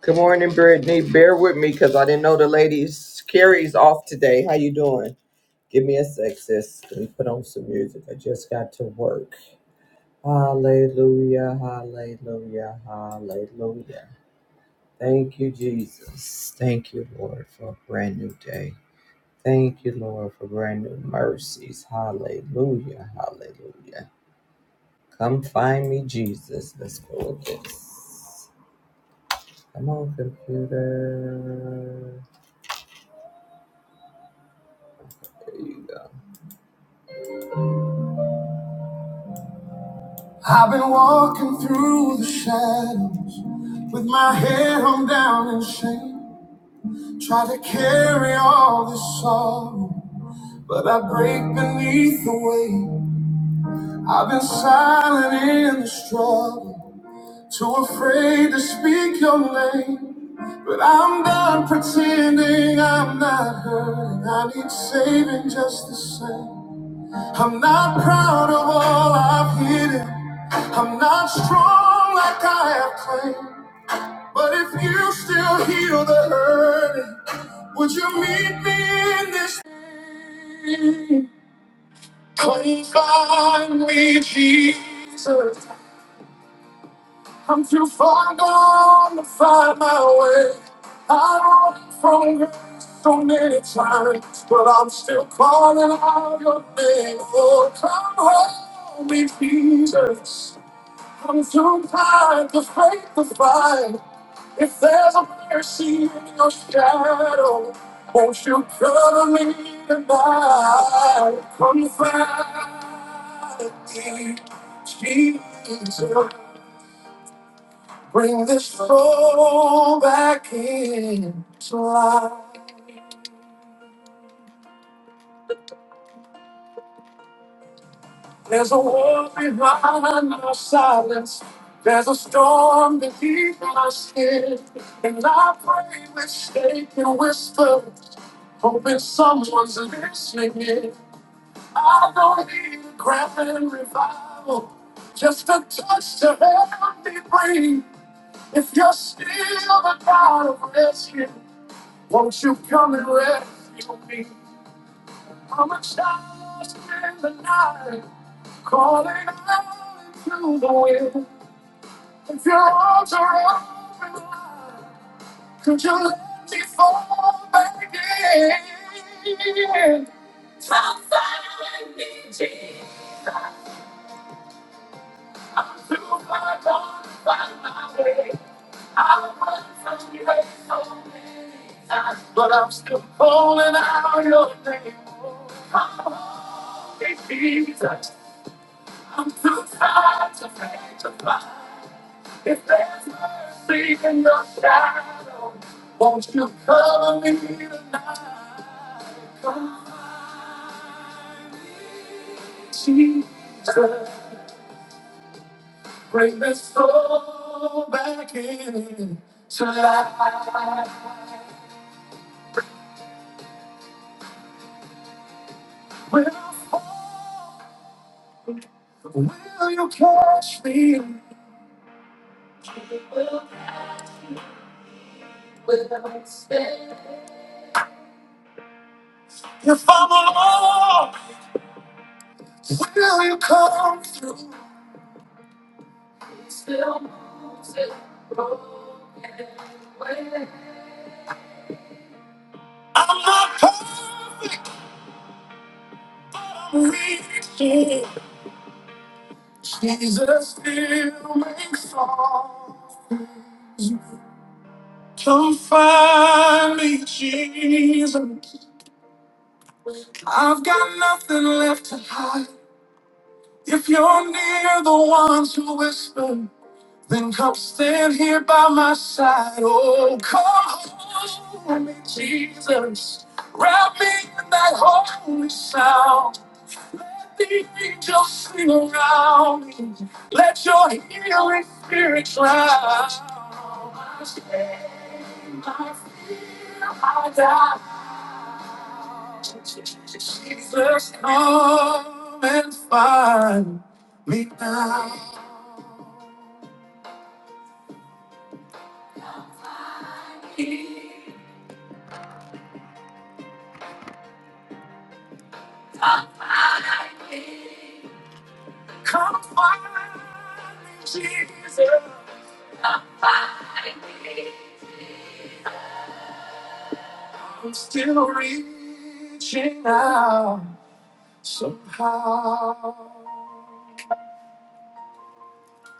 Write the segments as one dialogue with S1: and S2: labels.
S1: Good morning, Brittany. Bear with me because I didn't know the ladies. Carrie's off today. How you doing? Give me a sec, sis. Let me put on some music. I just got to work. Hallelujah, hallelujah, hallelujah. Thank you, Jesus. Thank you, Lord, for a brand new day. Thank you, Lord, for brand new mercies. Hallelujah, hallelujah. Come find me, Jesus. Let's go with this. Come on, computer. I've been walking through the shadows with my head hung down in shame. Try to carry all this sorrow, but I break beneath the weight. I've been silent in the struggle, too afraid to speak your name. But I'm done pretending I'm not hurting. I need saving just the same. I'm not proud of all I've hidden. I'm not strong like I have claimed. But if you still heal the hurt, would you meet me in this? Come find me, Jesus. I'm too far gone to find my way. I'm out from great times, but I'm still calling out your name. Oh, come home, me, Jesus. I'm too tired to fight the fight.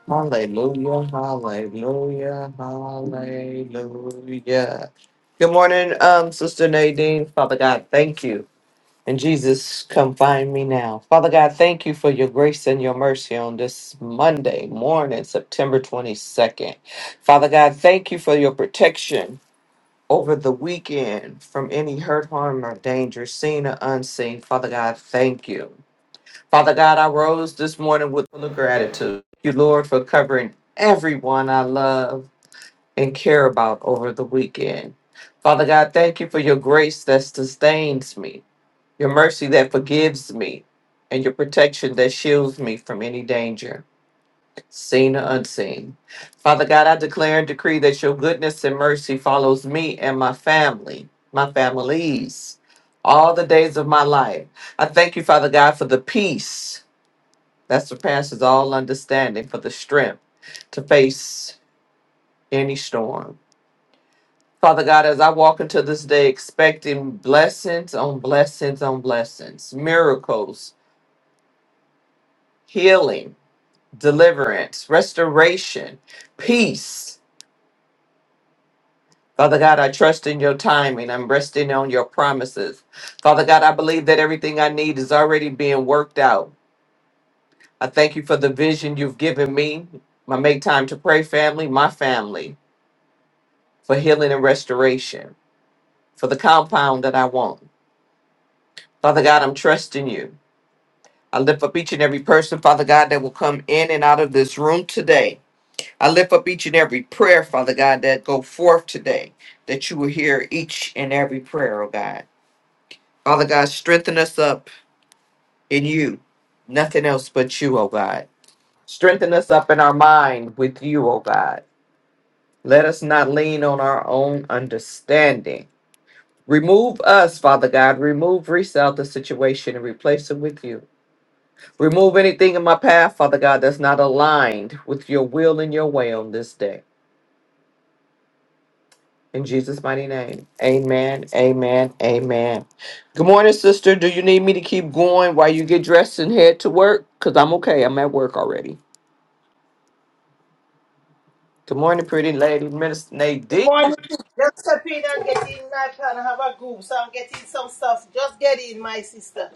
S1: Hallelujah, hallelujah, hallelujah. Good morning, um, Sister Nadine. Father God, thank you. And Jesus, come find me now. Father God, thank you for your grace and your mercy on this Monday morning, September 22nd. Father God, thank you for your protection over the weekend from any hurt, harm, or danger, seen or unseen. Father God, thank you. Father God, I rose this morning with full of gratitude. you, Lord, for covering everyone I love and care about over the weekend. Father God, thank you for your grace that sustains me, your mercy that forgives me, and your protection that shields me from any danger, seen or unseen. Father God, I declare and decree that your goodness and mercy follows me and my family, my families, all the days of my life. I thank you, Father God, for the peace that surpasses all understanding for the strength to face any storm. Father God, as I walk into this day expecting blessings on blessings on blessings, miracles, healing, deliverance, restoration, peace. Father God, I trust in your timing. I'm resting on your promises. Father God, I believe that everything I need is already being worked out. I thank you for the vision you've given me, my Make Time to Pray family, my family. for healing and restoration, for the compound that I want. Father God, I'm trusting you. I lift up each and every person, Father God, that will come in and out of this room today. I lift up each and every prayer, Father God, that go forth today, that you will hear each and every prayer, oh God. Father God, strengthen us up in you, nothing else but you, oh God. Strengthen us up in our mind with you, oh God. Let us not lean on our own understanding Remove us, Father God. Remove, Reese out the situation and replace it with you. Remove anything in my path, Father God, that's not aligned with your will and your way on this day. In Jesus' mighty name. Amen. Amen. Amen. Good morning, sister. Do you need me to keep going while you get dressed and head to work? Because I'm okay. I'm at work already. Good morning, pretty lady. Minister Nadine.
S2: morning. sis. Just step in and get in my plan and have a group. So I'm getting some stuff. Just get in, my sister.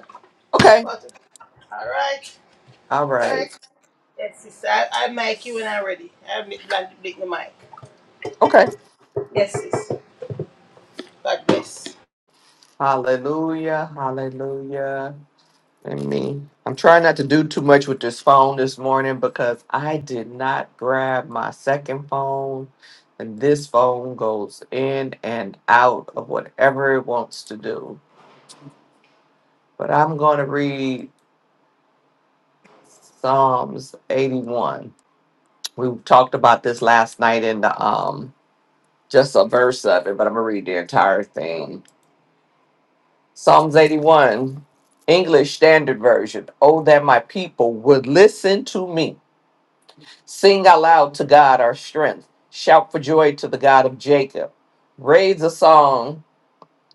S1: Okay.
S2: But all right,
S1: All
S2: all right.
S1: right.
S2: Yes, sister. I, I mic you when I'm ready. I make like to break the mic.
S1: Okay.
S2: Yes, sis. God bless.
S1: Hallelujah. Hallelujah. I me. I'm trying not to do too much with this phone this morning because I did not grab my second phone. And this phone goes in and out of whatever it wants to do. But I'm going to read Psalms 81. We talked about this last night in the um just a verse of it, but I'm going to read the entire thing. Psalms 81, English Standard Version. Oh, that my people would listen to me Sing aloud to God our strength. Shout for joy to the God of Jacob. Raise a song,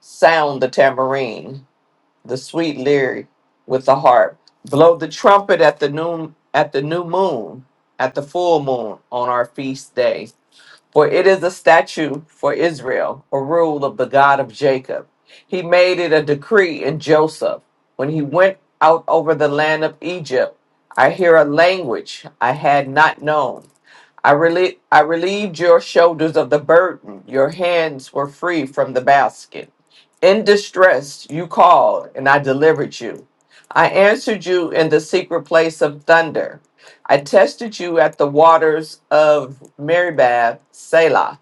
S1: sound the tambourine, the sweet lyre with the harp. Blow the trumpet at the noon at the new moon, at the full moon on our feast day. For it is a statute for Israel, a rule of the God of Jacob. He made it a decree in Joseph when he went out over the land of Egypt. I hear a language I had not known I, relie- I relieved your shoulders of the burden. Your hands were free from the basket. In distress, you called, and I delivered you. I answered you in the secret place of thunder. I tested you at the waters of Meribah, Selah.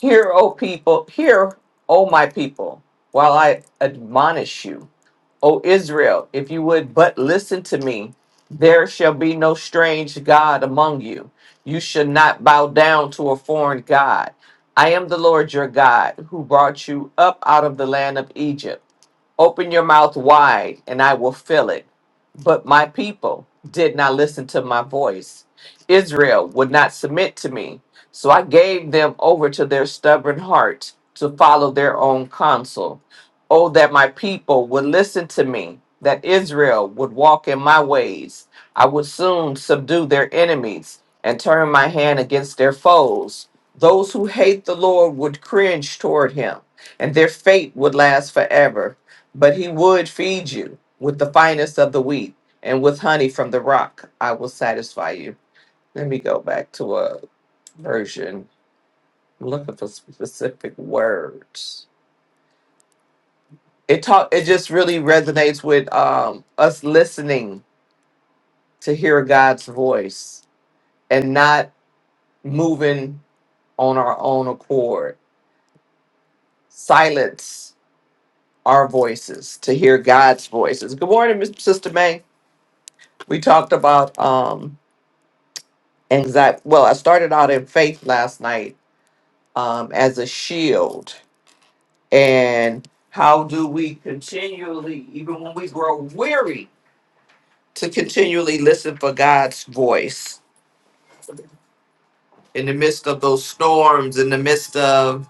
S1: Hear, O people, hear, O my people, while I admonish you. O Israel, if you would but listen to me, there shall be no strange God among you. You should not bow down to a foreign God. I am the Lord your God, who brought you up out of the land of Egypt. Open your mouth wide, and I will fill it. But my people did not listen to my voice. Israel would not submit to me. So I gave them over to their stubborn heart to follow their own counsel. Oh, that my people would listen to me, that Israel would walk in my ways. I would soon subdue their enemies and turn my hand against their foes. Those who hate the Lord would cringe toward him, and their fate would last forever. But he would feed you with the finest of the wheat, and with honey from the rock, I will satisfy you. Let me go back to a version. I'm looking for specific words. it talk it just really resonates with um us listening to hear God's voice and not moving on our own accord. Silence our voices to hear God's voices. Good morning, Miss Sister May. We talked about um anxiety. Well, I started out in faith last night um as a shield and how do we continually even when we grow weary to continually listen for God's voice in the midst of those storms, in the midst of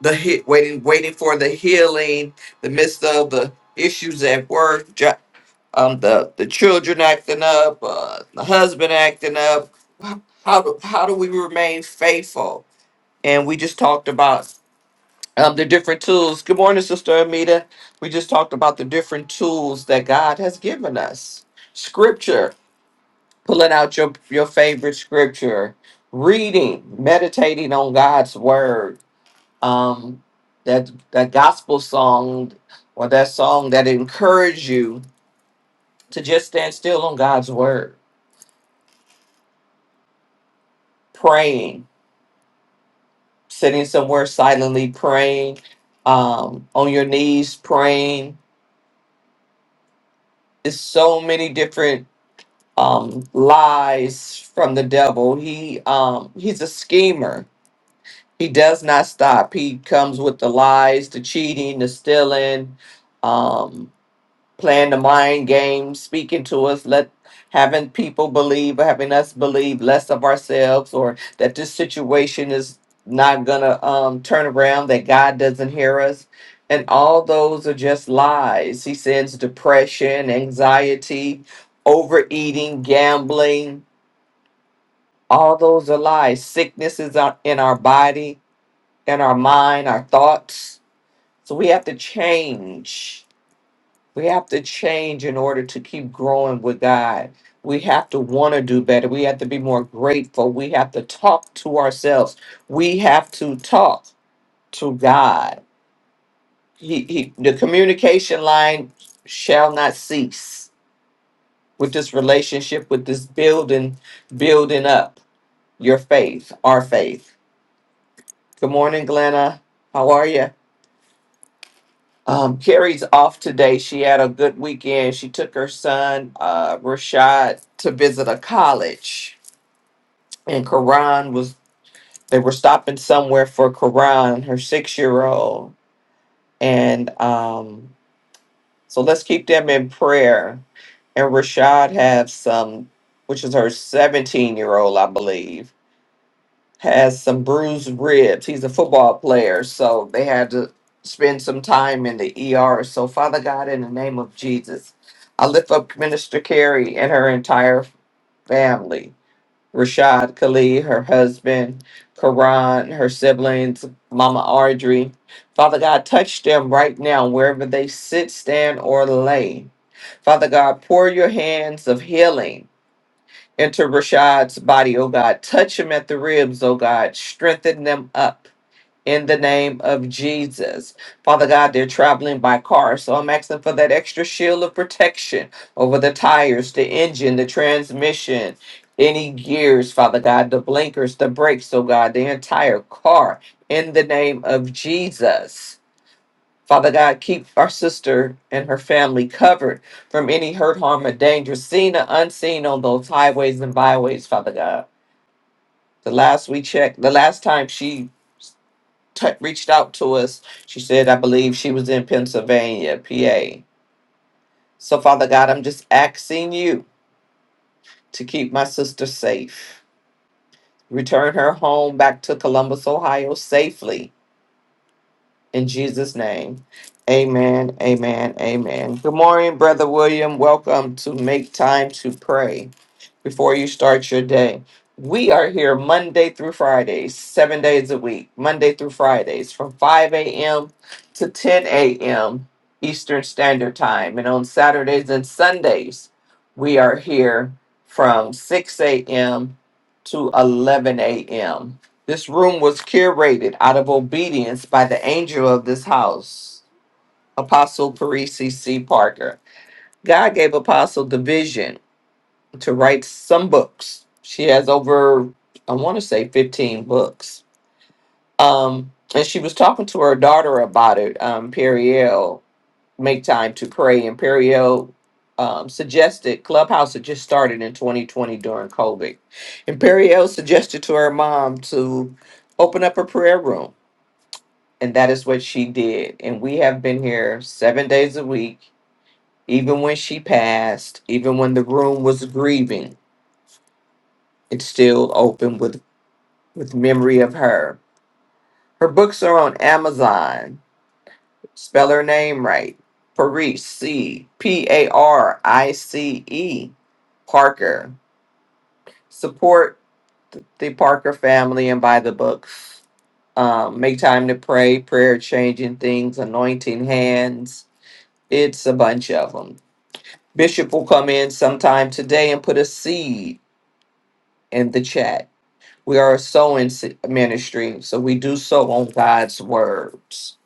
S1: the hit, waiting, waiting for the healing, the midst of the issues at work, jo- um, the the children acting up, uh, the husband acting up. How do how do we remain faithful? And we just talked about um, the different tools. Good morning, Sister Amita. We just talked about the different tools that God has given us. Scripture pulling out your your favorite scripture, reading, meditating on God's word. Um, that that gospel song or that song that encourage you to just stand still on God's word, praying, sitting somewhere silently praying, um, on your knees praying. There's so many different um lies from the devil. He um he's a schemer he does not stop. He comes with the lies, the cheating, the stealing, um, playing the mind game, speaking to us, let having people believe or having us believe less of ourselves or that this situation is not gonna um, turn around, that God doesn't hear us. And all those are just lies. He sends depression, anxiety, overeating, gambling. All those are lies. Sickness is out in our body in our mind, our thoughts. So we have to change. We have to change in order to keep growing with God. We have to want to do better. We have to be more grateful. We have to talk to ourselves. We have to talk to God. He, he, the communication line shall not cease with this relationship, with this building, building up your faith, our faith. Good morning, Glenna. How are you? Um, Carrie's off today. She had a good weekend. She took her son, uh, Rashad, to visit a college. And Karan was, they were stopping somewhere for Karan, her six year old. And um, so let's keep them in prayer. And Rashad has some, which is her 17 year old, I believe. has some bruised ribs. He's a football player, so they had to spend some time in the ER. So, Father God, in the name of Jesus, I lift up Minister Carrie and her entire family Rashad Khalid, her husband, Karan, her siblings, Mama Audrey. Father God, touch them right now, wherever they sit, stand, or lay. Father God, pour your hands of healing Enter Rashad's body, oh God. Touch him at the ribs, oh God. Strengthen them up in the name of Jesus. Father God, they're traveling by car, so I'm asking for that extra shield of protection over the tires, the engine, the transmission, any gears, Father God, the blinkers, the brakes, oh God, the entire car in the name of Jesus. Father God, keep our sister and her family covered from any hurt, harm, or danger, seen or unseen on those highways and byways, Father God. The last we checked, the last time she t- reached out to us, she said, I believe she was in Pennsylvania, PA. So, Father God, I'm just asking you to keep my sister safe. Return her home back to Columbus, Ohio safely In Jesus' name. Amen. Amen. Amen. Good morning, Brother William. Welcome to Make Time to Pray before you start your day. We are here Monday through Fridays, seven days a week, Monday through Fridays from 5 a.m. to 10 a.m. Eastern Standard Time. And on Saturdays and Sundays, we are here from 6 a.m. to 11 a.m this room was curated out of obedience by the angel of this house, Apostle Parisi C. Parker. God gave Apostle the vision to write some books. She has over, I want to say, 15 books. Um, and she was talking to her daughter about it, um, Periel, Make Time to Pray. And Periel um, suggested Clubhouse had just started in 2020 during COVID. And Periel suggested to her mom to open up a prayer room And that is what she did. And we have been here seven days a week. Even when she passed, even when the room was grieving, it's still open with, with memory of her. Her books are on Amazon. Spell her name right. Parice, C P A R I C E, Parker. Support th- the Parker family and buy the books. Um, make time to pray, prayer changing things, anointing hands. It's a bunch of them. Bishop will come in sometime today and put a seed in the chat. We are a sowing si- ministry, so we do sow on God's words.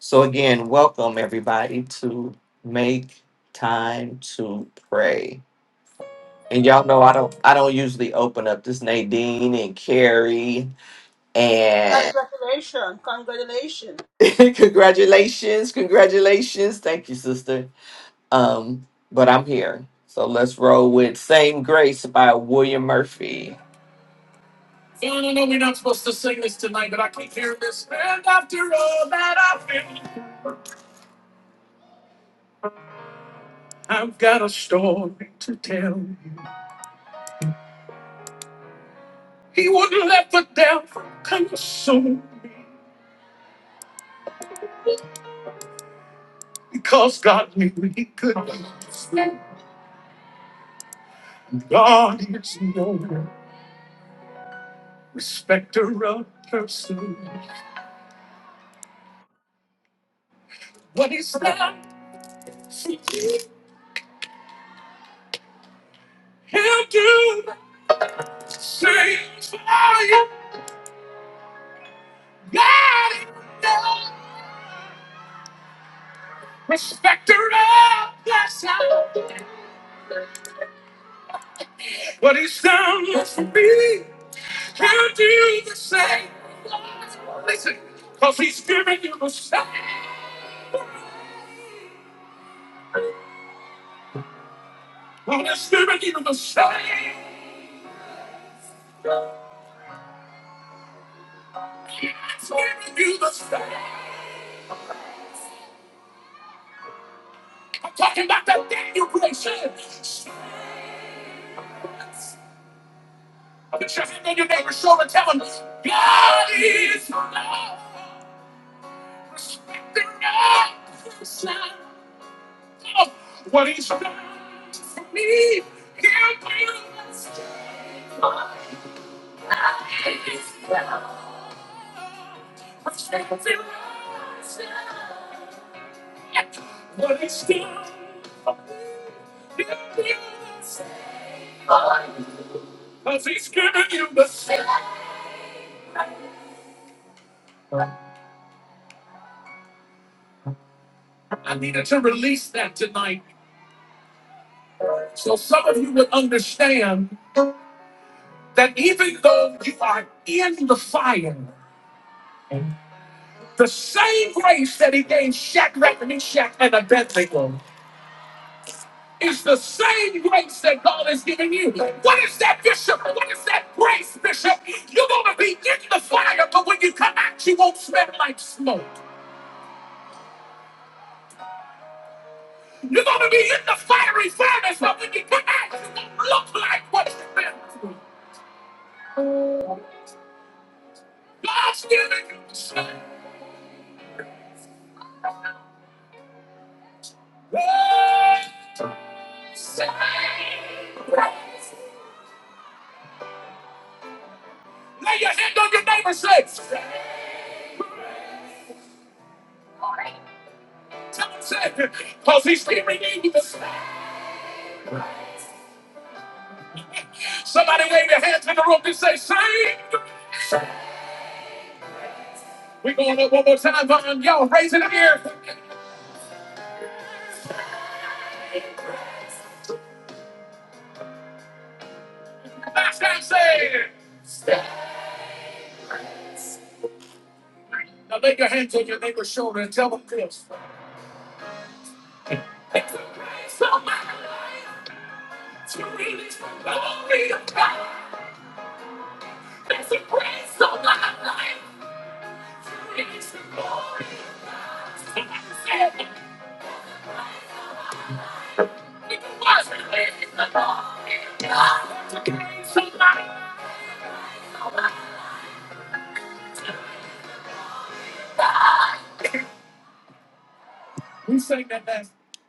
S1: So, again, welcome everybody to make time to pray. And y'all know I don't I don't usually open up this Nadine and Carrie and
S2: Congratulations. Congratulations.
S1: congratulations, congratulations. Thank you, sister. Um, but I'm here. So let's roll with Same Grace by William Murphy.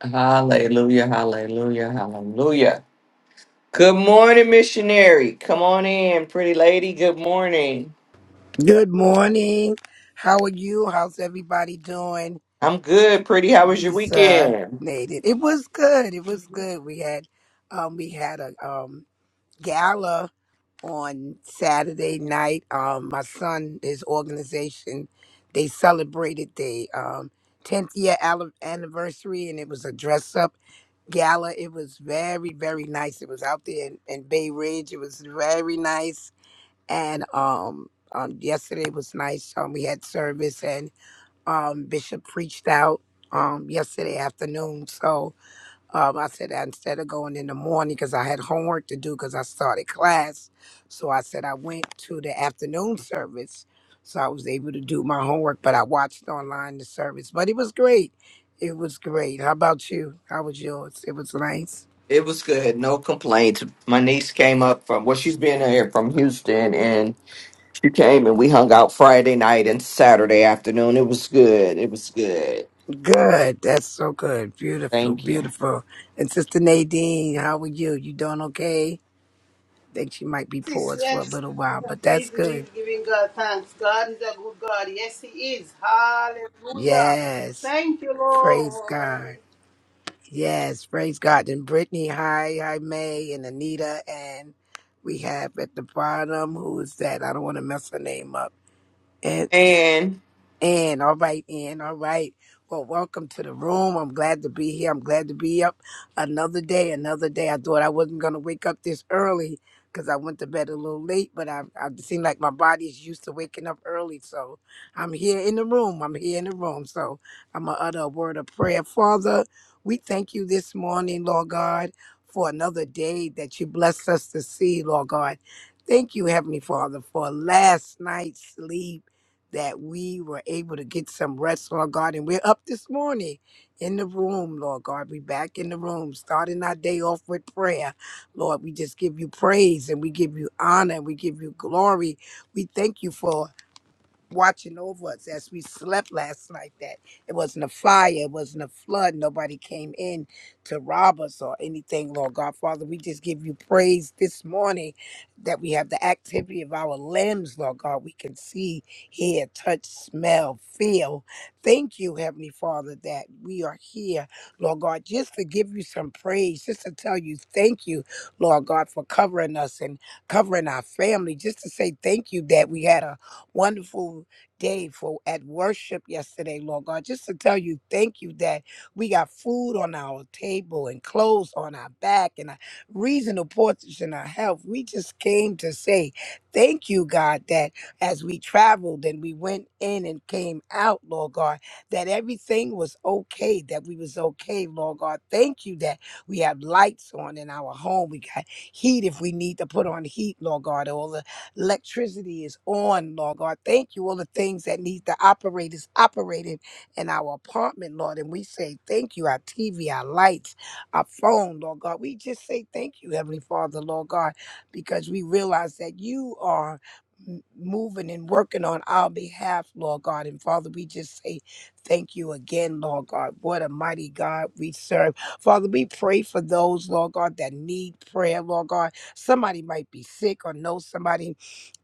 S1: Hallelujah, hallelujah, hallelujah. Good morning, missionary. Come on in, pretty lady. Good morning.
S3: Good morning. How are you? How's everybody doing?
S1: I'm good, pretty. How was your
S3: Lisa
S1: weekend?
S3: made it. It was good. It was good. We had um we had a um gala on Saturday night. Um my son, his organization, they celebrated the um 10th year al- anniversary and it was a dress up gala. It was very, very nice. It was out there in, in Bay Ridge. It was very nice and um, um yesterday was nice um we had service and um bishop preached out um yesterday afternoon so um i said that instead of going in the morning because i had homework to do because i started class so i said i went to the afternoon service so i was able to do my homework but i watched online the service but it was great it was great how about you how was yours it was nice
S1: It was good. No complaints. My niece came up from, well, she's been here from Houston, and she came and we hung out Friday night and Saturday afternoon. It was good. It was good.
S3: Good. That's so good. Beautiful,
S1: Thank you.
S3: beautiful. And Sister Nadine, how are you? You doing okay? Think she might be
S2: Sis,
S3: paused for a
S2: yes.
S3: little while, but
S2: Just
S3: that's
S2: Busy, busy
S3: good.
S2: giving God thanks. God is a good God. Yes, He is. Hallelujah.
S3: Yes.
S2: Thank you,
S3: Praise
S2: Lord.
S3: God. Yes. Praise God. And Brittany, hi, hi, May, and Anita. And we have at the bottom, who is that? I don't want to mess her name up.
S1: And.
S3: And all right, and all right. Well, welcome to the room. I'm glad to be here. I'm glad to be up another day, another day. I thought I wasn't going to wake up this early because I went to bed a little late, but I, I seem like my body is used to waking up early. So I'm here in the room. I'm here in the room. So I'm going to utter a word of prayer. Father, we thank you this morning, Lord God, for another day that you blessed us to see, Lord God. Thank you, Heavenly Father, for last night's sleep that we were able to get some rest, Lord God. And we're up this morning in the room, Lord God. we back in the room, starting our day off with prayer. Lord, we just give you praise and we give you honor and we give you glory. We thank you for watching over us as we slept last night that it wasn't a fire, it wasn't a flood, nobody came in to rob us or anything, Lord God. Father, we just give you praise this morning that we have the activity of our limbs, Lord God. We can see, hear, touch, smell, feel. Thank you, Heavenly Father, that we are here, Lord God, just to give you some praise, just to tell you thank you, Lord God, for covering us and covering our family, just to say thank you that we had a wonderful day for at worship yesterday, Lord God. Just to tell you, thank you that we got food on our table and clothes on our back and a reasonable portion of health. We just came to say thank you, God, that as we traveled and we went in and came out, Lord God, that everything was okay, that we was okay, Lord God. Thank you that we have lights on in our home. We got heat if we need to put on heat, Lord God. All the Electricity is on, Lord God. Thank you. All the things that need to operate is operating in our apartment, Lord. And we say thank you. Our TV, our lights, our phone, Lord God. We just say thank you, Heavenly Father, Lord God, because we realize that you are m- moving and working on our behalf, Lord God. And Father, we just say thank you again, Lord God. What a mighty God we serve. Father, we pray for those, Lord God, that need prayer, Lord God. Somebody might be sick or know somebody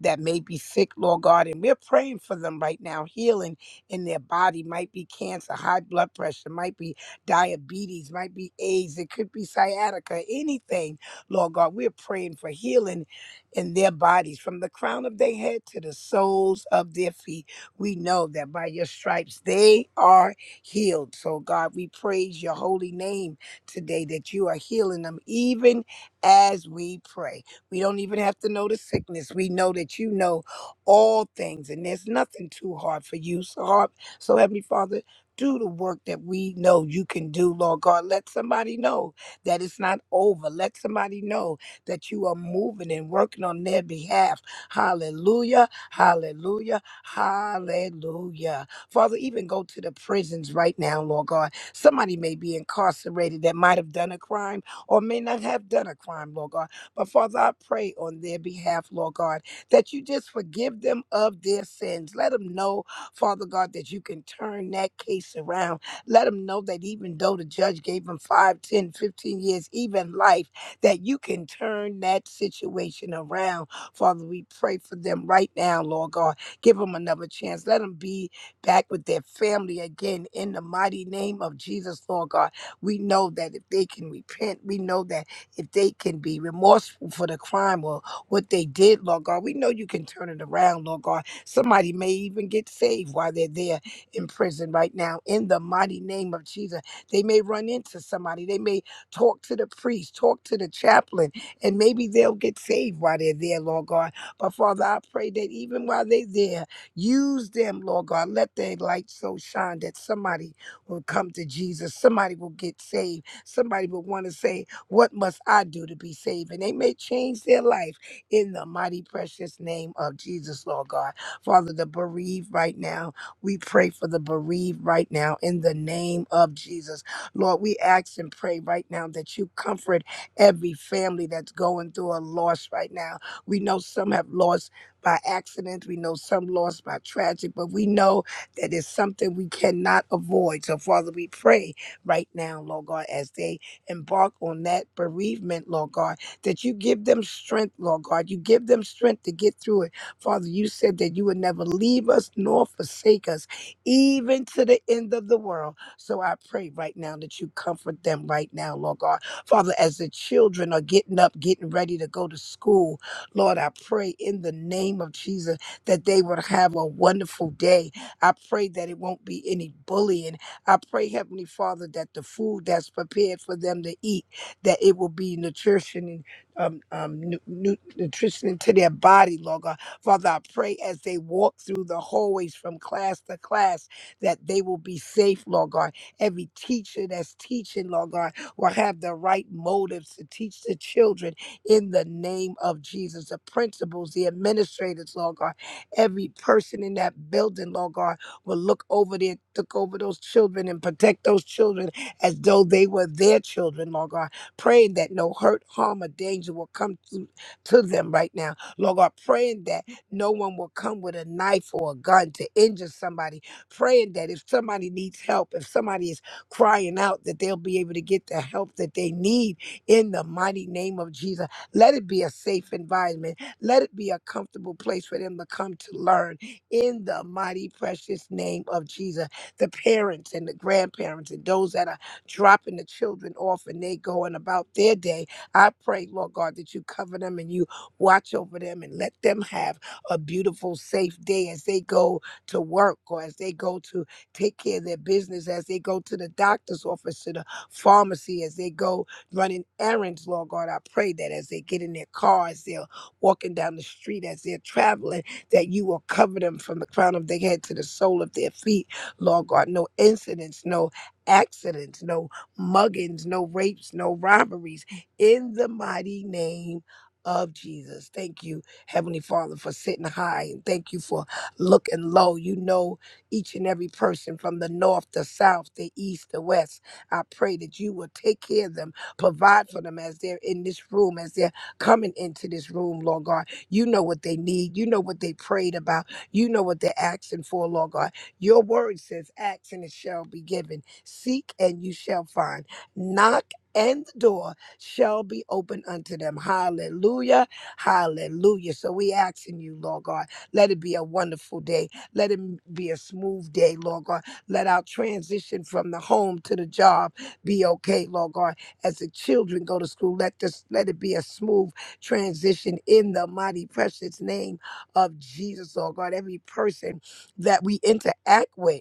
S3: that may be sick, Lord God. And we're praying for them right now, healing in their body. Might be cancer, high blood pressure, might be diabetes, might be AIDS, it could be sciatica, anything, Lord God. We're praying for healing in their bodies from the crown of their head to the soles of their feet. We know that by your stripes they are healed. So, God, we praise your holy name today that you are healing them even as we pray. We don't even have to know the sickness. We know that you know all things, and there's nothing too hard for you. So, hard. so Heavenly Father, do the work that we know you can do, Lord God. Let somebody know that it's not over. Let somebody know that you are moving and working on their behalf. Hallelujah, hallelujah, hallelujah. Father, even go to the prisons right now, Lord God. Somebody may be incarcerated that might have done a crime or may not have done a crime, Lord God. But Father, I pray on their behalf, Lord God, that you just forgive them of their sins. Let them know, Father God, that you can turn that case around. Let them know that even though the judge gave them 5, 10, 15 years, even life, that you can turn that situation around. Father, we pray for them right now, Lord God. Give them another chance. Let them be back with their family again in the mighty name of Jesus, Lord God. We know that if they can repent, we know that if they can be remorseful for the crime or what they did, Lord God. We know you can turn it around, Lord God. Somebody may even get saved while they're there in prison right now. In the mighty name of Jesus, they may run into somebody. They may talk to the priest, talk to the chaplain, and maybe they'll get saved while they're there, Lord God. But Father, I pray that even while they're there, use them, Lord God. Let their light so shine that somebody will come to Jesus. Somebody will get saved. Somebody will want to say, what must I do to be saved? And they may change their life in the mighty, precious name of Jesus, Lord God. Father, the bereaved right now, we pray for the bereaved right now in the name of Jesus. Lord, we ask and pray right now that you comfort every family that's going through a loss right now. We know some have lost by accident, we know some lost by tragic, but we know that it's something we cannot avoid. So, Father, we pray right now, Lord God, as they embark on that bereavement, Lord God, that you give them strength, Lord God. You give them strength to get through it. Father, you said that you would never leave us nor forsake us, even to the end of the world. So I pray right now that you comfort them right now, Lord God. Father, as the children are getting up, getting ready to go to school, Lord, I pray in the name of Jesus that they would have a wonderful day. I pray that it won't be any bullying I pray, Heavenly Father, that the food that's prepared for them to eat, that it will be nutrition and um, um, nu- nu- nutrition into their body, Lord God. Father, I pray as they walk through the hallways from class to class that they will be safe, Lord God. Every teacher that's teaching, Lord God, will have the right motives to teach the children in the name of Jesus. The principals, the administrators, Lord God, every person in that building, Lord God will look over their look over those children and protect those children as though they were their children, Lord God. Praying that no hurt, harm, or danger will come to, to them right now. Lord God, praying that no one will come with a knife or a gun to injure somebody. Praying that if somebody needs help, if somebody is crying out, that they'll be able to get the help that they need in the mighty name of Jesus. Let it be a safe environment. Let it be a comfortable place for them to come to learn in the mighty precious name of Jesus. The parents and the grandparents and those that are dropping the children off and they going about their day, I pray, Lord God, that you cover them and you watch over them and let them have a beautiful, safe day as they go to work or as they go to take care of their business, as they go to the doctor's office, to the pharmacy, as they go running errands, Lord God. I pray that as they get in their cars, they're walking down the street, as they're traveling that you will cover them from the crown of their head to the sole of their feet, Lord God. No incidents, no accidents, no muggings, no rapes, no robberies. In the mighty name of Jesus. Thank you, Heavenly Father, for sitting high and thank you for looking low. You know each and every person from the north, the south, the east, the west. I pray that you will take care of them, provide for them as they're in this room, as they're coming into this room, Lord God you know what they need. You know what they prayed about. You know what they're asking for, Lord God. Your word says, Ask and it shall be given. Seek and you shall find. Knock and the door shall be open unto them. Hallelujah. Hallelujah. So we asking you, Lord God, let it be a wonderful day. Let it be a smooth day, Lord God. Let our transition from the home to the job be okay, Lord God. As the children go to school, let this let it be a smooth transition in the mighty, precious name of Jesus, Lord God. Every person that we interact with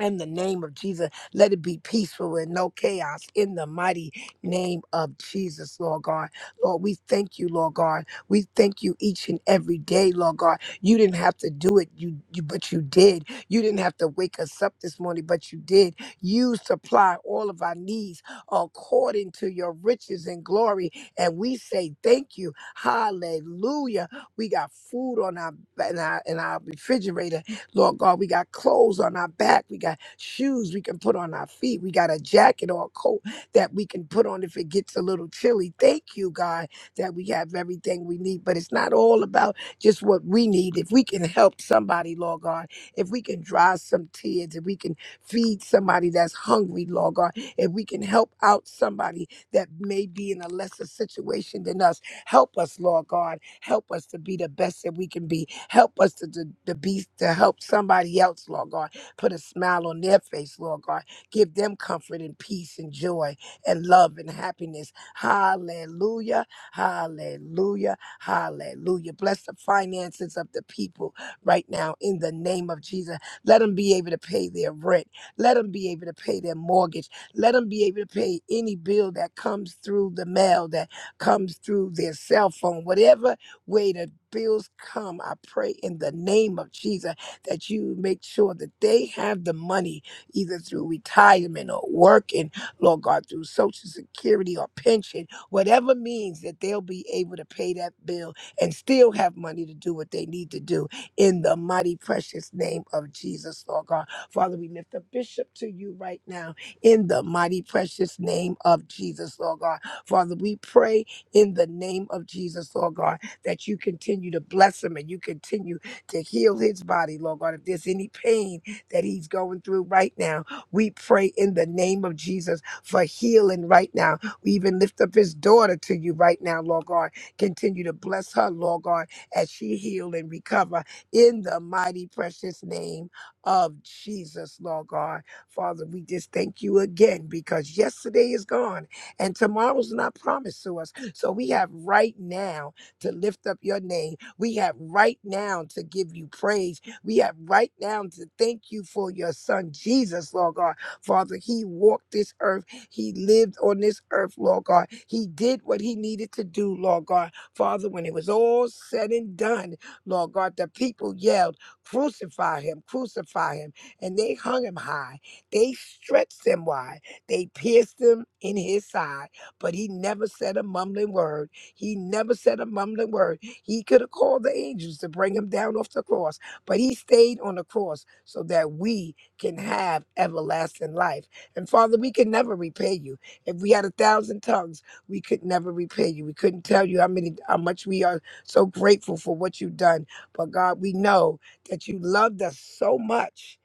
S3: in the name of Jesus, let it be peaceful and no chaos in the mighty name of Jesus, Lord God. Lord, we thank you, Lord God. We thank you each and every day, Lord God. You didn't have to do it, you, you but you did. You didn't have to wake us up this morning, but you did. You supply all of our needs according to your riches and glory. And we say thank you. Hallelujah. We got food on our in our, in our refrigerator Lord God, we got clothes on our back. We got shoes we can put on our feet. We got a jacket or a coat that we can put on if it gets a little chilly. Thank you, God, that we have everything we need. But it's not all about just what we need. If we can help somebody, Lord God, if we can dry some tears, if we can feed somebody that's hungry, Lord God, if we can help out somebody that may be in a lesser situation than us, Help us, Lord God. Help us to be the best that we can be. Help us to, to, to be to help somebody else, Lord God. Put a smile on their face, Lord God. Give them comfort and peace and joy and love and happiness. Hallelujah. Hallelujah. Hallelujah. Bless the finances of the people right now in the name of Jesus. Let them be able to pay their rent. Let them be able to pay their mortgage. Let them be able to pay any bill that comes through the mail that comes through their cell phone, whatever way the bills come, I pray in the name of Jesus that you make sure that they have the money either through retirement or working, Lord God, through Social Security or pension, whatever means that they'll be able to pay that bill and still have money to do what they need to do in the mighty, precious name of Jesus, Lord God. Father, we lift up bishop to you right now in the mighty, precious name of Jesus, Lord God. Father, we pray in the name of Jesus, Lord God, that you continue to bless him and you continue to heal his body, Lord God. If there's any pain that he's going through right now, we pray in the name of Jesus for healing right now. We even lift up his daughter to you right now, Lord God. Continue to bless her, Lord God, as she heal and recover in the mighty precious name of Jesus, Lord God. Father, we just thank you again because yesterday is gone and tomorrow's not promised to us. So we have right now to lift up your name. We have right now to give you praise. We have right now to thank you for your son, Jesus, Lord God. Father, he walked this earth. He lived on this earth, Lord God. He did what he needed to do, Lord God. Father, when it was all said and done, Lord God, the people yelled, Crucify him, crucify him. And they hung him high. They stretched him wide. They pierced him in his side but he never said a mumbling word. He never said a mumbling word. He could have called the angels to bring him down off the cross, but he stayed on the cross so that we can have everlasting life. And Father, we can never repay you. If we had a thousand tongues, we could never repay you. We couldn't tell you how many how much we are so grateful for what you've done. But God, we know that you loved us so much.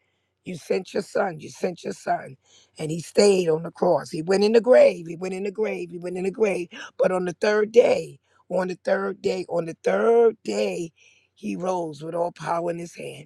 S3: You sent your son. You sent your son and he stayed on the cross. He went in the grave. He went in the grave. He went in the grave. But on the third day, on the third day, on the third day, he rose with all power in his hand.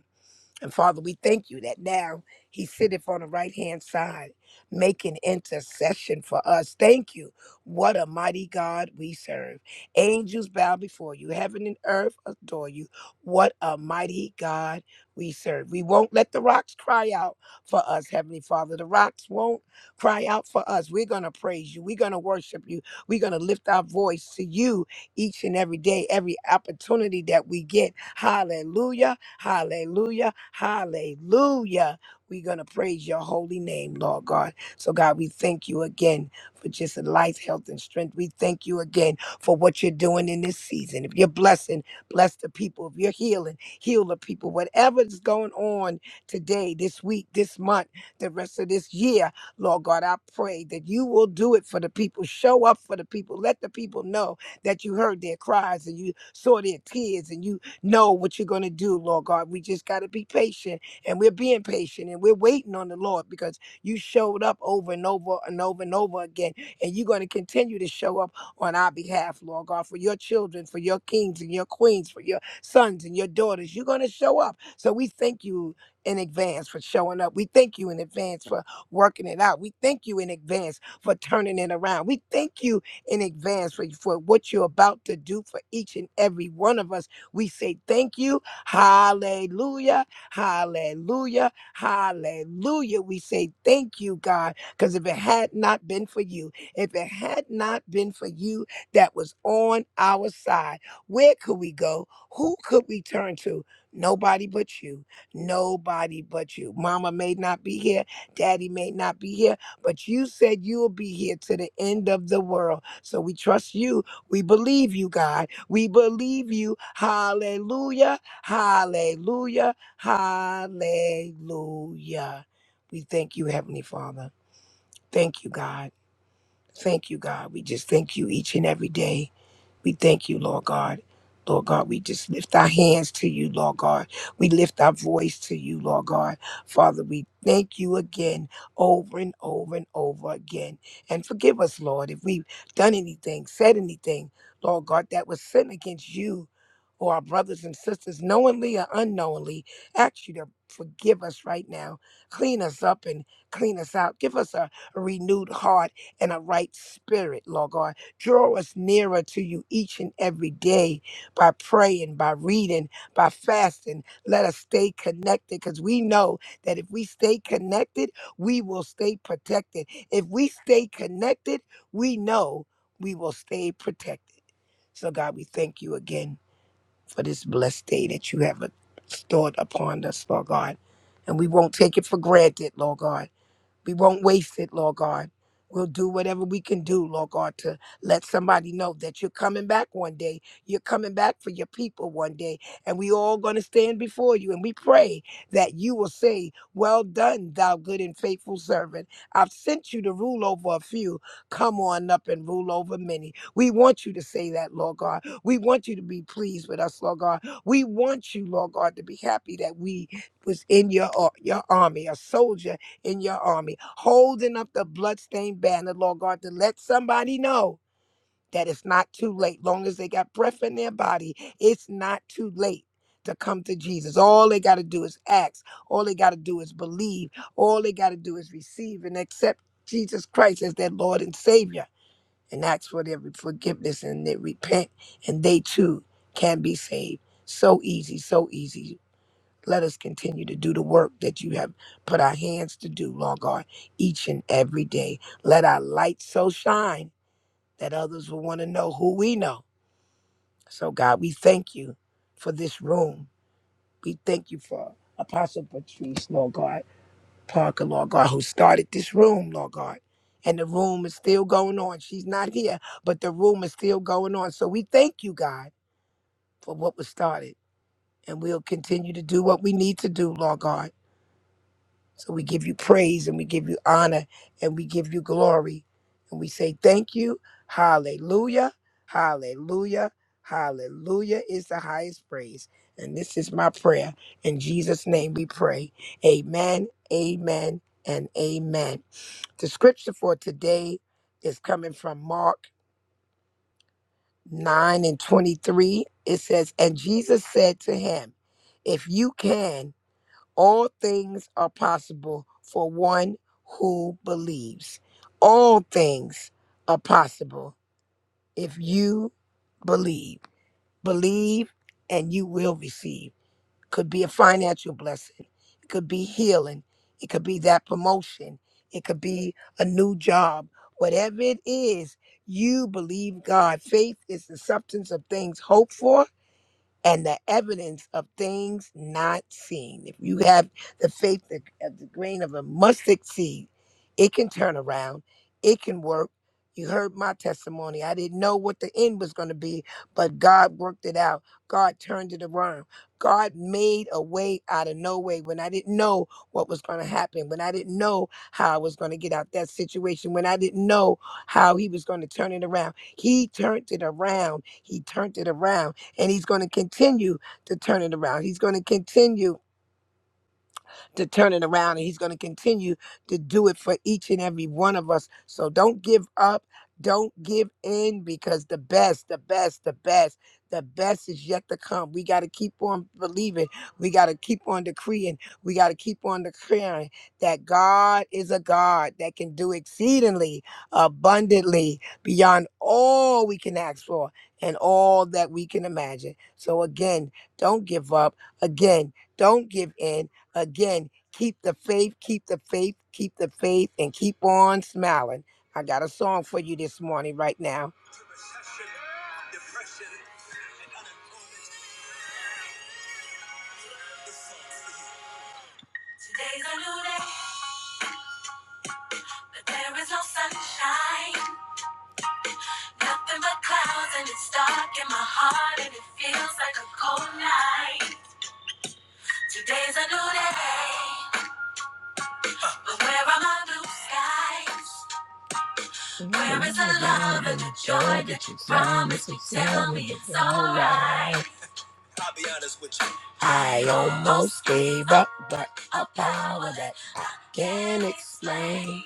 S3: And Father, we thank you that now he sitteth on the right hand side, making intercession for us. Thank you. What a mighty God we serve. Angels bow before you, heaven and earth adore you. What a mighty God we serve. We won't let the rocks cry out for us, Heavenly Father. The rocks won't cry out for us. We're going to praise you. We're going to worship you. We're going to lift our voice to you each and every day, every opportunity that we get. Hallelujah, hallelujah, hallelujah. We're going to praise your holy name, Lord God. So, God, we thank you again for just life, health, and strength. We thank you again for what you're doing in this season. If you're blessing, bless the people. If you're healing, heal the people. Whatever is going on today, this week, this month, the rest of this year, Lord God, I pray that you will do it for the people. Show up for the people. Let the people know that you heard their cries and you saw their tears and you know what you're going to do, Lord God. We just got to be patient and we're being patient and we're waiting on the Lord because you showed up over and over and over and over again. And you're going to continue to show up on our behalf, Lord God, for your children, for your kings and your queens, for your sons and your daughters. You're going to show up. So we thank you in advance for showing up. We thank you in advance for working it out. We thank you in advance for turning it around. We thank you in advance for, for what you're about to do for each and every one of us. We say thank you. Hallelujah. Hallelujah. Hallelujah. We say thank you, God, because if it had not been for you, if it had not been for you that was on our side, where could we go? Who could we turn to? Nobody but you. Nobody but you. Mama may not be here. Daddy may not be here but you said you will be here to the end of the world. So we trust you. We believe you, God. We believe you. Hallelujah. Hallelujah. Hallelujah. We thank you, Heavenly Father. Thank you, God. Thank you, God. We just thank you each and every day. We thank you, Lord God. Lord God, we just lift our hands to you, Lord God. We lift our voice to you, Lord God. Father, we thank you again, over and over and over again. And forgive us, Lord, if we've done anything, said anything, Lord God, that was sin against you or our brothers and sisters, knowingly or unknowingly. Ask you to forgive us right now. Clean us up and clean us out. Give us a, a renewed heart and a right spirit, Lord God draw us nearer to you each and every day by praying, by reading, by fasting. Let us stay connected because we know that if we stay connected, we will stay protected. If we stay connected, we know we will stay protected. So, God, we thank you again for this blessed day that you have stored upon us, Lord God. And we won't take it for granted, Lord God. We won't waste it, Lord God. We'll do whatever we can do, Lord God, to let somebody know that you're coming back one day. You're coming back for your people one day. And we all going to stand before you. And we pray that you will say, Well done, thou good and faithful servant. I've sent you to rule over a few. Come on up and rule over many. We want you to say that, Lord God. We want you to be pleased with us, Lord God. We want you, Lord God, to be happy that we was in your, ar- your army, a soldier in your army, holding up the bloodstained banner, Lord God, to let somebody know that it's not too late. Long as they got breath in their body, it's not too late to come to Jesus. All they got to do is ask. All they got to do is believe. All they got to do is receive and accept Jesus Christ as their Lord and Savior and ask for their forgiveness and they repent and they too can be saved. So easy, so easy. Let us continue to do the work that you have put our hands to do, Lord God, each and every day. Let our light so shine that others will want to know who we know. So, God, we thank you for this room. We thank you for Apostle Patrice, Lord God, Parker, Lord God, who started this room, Lord God. And the room is still going on. She's not here, but the room is still going on. So we thank you, God, for what was started. And we'll continue to do what we need to do, Lord God So we give you praise and we give you honor and we give you glory. And we say thank you. Hallelujah. Hallelujah. Hallelujah is the highest praise. And this is my prayer. In Jesus' name we pray. Amen, amen, and amen. The scripture for today is coming from Mark 9 and 23. It says, And Jesus said to him, 'If you can, all things are possible for one who believes. All things are possible if you believe. Believe and you will receive. Could be a financial blessing, it could be healing, it could be that promotion, it could be a new job. Whatever it is, you believe God. Faith is the substance of things hoped for and the evidence of things not seen. If you have the faith that- of the grain of a mustard seed, it can turn around, it can work. You heard my testimony. I didn't know what the end was going to be, but God worked it out. God turned it around. God made a way out of no way when I didn't know what was going to happen, when I didn't know how I was going to get out that situation, when I didn't know how He was going to turn it around. He turned it around. He turned it around and he's going to continue to turn it around. He's going to continue to turn it around, and He's going to continue to do it for each and every one of us. So don't give up. Don't give in because the best, the best, the best, the best is yet to come. We got to keep on believing. We got to keep on decreeing. We got to keep on declaring that God is a God that can do exceedingly abundantly beyond all we can ask for and all that we can imagine. So again, don't give up. Again, don't give in Again, keep the faith, keep the faith, keep the faith, and keep on smiling. I got a song for you this morning, right now. Today's a new day, but there is no sunshine. Nothing but clouds, and it's dark in my heart, and it feels like a cold night. Today's a new day, but where are my blue skies? Where is the love and the joy that you promised me? Tell me it's alright. I'll be honest with you. I almost gave up, but a power that I can't explain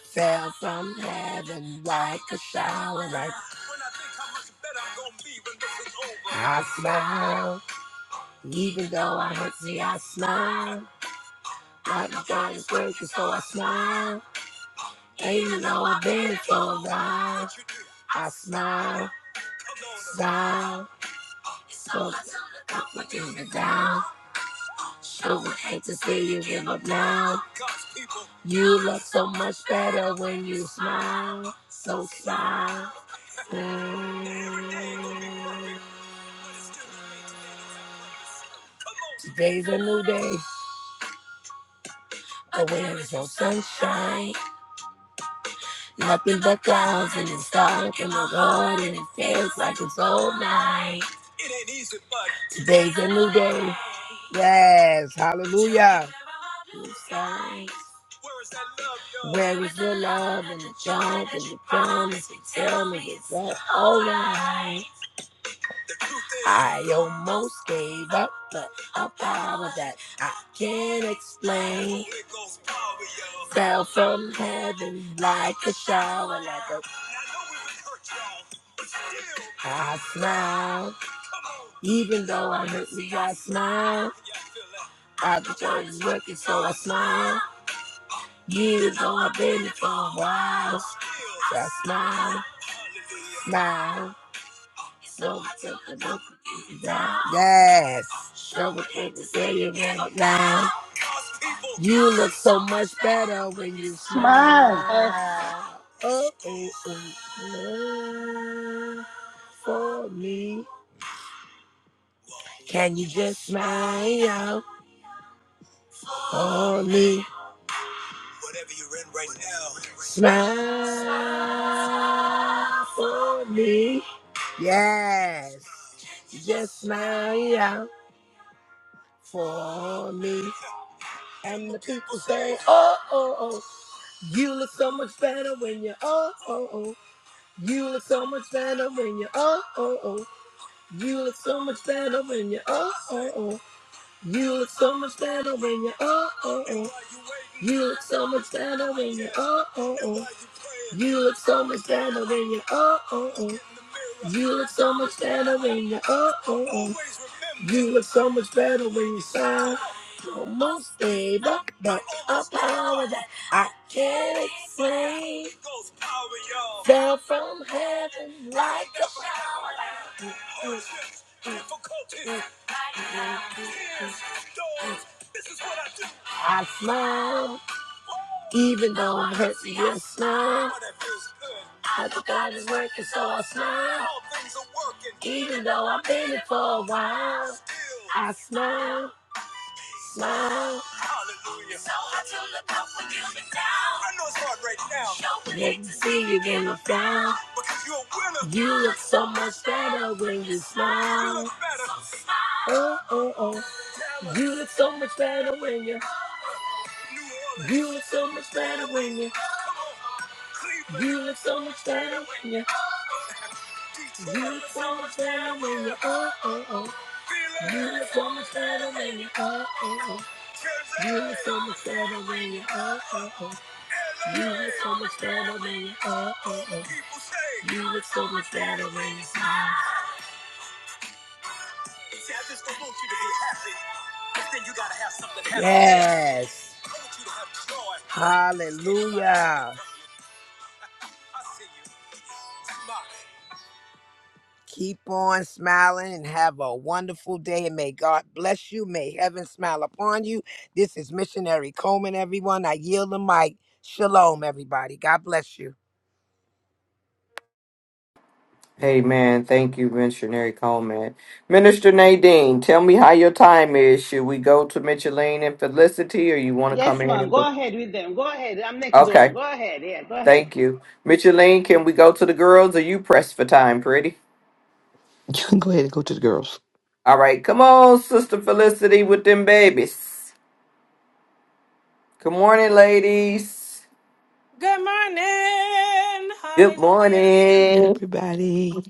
S3: fell from heaven like a shower. Like when I think how much better I'm gonna be when this is over. I smile, even though I hurt me, I smile. Like my God is working, so I smile. Even though I've been for a while, I smile, smile, so I'm looking down. So would hate to see you give up now. You look so much better when you smile. So smile. Today's a new day. The wind is no sunshine. Nothing but clouds in the sky in the road, and it feels like it's all night. It ain't easy, but today's a new day. Yes, hallelujah. New sight. Where is that love, y'all? is the love and the jump and the promise? And tell me, is that all right? I almost gave up, but a power that I can't explain fell from heaven like a shower, like a. I smile, even though I'm hurt, me, I smile. I've been trying to work it, so I smile. Years though I've been here for a while, so I smile, smile. So I took the book and down. Yes. Show what they say you right now. You look so much better when you
S2: Smile. Yes.
S3: smile. Oh, oh, oh, smile for me. Whatever you're in right now. Smile. for- Yes. Oh, oh, oh. You look so better when you. Oh, oh, oh. You. You look so. Oh, oh. You. look. That a power that I can't explain fell from heaven like a shower. Hardships, difficulties, tears, storms. This is what I do. I smile, even though I'm hurt. Yes, smile. I think feels good. God is working, so I smile. Even though I've been it for a while, I smile. Hallelujah. So I took the cup when you were down. I know it's hard right now. Sure would hate to see you when you're Because you're a winner. You look so much better when you smile. You look better. So smile. Uh, Dallas, you, New Orleans, you, come on. Cleveland, you, you, Detroit, you look so much when you, oh, oh, oh. Philly, You look so much better when you, oh. Jersey, You look so much better. You look so much better. People say. Yes. Hallelujah. Keep on smiling and have a wonderful day. And may God bless you. May heaven smile upon you. This is Missionary Coleman, everyone. I yield the mic. Shalom, everybody. God bless you.
S1: Amen. Thank you, Missionary Coleman. Minister Nadine, tell me how your time is. Should we go to Micheline and Felicity, or you want to
S2: Yes,
S1: come in
S2: ma'am.
S1: and?
S2: Go
S1: put?
S2: ahead with them. Go ahead. I'm next door.
S1: Okay.
S2: Go ahead. Yeah, go ahead.
S1: Thank you, Micheline. Can we go to the girls? Are you pressed for time, pretty?
S4: You can go ahead and go to the girls.
S1: All right. Come on, Sister Felicity, with them babies. Good morning, ladies.
S5: Good morning.
S1: Good
S5: Hallelujah.
S4: Hey,
S1: morning.
S4: everybody.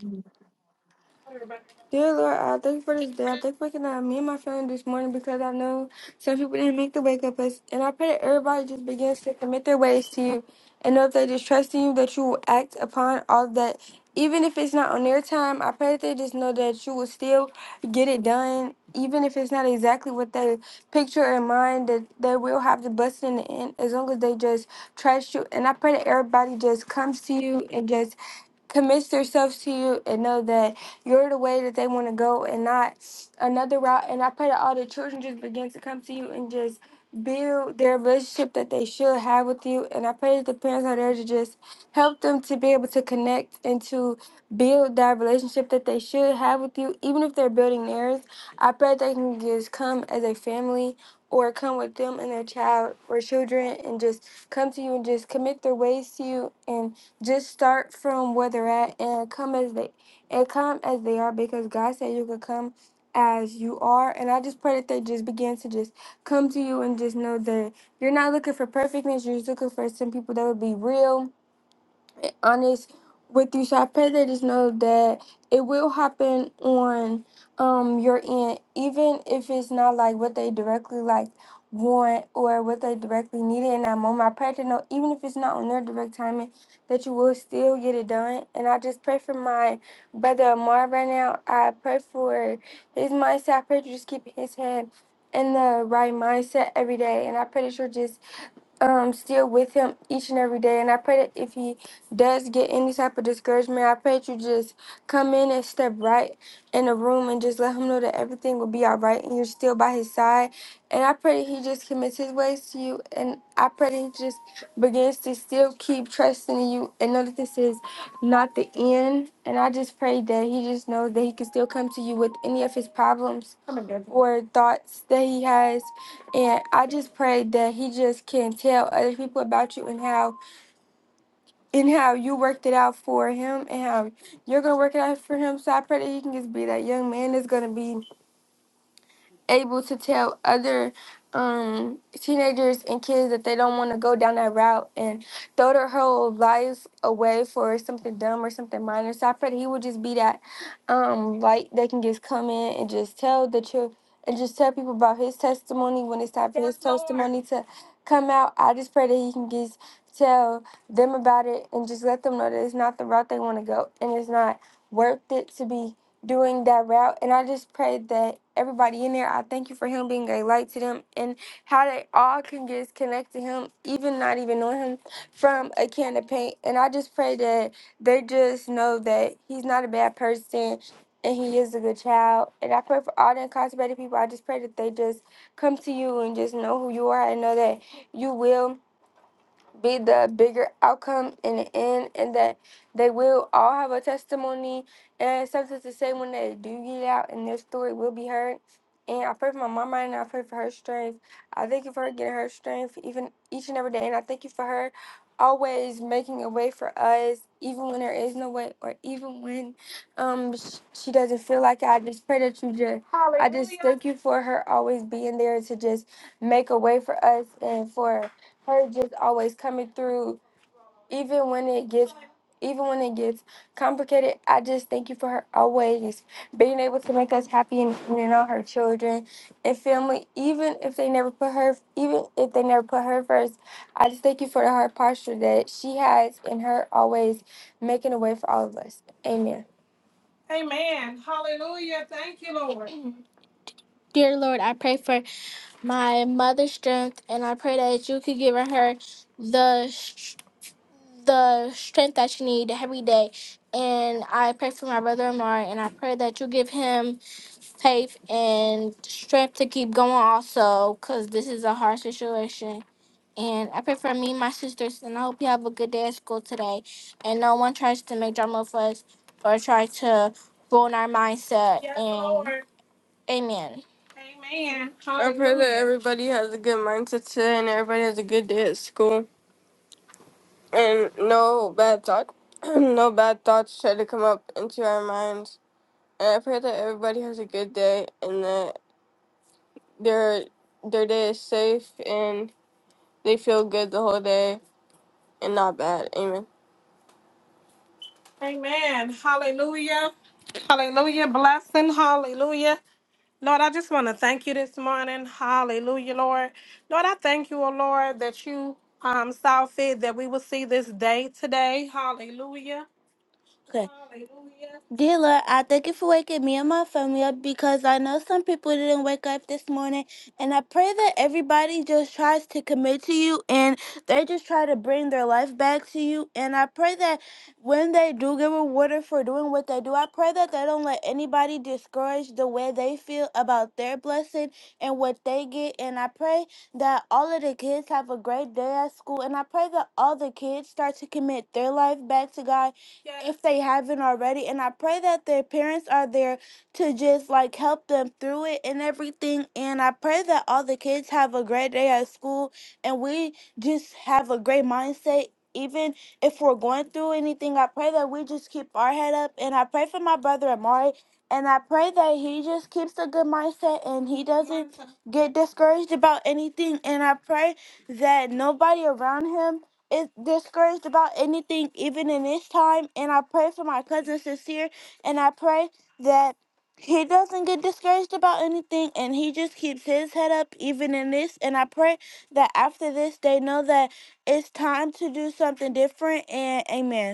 S5: Dear Lord, I thank you for this day. I thank you for waking up me and my family this morning because I know some people didn't make the wake up list. And I pray that everybody just begins to commit their ways to you and know if they just trust in you that you will act upon all that. Even if it's not on their time, I pray that they just know that you will still get it done. Even if it's not exactly what they picture in mind, that they will have the blessing in the end as long as they just trust you. And I pray that everybody just comes to you and just commits themselves to you and know that you're the way that they want to go and not another route. And I pray that all the children just begin to come to you and just build their relationship that they should have with you. And I pray that the parents are there to just help them to be able to connect and to build that relationship that they should have with you, even if they're building theirs. I pray that they can just come as a family or come with them and their child or children and just come to you and just commit their ways to you and just start from where they're at and come as they and come as they are because God said you could come as you are. And I just pray that they just begin to just come to you and just know that you're not looking for perfectness. You're just looking for some people that would be real being honest with you. So I pray that just know that it will happen on um your end, even if it's not like what they directly like want or what they directly needed in that moment. I pray to know even if it's not on their direct timing, that you will still get it done. And I just pray for my brother Amar right now. I pray for his mindset. I pray to just keep his head in the right mindset every day. And I pray that you're just um still with him each and every day. And I pray that if he does get any type of discouragement, I pray that you just come in and step right in the room and just let him know that everything will be all right and you're still by his side. And I pray that he just commits his ways to you. And I pray that he just begins to still keep trusting in you and know that this is not the end. And I just pray that he just knows that he can still come to you with any of his problems or thoughts that he has and I just pray that he just can tell other people about you and how and how you worked it out for him and how you're gonna work it out for him. So I pray that he can just be that young man that's gonna be able to tell other um, teenagers and kids that they don't want to go down that route and throw their whole lives away for something dumb or something minor. So I pray that he would just be that um, light that can just come in and just tell the truth and just tell people about his testimony when it's time for his testimony to come out. I just pray that he can just tell them about it and just let them know that it's not the route they want to go and it's not worth it to be doing that route. And I just pray that everybody in there, I thank you for him being a light to them and how they all can just connect to him, even not even knowing him, from a can of paint. And I just pray that they just know that he's not a bad person and he is a good child. And I pray for all the incarcerated people. I just pray that they just come to you and just know who you are and know that you will be the bigger outcome in the end, and that they will all have a testimony and something to say when they do get out, and their story will be heard. And I pray for my mom and I pray for her strength. I thank you for her getting her strength even each and every day, and I thank you for her always making a way for us, even when there is no way, or even when um sh- she doesn't feel like it. I just pray that you just. I just Hallelujah. thank you for her always being there to just make a way for us and for her just always coming through even when it gets even when it gets complicated i just thank you for her always being able to make us happy and depending on her children and family even if they never put her even if they never put her first i just thank you for the heart posture that she has and her always making a way for all of us amen amen hallelujah thank you lord Dear Lord, I pray for my mother's strength and I pray that you could give her the the strength that you need every day. And I pray for my brother Amar, and I pray that you give him faith and strength to keep going, also, because this is a hard situation. And I pray for me and my sisters, and I hope you have a good day at school today. And no one tries to make drama of us or try to ruin our mindset. Yes, and Lord. Amen. Amen. I pray that everybody has a good mindset today and everybody has a good day at school and no bad thought, no bad thoughts try to come up into our minds. And I pray that everybody has a good day and that their their day is safe and they feel good the whole day and not bad. Amen. Amen. Hallelujah. Hallelujah. Blessing. Hallelujah. Lord, I just want to thank you this morning. Hallelujah, Lord. Lord, I thank you, O Lord, that you um saw fit that we will see this day today. Hallelujah. Okay. Dear Lord, I thank you for waking me and my family up because I know some people didn't wake up this morning. And I pray that everybody just tries to commit to you and they just try to bring their life back to you. And I pray that when they do get rewarded for doing what they do, I pray that they don't let anybody discourage the way they feel about their blessing and what they get. And I pray that all of the kids have a great day at school. And I pray that all the kids start to commit their life back to God Yes. if they haven't already. And I pray that their parents are there to just like help them through it and everything. And I pray that all the kids have a great day at school and we just have a great mindset. Even if we're going through anything, I pray that we just keep our head up. And I pray for my brother Amari. And I pray that he just keeps a good mindset and he doesn't get discouraged about anything. And I pray that nobody around him is discouraged about anything, even in this time. And I pray for my cousin Sincere, and I pray that he doesn't get discouraged about anything, and he just keeps his head up, even in this. And I pray that after this, they know that it's time to do something different. And Amen.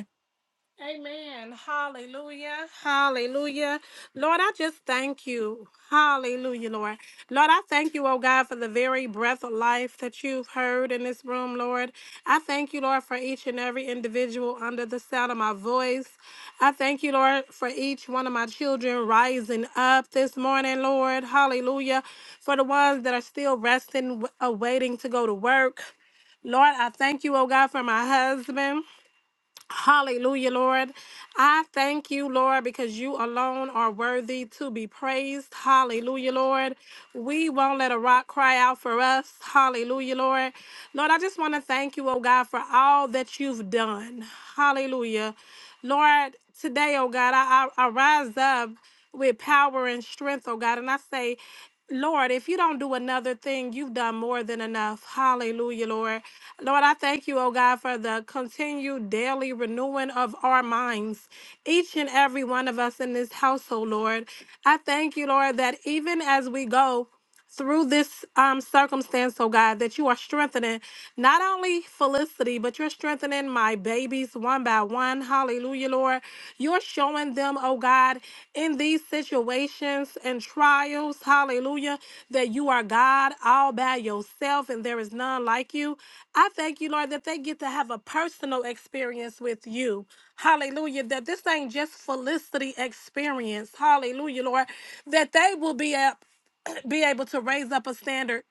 S5: Amen. Hallelujah. Hallelujah. Lord, I just thank you. Hallelujah, Lord. Lord, I thank you, oh God, for the very breath of life that you've heard in this room, Lord. I thank you, Lord, for each and every individual under the sound of my voice. I thank you, Lord, for each one of my children rising up this morning, Lord. Hallelujah. For the ones that are still resting, w- awaiting to go to work. Lord, I thank you, oh God, for my husband. Hallelujah, Lord. I thank you, Lord, because you alone are worthy to be praised. Hallelujah, Lord. We won't let a rock cry out for us. Hallelujah, Lord. Lord, I just want to thank you, oh God, for all that you've done. Hallelujah. Lord, today, oh God, I, I, I rise up with power and strength, oh God, and I say, Lord, if you don't do another thing, you've done more than enough. Hallelujah, Lord. Lord, I thank you, oh God, for the continued daily renewing of our minds, each and every one of us in this household, Lord. I thank you, Lord, that even as we go, through this um, circumstance, oh God, that you are strengthening not only Felicity, but you're strengthening my babies one by one. Hallelujah, Lord. You're showing them, oh God, in these situations and trials, hallelujah, that you are God all by yourself and there is none like you. I thank you, Lord, that they get to have a personal experience with you. Hallelujah. That this ain't just felicity experience. Hallelujah, Lord. That they will be, a- be able to raise up a standard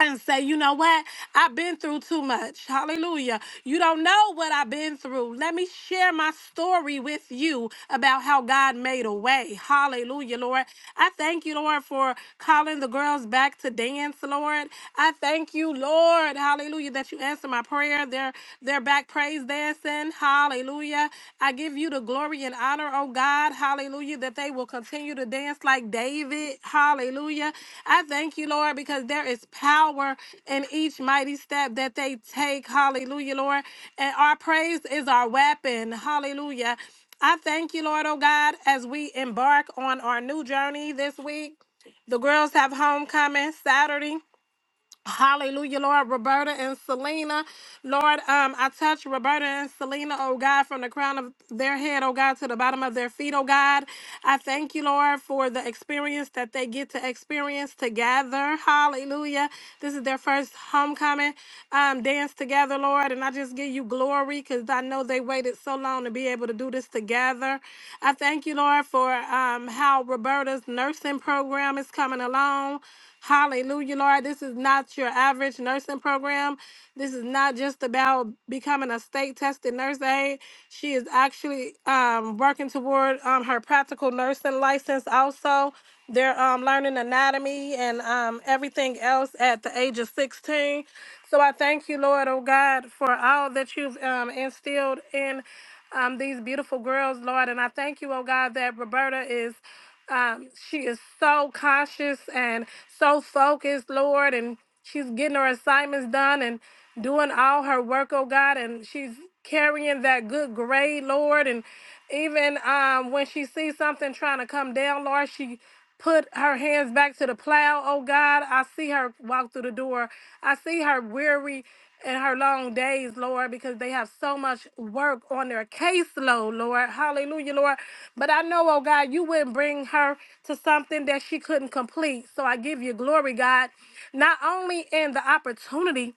S5: and say, you know what? I've been through too much. Hallelujah. You don't know what I've been through. Let me share my story with you about how God made a way. Hallelujah, Lord. I thank you, Lord, for calling the girls back to dance, Lord. I thank you, Lord. Hallelujah, that you answer my prayer. They're they're back praise dancing. Hallelujah. Hallelujah. I give you the glory and honor, oh God. Hallelujah. That they will continue to dance like David. Hallelujah. I thank you, Lord, because there is power in each mighty step that they take. Hallelujah, Lord. And our praise is our weapon. Hallelujah. I thank you, Lord, oh God, as we embark on our new journey this week. The girls have homecoming Saturday. Hallelujah, Lord. Roberta and Selena. Lord, um, I touch Roberta and Selena, oh God, from the crown of their head, oh God, to the bottom of their feet, oh God. I thank you, Lord, for the experience that they get to experience together. Hallelujah. This is their first homecoming um, dance together, Lord. And I just give you glory because I know they waited so long to be able to do this together. I thank you, Lord, for um, how Roberta's nursing program is coming along. Hallelujah, Lord. This is not your average nursing program. This is not just about becoming a state tested nurse aide. She is actually um, working toward um, her practical nursing license also. They're um, learning anatomy and um, everything else at the age of 16. So I thank you, Lord, oh God, for all that you've um, instilled in um, these beautiful girls, Lord. And I thank you, oh God, that Roberta is um, she is so cautious and so focused, Lord, and she's getting her assignments done and doing all her work, oh God, and she's carrying that good grade, Lord. And even um, when she sees something trying to come down, Lord, she put her hands back to the plow, oh God. I see her walk through the door. I see her weary and her long days, Lord, because they have so much work on their caseload, Lord. Hallelujah, Lord. But I know, oh God, you wouldn't bring her to something that she couldn't complete. So I give you glory, God, not only in the opportunity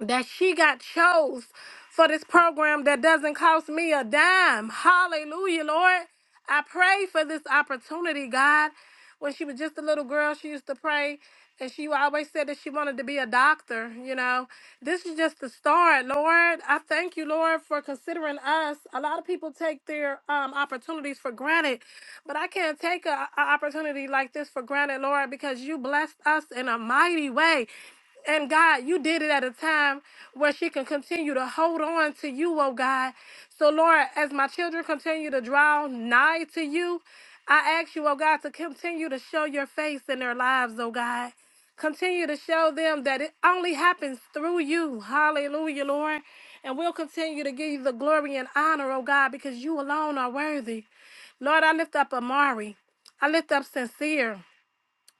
S5: that she got chose for this program that doesn't cost me a dime. Hallelujah, Lord. I pray for this opportunity, God. When she was just a little girl, she used to pray and she always said that she wanted to be a doctor, you know. This is just the start, Lord. I thank you, Lord, for considering us. A lot of people take their um, opportunities for granted, but I can't take an opportunity like this for granted, Lord, because you blessed us in a mighty way. And God, you did it at a time where she can continue to hold on to you, oh God. So, Lord, as my children continue to draw nigh to you, I ask you, oh God, to continue to show your face in their lives, oh God. Continue to show them that it only happens through you. Hallelujah, Lord. And we'll continue to give you the glory and honor, oh God, because you alone are worthy. Lord, I lift up Amari. I lift up Sincere.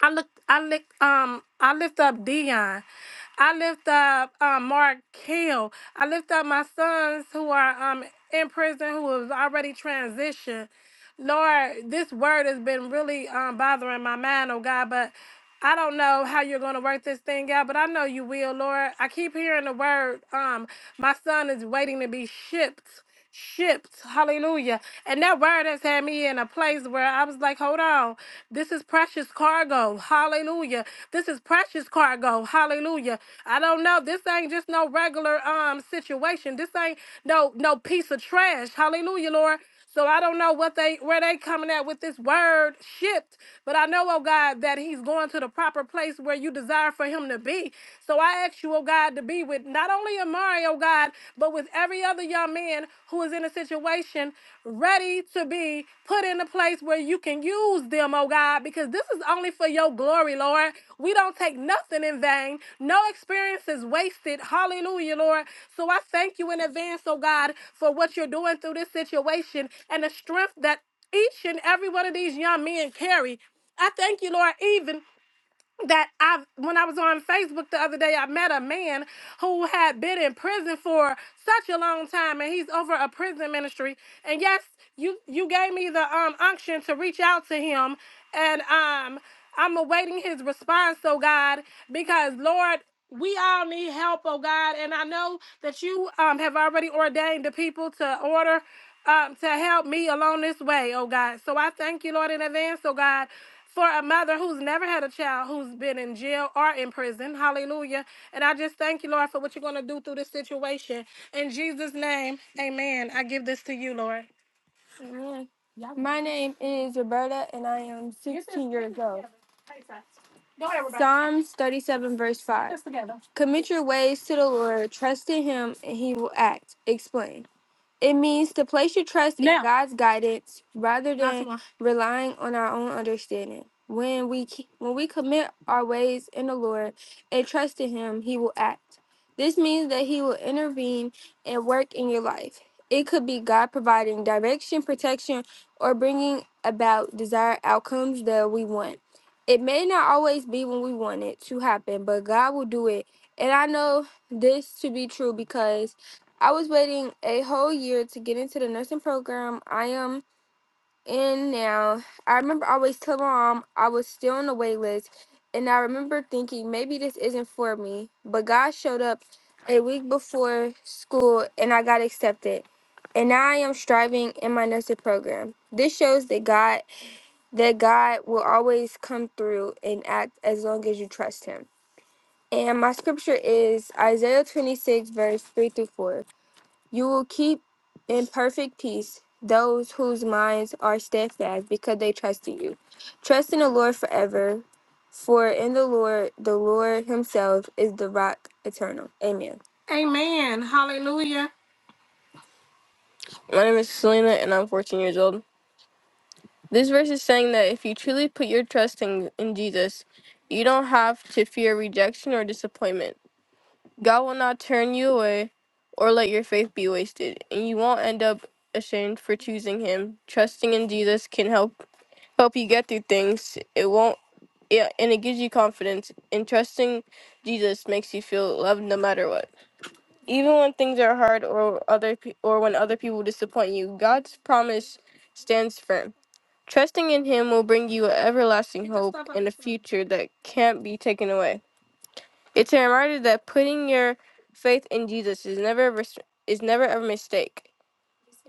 S5: I look I lift um I lift up Dion. I lift up um, Mark Hill. I lift up my sons who are um, in prison who have already transitioned. Lord, this word has been really um, bothering my mind, oh God, but I don't know how you're going to work this thing out, but I know you will, Lord. I keep hearing the word, um, my son is waiting to be shipped shipped. Hallelujah. And that word has had me in a place where I was like, hold on. This is precious cargo. Hallelujah. This is precious cargo. Hallelujah. I don't know. This ain't just no regular um situation. This ain't no no piece of trash. Hallelujah, Lord. So I don't know what they where they coming at with this word shipped, but I know, oh God, that he's going to the proper place where you desire for him to be. So I ask you, oh God, to be with not only Amari, oh God, but with every other young man who is in a situation ready to be put in the place place where you can use them, oh God, because this is only for your glory, Lord. We don't take nothing in vain. No experience is wasted. Hallelujah, Lord. So I thank you in advance, oh God, for what you're doing through this situation and the strength that each and every one of these young men carry. I thank you, Lord, even that I when I was on Facebook the other day, I met a man who had been in prison for such a long time, and he's over a prison ministry. And yes, you you gave me the um unction to reach out to him, and um I'm awaiting his response. Oh God, because Lord. We all need help, oh God, and I know that you um, have already ordained the people to order um, to help me along this way, oh God. So I thank you, Lord, in advance, oh God, for a mother who's never had a child who's been in jail or in prison. Hallelujah. And I just thank you, Lord, for what you're going to do through this situation. In Jesus' name, amen. I give this to you, Lord. Amen. My name is Roberta, and I am 16 years old. Psalms 37, verse 5. Commit your ways to the Lord, trust in him, and he will act. Explain. It means to place your trust in Now, God's guidance rather not than long. relying on our own understanding. When we ke- when we commit our ways in the Lord and trust in Him, He will act. This means that He will intervene and work in your life. It could be God providing direction, protection, or bringing about desired outcomes that we want. It may not always be when we want it to happen, but God will do it. And I know this to be true because I was waiting a whole year to get into the nursing program I am in now. I remember I always telling my mom I was still on the wait list, and I remember thinking maybe this isn't for me. But God showed up a week before school, and I got accepted. And now I am striving in my nursing program. This shows that God that God will always come through and act as long as you trust Him. And my scripture is Isaiah 26, verse 3 through 4. You will keep in perfect peace those whose minds are steadfast because they trust in you. Trust in the Lord forever, for in the Lord, the Lord Himself is the rock eternal. Amen. Amen. Hallelujah. My name is Selena and I'm 14 years old. This verse is saying that if you truly put your trust in, in Jesus, you don't have to fear rejection or disappointment. God will not turn you away or let your faith be wasted, and you won't end up ashamed for choosing him. Trusting in Jesus can help help you get through things. It won't yeah, and it gives you confidence. And trusting Jesus makes you feel loved no matter what. Even when things are hard or other pe- or when other people disappoint you, God's promise stands firm. Trusting in him will bring you an everlasting hope and a future that can't be taken away. It's a reminder that putting your faith in Jesus is never a res- is never a mistake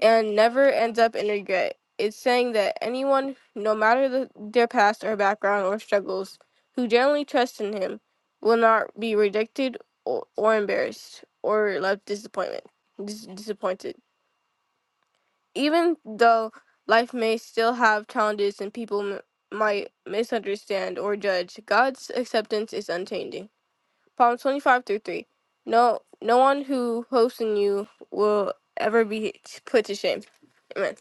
S5: and never ends up in regret. It's saying that anyone, no matter the, their past or background or struggles, who generally trusts in Him, will not be rejected or, or embarrassed or left disappointment dis- disappointed. Even though life may still have challenges and people m- might misunderstand or judge, God's acceptance is unchanging. Psalm 25 through 3. No, no one who hopes in you will ever be put to shame. Amen.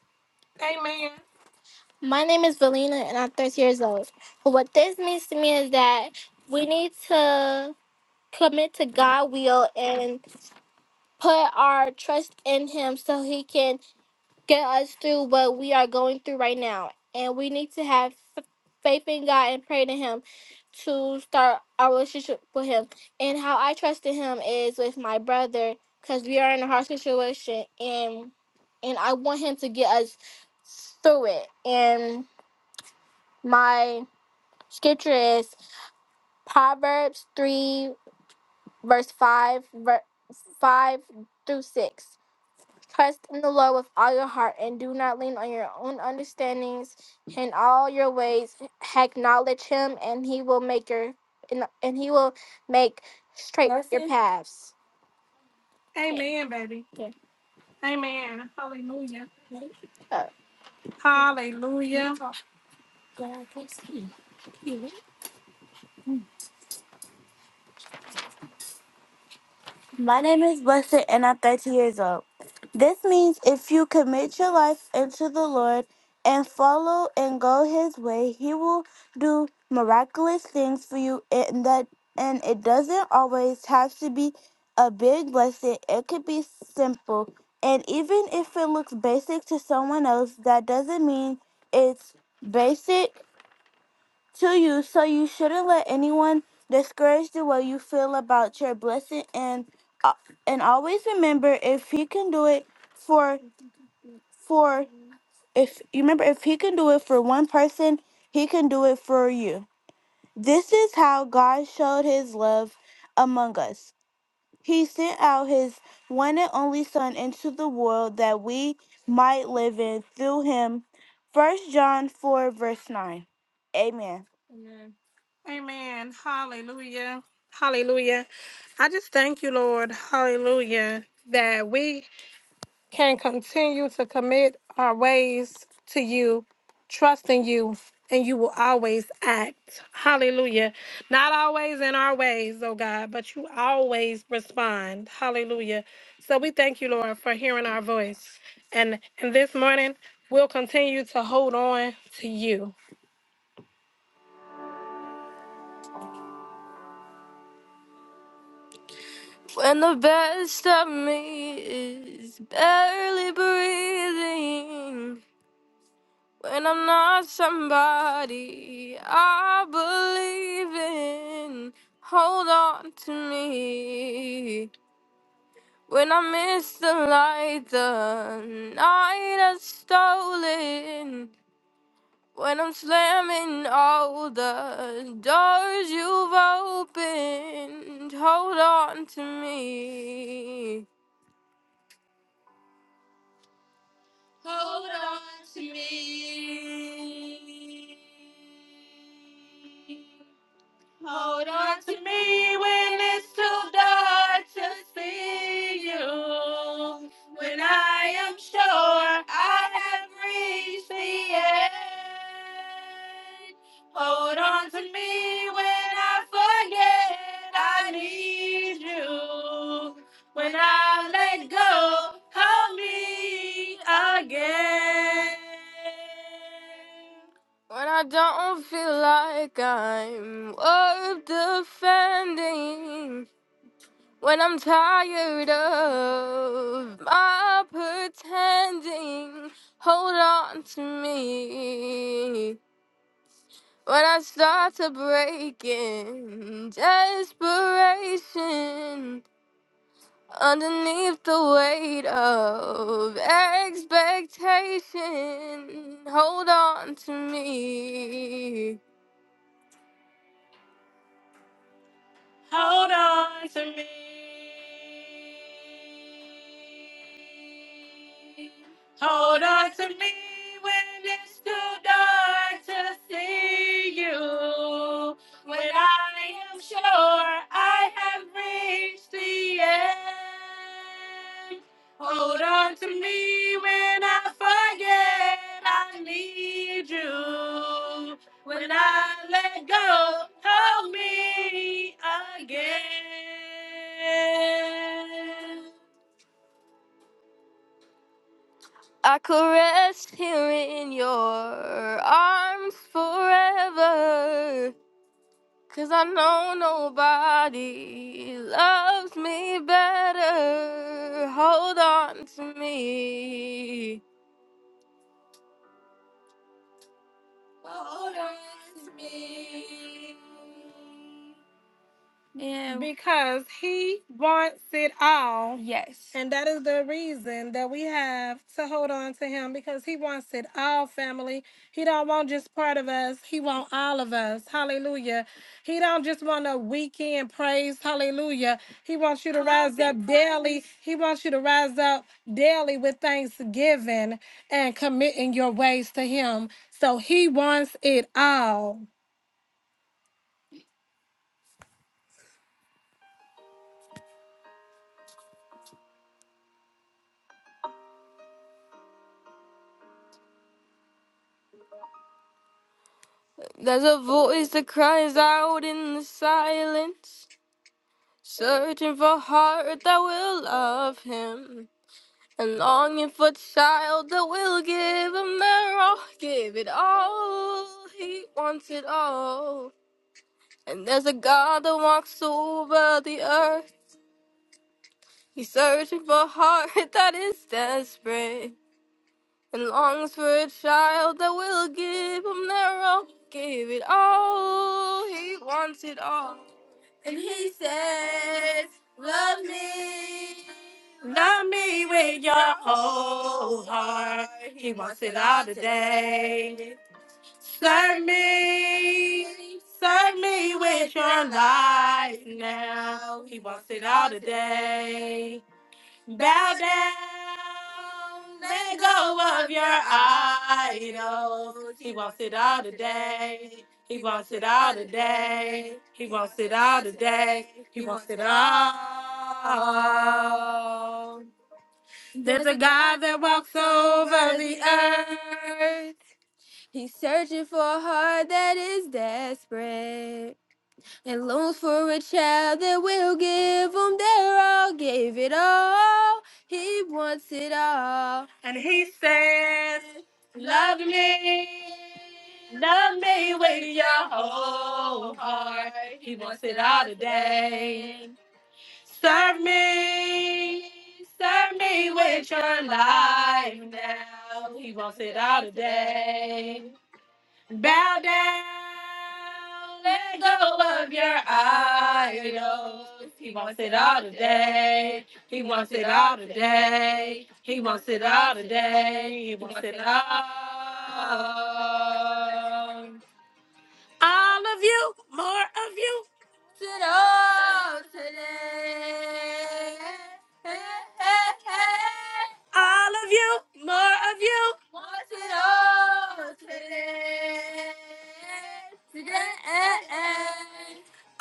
S5: My name is Valina, and I'm 30 years old. But what this means to me is that we need to commit to God' will and put our trust in Him so He can get us through what we are going through right now. And we need to have faith in God and pray to Him to start our relationship with Him. And how I trusted Him is with my brother because we are in a hard situation, and and I want Him to get us through it. And my scripture is Proverbs three verse five ver- five through six. Trust in the Lord with all your heart and do not lean on your own understandings. In all your ways acknowledge him and he will make your and, and he will make straight your Mercy. paths. Amen, baby. Yeah. Amen. Hallelujah. Uh, Hallelujah. My name is Blessed and I'm 30 years old. This means if you commit your life into the Lord and follow and go his way, he will do miraculous things for you and that and it doesn't always have to be a big blessing. It could be simple. And even if it looks basic to someone else, that doesn't mean it's basic to you. So you shouldn't let anyone discourage the way you feel about your blessing and uh, and always remember if he can do it for for if you remember if he can do it for one person, he can do it for you. This is how God showed his love among us. He sent out his one and only martyred them. Amen. Hallelujah. Hallelujah. I just thank you, Lord. Hallelujah. That we can continue to commit our ways to you, trusting you, and you will always act. Hallelujah. Not always in our ways, oh God, but you always respond. Hallelujah. So we thank you, Lord, for hearing our voice. And and this morning we'll continue to hold on to you. When the best of me is barely breathing. When I'm not somebody I believe in, hold on to me. When I miss the light, the night has stolen. When I'm slamming all the doors you've opened, hold on to me. Hold on to me. Hold on to me when it's too dark to see you. When I am sure I have reached the end. Hold on to me when I forget I need you. When I let go, hold me again. When I don't feel like I'm worth defending, when I'm tired of my pretending, hold on to me. When I start to break in desperation, underneath the weight of expectation, hold on to me. Hold on to me. Hold on to me when it's too dark to see you. When I am sure I have reached the end. I could rest here in your arms forever. Cause I know nobody loves me better. Hold on to me. Hold on. And because he wants it all. yes. And that is the reason that we have to hold on to him because he wants it all, family. He don't want just part of us. He want all of us. Hallelujah. He don't just want a weekend praise. Hallelujah. He wants you to rise up daily. He wants you to rise up daily with thanksgiving and committing your ways to him. So he wants it all. There's a voice that cries out in the silence, searching for heart that will love him, and longing for child that will give him their all, give it all. He wants it all. And there's a God that walks over the earth. He's searching for a heart that is desperate and longs for a child that will give him their all, give it all. He wants it all. Not your whole heart. He wants it all today. Say with your life. No, he wants it all today. Bow down. Let go of your idols. He wants it all today. He wants it all today. He wants it all today. He wants it all. There's a God that walks over the earth. He's searching for a heart that is desperate and longs for a child that will give him their all, gave it all. He wants it all. And he says, Love me. Love me with your whole heart. He wants it all today. Serve me. Serve me with your life now. He wants it all today. Bow down, let go of your idols. He wants it all today. He wants it all today. He wants it all today. He wants it all. All of you, more of you. All of you, more of you. Want it all today. Today.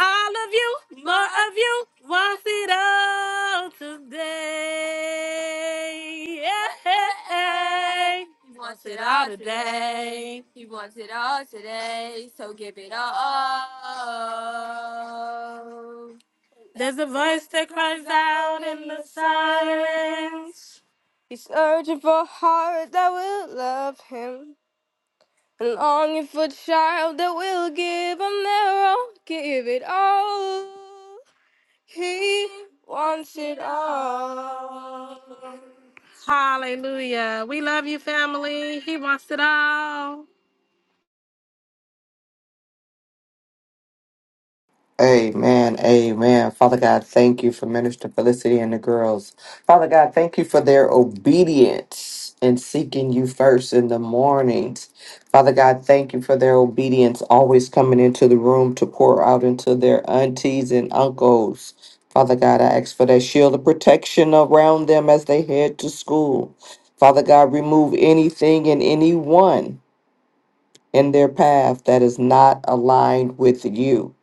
S5: All of you, more of you. Want it all today. He wants it all today. He wants it all today. So give it all. There's a voice that cries out in the silence. He's searching for a heart that will love him. And longing for a child that will give him their all. Give it all. He wants it all. Hallelujah. We love you, family. He wants it all.
S1: Amen. Amen. Father God, thank you for Minister Felicity and the girls. Father God, thank you for their obedience in seeking you first in the mornings. Father God, thank you for their obedience, always coming into the room to pour out into their aunties and uncles. Father God, I ask for that shield of protection around them as they head to school. Father God, remove anything and anyone in their path that is not aligned with you.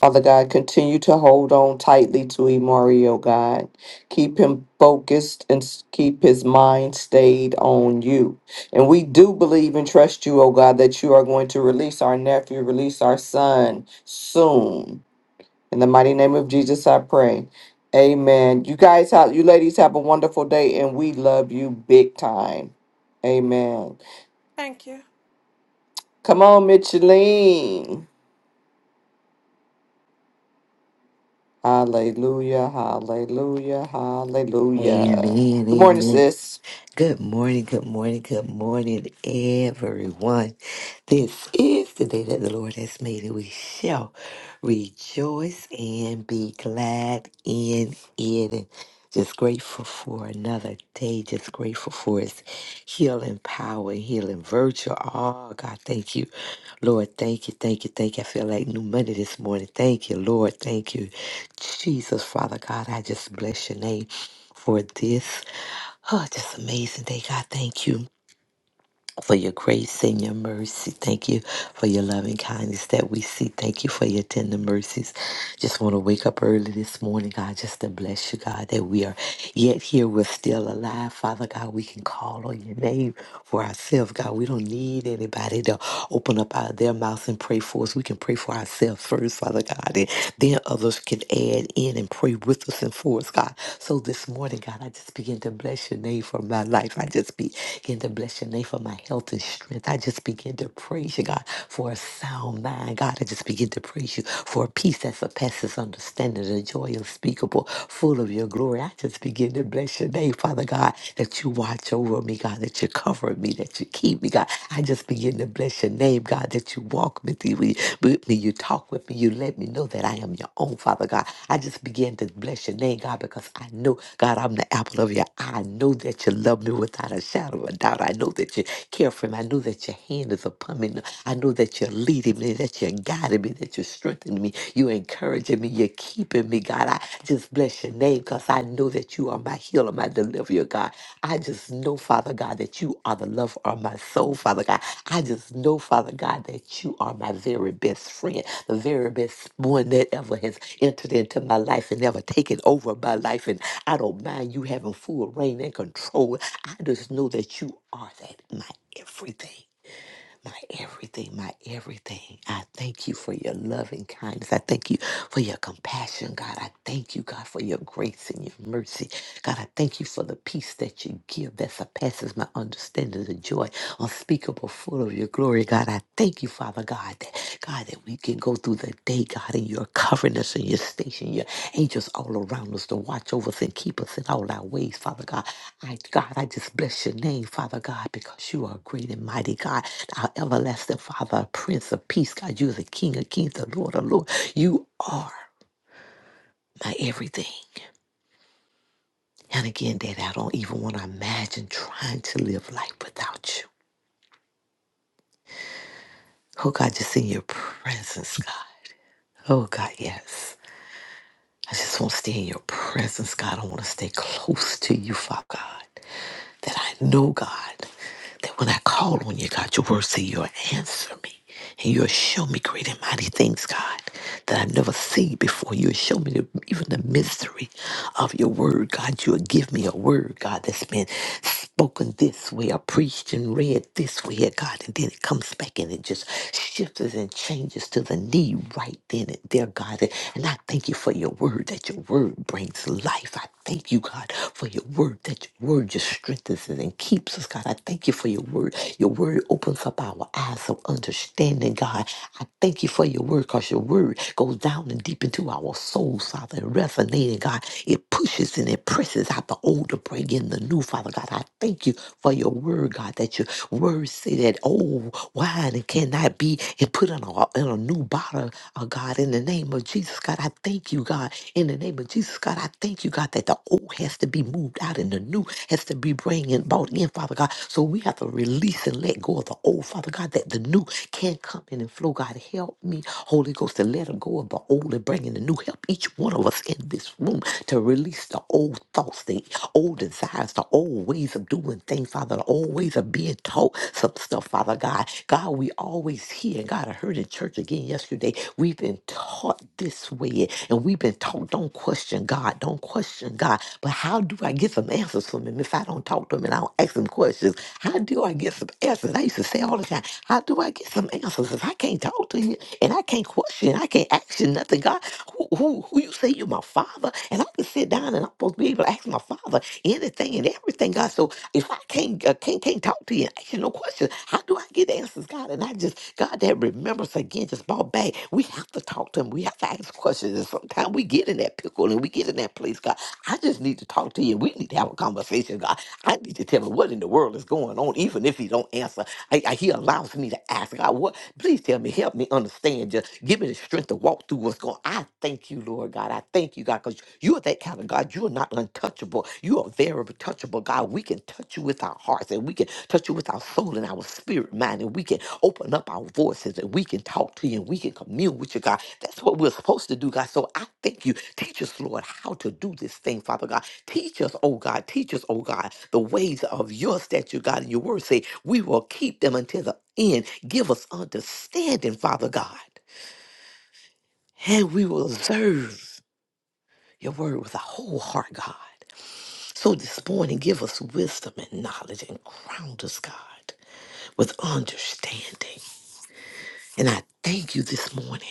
S1: Father God, continue to hold on tightly to Imari, oh God. Keep him focused and s- keep his mind stayed on you. And we do believe and trust you, oh God, that you are going to release our nephew, release our son soon. In the mighty name of Jesus, I pray. Amen. You guys have you ladies have a wonderful day and we love you big time. Amen.
S5: Thank you.
S1: Come on, Micheline. Hallelujah, hallelujah, hallelujah.
S4: Amen,
S1: Good morning,
S4: amen.
S1: sis.
S4: Good morning, good morning, good morning, everyone. This is the day that the Lord has made, and we shall rejoice and be glad in it. And Just grateful for another day, just grateful for His healing power, healing virtue. Oh, God, thank you Lord, thank you, thank you, thank you. I feel like new money this morning. Thank you, Lord. Thank you, Jesus, Father God. I just bless your name for this. Oh, just amazing day, God. Thank you for your grace and your mercy. Thank you for your loving kindness that we see. Thank you for your tender mercies. Just want to wake up early this morning, God, just to bless you, God, that we are yet here. We're still alive, Father God. We can call on your name for ourselves, God. We don't need anybody to open up out of their mouth and pray for us. We can pray for ourselves first, Father God, and then others can add in and pray with us and for us, God. So this morning, God, I just begin to bless your name for my life. I just begin to bless your name for my health and strength. I just begin to praise you, God, for a sound mind. God, I just begin to praise you for a peace that surpasses understanding, a joy unspeakable, full of your glory. I just begin to bless your name, Father God, that you watch over me, God, that you cover me, that you keep me, God. I just begin to bless your name, God, that you walk with me, with with me, you talk with me, you let me know that I am your own, Father God. I just begin to bless your name, God, because I know, God, I'm the apple of your eye. I know that you love me without a shadow of a doubt. I know that you care for me. I know that your hand is upon me. I know that you're leading me, that you're guiding me, that you're strengthening strengthening me. You're encouraging me. You're keeping me, God. I just bless your name because I know that you are my healer, my deliverer, God. I just know, Father God, that you are the lover of my soul, Father God. I just know, Father God, that you are my very best friend, the very best one that ever has entered into my life and ever taken over my life. And I don't mind you having full reign and control. I just know that you are that my everything my everything, my everything. I thank you for your loving kindness. I thank you for your compassion, God. I thank you, God, for your grace and your mercy. God, I thank you for the peace that you give that surpasses my understanding, the joy unspeakable, full of your glory, God. I thank you, Father God, that God, that we can go through the day, God, and you're covering us and you're stationing your angels all around us to watch over us and keep us in all our ways, Father God. I God, I just bless your name, Father God, because you are great and mighty God our everlasting Father, our Prince of Peace, God, you are the King of Kings, the Lord of Lords. You are my everything. And again, Daddy, I don't even want to imagine trying to live life without you. Oh, God, just in your presence, God. Oh, God, yes. I just want to stay in your presence, God. I want to stay close to you, Father God. that I know, God, that when I call on you, God, your word say you'll answer me and you'll show me great and mighty things, God, that I've never seen before. You'll show me the, even the mystery of your word, God. You'll give me a word, God, that's been spoken this way or preached and read this way, God, and then it comes back and it just shifts and changes to the need right then and there, God. And I thank you for your word, that your word brings life. I. Thank you, God, for your word, that your word just strengthens us and keeps us, God. I thank you for your word. Your word opens up our eyes of understanding, God. I thank you for your word because your word goes down and deep into our souls, Father, and resonating, God. It pushes and it presses out the old to bring in the new, Father God. I thank you for your word, God, that your word say that old wine it cannot be and put in a, in a new bottle, oh God, in the name of Jesus, God. I thank you, God, in the name of Jesus, God, I thank you, God, that the old has to be moved out and the new has to be bring and brought in, Father God. So we have to release and let go of the old, Father God, that the new can come in and flow. God, help me, Holy Ghost, to let go of the old and bring in the new. Help each one of us in this room to release the old thoughts, the old desires, the old ways of doing things, Father, the old ways of being taught some stuff, Father God. God, we always hear, and God, I heard in church again yesterday, we've been taught this way, and we've been taught, don't question God, don't question God. But how do I get some answers from Him if I don't talk to Him and I don't ask Him questions? How do I get some answers? I used to say all the time, how do I get some answers if I can't talk to you and I can't question, I can't action nothing, God? Who, who, who you say you're my Father, and I could sit down and I'm supposed to be able to ask my father anything and everything, God. So if I can't uh, can't can't talk to you and ask you no questions, how do I get answers, God? And I just God that remembrance again just brought back. We have to talk to him. We have to ask questions. And sometimes we get in that pickle and we get in that place, God. I just need to talk to you. We need to have a conversation, God. I need to tell him what in the world is going on, even if he don't answer. I, I- he allows me to ask asking God, what? Please tell me, help me understand. Just give me the strength to walk through what's going. on. I thank you, Lord God. I thank you, God, because you are that kind of God. You are not untouchable. You are very touchable, God. We can touch you with our hearts, and we can touch you with our soul and our spirit, mind, and we can open up our voices, and we can talk to you, and we can commune with you, God. That's what we're supposed to do, God. So I thank you. Teach us, Lord, how to do this thing, Father God. Teach us, oh God, teach us, oh God, the ways of your statute, God, and your word say, we will keep them until the end. Give us understanding, Father God, and we will observe your word with a whole heart, God. So this morning, give us wisdom and knowledge and ground us, God, with understanding. And I thank you this morning.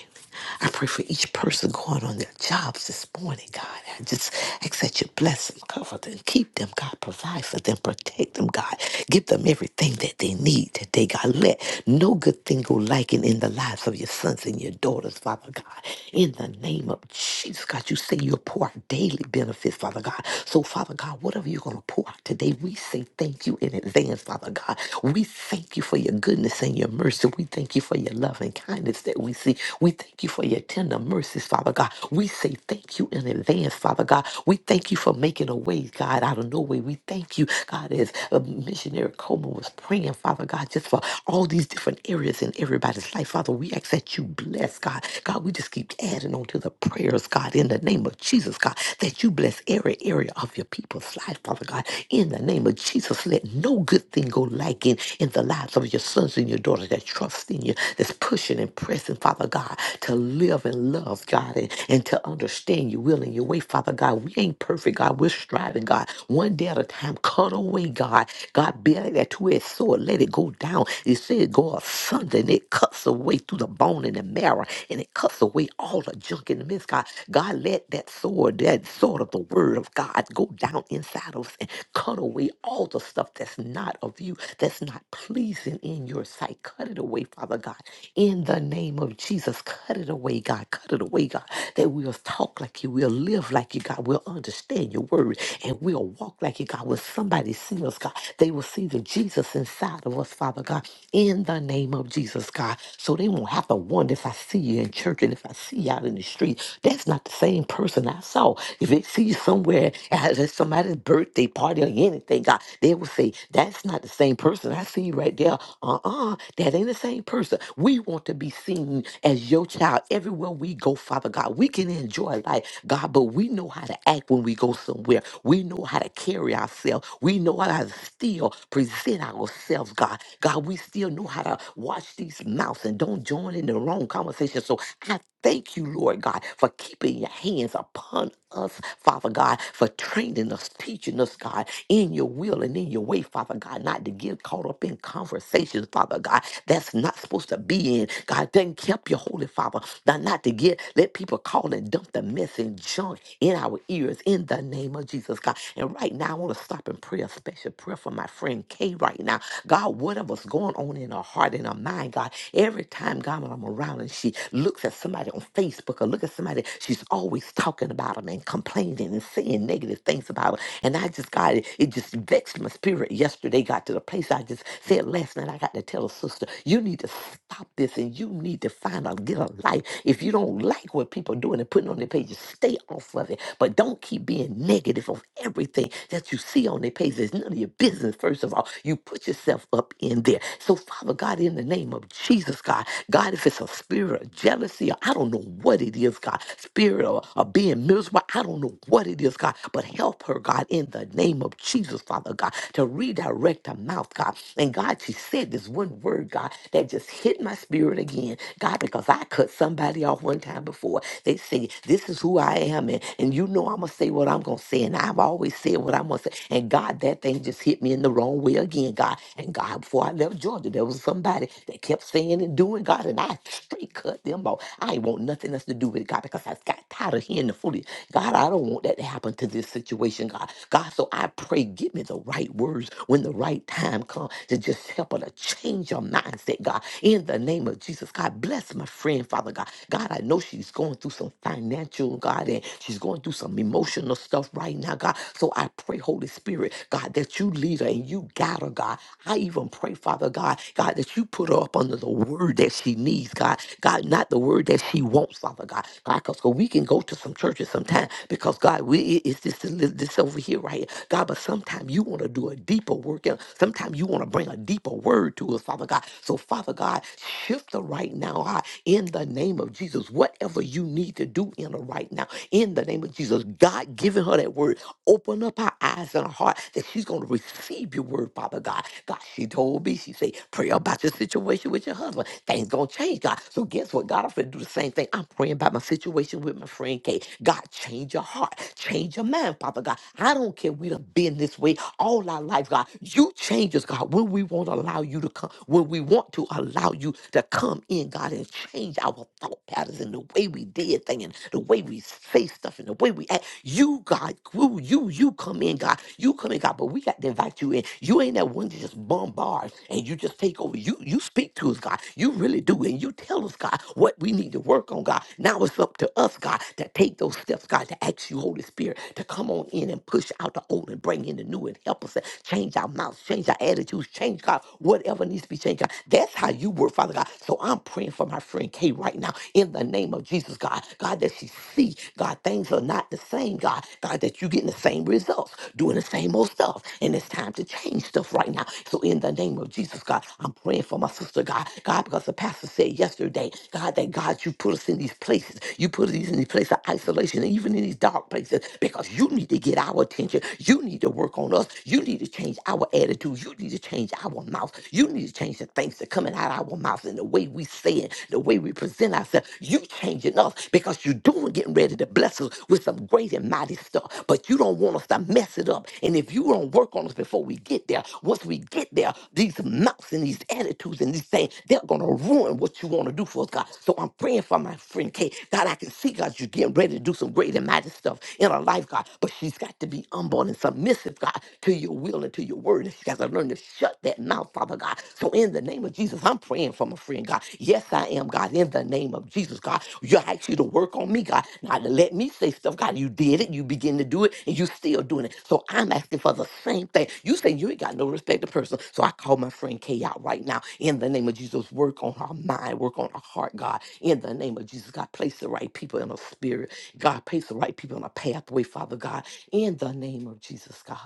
S4: I pray for each person going on their jobs this morning, God. I just ask that you bless them, cover them, keep them, God. Provide for them, protect them, God. Give them everything that they need today, God. Let no good thing go lacking in the lives of your sons and your daughters, Father God. In the name of Jesus, God, you say you'll pour out daily benefits, Father God. So, Father God, whatever you're going to pour out today, we say thank you in advance, Father God. We thank you for your goodness and your mercy. We thank you for your for your love and kindness that we see. We thank you for your tender mercies, Father God. We say thank you in advance, Father God. We thank you for making a way, God, out of no way. We thank you, God, as uh, missionary Coleman was praying, Father God, just for all these different areas in everybody's life. Father, we ask that you bless, God. God, we just keep adding on to the prayers, God, in the name of Jesus, God, that you bless every area of your people's life, Father God. In the name of Jesus, let no good thing go lacking in the lives of your sons and your daughters that trust in you senior that's pushing and pressing, Father God, to live and love, God, and, and to understand your will and your way, Father God. We ain't perfect, God. We're striving, God. One day at a time, cut away, God. God, bear that two-edged sword. Let it go down. It said go asunder, and it cuts away through the bone and the marrow, and it cuts away all the junk in the midst, God. God, let that sword, that sword of the word of God, go down inside of us and cut away all the stuff that's not of you, that's not pleasing in your sight. Cut it away, away, Father God. In the name of Jesus, cut it away, God. Cut it away, God. That we'll talk like you, we'll live like you, God. We'll understand your word and we'll walk like you, God. When somebody sees us, God, they will see the Jesus inside of us, Father God. In the name of Jesus, God. So they won't have to wonder if I see you in church and if I see you out in the street. That's not the same person I saw. If they see you somewhere at a- somebody's birthday party or anything, God, they will say, That's not the same person. I see you right there. Uh uh that ain't that ain't the same person. We want to be seen as your child everywhere we go, Father God. We can enjoy life, God, but we know how to act when we go somewhere. We know how to carry ourselves. We know how to still present ourselves, God. God, we still know how to watch these mouths and don't join in the wrong conversation. So I. Thank you, Lord God, for keeping your hands upon us, Father God, for training us, teaching us, God, in your will and in your way, Father God, not to get caught up in conversations, Father God, that's not supposed to be in. God, then kept your holy Father, not, not to get, let people call and dump the mess and junk in our ears in the name of Jesus, God. And right now, I want to stop and pray a special prayer for my friend Kay right now. God, whatever's going on in her heart and her mind, God, every time time gone when I'm around and she looks at somebody on Facebook or look at somebody, she's always talking about them and complaining and saying negative things about them. And I just got it, it just vexed my spirit yesterday, got to the place I just said last night, I got to tell a sister, you need to stop this and you need to find out, get a life. If you don't like what people are doing and putting on their pages, stay off of it. But don't keep being negative of everything that you see on their pages. It's none of your business, first of all. You put yourself up in there. So so, Father God, in the name of Jesus, God, God, if it's a spirit of jealousy, or I don't know what it is, God, spirit of, of being miserable, I don't know what it is, God, but help her, God, in the name of Jesus, Father God, to redirect her mouth, God. And God, she said this one word, God, that just hit my spirit again, God, because I cut somebody off one time before. They say, This is who I am, and, and you know I'm going to say what I'm going to say, and I've always said what I'm going to say. And God, that thing just hit me in the wrong way way again, God. And God, before I left Georgia, there was somebody that kept saying and doing, God, and I straight cut them off. I ain't want nothing else to do with it, God, because I got tired of hearing the foolishness. God, I don't want that to happen to this situation, God. God, so I pray, give me the right words when the right time comes to just help her to change her mindset, God. In the name of Jesus, God, bless my friend, Father God. God, I know she's going through some financial, God, and she's going through some emotional stuff right now, God. So I pray, Holy Holy Spirit, God, that you lead her and you guide her, God. I even pray, Father God, God, that you put her up under the word that she needs, God. God, not the word that she wants, Father God. God, because we can go to some churches sometimes because, God, we, it- it's this, this over here right here. God, but sometimes you want to do a deeper work. And sometimes you want to bring a deeper word to us, Father God. So, Father God, shift her right now, God, in the name of Jesus. Whatever you need to do in her right now, in the name of Jesus, God God, giving her that word. Open up her eyes and her heart that she's going to receive your word, Father God. God, she told me, she said, pray about your situation with your husband. Things going to change, God. So guess what? God, I'm going to do the same thing. I'm praying about my situation with my friend Kate. God, change your heart. Change your mind, Father God. I don't care we done been this way all our life, God. You change us, God, when we won't allow you to come, when we want to allow you to come in, God, and change our thought patterns and the way we did things and the way way we say stuff and the way we act. You, God, you, you, you come in, God. You come in, God, but we got to invite you in. You ain't that one that just bombards and you just take over. You you speak to us, God. You really do. And you tell us, God, what we need to work on, God. Now it's up to us, God, to take those steps, God, to ask you, Holy Spirit, to come on in and push out the old and bring in the new and help us to change our mouths, change our attitudes, change, God, whatever needs to be changed, God. That's how you work, Father God. So I'm praying for my friend Kay right now in the name of Jesus, God. God, that she see, God, things are not the same, God. God, that you getting the same results, doing the same old stuff. And it's time to change stuff right now. So in the name of Jesus, God, I'm praying for my sister, God. God, because the pastor said yesterday, God, that God, you put us in these places. You put us in these places of isolation, and even in these dark places, because you need to get our attention. You need to work on us. You need to change our attitude. You need to change our mouth. You need to change the things that coming out of our mouth and the way we say it, the way we present ourselves. You changing us because you're doing getting ready to bless us with some great and mighty stuff. But you don't want us to mess it up. And if you don't work on us before we get there, once we get there, these mouths and these attitudes and these things, they're gonna ruin what you want to do for us, God. So I'm praying for my friend Kate. God, I can see God, you're getting ready to do some great and mighty stuff in her life, God. But she's got to be humble and submissive, God, to your will and to your word. And she got to learn to shut that mouth, Father God. So in the name of Jesus, I'm praying for my friend, God. Yes, I am, God. In the name of Jesus, God, you asked you to work on me, God. Not to let me say stuff, God. You did it. You begin to do it, and you still doing it. So I'm asking for the same thing. You say you ain't got no respect to person. So I call my friend Kay out right now. In the name of Jesus, work on her mind, work on her heart, God. In the name of Jesus, God, place the right people in her spirit. God, place the right people in her pathway, Father God. In the name of Jesus, God,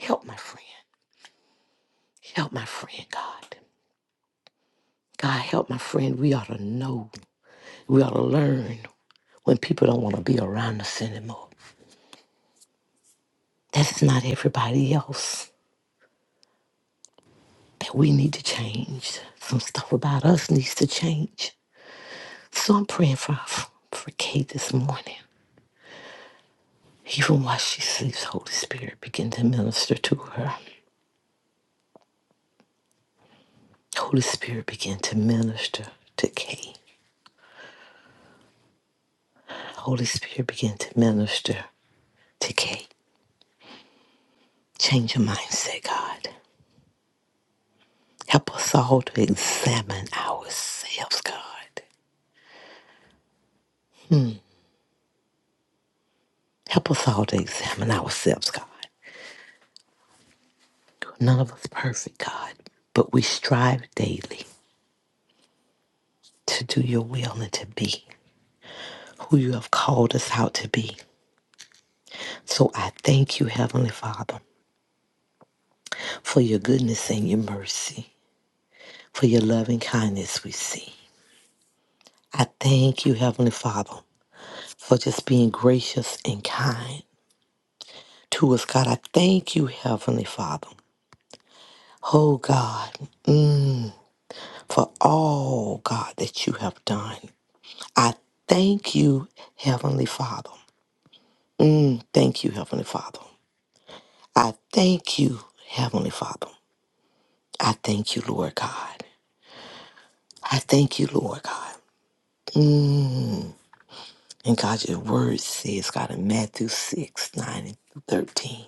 S4: help my friend. Help my friend, God. God help my friend, we ought to know. We ought to learn when people don't want to be around us anymore. That's not everybody else. That we need to change. Some stuff about us needs to change. So I'm praying for for Kate this morning. Even while she sleeps, Holy Spirit begin to minister to her. Holy Spirit begin to minister to Kate. Holy Spirit begin to minister to Kate. Change your mindset, God. Help us all to examine ourselves, God. Help us all to examine ourselves, God. None of us perfect, God, but we strive daily to do your will and to be who you have called us out to be. So I thank you, Heavenly Father, for your goodness and your mercy, for your loving kindness we see. I thank you, Heavenly Father, for just being gracious and kind to us, God. I thank you, Heavenly Father. Oh, God for all, God, that you have done. I thank you, Heavenly Father. Thank you, Heavenly Father. I thank you, Heavenly Father. I thank you, Lord God. I thank you, Lord God. And God, your word says, God, in Matthew 6, 9, and 13,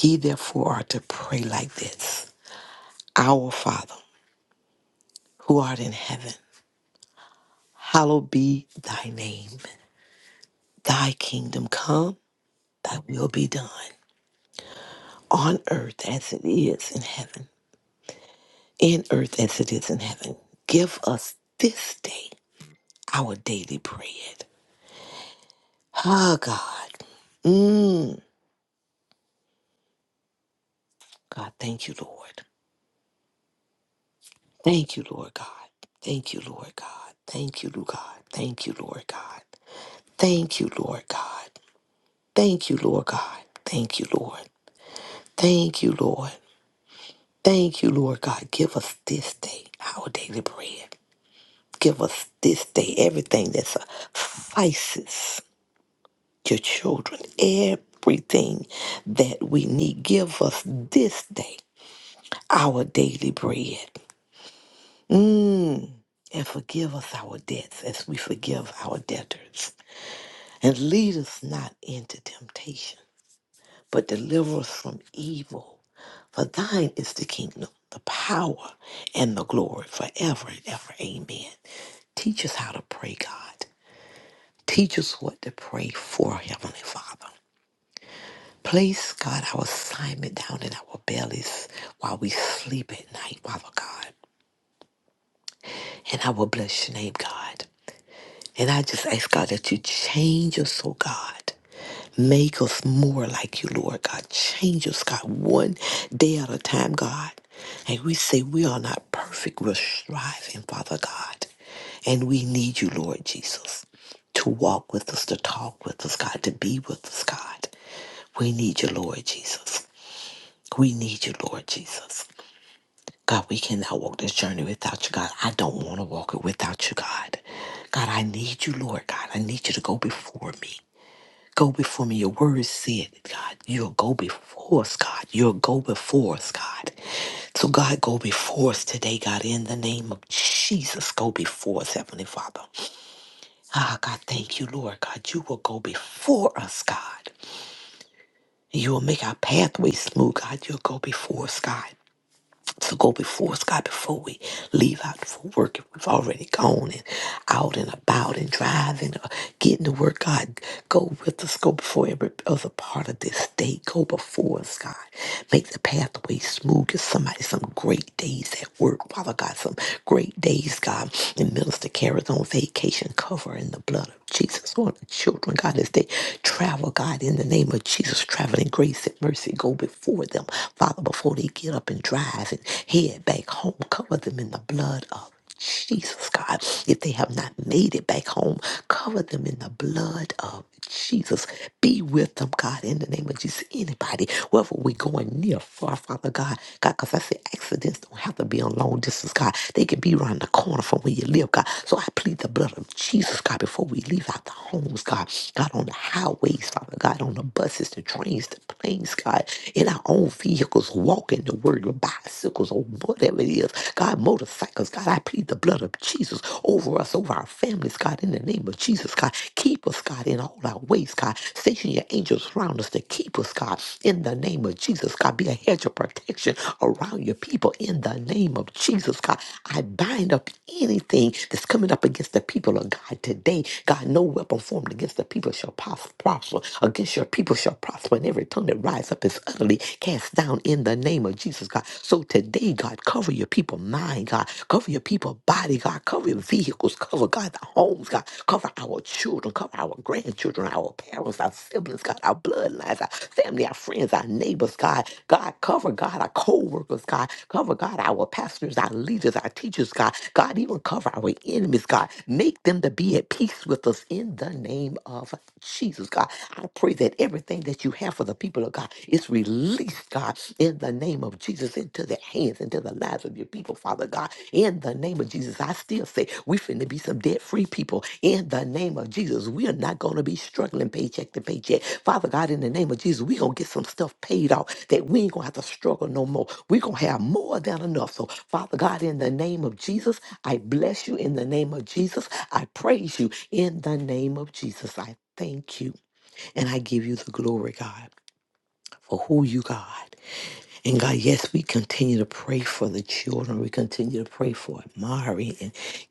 S4: ye therefore are to pray like this Our Father, who art in heaven, hallowed be thy name. Thy kingdom come, thy will be done on earth as it is in heaven. in earth as it is in heaven. Give us this day our daily bread. Ah, God. Mm. God, thank you, Lord. Thank you, Lord God. Thank you, Lord God. Thank you, Lord God. Thank you, Lord God. Thank you, Lord God. Thank you, Lord God. Thank you, Lord. Thank you, Lord. Thank you, Lord God. Give us this day our daily bread. Give us this day everything that suffices your children everything that we need. Give us this day our daily bread. Mm. And forgive us our debts as we forgive our debtors. And lead us not into temptation, but deliver us from evil. For thine is the kingdom, the power, and the glory forever and ever. Amen. Teach us how to pray, God. Teach us what to pray for, Heavenly Father. Place, God, our assignment down in our bellies while we sleep at night, Father God. And I will bless your name, God. And I just ask, God, that you change us, oh God. Make us more like you, Lord God. Change us, God, one day at a time, God. And we say we are not perfect. We're striving, Father God. And we need you, Lord Jesus, to walk with us, to talk with us, God, to be with us, God. We need you, Lord Jesus. We need you, Lord Jesus. God, we cannot walk this journey without you, God. I don't want to walk it without you, God. God, I need you, Lord God. I need you to go before me. Go before me. Your word said, God, you'll go before us, God. You'll go before us, God. So, God, go before us today, God, in the name of Jesus. Go before us, Heavenly Father. Ah, God, thank you, Lord God. You will go before us, God. You will make our pathway smooth, God. You'll go before us, God. to go before us, God, before we leave out for work. If we've already gone and out and about and driving, or getting to work, God, go with us. Go before every other part of this day. Go before us, God. Make the pathway smooth. Give somebody some great days at work, Father God, some great days, God. And Minister Carrie's on vacation, cover in the blood of Jesus, on the children, God, as they travel, God, in the name of Jesus, traveling grace and mercy, go before them, Father, before they get up and drive and head back home, cover them in the blood of Jesus, God. If they have not made it back home, cover them in the blood of Jesus. Be with them, God, in the name of Jesus. Anybody, wherever we're going near, far, Father God, God, because I say accidents don't have to be on long distance, God. They can be around the corner from where you live, God. So I plead the blood of Jesus, God, before we leave out the homes, God, God, on the highways, Father God, on the buses, the trains, the planes, God, in our own vehicles, walking the word, or bicycles, or whatever it is, God, motorcycles, God, I plead the blood of Jesus over us, over our families, God, in the name of Jesus, God, keep us, God, in all our ways, God, station your angels around us to keep us, God, in the name of Jesus, God, be a hedge of protection around your people, in the name of Jesus, God, God. I bind up anything that's coming up against the people of God today. God, no weapon formed against the people shall pos- prosper. Against your people shall prosper, and every tongue that rise up is utterly cast down in the name of Jesus, God. So today, God, cover your people mind, God. Cover your people body, God. Cover your vehicles. Cover, God, the homes, God. Cover our children. Cover our grandchildren, our parents, our siblings, God, our bloodlines, our family, our friends, our neighbors, God. God, cover, God, our co workers, us, God. Cover, God, our pastors, our leaders, our teachers, God. God, even cover our enemies, God. Make them to be at peace with us in the name of Jesus, God. I pray that everything that you have for the people of God is released, God, in the name of Jesus, into their hands, into the lives of your people, Father God. In the name of Jesus, I still say we finna be some debt free people. In the name of Jesus, we are not gonna be struggling paycheck to paycheck. Father God, in the name of Jesus, we gonna get some stuff paid off that we ain't gonna have to struggle no more. We're gonna have more than enough. So, Father God, in the name of Jesus, I bless you. In the name of Jesus, I praise you. In the name of Jesus, I thank you. And I give you the glory, God, for who you, God. And God, yes, we continue to pray for the children. We continue to pray for Mari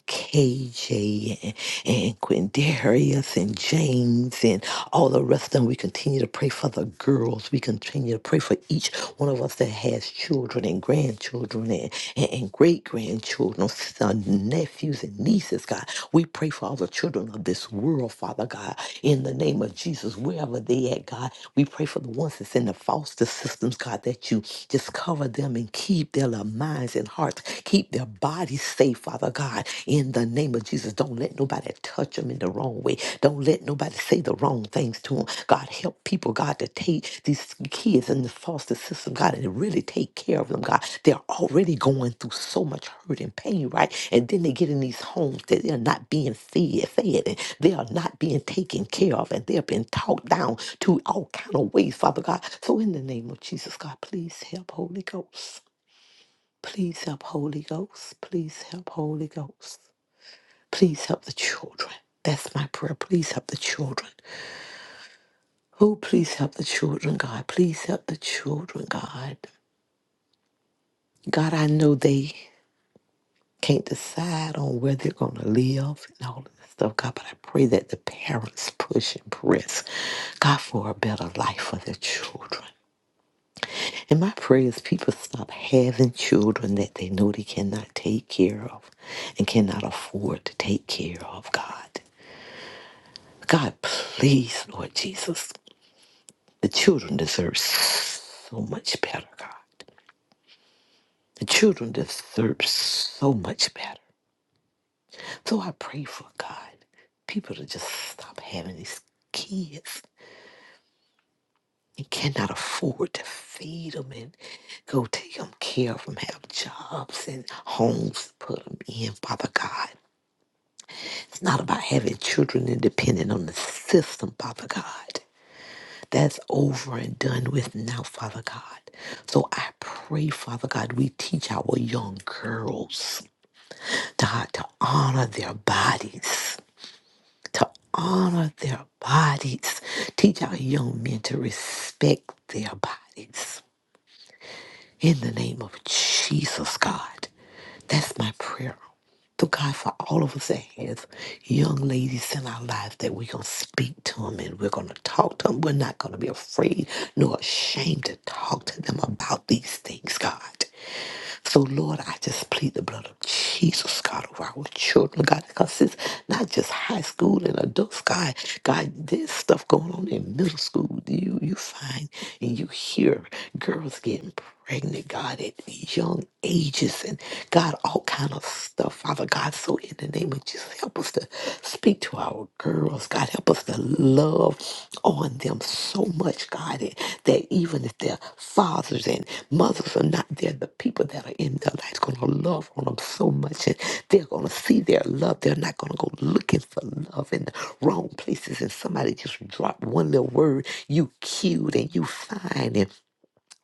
S4: KJ and, and Quindarius and James and all the rest of them. We continue to pray for the girls. We continue to pray for each one of us that has children and grandchildren and, and, and great grandchildren, sons, nephews, and nieces, God. We pray for all the children of this world, Father God, in the name of Jesus, wherever they at, God. We pray for the ones that's in the foster systems, God, that you just cover them and keep their little minds and hearts. Keep keep their bodies safe, Father God, in the name of Jesus. Don't let nobody touch them in the wrong way. Don't let nobody say the wrong things to them. God, help people, God, to take these kids in the foster system, God, and really take care of them, God. They're already going through so much hurt and pain, right? And then they get in these homes that they're not being fed, fed, and they are not being taken care of, and they have been talked down to all kind of ways, Father God. So in the name of Jesus, God, please help Holy Ghost. Please help Holy Ghost. Please help Holy Ghost. Please help the children. That's my prayer. Please help the children. Oh, please help the children, God. Please help the children, God. God, I know they can't decide on where they're going to live and all of this stuff, God, but I pray that the parents push and press, God, for a better life for their children. And my prayer is people stop having children that they know they cannot take care of and cannot afford to take care of, God. God, please, Lord Jesus. The children deserve so much better, God. The children deserve so much better. So I pray for God. People to just stop having these kids and cannot afford to feed them and go take them care of them, have jobs and homes to put them in, Father God. It's not about having children and depending on the system, Father God. That's over and done with now, Father God. So I pray, Father God, we teach our young girls, God, to honor their bodies, to honor their bodies. Teach our young men to respect their bodies. In the name of Jesus, God. That's my prayer. To God for all of us that has young ladies in our lives that we're going to speak to them and we're going to talk to them. We're not going to be afraid nor ashamed to talk to them about these things, God. So, Lord, I just plead the blood of Jesus, God, over our children, God, because it's not just high school and adults, God. God, there's stuff going on in middle school. You you find and you hear girls getting pregnant, God, at young ages and God, all kind of stuff, Father God. So in the name of Jesus, help us to speak to to our girls. God, help us to love on them so much, God, that that even if their fathers and mothers are not there, the people that are in their lives going to love on them so much. And they're going to see their love. They're not going to go looking for love in the wrong places. And somebody just dropped one little word, you cute and you fine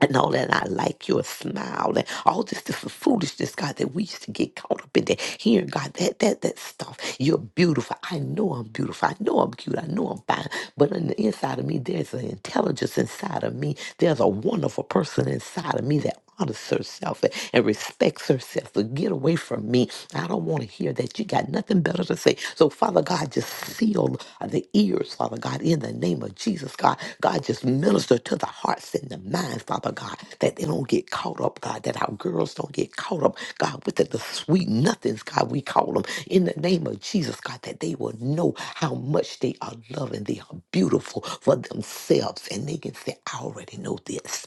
S4: and all that. I like your smile and all this different foolishness, God, that we used to get caught up in that. Hearing God, that that that stuff. You're beautiful. I know I'm beautiful. I know I'm cute. I know I'm fine. But on the inside of me, there's an intelligence inside of me. There's a wonderful person inside of me that honors herself and respects herself. But get away from me. I don't want to hear that. You got nothing better to say. So, Father God, just seal the ears, Father God, in the name of Jesus, God. God, just minister to the hearts and the minds, Father God, that they don't get caught up, God, that our girls don't get caught up, God, with the, the sweet nothings, God, we call them, in the name of Jesus, God, that they will know how much they are loved and they are beautiful for themselves. And they can say, I already know this.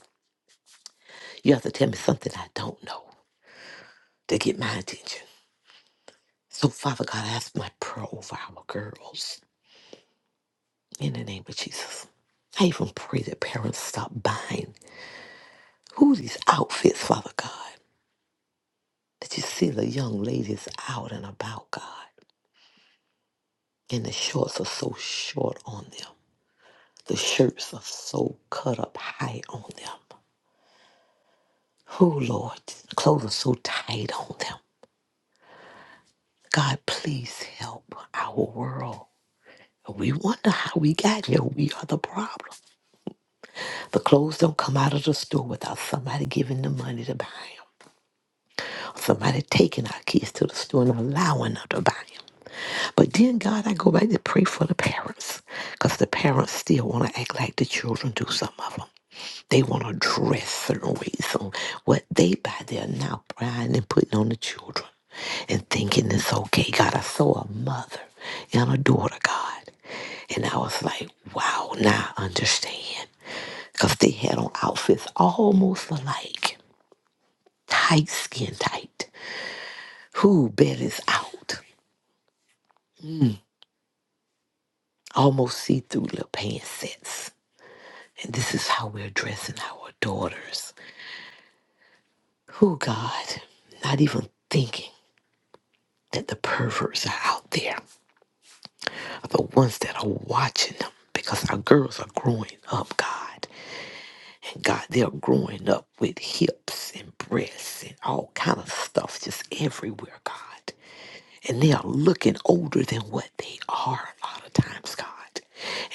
S4: You have to tell me something I don't know to get my attention. So, Father God, I ask my prayer over our girls in the name of Jesus. I even pray that parents stop buying who these outfits, Father God, that you see the young ladies out and about, God, and the shorts are so short on them. The shirts are so cut up high on them. Oh, Lord, clothes are so tight on them. God, please help our world. We wonder how we got here. We are the problem. The clothes don't come out of the store without somebody giving the money to buy them. Somebody taking our kids to the store and allowing them to buy 'em. But then, God, I go back to pray for the parents because the parents still want to act like the children do, some of them. They want to dress certain ways on what they buy. They're now prying and putting on the children and thinking it's okay. God, I saw a mother and a daughter, God. And I was like, wow, now I understand. Because they had on outfits almost alike, tight skin tight. Who bet is out? Almost see through little pants sets. And this is how we're addressing our daughters. Who, God, not even thinking that the perverts are out there, are the ones that are watching them because our girls are growing up, God. And God, they're growing up with hips and breasts and all kind of stuff just everywhere, God. and they are looking older than what they are a lot of times, God.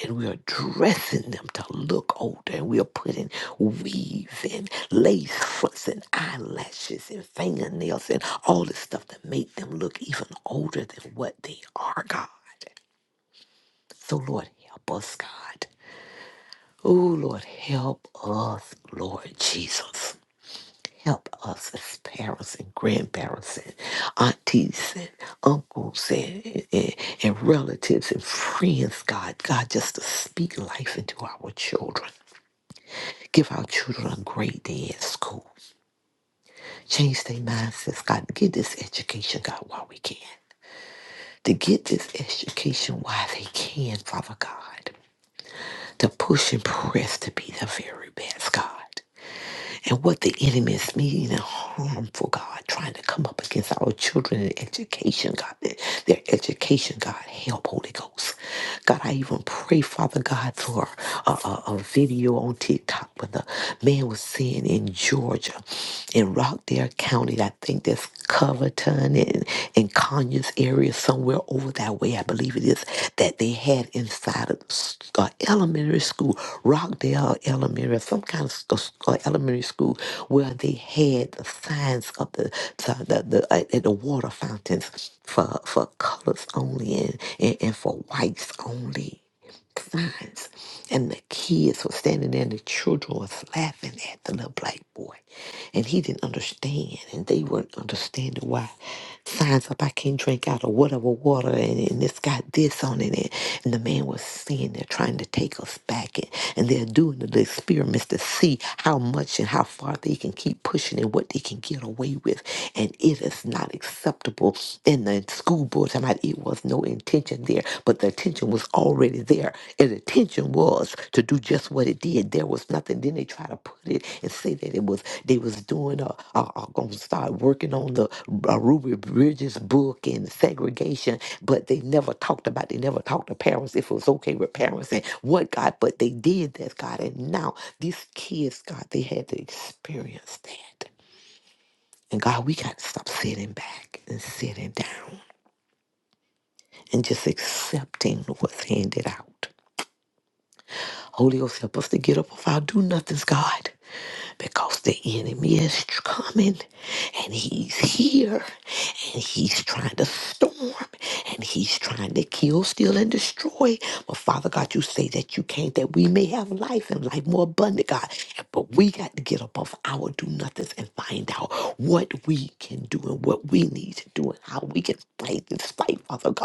S4: And we are dressing them to look older, and we are putting weaves and lace fronts and eyelashes and fingernails and all this stuff to make them look even older than what they are, God. So, Lord, help us, God. Oh, Lord, help us, Lord Jesus help us as parents and grandparents and aunties and uncles and, and, and relatives and friends, God. God, just to speak life into our children. Give our children a great day at school. Change their mindsets, God. Get this education, God, while we can. To get this education while they can, Father God. To push and press to be the very best, God. and what the enemy is meaning and harmful, God, trying to come up against our children and education, God, their, their education, God, help, Holy Ghost. God, I even pray, Father God, for a, a, a video on TikTok where the man was saying in Georgia, in Rockdale County, I think that's Coverton, in Conyers area, somewhere over that way, I believe it is, that they had inside of uh, elementary school, Rockdale Elementary, some kind of sc- uh, elementary school, where they had the signs of the the, the, the, uh, at the water fountains for for colors only and, and, and for whites only signs. And the kids were standing there and the children was laughing at the little black boy. And he didn't understand. And they weren't understanding why signs up I can't drink out of whatever water and, and it's got this on it. And, and the man was saying they're trying to take us back and, and they're doing the experiments to see how much and how far they can keep pushing and what they can get away with. And it is not acceptable. in the school board. somebody it was no intention there, but the intention was already there. And the intention was to do just what it did. There was nothing. Then they try to put it and say that it was they was doing a, a, going to start working on the uh, Ruby Bridges book and segregation, but they never talked about. They never talked to parents if it was okay with parents and what God. But they did that, God, and now these kids, God, they had to experience that. And God, we got to stop sitting back and sitting down and just accepting what's handed out. Holy Ghost, help us to get up off our do nothings, God, because the enemy is coming and he's here and he's trying to storm and he's trying to kill, steal, and destroy. But Father God, you say that you came that we may have life and life more abundant, God. But we got to get up off our do nothings and find out what we can do and what we need to do and how we can fight this fight, Father God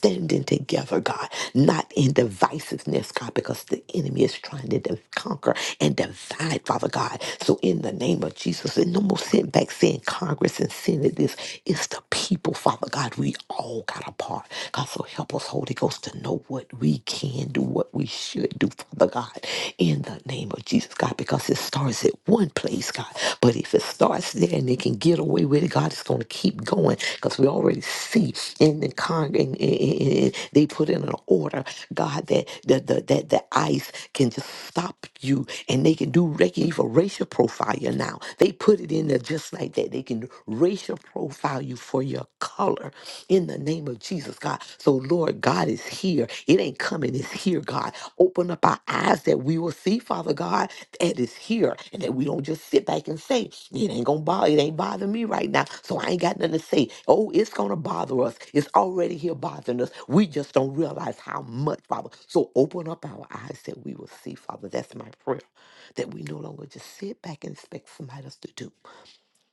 S4: standing together, God, not in divisiveness, God, because the enemy is trying to div- conquer and divide, Father God. So in the name of Jesus, and no more sitting back saying Congress and Senate this. It's the people, Father God. We all got a part. God, so help us, Holy Ghost, to know what we can do, what we should do, Father God, in the name of Jesus, God, because it starts at one place, place, God. But if it starts there and they can get away with it, God is going to keep going because we already see in the con in, in, in- in- they put in an order, God, that the, the that the ICE can just stop you and they can do they can even racial profile you now. They put it in there just like that. They can racial profile you for your color in the name of Jesus, God. So Lord God is is here. It ain't coming, it's here, God. Open up our eyes that we will see, Father God, that it's here. And that we don't just sit back and say, it ain't gonna bother, it ain't bothering me right now. So I ain't got nothing to say. Oh, it's gonna bother us. It's already here bothering us. We just don't realize how much, Father. So open up our eyes that we will see, Father. That's my prayer. That we no longer just sit back and expect somebody else to do.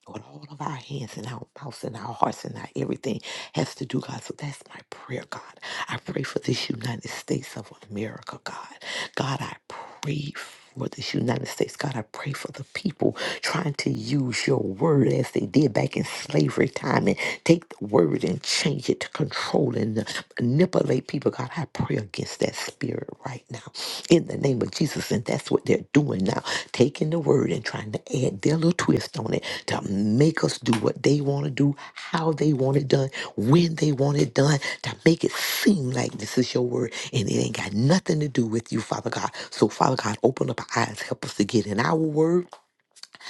S4: Lord, all of our hands and our mouths and our hearts and our everything has to do, God. So that's my prayer, God. I pray for this United States of America, God. God, I pray for this United States. God, I pray for the people trying to use your word as they did back in slavery time and take the word and change it to control and manipulate people people, God, I pray against that spirit right now in the name of Jesus. And that's what they're doing now, taking the word and trying to add their little twist on it to make us do what they want to do, how they want it done, when they want it done, to make it seem like this is your word and it ain't got nothing to do with you, Father God. So, Father God, open up our eyes, help us to get in our word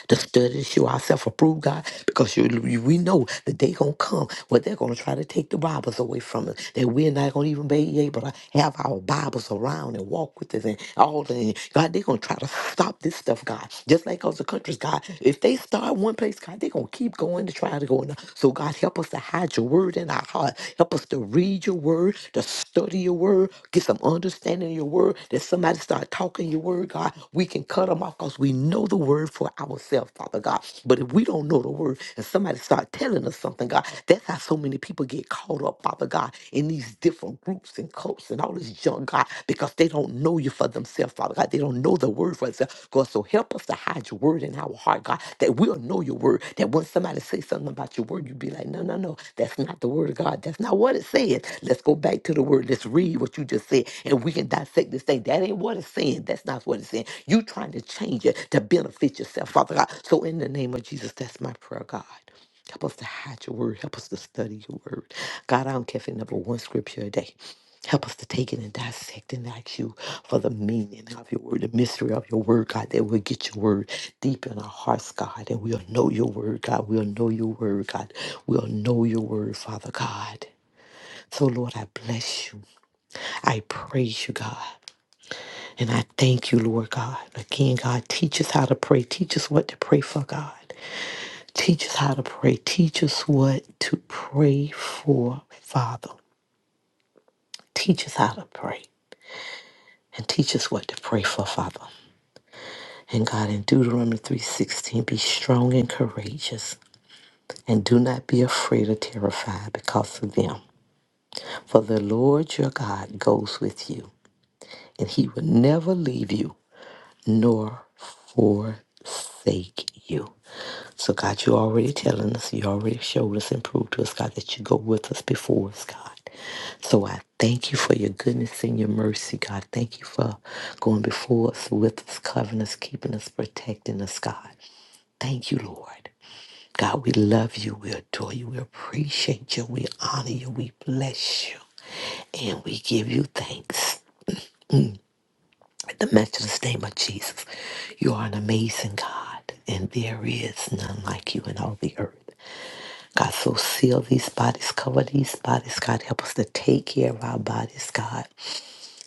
S4: to study to show ourselves approved, God, because you, you- we know the day gonna come where they're gonna try to take the Bibles away from us, that we're not gonna even be able to have our Bibles around and walk with us and all that. God, they're gonna try to stop this stuff, God. Just like other countries, God, if they start one place, God, they're gonna keep going to try to go. Another. So God, help us to hide your word in our heart. Help us to read your word, to study your word, get some understanding of your word. That somebody start talking your word, God, we can cut them off because we know the word for ourselves, Father God. But if we don't know the word and somebody start telling us something, God, that's how so many people get caught up, Father God, in these different groups and cults and all this junk, God, because they don't know you for themselves, Father God. They don't know the word for itself. God, so help us to hide your word in our heart, God, that we'll know your word. That when somebody says something about your word, you would be like, no, no, no, that's not the word of God. That's not what it says. Let's go back to the word. Let's read what you just said, and we can dissect this thing. That ain't what it's saying. That's not what it's saying. You trying to change it to benefit yourself, Father God. So in the name of Jesus, that's my prayer, God. Help us to hide your word. Help us to study your word. God, I don't care if it's never one scripture a day. Help us to take it and dissect and ask you for the meaning of your word, the mystery of your word, God, that we'll get your word deep in our hearts, God, and we'll know your word, God. We'll know your word, God. We'll know your word, Father God. So, Lord, I bless you. I praise you, God. And I thank you, Lord God. Again, God, teach us how to pray. Teach us what to pray for, God. Teach us how to pray. Teach us what to pray for, Father. Teach us how to pray and teach us what to pray for, Father. And God in Deuteronomy 3:16, be strong and courageous, and do not be afraid or terrified because of them. For the Lord your God goes with you, and he will never leave you nor forsake you. So God, you already telling us, you already showed us and proved to us, God, that you go with us before us, God. So I thank you for your goodness and your mercy, God. Thank you for going before us, with us, covering us, keeping us, protecting us, God. Thank you, Lord. God, we love you. We adore you. We appreciate you. We honor you. We bless you. And we give you thanks. In the matchless name of Jesus, you are an amazing God, and there is none like you in all the earth. God, so seal these bodies, cover these bodies, God. Help us to take care of our bodies, God.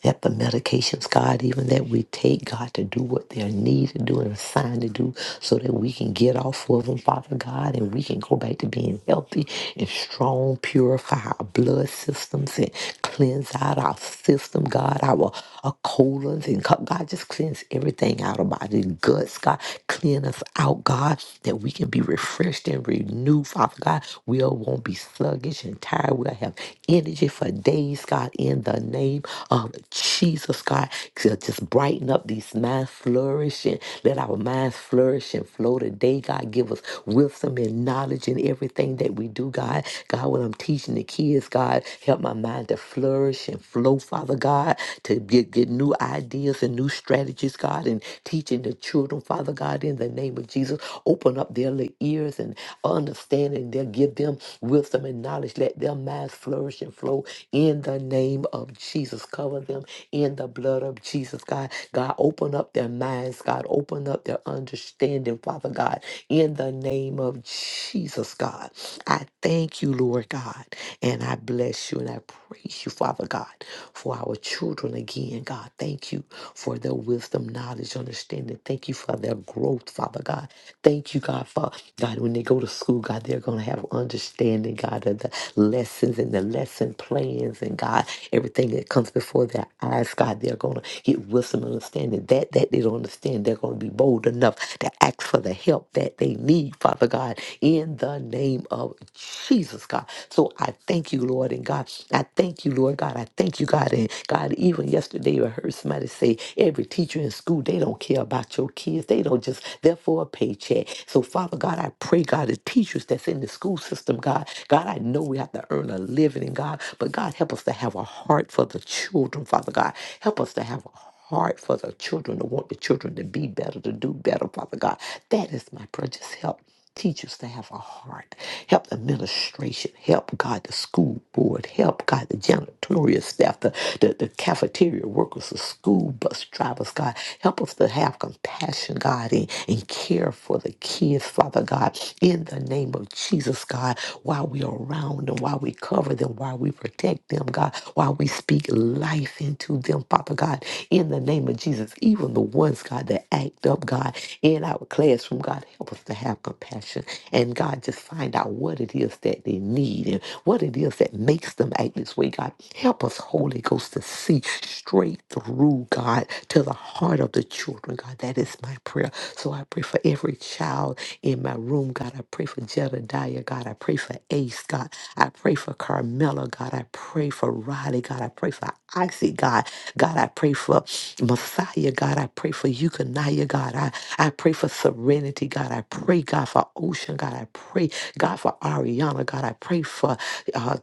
S4: that the medications, God, even that we take, God, to do what they're needed to do and assigned to do so that we can get off of them, Father God, and we can go back to being healthy and strong, purify our blood systems and cleanse out our system, God, our, our colons, and co- God, just cleanse everything out of our body, guts, God, clean us out, God, that we can be refreshed and renewed, Father God. We all won't be sluggish and tired. We'll have energy for days, God, in the name of Jesus, God. to Just brighten up these minds, flourishing. Let our minds flourish and flow today, God. Give us wisdom and knowledge in everything that we do, God. God, when I'm teaching the kids, God, help my mind to flourish and flow, Father God, to get, get new ideas and new strategies, God, and teaching the children, Father God, in the name of Jesus. Open up their little ears and understanding. They'll give them wisdom and knowledge. Let their minds flourish and flow in the name of Jesus. Cover them in the blood of Jesus, God. God, open up their minds, God. Open up their understanding, Father God, in the name of Jesus, God. I thank you, Lord God, and I bless you and I praise you, Father God, for our children again, God. Thank you for their wisdom, knowledge, understanding. Thank you for their growth, Father God. Thank you, God, for God, when they go to school, God, they're going to have understanding, God, of the lessons and the lesson plans and God, everything that comes before their eyes, God, they're going to get wisdom and understanding. That that they don't understand, they're going to be bold enough to ask for the help that they need, Father God, in the name of Jesus, God. So I thank you, Lord, and God, I thank you, Lord God. I thank you, God, and God. Even yesterday, I heard somebody say every teacher in school they don't care about your kids. They don't just they're for a paycheck. So Father God, I pray, God, the teachers that's in the school system system, God. God, I know we have to earn a living in God, but God, help us to have a heart for the children, Father God. Help us to have a heart for the children, to want the children to be better, to do better, Father God. That is my prayer. Just help. Teach us to have a heart. Help the administration. Help God, the school board. Help God, the janitorial staff, the, the, the cafeteria workers, the school bus drivers, God. Help us to have compassion, God, and, and care for the kids, Father God, in in the name of Jesus, God, while we are around them, while we cover them, while we protect them, God, while we speak life into them, Father God, in the name of Jesus. Even the ones, God, that act up, God, in our classroom, God, help us to have compassion. And God, just find out what it is that they need and what it is that makes them act this way, God. Help us, Holy Ghost, to see straight through, God, to the heart of the children, God. That is my prayer. So I pray for every child in my room. God, I pray for Jedediah. God, I pray for Ace. God, I pray for Carmela. God, I pray for Riley. God, I pray for Oxy. God, God, I pray for Messiah. God, I pray for Eucaniah. God, I, I pray for Serenity. God, I pray, God, for Ocean. God, I pray, God, for Ariana. God, I pray for, uh,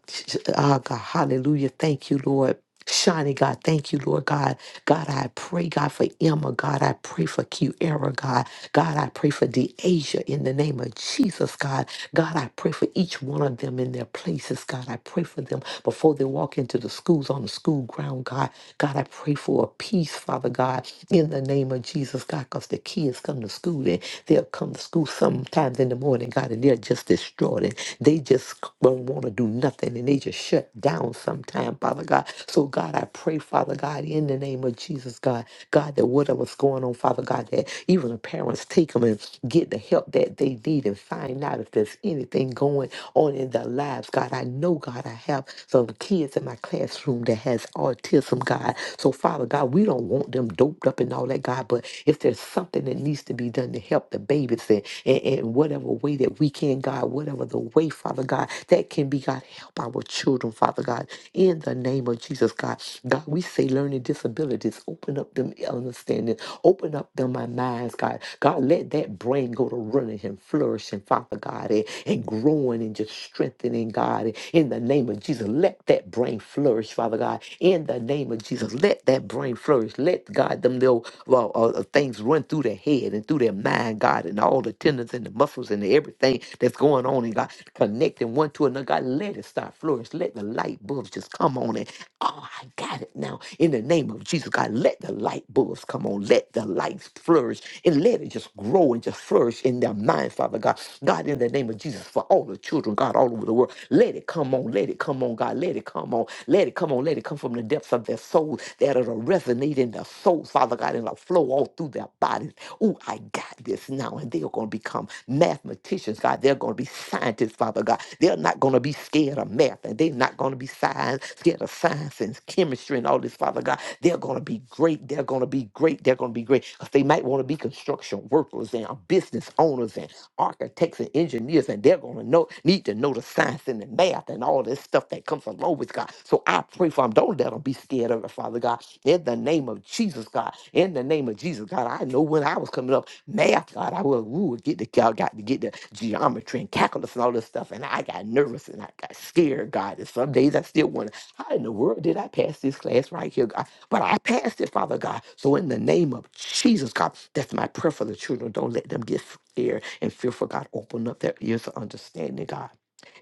S4: uh, God, hallelujah. Thank you, Lord. Shiny God, thank you, Lord God. God, I pray, God, for Emma. God, I pray for Q Era, God. God, I pray for DeAsia in the name of Jesus, God. God, I pray for each one of them in their places, God. I pray for them before they walk into the schools on the school ground, God. God, I pray for a peace, Father God, in the name of Jesus, God, because the kids come to school and they'll come to school sometimes in the morning, God, and they're just destroyed and they just don't want to do nothing and they just shut down down sometime, Father God. So, God, I pray, Father God, in the name of Jesus, God, God, that whatever's going on, Father God, that even the parents take them and get the help that they need and find out if there's anything going on in their lives, God. I know, God, I have some kids in my classroom that has autism, God. So, Father God, we don't want them doped up and all that, God, but if there's something that needs to be done to help the babies in, in, in whatever way that we can, God, whatever the way, Father God, that that can be, God. Help our children, Father God, in the name of Jesus, God. God, we say learning disabilities, open up them understanding, open up them my minds, God. God, let that brain go to running and flourishing, Father God, and, and growing and just strengthening, God, in the name of Jesus. Let that brain flourish, Father God, in the name of Jesus. Let that brain flourish. Let, God, them little uh, uh, things run through their head and through their mind, God, and all the tendons and the muscles and everything that's going going on and God, connecting one to another. God, let it start flourish. Let the light bulbs just come on and oh, I got it now. In the name of Jesus, God, let the light bulbs come on. Let the lights flourish and let it just grow and just flourish in their mind, Father God. God, in the name of Jesus, for all the children, God, all over the world, let it come on. Let it come on, God. Let it come on. Let it come on. Let it come from the depths of their soul that it'll resonate in their soul, Father God, and it'll flow all through their bodies. Oh, I got this now. And they're going to become become mathematicians, God. They're going to be scientists, Father God. They're not going to be scared of math and they're not going to be science, scared of science and chemistry and all this, Father God. They're going to be great. They're going to be great. They're going to be great. 'Cause they might want to be construction workers and uh, business owners and architects and engineers, and they're going to know need to know the science and the math and all this stuff that comes along with God. So I pray for them. Don't let them be scared of it, Father God. In the name of Jesus, God. In the name of Jesus, God. I know when I was coming up. Now I thought I would, we get the I got to get the geometry and calculus and all this stuff, and I got nervous and I got scared, God. And some days I still wonder, how in the world did I pass this class right here, God? But I passed it, Father God. So in the name of Jesus, God, that's my prayer for the children. Don't let them get scared and fearful, God. Open up their ears to understanding, God.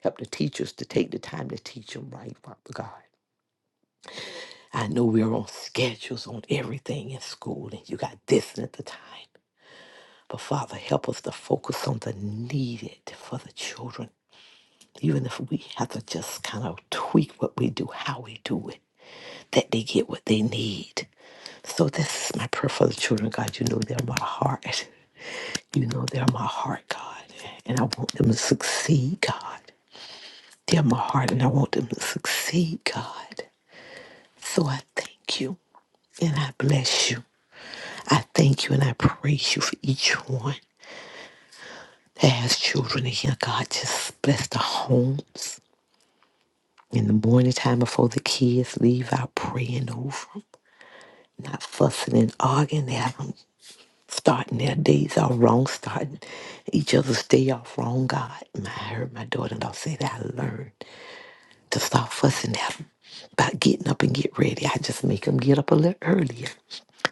S4: Help the teachers to take the time to teach them right, Father God. I know we're on schedules on everything in school, and you got this at the time. But Father, help us to focus on the needed for the children. Even if we have to just kind of tweak what we do, how we do it, that they get what they need. So this is my prayer for the children, God. You know they're my heart. You know they're my heart, God. And I want them to succeed, God. They're my heart, and I want them to succeed, God. So I thank you and I bless you. I thank you and I praise you for each one that has children in here, God. Just bless the homes. In the morning time before the kids leave out praying over 'em, not fussing and arguing at them, starting their days off wrong, starting each other's day off wrong. God, And I heard my daughter-in-law say that I learned to stop fussing at them about getting up and get ready. I just make them get up a little earlier.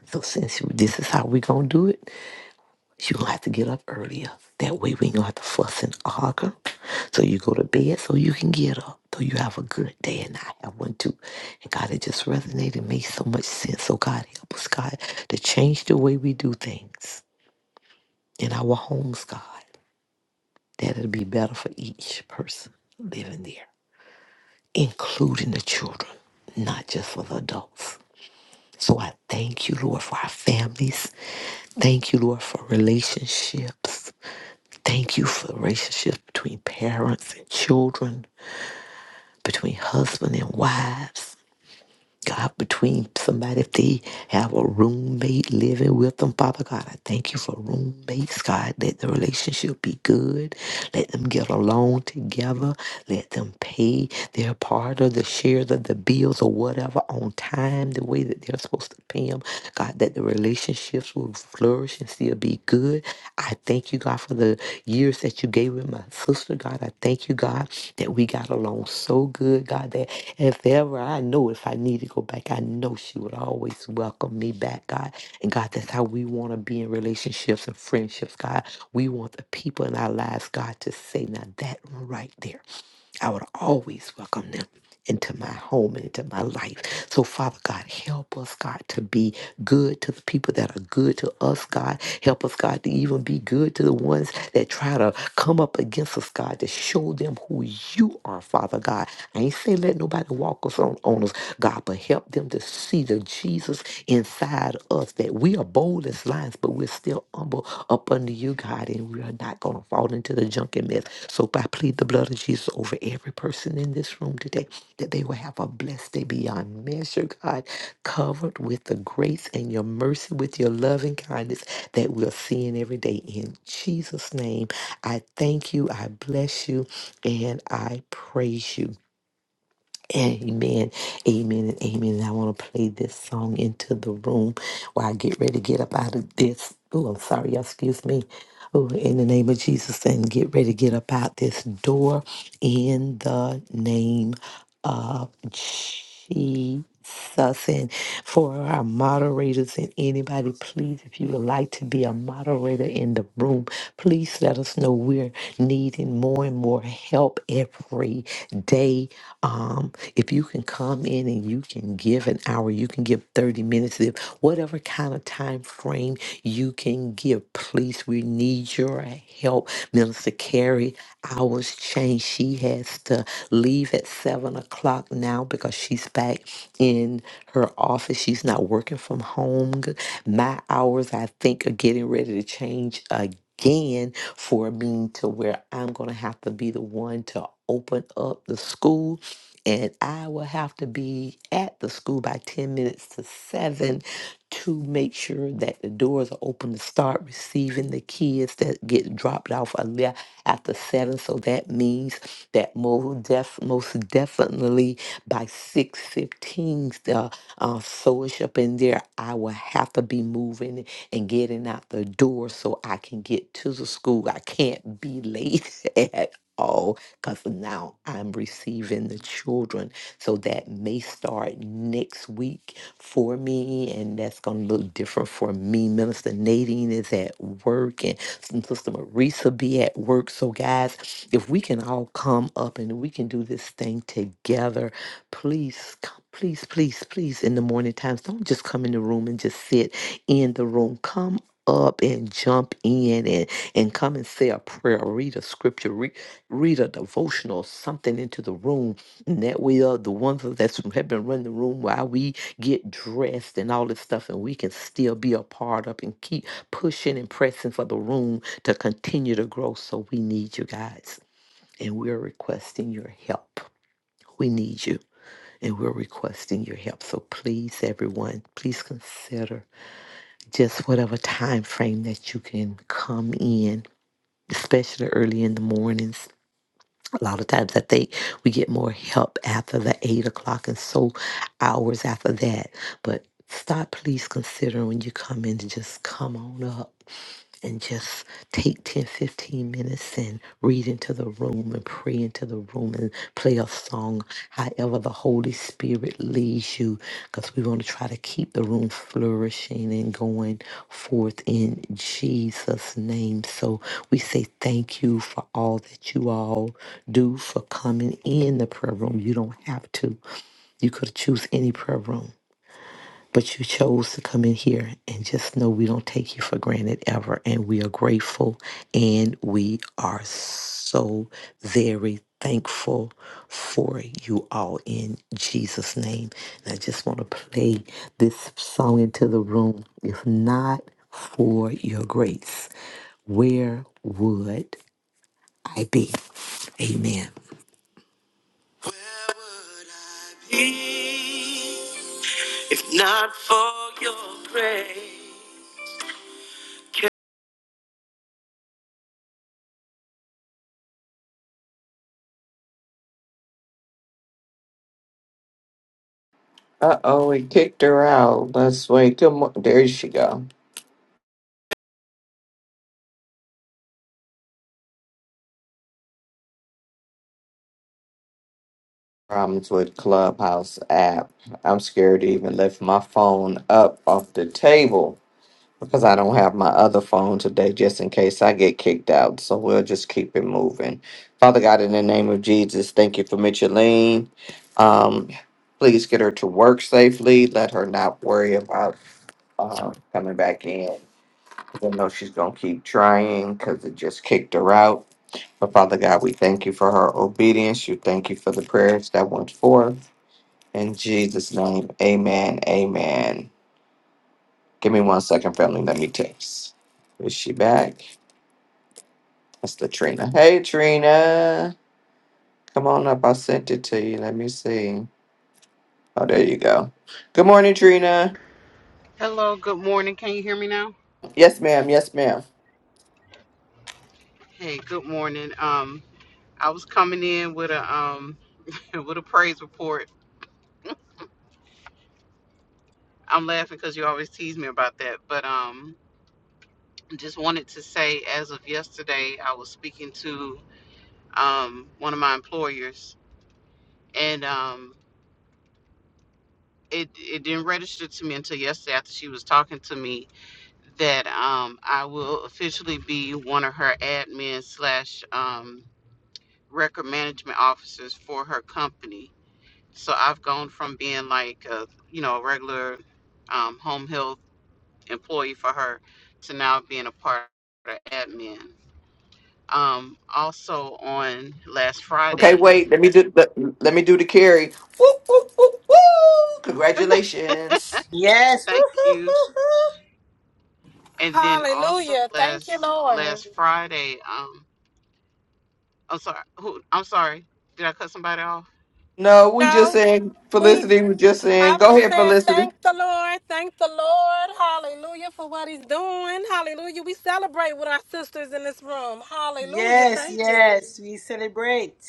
S4: So since this is how we going to do it, You're gonna have to get up earlier. That way we ain't gonna have to fuss and argue. So you go to bed so you can get up. So you have a good day and I have one too. And God, it just resonated made so much sense. So God help us, God, to change the way we do things in our homes, God. That it'll be better for each person living there, including the children, not just for the adults. So I thank you, Lord, for our families. Thank you, Lord, for relationships. Thank you for the relationships between parents and children, between husband and wives. God, between somebody, if they have a roommate living with them, Father God, I thank you for roommates, God. Let the relationship be good. Let them get along together. Let them pay their part of the shares of the bills or whatever on time, the way that they're supposed to pay them. God, that the relationships will flourish and still be be good. I thank you, God, for the years that you gave with my sister, God. I thank you, God, that we got along so good, God, that if ever I know if I need to go back, I know she would always welcome me back, God. And God, that's how we want to be in relationships and friendships, God. We want the people in our lives, God, to say, now that one right there. I would always welcome them into my home and into my life. So, Father God, help us, God, to be good to the people that are good to us, God. Help us, God, to even be good to the ones that try to come up against us, God, to show them who you are, Father God. I ain't saying let nobody walk us on, on us, God, but help them to see the Jesus inside us that we are bold as lions, but we're still humble up under you, God, and we are not going to fall into the junkie mess. So I plead the blood of Jesus over every person in this room today that they will have a blessed day beyond measure, God, covered with the grace and your mercy, with your love and kindness that we're seeing every day. In Jesus' name, I thank you, I bless you, and I praise you. Amen, amen, and amen. And I want to play this song into the room while I get ready to get up out of this. Oh, I'm sorry, y'all. Excuse me. Oh, in the name of Jesus, and get ready to get up out this door in the name of Jesus us and for our moderators and anybody please if you would like to be a moderator in the room please let us know we're needing more and more help every day um, if you can come in and you can give an hour you can give 30 minutes if whatever kind of time frame you can give please we need your help has to carry hours change. She has to leave at seven o'clock now because she's back in her office. She's not working from home. My hours, I think, are getting ready to change again for me to where I'm going to have to be the one to open up the school and I will have to be at the school by 10 minutes to 7 to make sure that the doors are open to start receiving the kids that get dropped off a li- after 7. So that means that most, def- most definitely by 6.15, the uh, soulish up in there, I will have to be moving and getting out the door so I can get to the school. I can't be late at Oh, because now I'm receiving the children. So that may start next week for me, and that's going to look different for me. Minister Nadine is at work, and Sister Marisa be at work. So, guys, if we can all come up and we can do this thing together, please come. Please, please, please, in the morning times, don't just come in the room and just sit in the room. Come up and jump in and and come and say a prayer, read a scripture, read a devotional, or something into the room. And that way, uh, the ones that have been running the room while we get dressed and all this stuff, and we can still be a part of and keep pushing and pressing for the room to continue to grow. So we need you guys, and we're requesting your help. We need you, and we're requesting your help. So please, everyone, please consider just whatever time frame that you can come in, especially early in the mornings a lot of times I think we get more help after the eight o'clock and so hours after that. But stop, please consider when you come in to just come on up and just take 10, 15 minutes and read into the room and pray into the room and play a song, however the Holy Spirit leads you, because we want to try to keep the room flourishing and going forth in Jesus' name. So we say thank you for all that you all do for coming in the prayer room. You don't have to. You could choose any prayer room but you chose to come in here and just know we don't take you for granted ever. And we are grateful and we are so very thankful for you all in Jesus' name. And I just want to play this song into the room. If not for your grace, where would I be? Amen. Where would I Be if not for your grace.
S1: Uh oh, we kicked her out. Let's wait. Good mo- there she go. Problems with Clubhouse app. I'm scared to even lift my phone up off the table because I don't have my other phone today just in case I get kicked out. So we'll just keep it moving. Father God, in the name of Jesus, thank you for Micheline. Um, please get her to work safely. Let her not worry about um, coming back in. 'Cause I know she's going to keep trying because it just kicked her out. But Father God, we thank you for her obedience. You thank you for the prayers that went forth. In Jesus' name, amen. Amen. Give me one second, family. Let me text. Is she back? That's Latrina. Hey, Trina. Come on up. I sent it to you. Let me see. Oh, there you go. Good morning, Trina.
S6: Hello, good morning. Can you hear me now?
S1: Yes, ma'am. Yes, ma'am.
S6: Hey, good morning. Um, I was coming in with a um with a praise report. I'm laughing because you always tease me about that, but um, just wanted to say as of yesterday, I was speaking to um one of my employers, and um, it it didn't register to me until yesterday after she was talking to me that um I will officially be one of her admin slash um record management officers for her company So I've gone from being like a, you know, a regular um, home health employee for her to now being a part of admin. Um, also on last
S1: Okay,
S6: Friday,
S1: wait. Let me do. Let, let me do the carry. Woo, woo, woo, woo. Congratulations.
S2: Yes.
S6: thank you.
S2: Woo-hoo-hoo-hoo.
S6: And then also
S5: Hallelujah. Thank you,
S6: last
S5: Lord.
S6: last Friday, um, I'm sorry. Who? I'm sorry. Did I cut somebody off?
S1: No, we just
S5: No,
S1: saying
S5: we
S1: Felicity. We just saying.
S5: I'm
S1: Go
S5: just
S1: ahead,
S5: saying
S1: Felicity.
S5: thank the Lord. Thank the Lord. Hallelujah for what he's doing. Hallelujah. We celebrate with our sisters in this room. Hallelujah.
S2: Yes,
S5: Thank you.
S2: yes. We celebrate.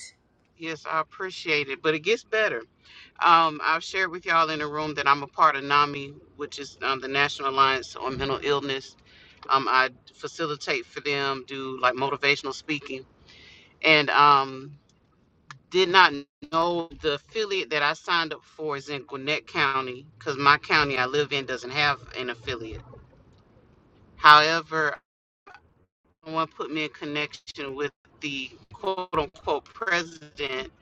S6: Yes, I appreciate it, but it gets better. Um, I've shared with y'all in the room that I'm a part of NAMI, which is um, the National Alliance on Mental Illness. Um, I facilitate for them, do like motivational speaking, and um, did not know the affiliate that I signed up for is in Gwinnett County because my county I live in doesn't have an affiliate. However, someone put me in connection with the quote unquote president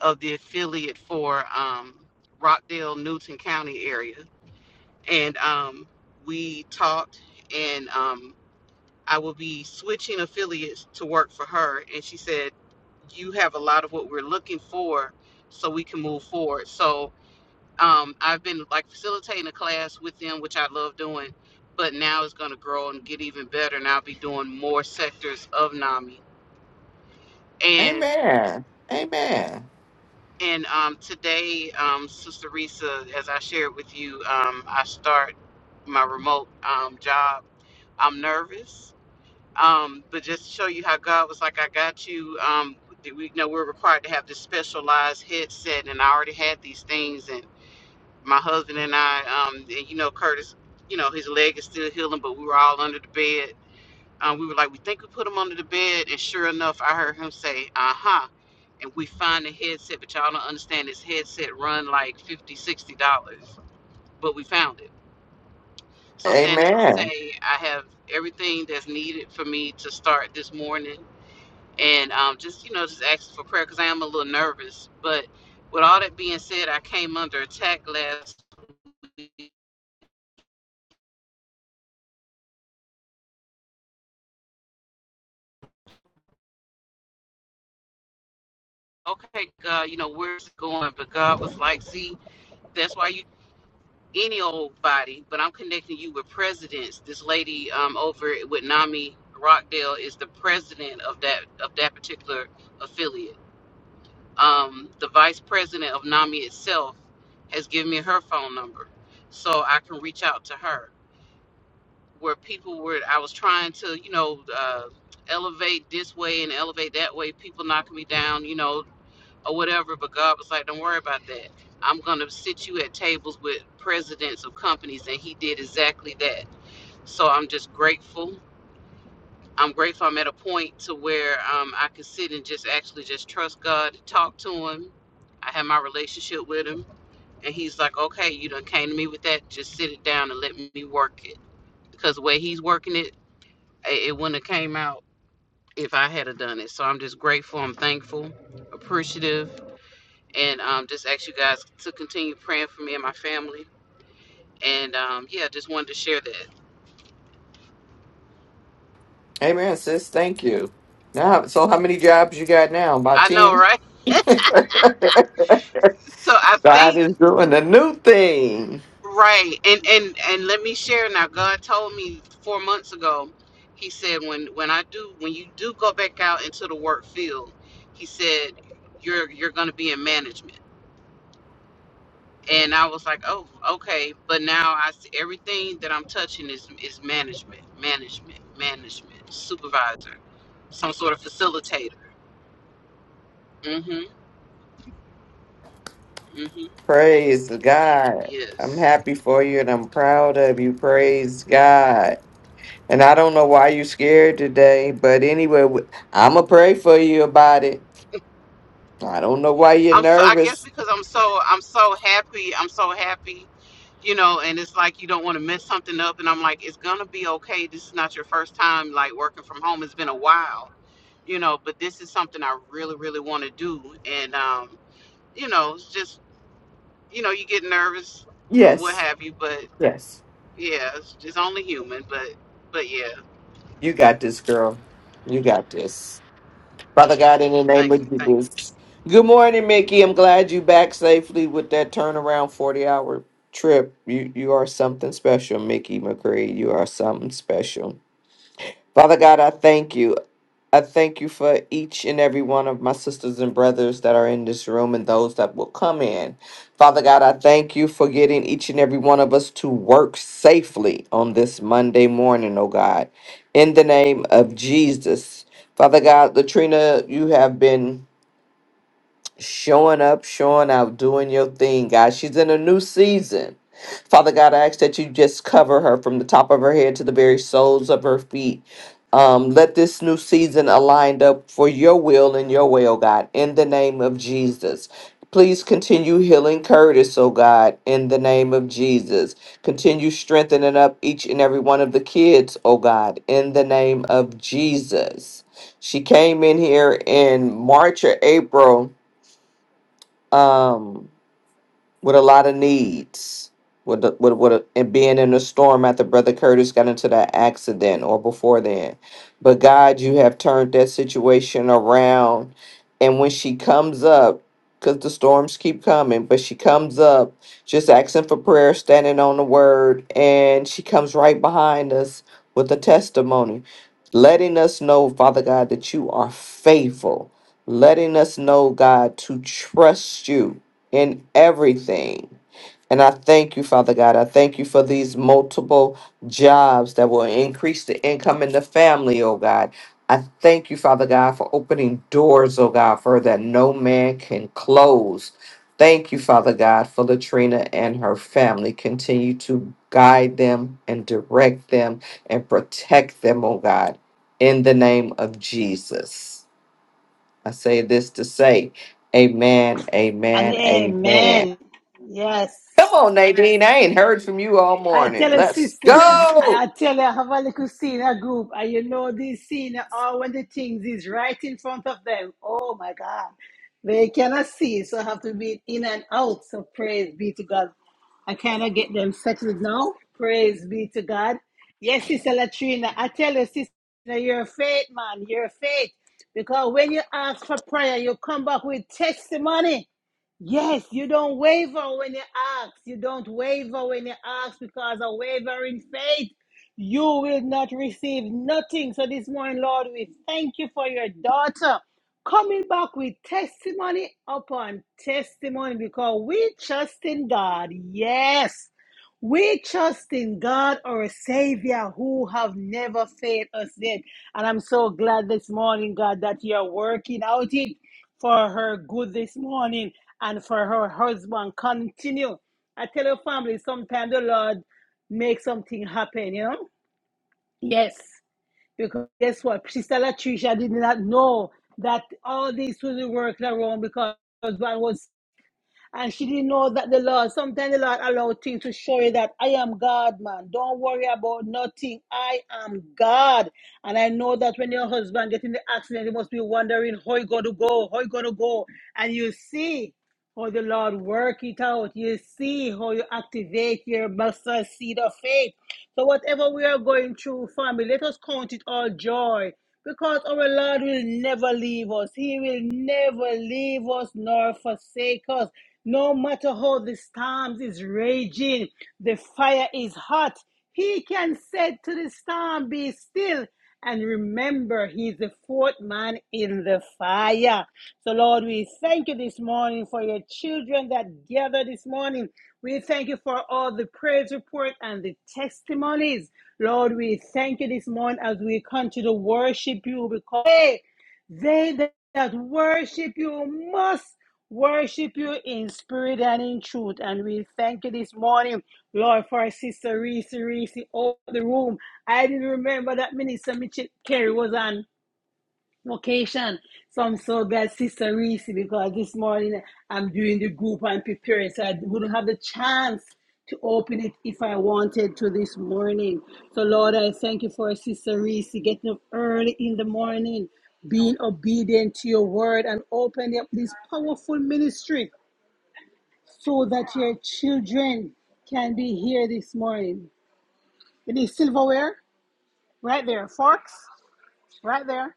S6: of the affiliate for um, Rockdale, Newton County area and um, we talked and um, i will be switching affiliates to work for her and she said you have a lot of what we're looking for so we can move forward so um, i've been like facilitating a class with them which i love doing but now it's going to grow and get even better and i'll be doing more sectors of nami and
S1: Amen. Amen.
S6: and um, today um, sister risa as i shared with you um, i start my remote um, job i'm nervous um, but just to show you how God was like, I got you. Um, we you know we're required to have this specialized headset, and I already had these things. And my husband and I, um, and you know, Curtis, you know, his leg is still healing, but we were all under the bed. Um, we were like, we think we put him under the bed, and sure enough, I heard him say, "Uh huh," and we find the headset, but y'all don't understand this headset run like fifty, sixty dollars, but we found it. So saying that to
S1: Amen.
S6: say, I have everything that's needed for me to start this morning and um, just you know just asking for prayer because I am a little nervous. But with all that being said, I came under attack last week. Okay, God, you know where's it going? But God was like, see, that's why you any old body. But I'm connecting you with presidents. This lady um, over with Nami Rockdale is the president of that of that particular affiliate. Um, the vice president of Nami itself has given me her phone number, so I can reach out to her where people were I was trying to, you know, uh, elevate this way and elevate that way, people knocking me down, you know, or whatever, but God was like, Don't worry about that. I'm gonna sit you at tables with presidents of companies and he did exactly that. So I'm just grateful. I'm grateful I'm at a point to where um, I can sit and just actually just trust God, talk to him. I have my relationship with him and he's like, Okay, you done came to me with that, just sit it down and let me work it. Because the way he's working it it wouldn't have came out if I had have done it. So I'm just grateful. I'm thankful, appreciative, and um, just ask you guys to continue praying for me and my family. And um, yeah, just wanted to share that.
S1: Amen, sis. Thank you. Now, so how many jobs you got now? About
S6: I know,
S1: ten.
S6: right? So I
S1: God
S6: think
S1: is doing a new thing.
S6: right, and and and let me share now. God told me four months ago. He said when when I do when you do go back out into the work field, he said you're you're going to be in management and I was like, oh, okay. But now I see everything that I'm touching is is management, management, management, supervisor, some sort of facilitator. Mm-hmm. Mm-hmm.
S1: Praise God. I'm
S6: Yes.
S1: happy for you and I'm proud of you. Praise God. And I don't know why you're scared today, but anyway, w- I'ma pray for you about it. I don't know why you're
S6: I'm so. I guess
S1: nervous.
S6: because I'm so. I'm so happy. I'm so happy. You know, and it's like you don't want to mess something up. And I'm like, it's gonna be okay. This is not your first time like working from home. It's been a while. You know, but this is something I really, really want to do. And um, you know, it's just you know, you get nervous or what
S1: Yes,
S6: have you, but
S1: yes,
S6: yeah, it's, it's only human, but but yeah,
S1: you got this, girl. You got this. Father God, in the name
S6: thank you,
S1: of
S6: thank you.
S1: Jesus. Good morning, Mickey. I'm glad you back safely with that turnaround 40 hour trip. You you are something special, Mickey McCree. You are something special. Father God, I thank you. I thank you for each and every one of my sisters and brothers that are in this room and those that will come in. Father God, I thank you for getting each and every one of us to work safely on this Monday morning, oh God. In the name of Jesus. Father God, Latrina, you have been showing up, showing out, doing your thing, God. She's in a new season. Father God, I ask that you just cover her from the top of her head to the very soles of her feet. Um, let this new season aligned up for your will and your way, oh God, in the name of Jesus. Please continue healing Curtis, oh God, in the name of Jesus. Continue strengthening up each and every one of the kids, oh God, in the name of Jesus. She came in here in March or April um, with a lot of needs. With the, with with a, and being in a storm after Brother Curtis got into that accident or before then, but God, you have turned that situation around. And when she comes up, because the storms keep coming, but she comes up just asking for prayer, standing on the word, and she comes right behind us with a testimony, letting us know, Father God, that you are faithful, letting us know, God, to trust you in everything. And I thank you, Father God. I thank you for these multiple jobs that will increase the income in the family, oh God. I thank you, Father God, for opening doors, oh God, for that no man can close. Thank you, Father God, for Latrina and her family. Continue to guide them and direct them and protect them, oh God, in the name of Jesus. I say this to say, Amen,
S2: And
S1: amen, amen.
S2: amen.
S1: Come
S2: Yes.
S1: on, Nadine. I ain't heard from you all
S2: I tell
S1: morning.
S2: her
S1: Let's
S2: sister, I
S1: go.
S2: I tell her have a little scene, a group, and you know this scene, all when the things is right in front of them. Oh my God. They cannot see, so have to be in and out. So praise be to God. I cannot get them settled now. Praise be to God. Yes, Sister Latrina, I tell you, Sister, you're a faith man, you're a faith. Because when you ask for prayer, you come back with testimony. Yes, you don't waver when you ask. You don't waver when you ask because a wavering faith, you will not receive nothing. So this morning, Lord, we thank you for your daughter coming back with testimony upon testimony because we trust in God. Yes. We trust in God, our Savior, who have never failed us yet. And I'm so glad this morning, God, that you're working out it for her good this morning and for her husband. Continue. I tell your family sometimes the Lord make something happen, you know? Yes. Because guess what? Sister Latricia did not know that all this was working around because her husband was and she didn't know that the Lord, sometimes the Lord allowed things to show you that I am God, man. Don't worry about nothing. I am God. And I know that when your husband gets in the accident, he must be wondering how he going to go, how he going to go. And you see how the Lord work it out. You see how you activate your mustard seed of faith so whatever we are going through, family, let us count it all joy. Because our Lord will never leave us. He will never leave us nor forsake us. No matter how the storms is raging, the fire is hot. He can say to the storm, be still and remember, he's the fourth man in the fire. So, Lord, we thank you this morning for your children that gather this morning. We thank you for all the praise report and the testimonies. Lord, we thank you this morning as we continue to worship you because hey, they that worship you must worship you in spirit and in truth. And we thank you this morning, Lord, for our sister Reese Reese all the room. I didn't remember that Minister Mitchell Kerry was on Vacation. So I'm so glad, Sister Reese, because this morning I'm doing the group and preparing, so I wouldn't have the chance to open it if I wanted to this morning. So Lord, I thank you for Sister Reese getting up early in the morning, being obedient to your word, and opening up this powerful ministry so that your children can be here this morning. It is silverware right there, forks right there.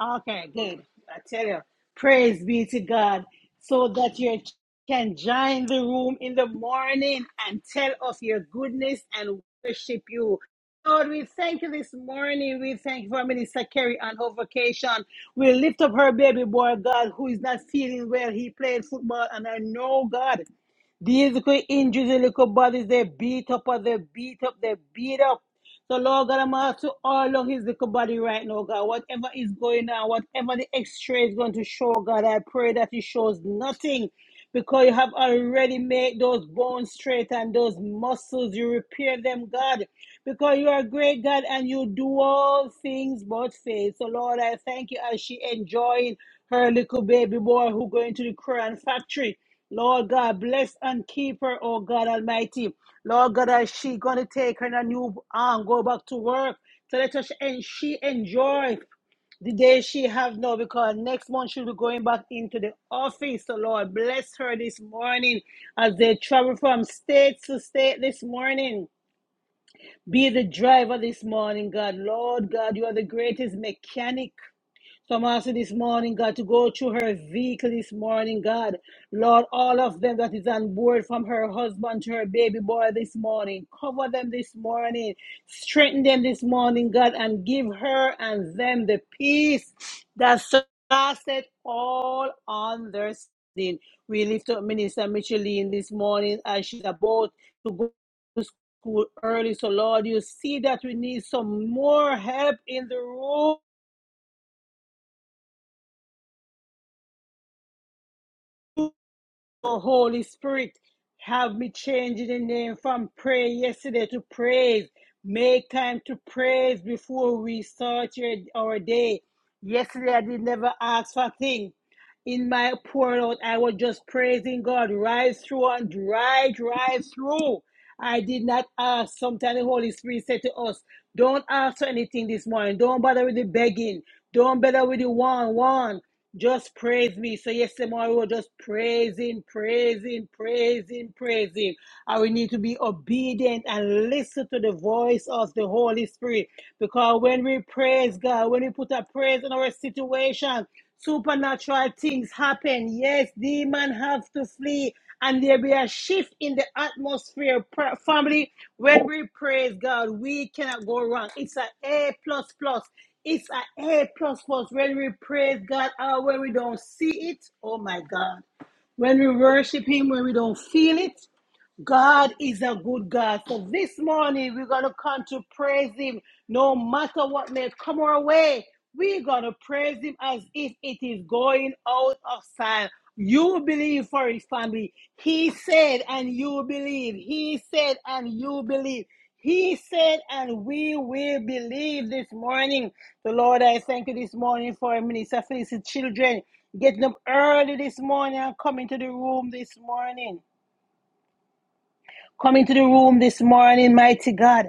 S2: Okay, good. I tell you, praise be to God, so that you can join the room in the morning and tell of your goodness and worship you. Lord, we thank you this morning. We thank you for Minister Kerry on her vacation. We lift up her baby boy, God, who is not feeling well. He played football, and I know, God, these little injuries, the little bodies, they beat up or they beat up, they beat up. So, Lord God, I'm asking to all of his little body right now, God. Whatever is going on, whatever the x ray is going to show, God, I pray that it shows nothing because you have already made those bones straight and those muscles, you repair them, God, because you are a great God and you do all things but fail. So, Lord, I thank you as she enjoying her little baby boy who going to the Korean factory. Lord God, bless and keep her, oh God Almighty. Lord God, as she gonna take her in a new arm, go back to work. So let her and she enjoy the day she have now because next month she'll be going back into the office. So Lord, bless her this morning as they travel from state to state this morning. Be the driver this morning, God. Lord God, you are the greatest mechanic. So i this morning, God, to go through her vehicle this morning, God. Lord, all of them that is on board from her husband to her baby boy this morning, cover them this morning, strengthen them this morning, God, and give her and them the peace that surpasses all understanding. We lift up Minister Micheline this morning as she's about to go to school early. So, Lord, you see that we need some more help in the room. Oh, Holy Spirit, have me change the name from prayer yesterday to praise. Make time to praise before we start your, our day. Yesterday, I did never ask for a thing. In my pour out, I was just praising God, rise through and right, rise through. I did not ask. Sometimes the Holy Spirit said to us, Don't ask for anything this morning. Don't bother with the begging. Don't bother with the one, one. Just praise me. So yesterday morning we were just praising, praising, praising, praising. And we need to be obedient and listen to the voice of the Holy Spirit. Because when we praise God, when we put a praise in our situation, supernatural things happen. Yes, demons have to flee. And there be a shift in the atmosphere. Pra- Family, when we praise God, we cannot go wrong. It's an A plus plus. It's an A plus plus when we praise God or when we don't see it. Oh my God. When we worship Him, when we don't feel it, God is a good God. So this morning we're gonna come to praise Him, no matter what may come our way. We're gonna praise Him as if it is going out of style. You believe for His family. He said, and you believe. He said, and you believe. He said, and we will believe this morning. The Lord, I thank you this morning for Minister Felicity Children getting up early this morning and coming to the room this morning. Come into the room this morning, mighty God.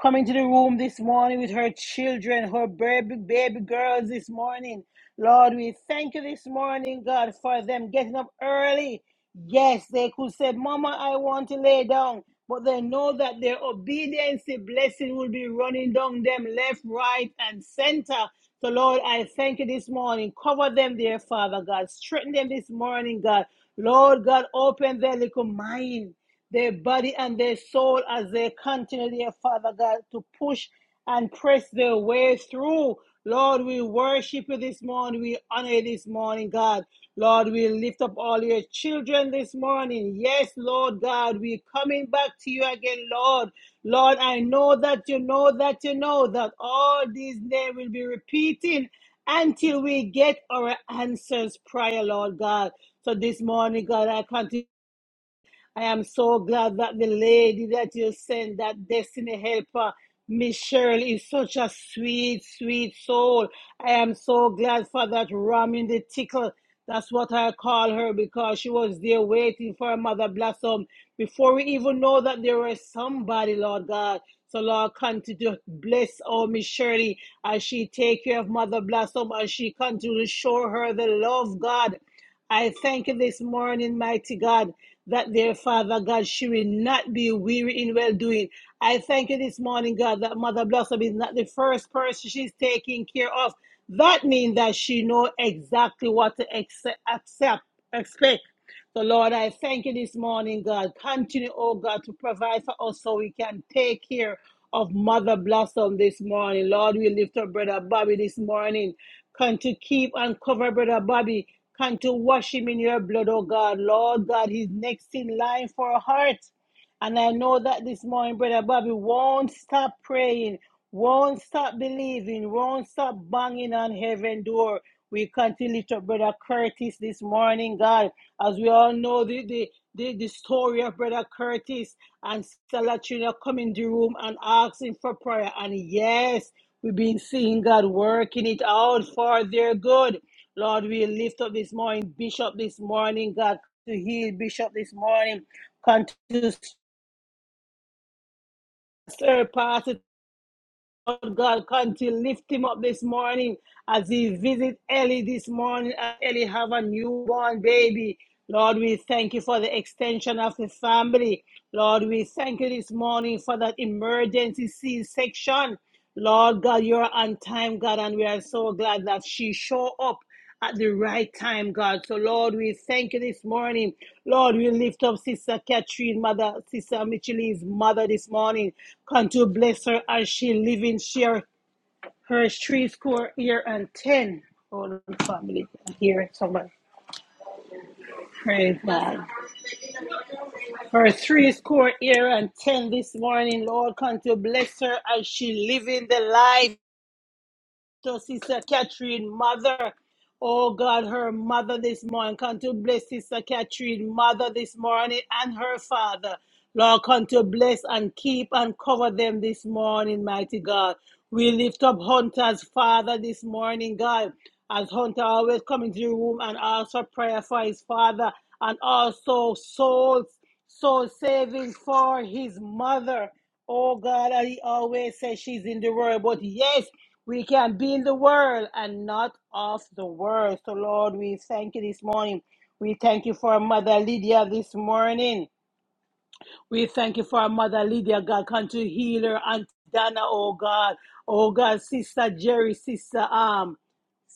S2: Come into the room this morning with her children, her baby, baby girls this morning. Lord, we thank you this morning, God, for them getting up early. Yes, they could say, Mama, I want to lay down. But they know that their obedience, the blessing will be running down them left, right, and center. So, Lord, I thank you this morning. Cover them, dear Father God. Strengthen them this morning, God. Lord God, open their little mind their body and their soul as they continue, dear Father God, to push and press their way through. Lord, we worship you this morning. We honor you this morning, God. Lord, we lift up all your children this morning. Yes, Lord God, we're coming back to you again, Lord. Lord, I know that you know that you know that all these names will be repeating until we get our answers, prayer, Lord God. So this morning, God, I continue. I am so glad that the lady that you sent, that destiny helper, Miss Cheryl, is such a sweet, sweet soul. I am so glad for that ram in the tickle. That's what I call her because she was there waiting for Mother Blossom before we even know that there was somebody, Lord God. So Lord, continue to bless our Miss Shirley as she take care of Mother Blossom and she continue to show her the love, God. I thank you this morning, mighty God, that their Father God, she will not be weary in well doing. I thank you this morning, God, that Mother Blossom is not the first person she's taking care of. That means that she know exactly what to accept, accept expect. So, Lord, I thank you this morning, God. Continue, oh God, to provide for us so we can take care of Mother Blossom this morning. Lord, we lift up Brother Bobby this morning. Come to keep and cover Brother Bobby. Come to wash him in your blood, oh God. Lord God, he's next in line for a heart. And I know that this morning, Brother Bobby won't stop praying, won't stop believing, won't stop banging on heaven door. We continue to Brother Curtis this morning, God, as we all know the, the, the, the story of Brother Curtis and Salatrina come in the room and asking for prayer. And yes, we've been seeing God working it out for their good. Lord, we lift up this morning, Bishop this morning, God, to heal Bishop this morning. Continue to Sir, pass it on God. Continue lift him up this morning as he visit Ellie this morning. and Ellie have a newborn baby. Lord, we thank you for the extension of the family. Lord, we thank you this morning for that emergency C-section. Lord God, you're on time, God, and we are so glad that she show up at the right time, God. So, Lord, we thank you this morning. Lord, we lift up Sister Catherine, Mother, Sister Micheline's mother this morning. Come to bless her as she living share her three score year and ten. Hold on, family. Here, somebody. Praise God. Her three score year and ten this morning, Lord, come to bless her as she living the life. to Sister Catherine, mother. Oh God, her mother this morning. Come to bless Sister Catherine, mother this morning, and her father. Lord, come to bless and keep and cover them this morning, mighty God. We lift up Hunter's father this morning, God. As Hunter always come into the room and ask for prayer for his father and also souls, soul saving for his mother. Oh God, and he always says she's in the world. But yes, we can be in the world and not of the world. So, Lord, we thank you this morning. We thank you for Mother Lydia this morning. We thank you for our mother Lydia, God. Come to heal her, Aunt Dana, oh God. Oh God, Sister Jerry, Sister um,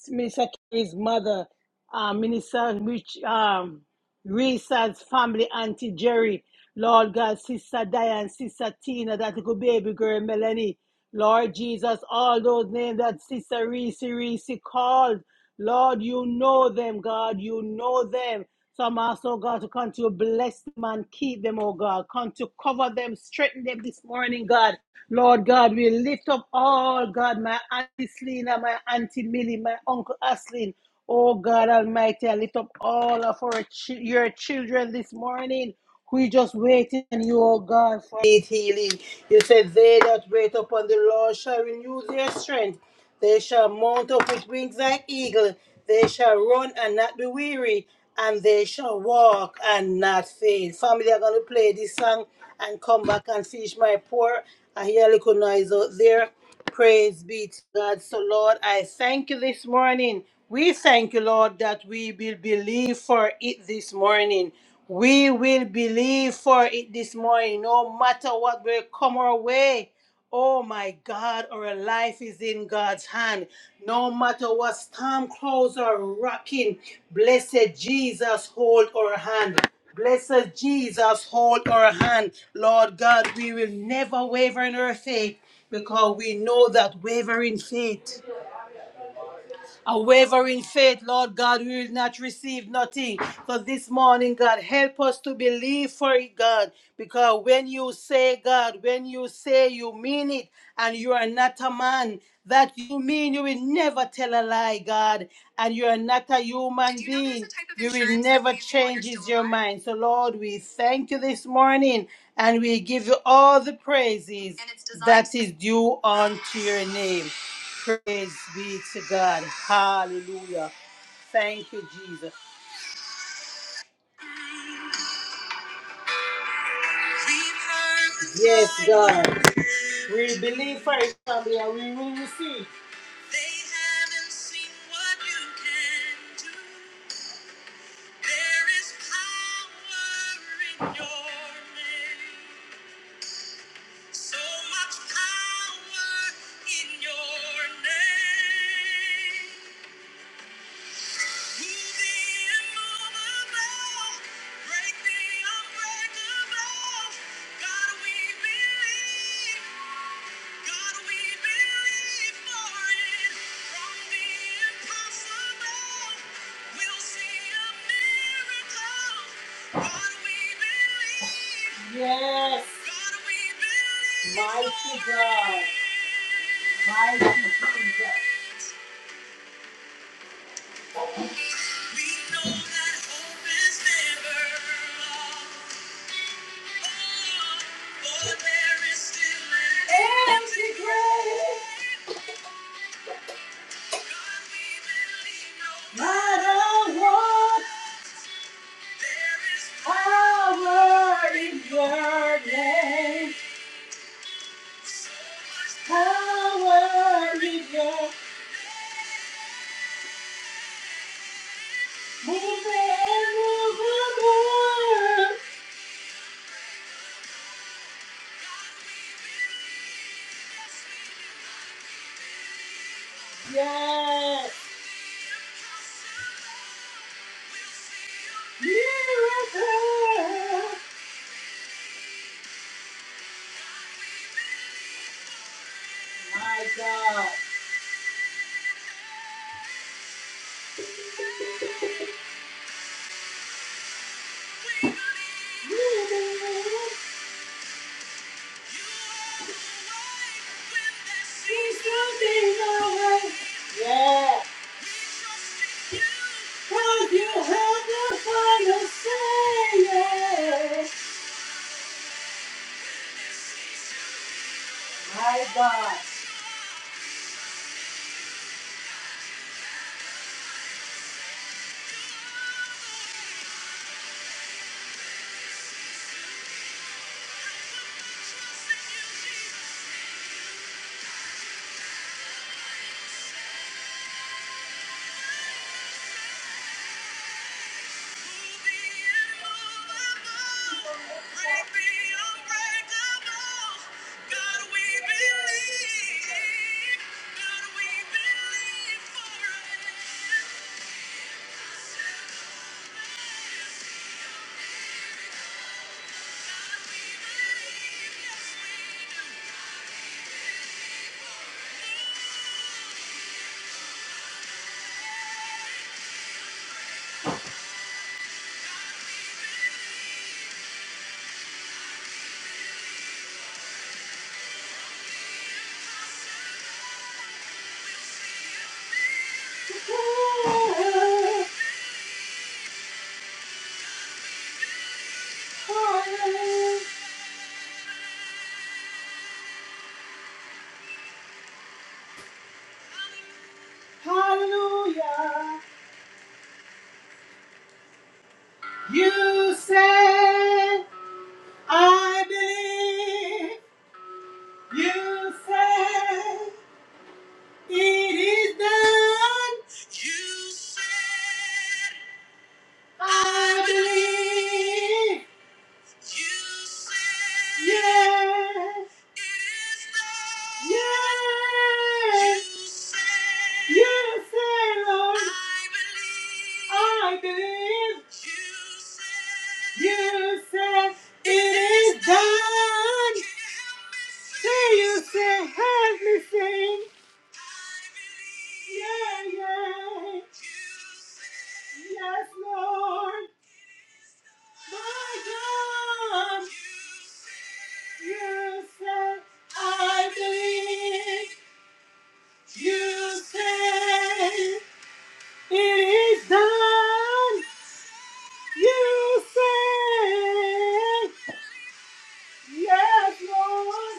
S2: Minister Kerry's mother, uh, Minister Rich, um, Reesa's family, Auntie Jerry, Lord God, Sister Diane, Sister Tina, that little baby girl, Melanie, Lord Jesus, all those names that Sister Reese, Reese called. Lord, you know them, God, you know them. So I'm asking, oh God, to continue to bless them and keep them, oh God. Continue to cover them, strengthen them this morning, God. Lord God, we lift up all, God, my Auntie Selena, my Auntie Millie, my Uncle Aslin. Oh God Almighty, I lift up all of our chi- your children this morning. We just waiting, in you, O God, for healing. You said, They that wait upon the Lord shall renew their strength. They shall mount up with wings like eagle. They shall run and not be weary, and they shall walk and not faint. Family are going to play this song and come back and finish my pour. I hear a little noise out there. Praise be to God. So, Lord, I thank you this morning. We thank you, Lord, that we will believe for it this morning. We will believe for it this morning, no matter what will come our way. Oh my God, our life is in God's hand. No matter what storm clouds are rocking, blessed Jesus, hold our hand. Blessed Jesus, hold our hand. Lord God, we will never waver in our faith because we know that wavering faith. A wavering faith, Lord God, we will not receive nothing. So this morning, God, help us to believe for it, God. Because when you say, God, when you say you mean it, and you are not a man, that you mean you will never tell a lie, God. And you are not a human being. You will never changes your mind. So, Lord, we thank you this morning and we give you all the praises that is due unto your name. Praise be to God. Hallelujah. Thank you, Jesus. Yes, God. We believe for it, family, and we will receive. They haven't seen what you can do. There is power in your name. So much power in your name. Yes. Mighty God. Mighty Jesus. We know that hope is never lost. Oh, for there is still an empty grave. God, we believe no matter what, there is power in your name. So power in your movement. Yes. Miracle. My God. He's gonna way. Yeah. Cause you have the final say. Yeah. My God. Hallelujah. You say, I believe. You say, It is done. You said, I believe. You said, yes. It is done. Yes. You said, yes, say, Lord. I believe. I believe. You said, you said, it is done. Say you said, have me sing. Yeah, yeah. Yes, Lord. My God. You said, I believe. You said, it is done. You said, yes, Lord.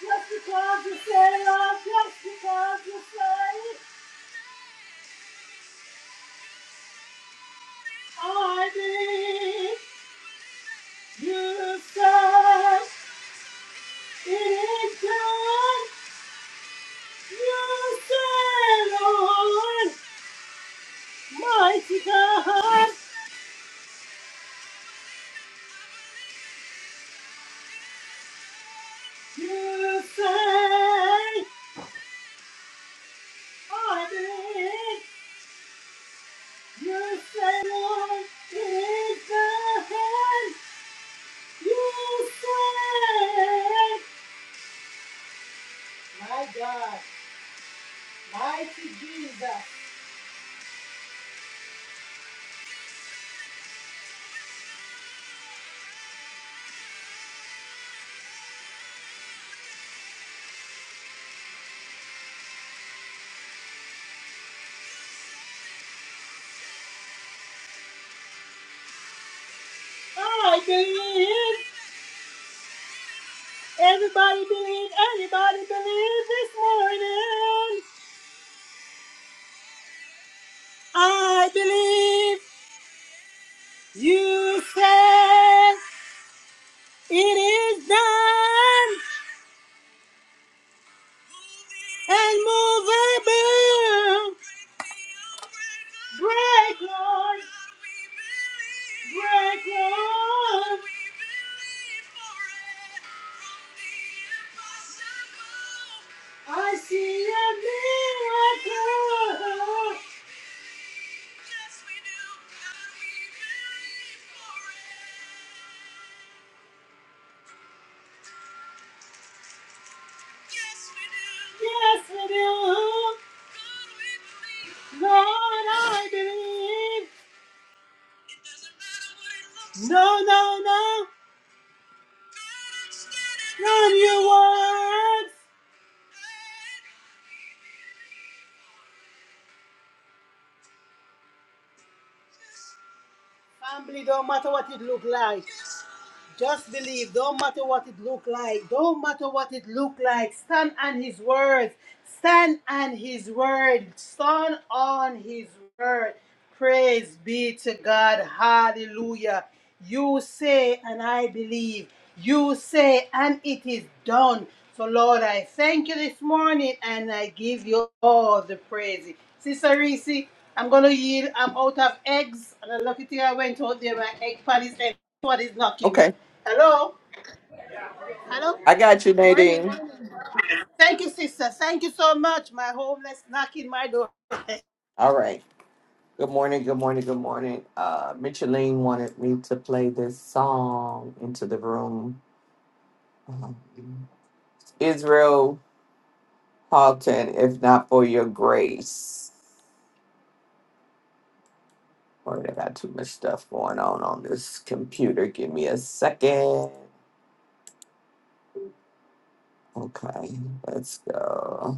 S2: Just because you say, Lord, just because you say, I believe. You said it is done. You said, Lord, mighty God. You say, I believe. You say, Lord, it is done. You say, my God, mighty Jesus. I believe. Everybody believe. Anybody believe this morning. I believe. You said it is done and move above. Break, Lord. Break, Lord. I see a miracle. Yes, we do. Yes, we do. Lord, I believe. It doesn't matter what it looks No, like. no, no. God, I'm standing Run on your words. Family don't matter what it look like. Yes. Just believe, don't matter what it look like, don't matter what it look like, stand on his words, stand on his word, stand on his word. Praise be to God. Hallelujah. You say, and I believe. You say, and it is done. So, Lord, I thank you this morning and I give you all the praise. Sister Reese, I'm going to yield. I'm out of eggs. And the lucky thing I went out there, my egg pan is empty what is knocking.
S1: Okay.
S2: Hello? Hello?
S1: I got you,
S2: Morning,
S1: Nadine.
S2: morning. Thank you, sister. Thank you so much. My homeless knocking my door.
S1: All right. Good morning. Good morning. Good morning. Uh, Micheline wanted me to play this song into the room. Um, Israel Houghton, if not for your grace. Boy, I got too much stuff going on on this computer. Give me a second. Okay, let's go.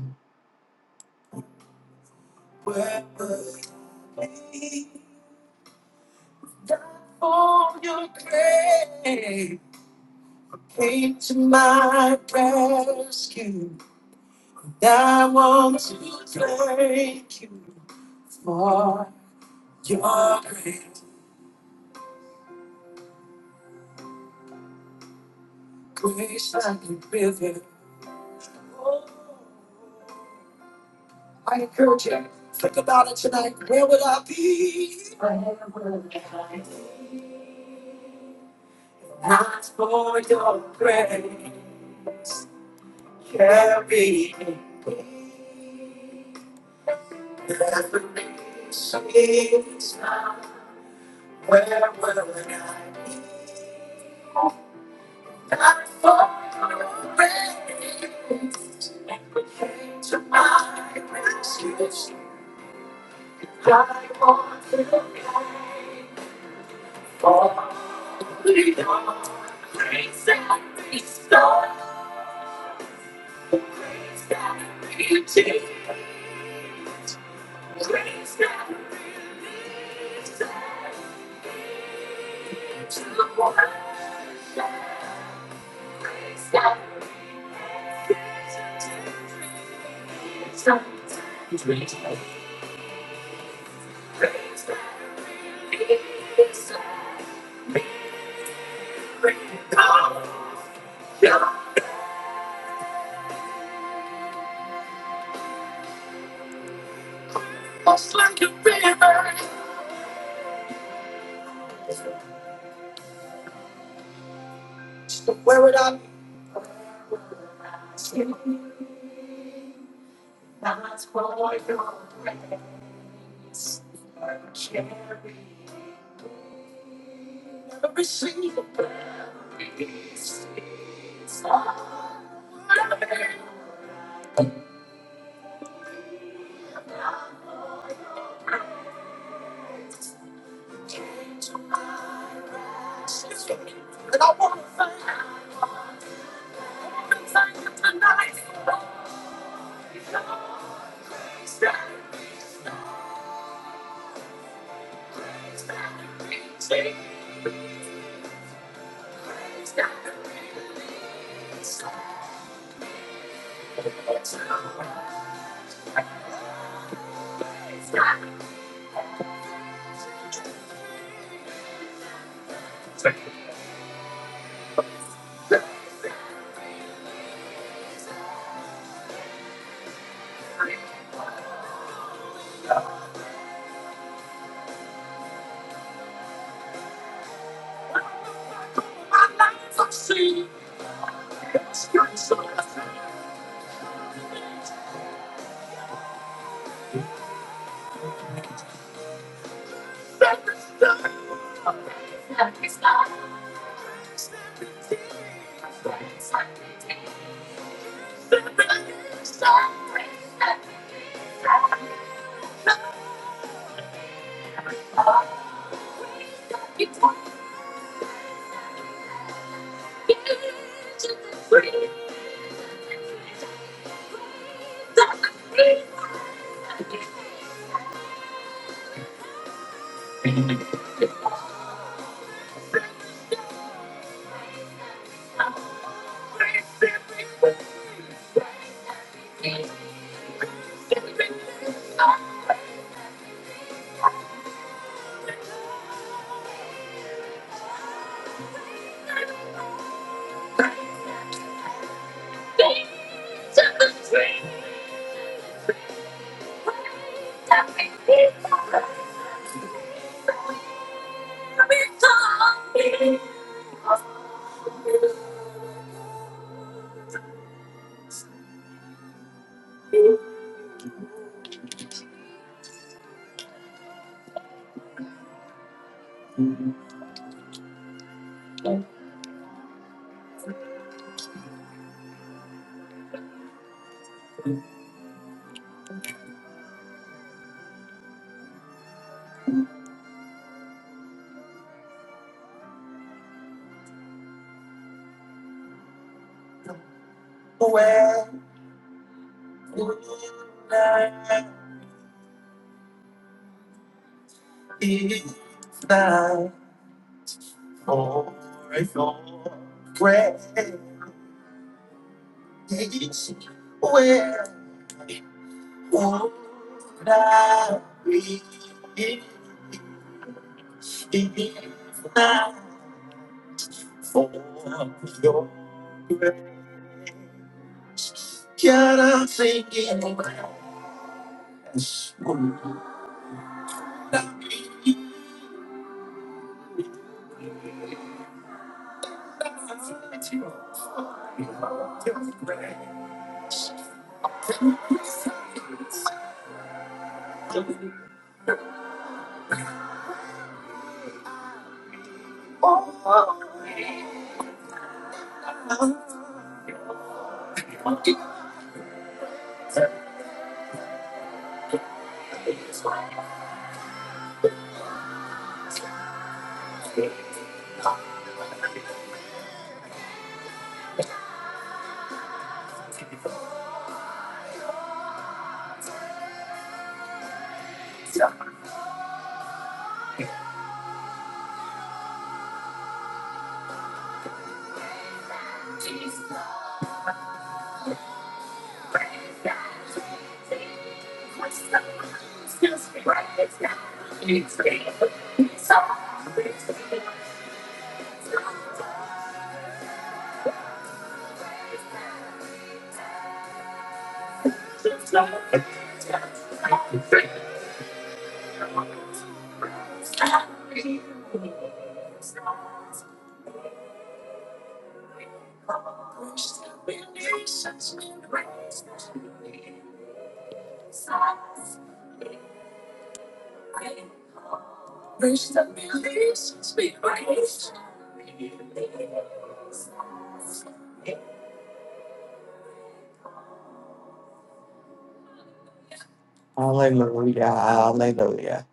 S1: Hallelujah. Hallelujah.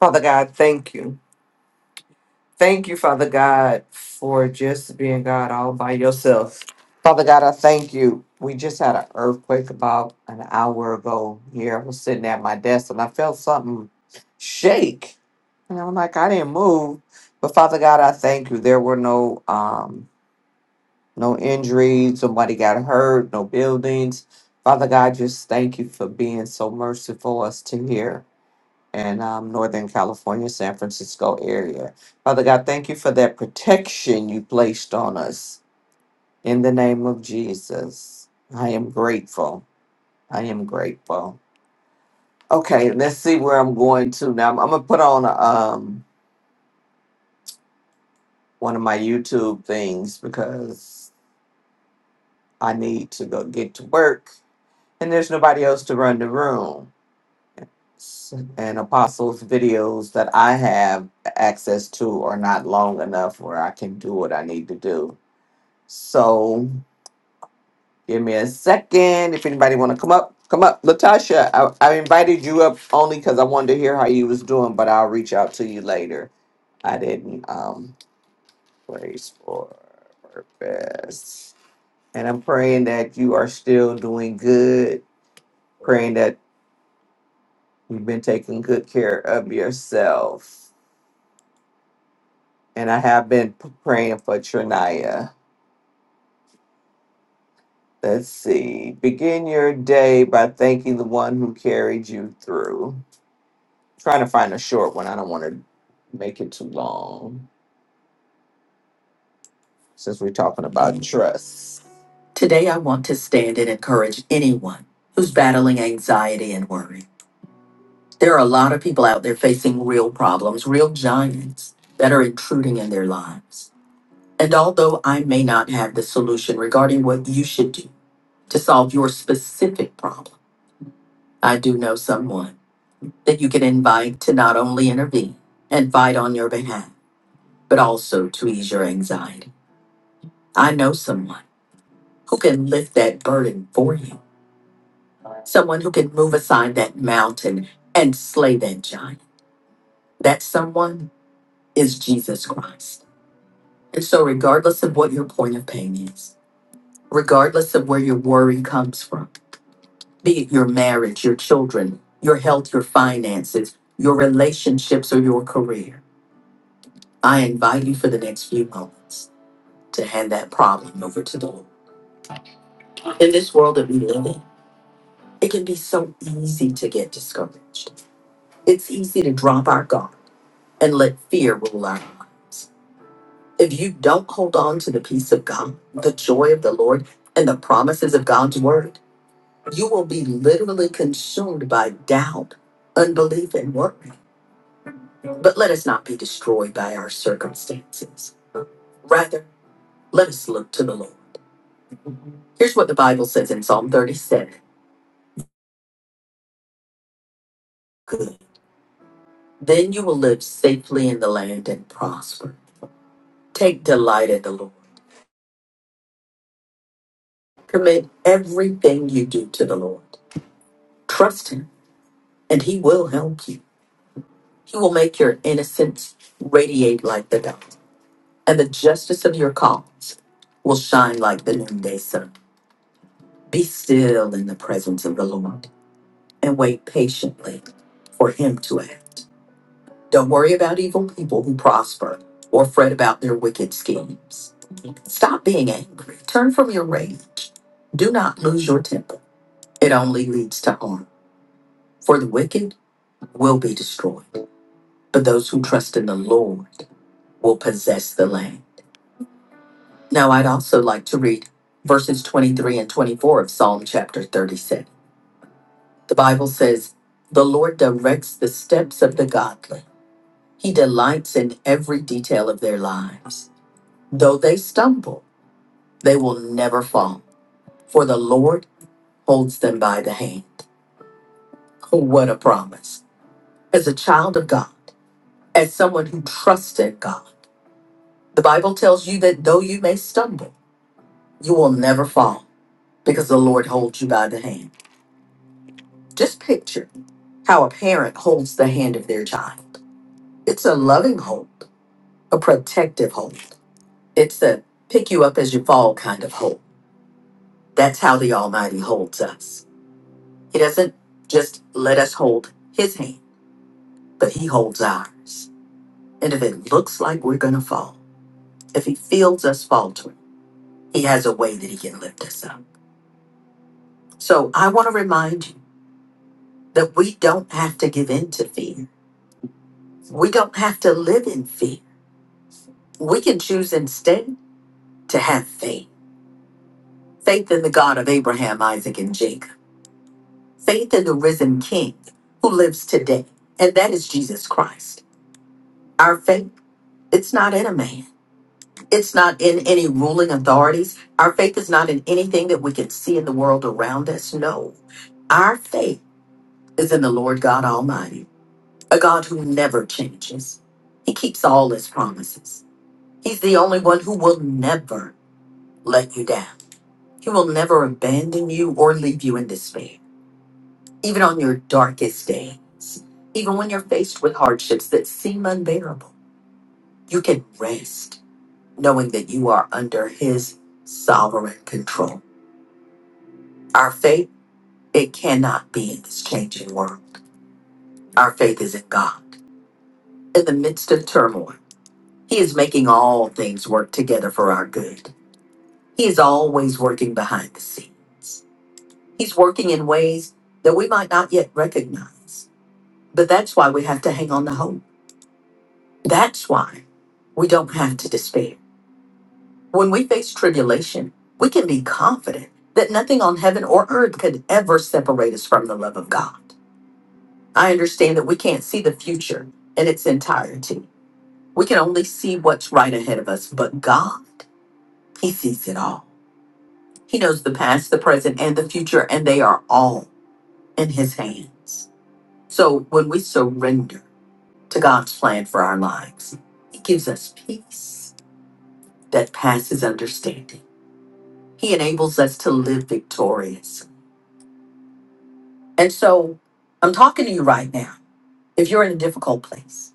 S1: Father God, thank you. Thank you, Father God, for just being God all by yourself. Father God, I thank you. We just had an earthquake about an hour ago here. I was sitting at my desk and I felt something shake. And I'm like, I didn't move. But Father God, I thank you. There were no um no injuries, nobody got hurt, no buildings. Father God, just thank you for being so merciful us to hear. and um, Northern California, San Francisco area. Father God, thank you for that protection you placed on us in the name of Jesus. I am grateful. I am grateful. Okay, let's see where I'm going to now. I'm, I'm gonna put on um one of my YouTube things because I need to go get to work, and there's nobody else to run the room. S- And apostles' videos that I have access to are not long enough where I can do what I need to do. So give me a second. If anybody want to come up, come up. Latasha, I, I invited you up only because I wanted to hear how you was doing, but I'll reach out to you later. I didn't um praise for purpose. And I'm praying that you are still doing good, praying that you've been taking good care of yourself. And I have been p- praying for Trinaya. Let's see. Begin your day by thanking the one who carried you through. trying to find a short one. I don't want to make it too long since we're talking about trust. Like to read verses 23 and 24 of Psalm chapter 37. The Bible says, The Lord directs the steps of the godly, He delights in every detail of their lives. Though they stumble, they will never fall, for the Lord holds them by the hand. Oh, What a promise. As a child of God, as someone who trusts in God, The Bible tells you that though you may stumble, you will never fall because the Lord holds you by the hand. Just picture how a parent holds the hand of their child. It's a loving hold, a protective hold. It's a pick you up as you fall kind of hold. That's how the Almighty holds us. He doesn't just let us hold His hand, but He holds ours. And if it looks like we're going to fall, if He feels us faltering, He has a way that He can lift us up. So I want to remind you. that we don't have to give in to fear. We don't have to live in fear. We can choose instead to have faith. Faith in the God of Abraham, Isaac, and Jacob. Faith in the risen King who lives today. And that is Jesus Christ. Our faith, it's not in a man. It's not in any ruling authorities. Our faith is not in anything that we can see in the world around us. No. Our faith is in the Lord God Almighty, a God who never changes. He keeps all his promises. He's the only one who will never let you down. He will never abandon you or leave you in despair, even on your darkest days. Even when you're faced with hardships that seem unbearable, you can rest knowing that you are under His sovereign control. Our faith, it cannot be in this changing world. Our faith is in God. In the midst of turmoil, He is making all things work together for our good. He is always working behind the scenes. He's working in ways that we might not yet recognize. But that's why we have to hang on to hope. That's why we don't have to despair. When we face tribulation, we can be confident that nothing on heaven or earth could ever separate us from the love of God. I understand that we can't see the future in its entirety. We can only see what's right ahead of us, but God, He sees it all. He knows the past, the present, and the future, and they are all in His hands. So when we surrender, to God's plan for our lives. He gives us peace that passes understanding. He enables us to live victorious. And so I'm talking to you right now. If you're in a difficult place,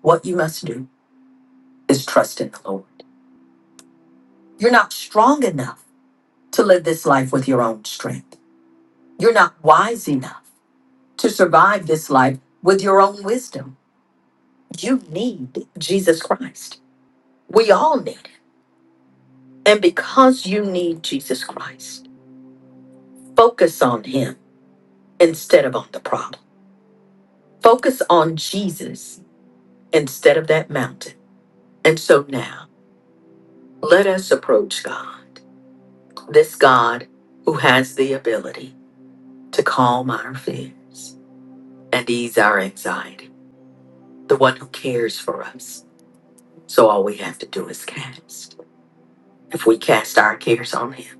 S1: what you must do is trust in the Lord. You're not strong enough to live this life with your own strength. You're not wise enough to survive this life with your own wisdom. You need Jesus Christ. We all need it. And because you need Jesus Christ, Focus on Him instead of on the problem. Focus on Jesus instead of that mountain. And so now, let us approach God, this God who has the ability to calm our fears and ease our anxiety, the one who cares for us. So all we have to do is cast. If we cast our cares on Him,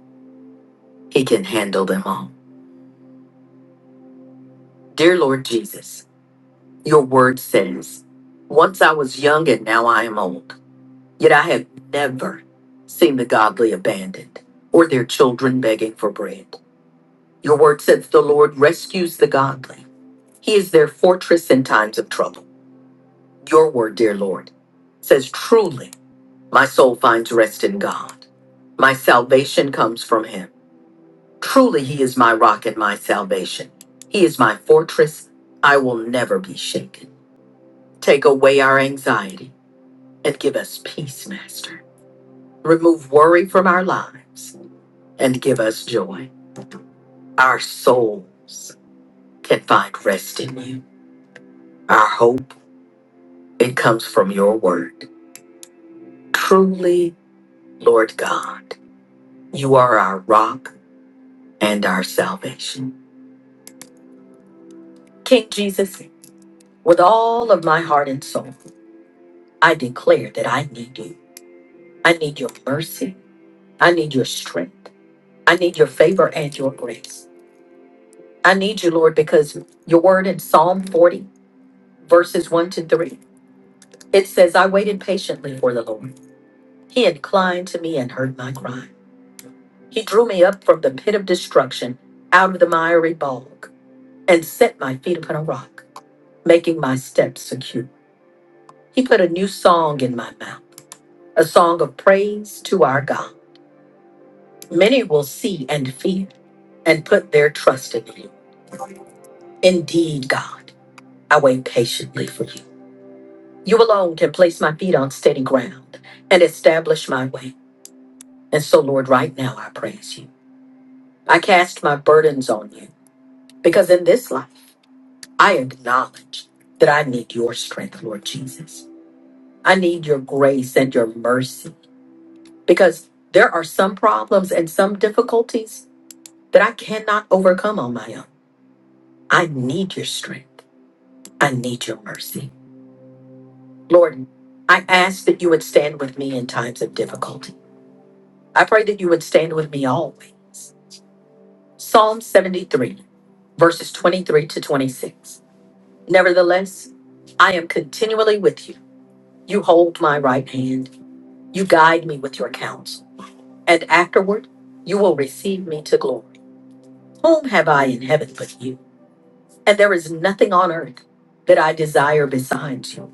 S1: He can handle them all. Dear Lord Jesus, your word says, Once I was young and now I am old. Yet I have never seen the godly abandoned or their children begging for bread. Your word says the Lord rescues the godly, He is their fortress in times of trouble. Your word, dear Lord, says, Truly, my soul finds rest in God. My salvation comes from Him. Truly, He is my rock and my salvation. He is my fortress. I will never be shaken. Take away our anxiety and give us peace, Master. Remove worry from our lives and give us joy. Our souls can find rest in you. Our hope, it comes from your word. Truly, Lord God, you are our rock and our salvation. King Jesus, with all of my heart and soul, I declare that I need you. I need your mercy. I need your strength. I need your favor and your grace. I need you, Lord, because your word in Psalm 40, verses 1 to 3, it says, I waited patiently for the Lord He inclined to me and heard my cry. He drew me up from the pit of destruction, out of the miry bog, and set my feet upon a rock, making my steps secure. He put a new song in my mouth, a song of praise to our God. Many will see and fear and put their trust in you. Indeed, God, I wait patiently for you. You alone can place my feet on steady ground and establish my way. And so, Lord, right now I praise you. I cast my burdens on you. Because in this life, I acknowledge that I need your strength, Lord Jesus. I need your grace and your mercy because there are some problems and some difficulties that I cannot overcome on my own. I need your strength. I need your mercy. Lord, I ask that you would stand with me in times of difficulty. I pray that you would stand with me always. Psalm 73, verses 23 to 26. Nevertheless, I am continually with you. You hold my right hand. You guide me with your counsel. And afterward, you will receive me to glory. Whom have I in heaven but you? And there is nothing on earth that I desire besides you.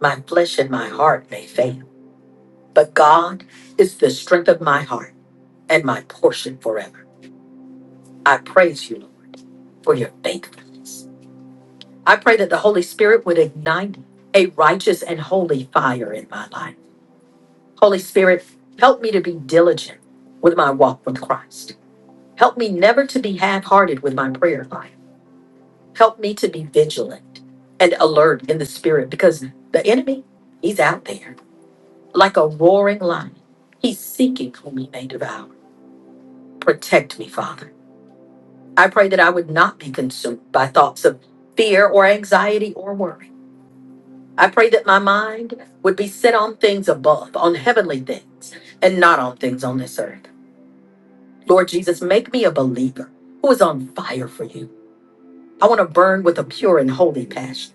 S1: My flesh and my heart may fail, but God is the strength of my heart and my portion forever. I praise you, Lord, for your faithfulness. I pray that the Holy Spirit would ignite a righteous and holy fire in my life Holy Spirit, help me to be diligent with my walk with Christ. Help me never to be half hearted with my prayer life. Help me to be vigilant and alert in the Spirit because the enemy, he's out there like a roaring lion. He's seeking whom he may devour. Protect me, Father. I pray that I would not be consumed by thoughts of fear or anxiety or worry. I pray that my mind would be set on things above, on heavenly things, and not on things on this earth. Lord Jesus, make me a believer who is on fire for you. I want to burn with a pure and holy passion.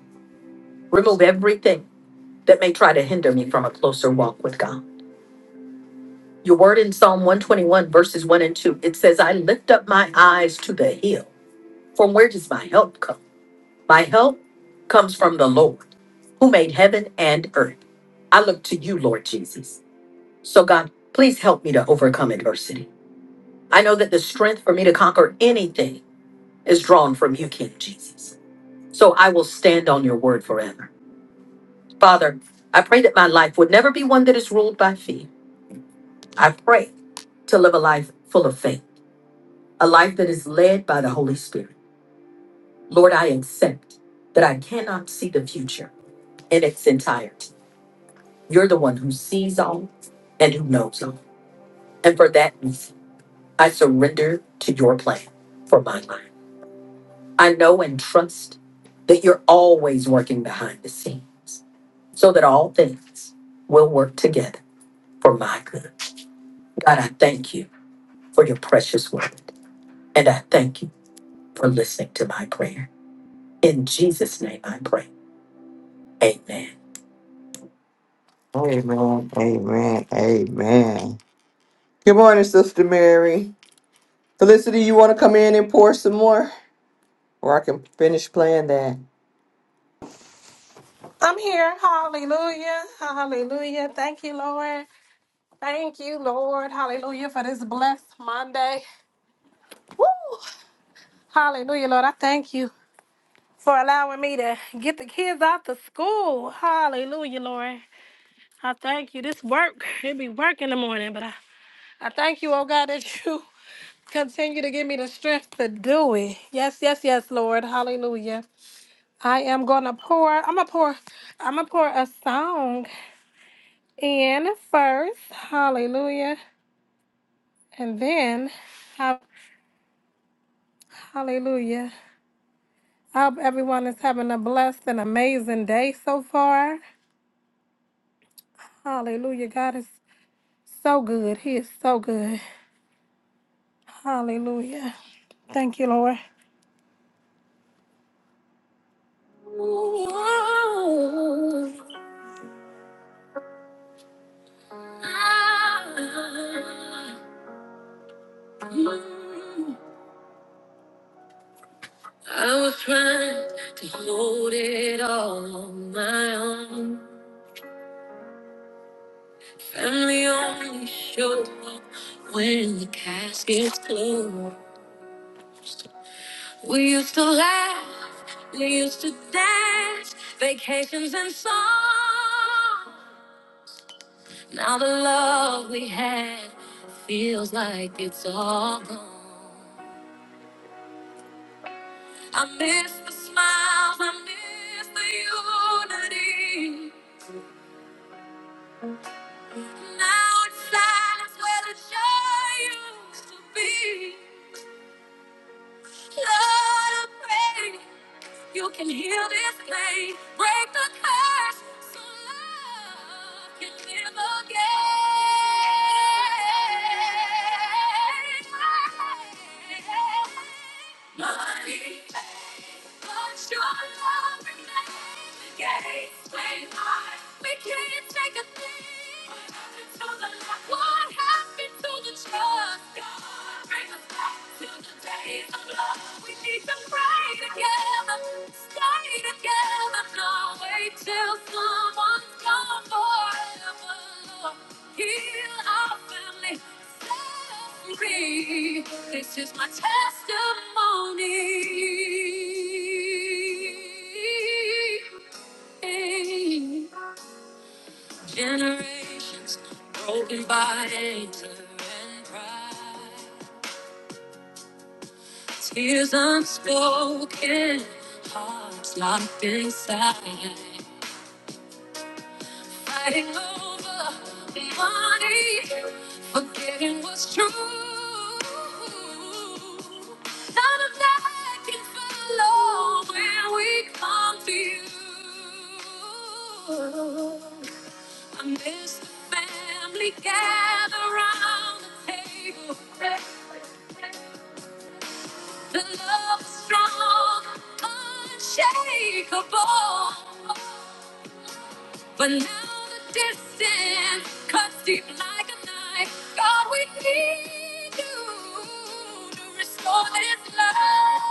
S1: Remove everything that may try to hinder me from a closer walk with God. Your word in Psalm 121, verses 1 and 2, it says, I lift up my eyes to the hill. From where does my help come? My help comes from the Lord who made heaven and earth. I look to you, Lord Jesus. So, God, please help me to overcome adversity. I know that the strength for me to conquer anything is drawn from you, King Jesus. So I will stand on your word forever. Father, I pray that my life would never be one that is ruled by fear. I pray to live a life full of faith, a life that is led by the Holy Spirit. Lord, I accept that I cannot see the future in its entirety. You're the one who sees all and who knows all. And for that reason, I surrender to your plan for my life. I know and trust that you're always working behind the scenes so that all things will work together for my good. God, I thank you for your precious word. And I thank you for listening to my prayer. In Jesus' name I pray. Amen. Amen. Amen. Amen. Good morning, Sister Mary. Felicity, you want to come in and pour some more? Or I can finish playing that.
S5: I'm here. Hallelujah. Hallelujah. Thank you, Lord. Thank you, Lord. Hallelujah for this blessed Monday. Hallelujah, Lord. I thank you for allowing me to get the kids out to school. Hallelujah, Lord. I thank you. This work, it be work in the morning, but I, I thank you, oh God, that you continue to give me the strength to do it. Yes, yes, yes, Lord. Hallelujah. I am gonna pour, I'm gonna pour, I'm gonna pour a song in first. Hallelujah. And then have- Hallelujah. I hope everyone is having a blessed and amazing day so far. Hallelujah. God is so good. He is so good. Hallelujah. Thank you, Lord. To get on, family only showed up when the casket's closed. We used to laugh, we used to dance. I pray. You can heal this pain, break the curse, so love can live again. Money, but your love remains. Till someone's gone forever. Heal our family, set us free. This is my testimony. Generations broken by anger and pride. Tears unspoken, hearts locked inside. fighting over money, forgetting what's true. None of that can follow when we come to you. I miss the family gather around the table. The love is strong, unshakable. But now the distance cuts deep like a knife. God, we need you to restore this life.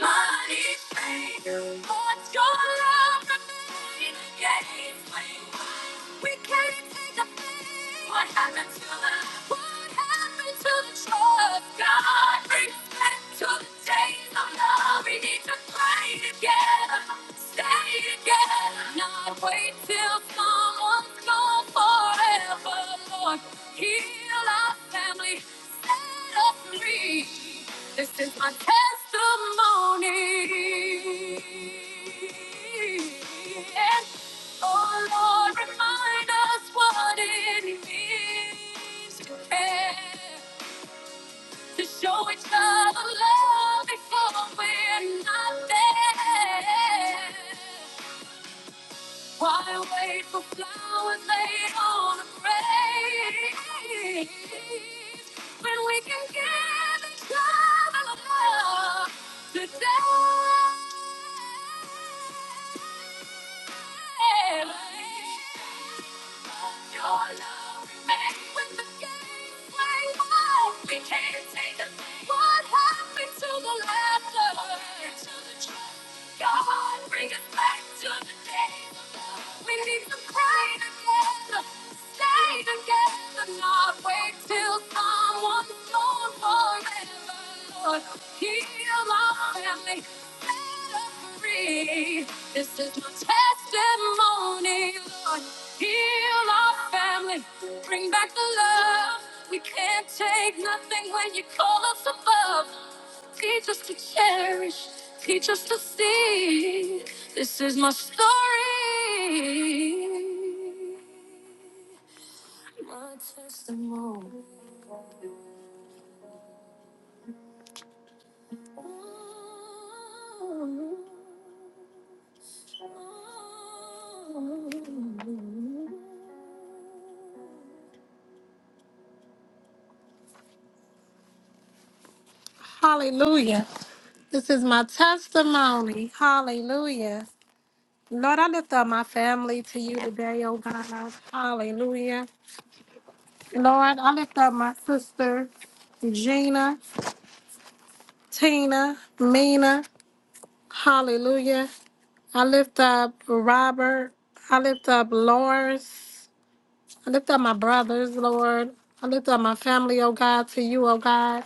S5: Money train, what's your love remain? Yeah, it's way wide. We can't what happened to the What happened to the trust God brings back to the days of love? We need to pray together, stay together, not wait till someone's gone forever. Lord, heal our family, set us free. This is my testimony. Yeah. Oh Lord, remind us what it means to care, to show each other love before we're not there. Why wait for flowers laid on a grave when we can give each other love today? But your love remains. We can't take the blame. What happened to the laughter? Your heart brings us back to the days of love. We need to pray together, stay together, not wait till someone's gone forever. Heal our family free. This is my testimony, Lord. Heal our family, bring back the love. We can't take nothing when you call us above. Teach us to cherish, teach us to see. This is my story, my testimony. Hallelujah. This is my testimony. Hallelujah. Lord, I lift up my family to you today, oh God. Hallelujah. Lord, I lift up my sister, Gina, Tina, Mina. Hallelujah. I lift up Robert. I lift up Lawrence. I lift up my brothers, Lord. I lift up my family, oh God, to you, oh God.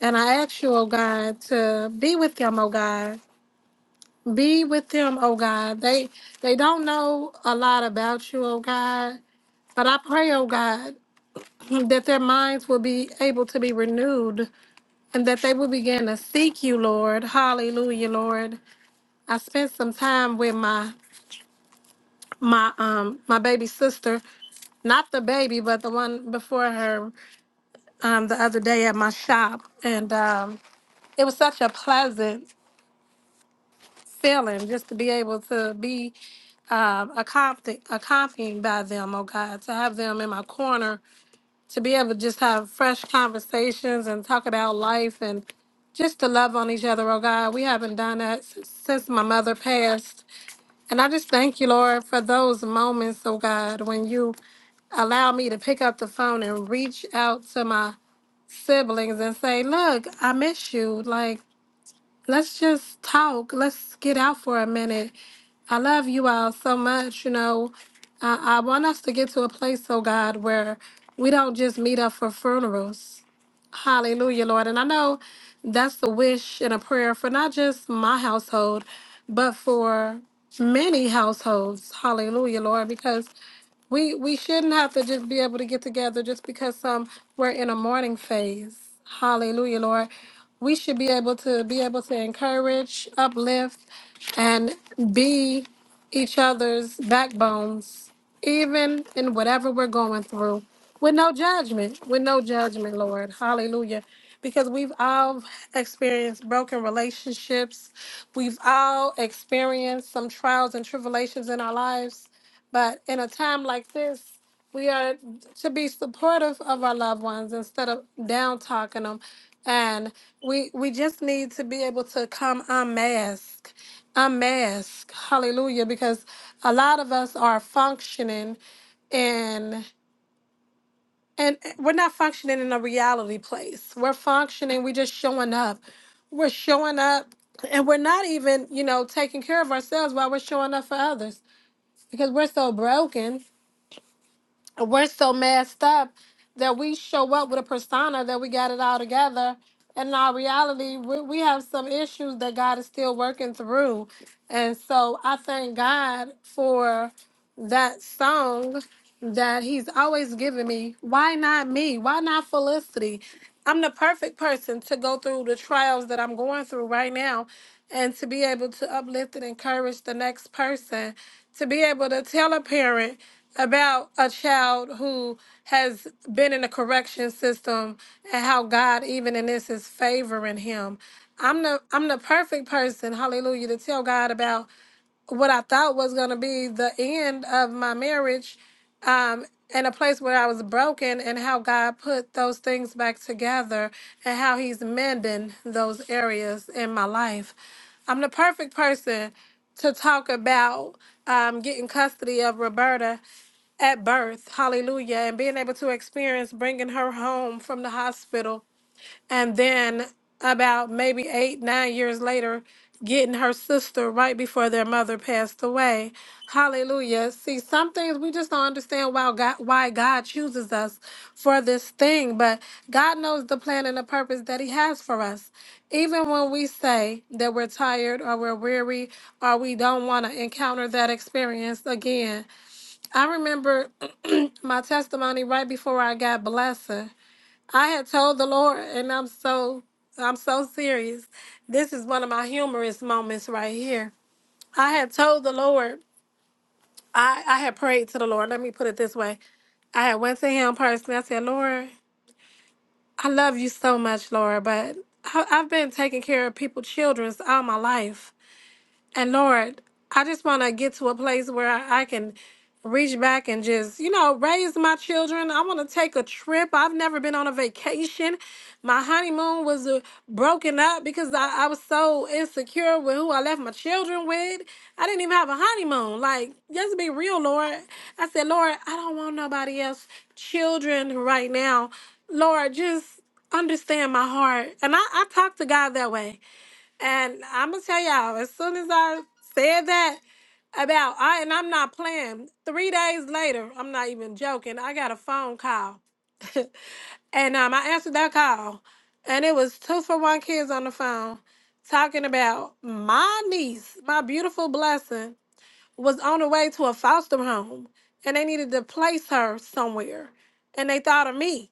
S5: And I ask you, oh God, to be with them, oh God. Be with them, oh God. They they don't know a lot about you, oh God. But I pray, oh God, that their minds will be able to be renewed and that they will begin to seek you, Lord. Hallelujah, Lord. I spent some time with my my um my baby sister not the baby, but the one before her. um, the other day at my shop, and um, it was such a pleasant feeling just to be able to be um, accompanied, accompanied by them, oh God, to have them in my corner, to be able to just have fresh conversations and talk about life and just to love on each other, oh God. We haven't done that since, since my mother passed. And I just thank you, Lord, for those moments, oh God, when you allow me to pick up the phone and reach out to my siblings and say, Look, I miss you. Like, let's just talk. Let's get out for a minute. I love you all so much. You know, I, I want us to get to a place, oh God, where we don't just meet up for funerals. Hallelujah, Lord. And I know that's the wish and a prayer for not just my household, but for many households. Hallelujah, Lord, because we we shouldn't have to just be able to get together just because um we're in a mourning phase. Hallelujah, Lord. We should be able to be able to encourage, uplift, and be each other's backbones, even in whatever we're going through, with no judgment, with no judgment, Lord. Hallelujah. Because we've all experienced broken relationships, we've all experienced some trials and tribulations in our lives. But in a time like this, we are to be supportive of our loved ones instead of down talking them. And we we just need to be able to come unmask, unmask, hallelujah, because a lot of us are functioning in and we're not functioning in a reality place. We're functioning, we just showing up. We're showing up and we're not even, you know, taking care of ourselves while we're showing up for others because we're so broken we're so messed up that we show up with a persona that we got it all together. And in our reality, we, we have some issues that God is still working through. And so I thank God for that song that He's always given me. Why not me? Why not Felicity? I'm the perfect person to go through the trials that I'm going through right now and to be able to uplift and encourage the next person, to be able to tell a parent about a child who has been in the correction system and how God even in this is favoring him. I'm the I'm the perfect person, hallelujah, to tell God about what I thought was gonna be the end of my marriage, um, and a place where I was broken and how God put those things back together and how he's mending those areas in my life. I'm the perfect person to talk about um, getting custody of Roberta at birth, hallelujah, and being able to experience bringing her home from the hospital. And then about maybe eight, nine years later, getting her sister right before their mother passed away. Hallelujah. See, some things we just don't understand why God, why God chooses us for this thing, but God knows the plan and the purpose that He has for us. Even when we say that we're tired or we're weary or we don't want to encounter that experience again, I remember my testimony right before I got blessed. I had told the Lord, and I'm so I'm so serious. This is one of my humorous moments right here. I had told the Lord, I, I had prayed to the Lord. Let me put it this way. I had went to him personally. I said, Lord, I love you so much, Lord, but I, I've been taking care of people, children's all my life. And Lord, I just want to get to a place where I, I can reach back and just, you know, raise my children. I want to take a trip. I've never been on a vacation. My honeymoon was uh, broken up because I, I was so insecure with who I left my children with. I didn't even have a honeymoon. Like, let's be real, Lord. I said, Lord, I don't want nobody else children right now. Lord, just understand my heart. And I, I talk to God that way. And I'm gonna tell y'all, as soon as I said that about I and I'm not playing. Three days later, I'm not even joking. I got a phone call, and um, I answered that call, and it was two for one kids on the phone talking about my niece, my beautiful blessing, was on her way to a foster home, and they needed to place her somewhere, and they thought of me.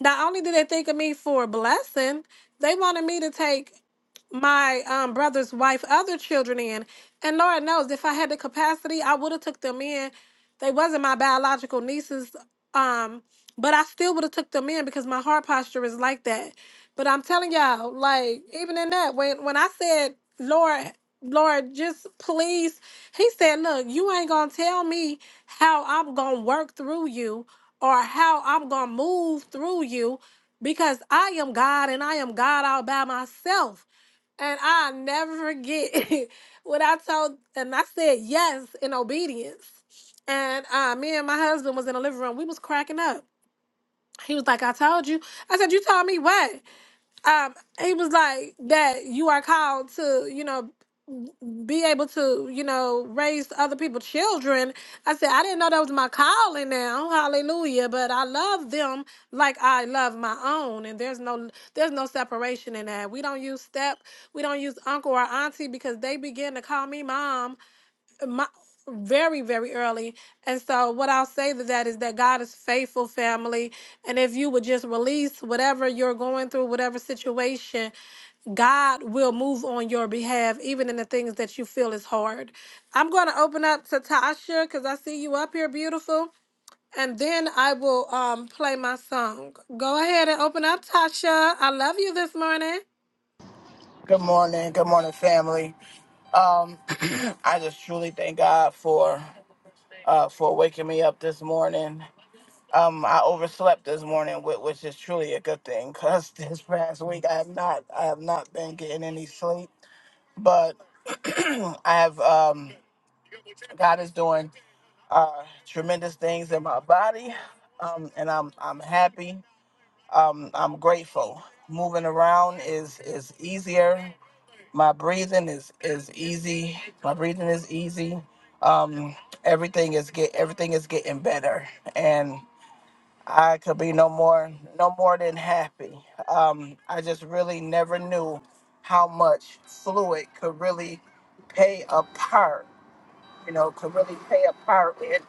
S5: Not only did they think of me for a blessing, they wanted me to take my um, brother's wife, other children in. And Lord knows, if I had the capacity, I would have took them in. They wasn't my biological nieces, um, but I still would have took them in because my heart posture is like that. But I'm telling y'all, like even in that, when when I said, Lord, Lord, just please, He said, Look, you ain't gonna tell me how I'm gonna work through you or how I'm going to move through you because I am God and I am God all by myself. And I never forget what I told, and I said yes in obedience. And uh, me and my husband was in the living room. We was cracking up. He was like, I told you. I said, you told me what? um, he was like that you are called to, you know, be able to, you know, raise other people's children. I said, I didn't know that was my calling now. Hallelujah. But I love them like I love my own. And there's no there's no separation in that. We don't use step, we don't use uncle or auntie because they begin to call me mom my very very early and so what i'll say to that is that god is faithful family and if you would just release whatever you're going through whatever situation God will move on your behalf, even in the things that you feel is hard. I'm going to open up to Tasha because I see you up here, beautiful. And then I will um, play my song. Go ahead and open up, Tasha. I love you this morning.
S7: Good morning. Good morning, family. Um, I just truly thank God for uh, for waking me up this morning. Um, I overslept this morning, whi- which is truly a good thing because this past week I have not I have not been getting any sleep. But I have um, God is doing uh, tremendous things in my body, um, and I'm I'm happy. Um, I'm grateful. Moving around is is easier. my breathing is is easy my breathing is easy um everything is get everything is getting better and i could be no more no more than happy um i just really never knew how much fluid could really play a part you know, can really play a part in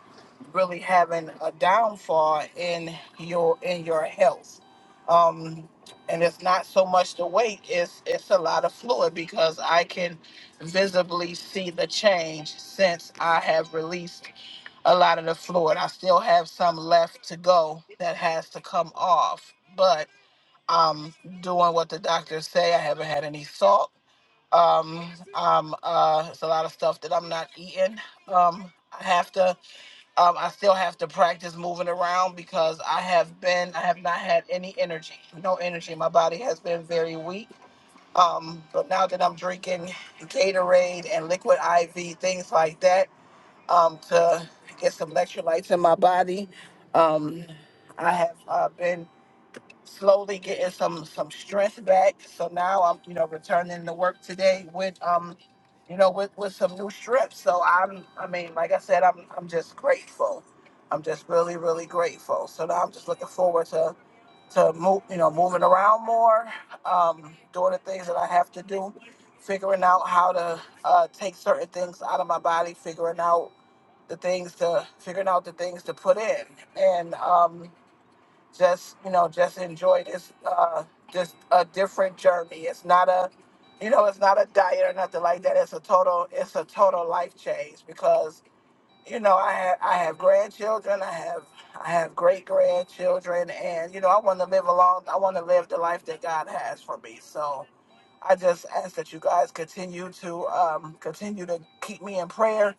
S7: really having a downfall in your in your health. Um, and it's not so much the weight; it's it's a lot of fluid because I can visibly see the change since I have released a lot of the fluid. I still have some left to go that has to come off, but I'm doing what the doctors say. I haven't had any salt. Um, um, uh, it's a lot of stuff that I'm not eating. Um, I have to, um, I still have to practice moving around because I have been, I have not had any energy, no energy. My body has been very weak. Um, but now that I'm drinking Gatorade and liquid IV, things like that, um, to get some electrolytes in my body, um, I have uh, been slowly getting some some strength back. So now I'm you know returning to work today with um you know with with some new strips. So I'm I mean like I said I'm I'm just grateful. I'm just really really grateful. So now I'm just looking forward to to move you know moving around more, um, doing the things that I have to do, figuring out how to uh, take certain things out of my body, figuring out the things to figuring out the things to put in and um just you know just enjoy this uh this a different journey it's not a you know it's not a diet or nothing like that it's a total it's a total life change because you know i have i have grandchildren i have i have great grandchildren and you know i want to live a long i want to live the life that god has for me so i just ask that you guys continue to um continue to keep me in prayer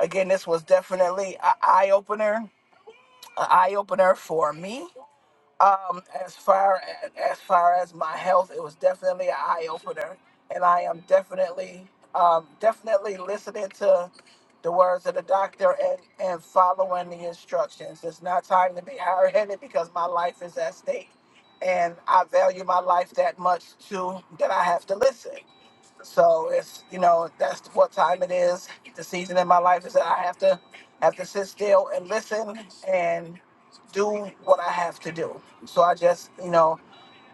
S7: again this was definitely an eye-opener an eye-opener for me um, as far as, as far as my health, it was definitely an eye opener, and I am definitely um, definitely listening to the words of the doctor and and following the instructions. It's not time to be hard headed because my life is at stake, and I value my life that much too that I have to listen. So it's you know that's what time it is. The season in my life is that I have to have to sit still and listen and do what I have to do. So I just you know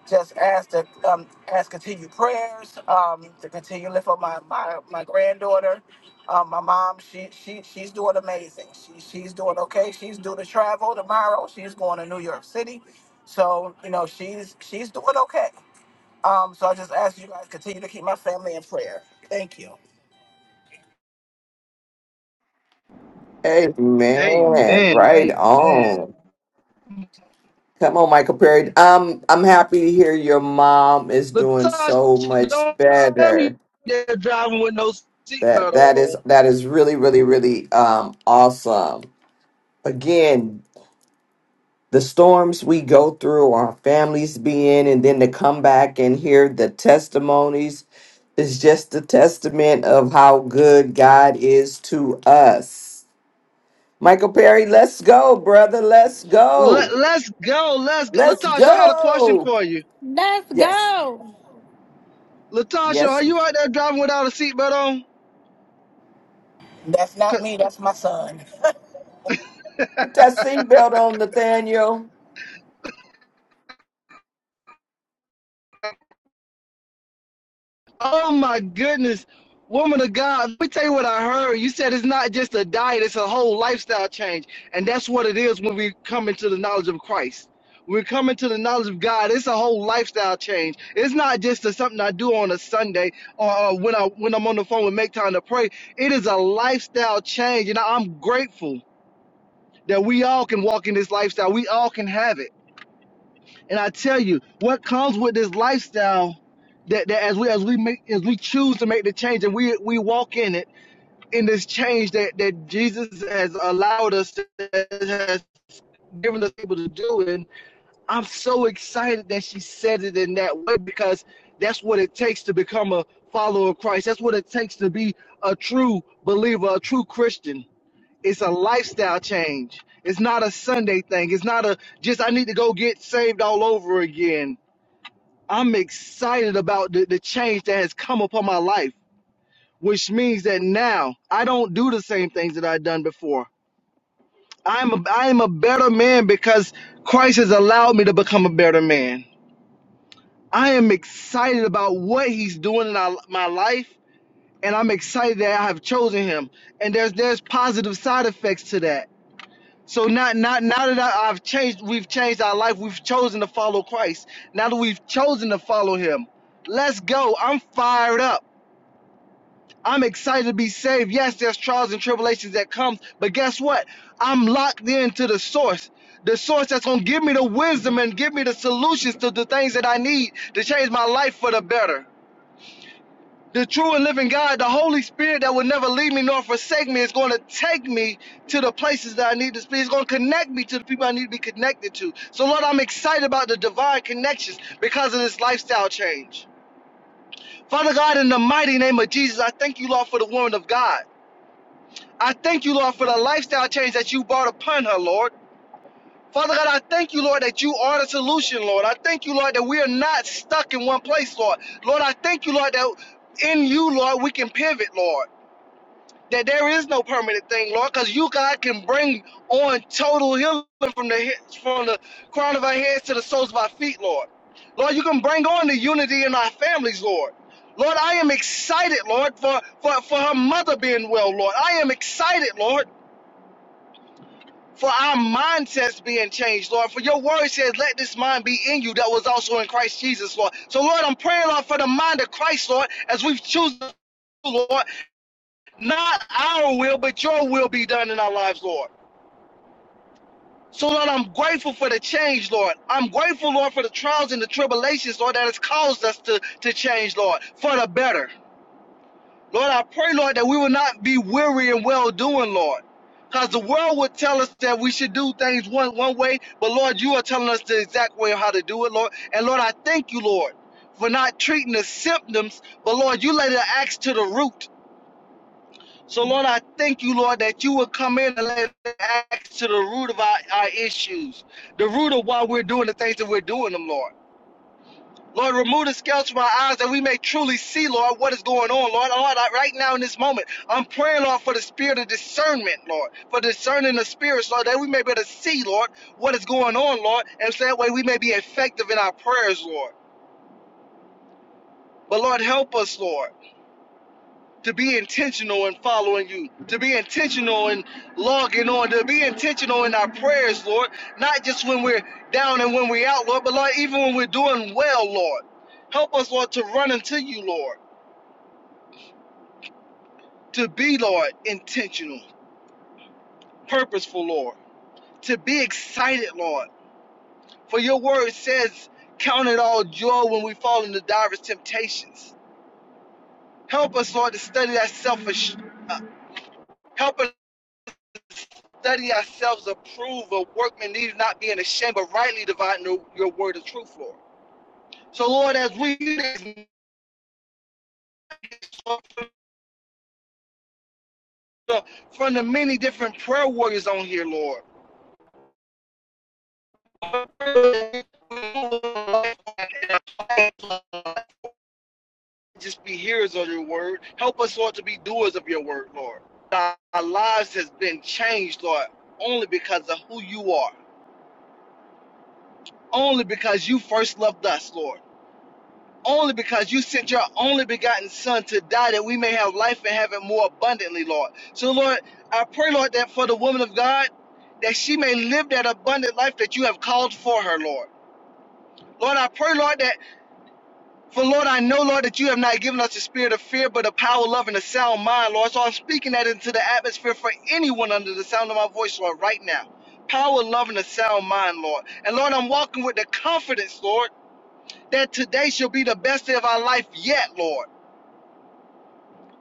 S7: just ask to um, ask continued prayers um, to continue lift up my my, my granddaughter, um, my mom. She she she's doing amazing. She she's doing okay. She's due to travel tomorrow. She's going to New York City. So you know she's she's doing okay. Um, so I just ask you guys continue to keep my family in prayer. Thank you.
S1: Amen.
S8: Amen.
S1: Right
S8: Amen.
S1: on. Come on, Michael Perry. Um, I'm happy to hear your mom is doing
S8: Latasha,
S1: so much
S8: don't tell me
S1: better.
S8: they're driving with no
S1: That
S8: seatbelt
S1: that is
S8: on.
S1: that is really really really um awesome. Again, the storms we go through, our families being, and then to come back and hear the testimonies is just a testament of how good God is to us. Michael Perry, let's go, brother. Let's go.
S8: Let, let's go. Let's go.
S1: Let's
S8: Latasha, I got a question
S1: go.
S8: for you.
S5: Let's
S1: Yes.
S5: go.
S8: Latasha,
S1: Yes.
S8: are you out there driving without a seatbelt on?
S7: That's not
S8: 'Cause
S7: me. That's my son.
S1: Put that seatbelt on, Nathaniel.
S8: Oh my goodness, woman of God, let me tell you what I heard. You said it's not just a diet, it's a whole lifestyle change. And that's what it is when we come into the knowledge of Christ. We're coming to the knowledge of God. It's a whole lifestyle change. It's not just a, something I do on a Sunday or uh, when I when I'm on the phone and make time to pray. It is a lifestyle change, and I'm grateful that we all can walk in this lifestyle. We all can have it. And I tell you, what comes with this lifestyle that, that as we as we make as we choose to make the change and we we walk in it in this change that that Jesus has allowed us to, has given us able to do it. I'm so excited that she said it in that way because that's what it takes to become a follower of Christ. That's what it takes to be a true believer, a true Christian. It's a lifestyle change. It's not a Sunday thing. It's not a just I need to go get saved all over again I'm excited about the, the change that has come upon my life, which means that now I don't do the same things that I've done before. I'm a, I am a better man because Christ has allowed me to become a better man. I am excited about what He's doing in our, my life, and I'm excited that I have chosen Him. And there's there's positive side effects to that. So not not now that I, I've changed, we've changed our life. We've chosen to follow Christ. Now that we've chosen to follow Him, let's go. I'm fired up. I'm excited to be saved. Yes, there's trials and tribulations that come, but guess what? I'm locked into the source. The source that's gonna give me the wisdom and give me the solutions to the things that I need to change my life for the better. The true and living God, the Holy Spirit that will never leave me nor forsake me, is going to take me to the places that I need to be. It's going to connect me to the people I need to be connected to. So, Lord, I'm excited about the divine connections because of this lifestyle change. Father God, in the mighty name of Jesus, I thank you, Lord, for the woman of God. I thank you, Lord, for the lifestyle change that you brought upon her, Lord. Father God, I thank you, Lord, that you are the solution, Lord. I thank you, Lord, that we are not stuck in one place, Lord. Lord, I thank you, Lord, that in you, Lord, we can pivot, Lord. That there is no permanent thing, Lord, because you, God, can bring on total healing from the he- from the crown of our heads to the soles of our feet, Lord. Lord, you can bring on the unity in our families, Lord. Lord, I am excited, Lord, for, for, for her mother being well, Lord. I am excited, Lord. for our mindsets being changed, Lord. For your word says, let this mind be in you that was also in Christ Jesus, Lord. So, Lord, I'm praying, Lord, for the mind of Christ, Lord, as we've chosen, Lord, not our will, but your will be done in our lives, Lord. So, Lord, I'm grateful for the change, Lord. I'm grateful, Lord, for the trials and the tribulations, Lord, that has caused us to, to change, Lord, for the better. Lord, I pray, Lord, that we will not be weary in well doing, Lord. Because the world would tell us that we should do things one, one way, but Lord, you are telling us the exact way of how to do it, Lord. And Lord, I thank you, Lord, for not treating the symptoms, but Lord, you lay the axe to the root. So, Lord, I thank you, Lord, that you will come in and lay the axe to the root of our, our issues, the root of why we're doing the things that we're doing them, Lord. Lord, remove the scales from our eyes that we may truly see, Lord, what is going on, Lord. Lord, right now in this moment, I'm praying, Lord, for the spirit of discernment, Lord, for discerning the spirits, Lord, that we may be able to see, Lord, what is going on, Lord, and so that way we may be effective in our prayers, Lord. But Lord, help us, Lord, to be intentional in following you, to be intentional in logging on, to be intentional in our prayers, Lord, not just when we're down and when we're out, Lord, but Lord, even when we're doing well, Lord. Help us, Lord, to run into you, Lord. to be, Lord, intentional, purposeful, Lord, to be excited, Lord. For your word says, Count it all joy when we fall into diverse temptations. Help us, Lord, to study ourselves. Uh, help us study ourselves, approve of workmen, need not being ashamed, but rightly dividing your word of truth, Lord. So, Lord, as we from the many different prayer warriors on here, Lord just be hearers of your word. Help us, Lord, to be doers of your word, Lord. Our lives has been changed, Lord, only because of who you are. Only because you first loved us, Lord. Only because you sent your only begotten Son to die that we may have life and have it more abundantly, Lord. So, Lord, I pray, Lord, that for the woman of God, that she may live that abundant life that you have called for her, Lord. Lord, I pray, Lord, that For Lord, I know, Lord, that you have not given us the spirit of fear, but of power, love, and a sound mind, Lord. So I'm speaking that into the atmosphere for anyone under the sound of my voice, Lord, right now. Power, love, and a sound mind, Lord. And Lord, I'm walking with the confidence, Lord, that today shall be the best day of our life yet, Lord.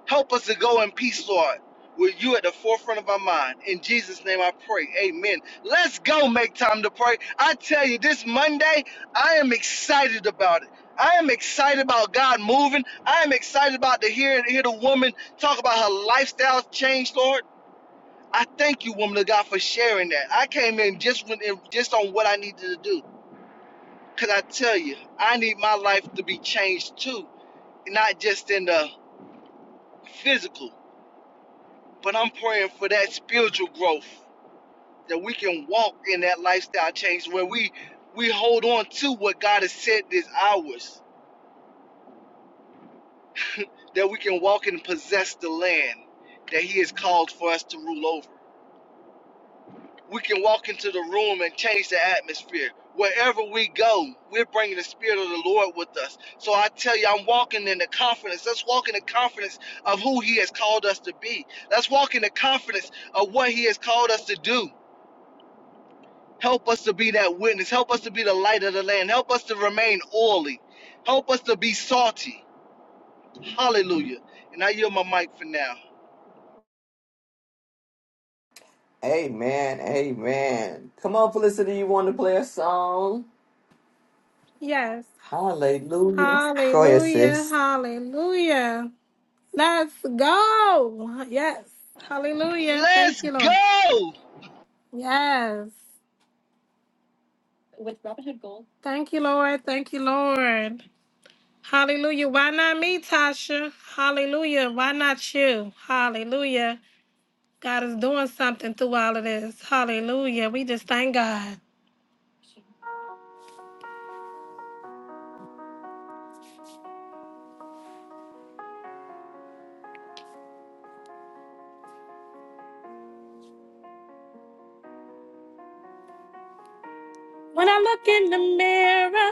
S8: Help us to go in peace, Lord, with you at the forefront of our mind. In Jesus' name I pray. Amen. Let's go make time to pray. I tell you, this Monday, I am excited about it. I am excited about God moving. I am excited about to hear, hear the woman talk about her lifestyle change, Lord. I thank you, woman of God, for sharing that. I came in just when, just on what I needed to do. Cause I tell you, I need my life to be changed too, not just in the physical, But I'm praying for that spiritual growth that we can walk in that lifestyle change where we we hold on to what God has said is ours, that we can walk and possess the land that He has called for us to rule over. We can walk into the room and change the atmosphere. Wherever we go, we're bringing the Spirit of the Lord with us. So I tell you, I'm walking in the confidence. Let's walk in the confidence of who He has called us to be. Let's walk in the confidence of what He has called us to do. Help us to be that witness. Help us to be the light of the land. Help us to remain oily. Help us to be salty. Hallelujah. And I yield my mic for now.
S1: Amen. Amen. Come on, Felicity. You want to play a song?
S5: Yes.
S1: Hallelujah. Go ahead,
S5: Hallelujah.
S1: sis.
S5: Hallelujah. Let's go. Yes. Hallelujah. Thank
S8: Let's
S5: you, Lord.
S8: go!
S5: Yes. Thank you, Lord. Thank you, Lord. Hallelujah. Why not me, Tasha? Hallelujah. Why not you? Hallelujah. God is doing something through all of this. Hallelujah. We just thank God. When I look in the mirror,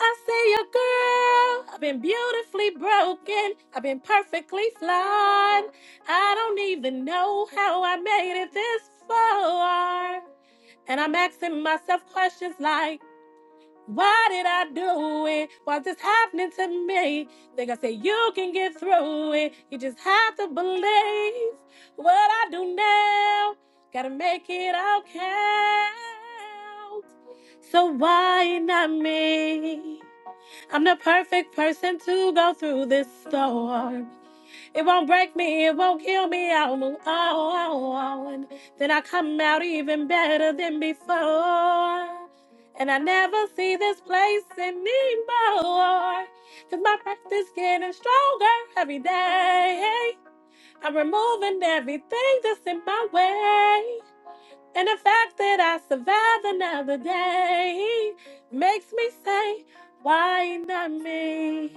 S5: I see a girl. I've been beautifully broken. I've been perfectly flawed. I don't even know how I made it this far. And I'm asking myself questions like, why did I do it? Why's this happening to me? Think I said you can get through it. You just have to believe what I do now. Gotta make it all count. So why not me? I'm the perfect person to go through this storm. It won't break me, it won't kill me. I'll move on. Then I come out even better than before. And I never see this place anymore. Cause my practice getting stronger every day. I'm removing everything that's in my way. And the fact that I survived another day makes me say, why not me?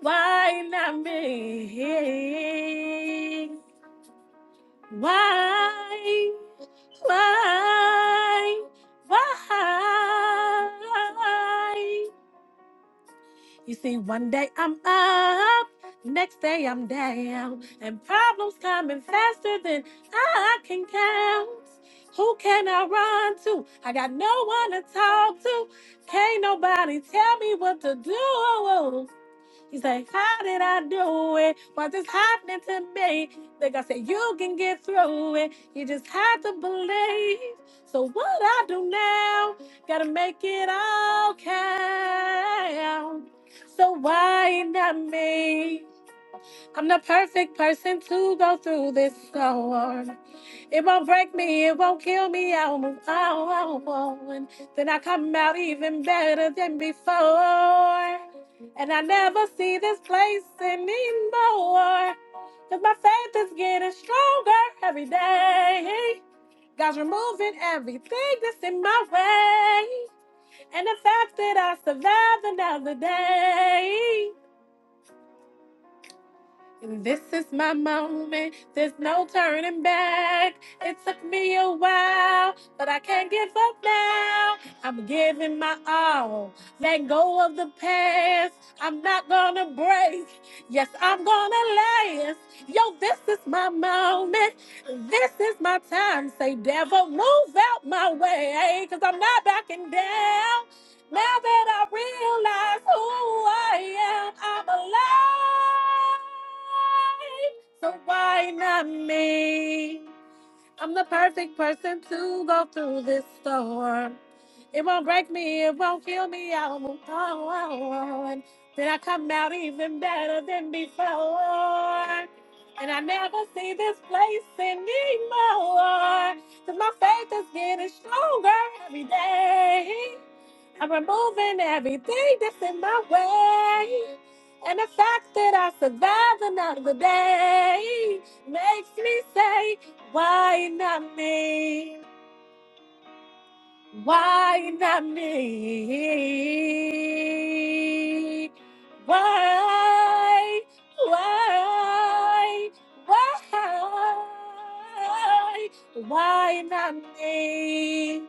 S5: Why not me? Why? Why? Why? You see, one day I'm up, next day I'm down, and problems coming faster than I can count. Who can I run to? I got no one to talk to. Can't nobody tell me what to do. He's like, How did I do it? What is happening to me? Like I said, you can get through it. You just have to believe. So what I do now, gotta make it all count. So why not me? I'm the perfect person to go through this storm. It won't break me, it won't kill me. I will move on, I Then I come out even better than before. And I never see this place anymore. Cause my faith is getting stronger every day. God's removing everything that's in my way. And the fact that I survived another day. This is my moment. There's no turning back. It took me a while, but I can't give up now. I'm giving my all. Let go of the past. I'm not gonna break. Yes, I'm gonna last. Yo, this is my moment. This is my time. Say, devil, move out my way. Cause I'm not backing down. Now that I realize who I am, I'm alive. So why not me? I'm the perfect person to go through this storm. It won't break me, it won't kill me, I'll move on. Then I come out even better than before. And I never see this place anymore. 'Cause my faith is getting stronger every day. I'm removing everything that's in my way. And the fact that I survived another day makes me say, why not me? Why not me? Why? Why? Why? Why not me?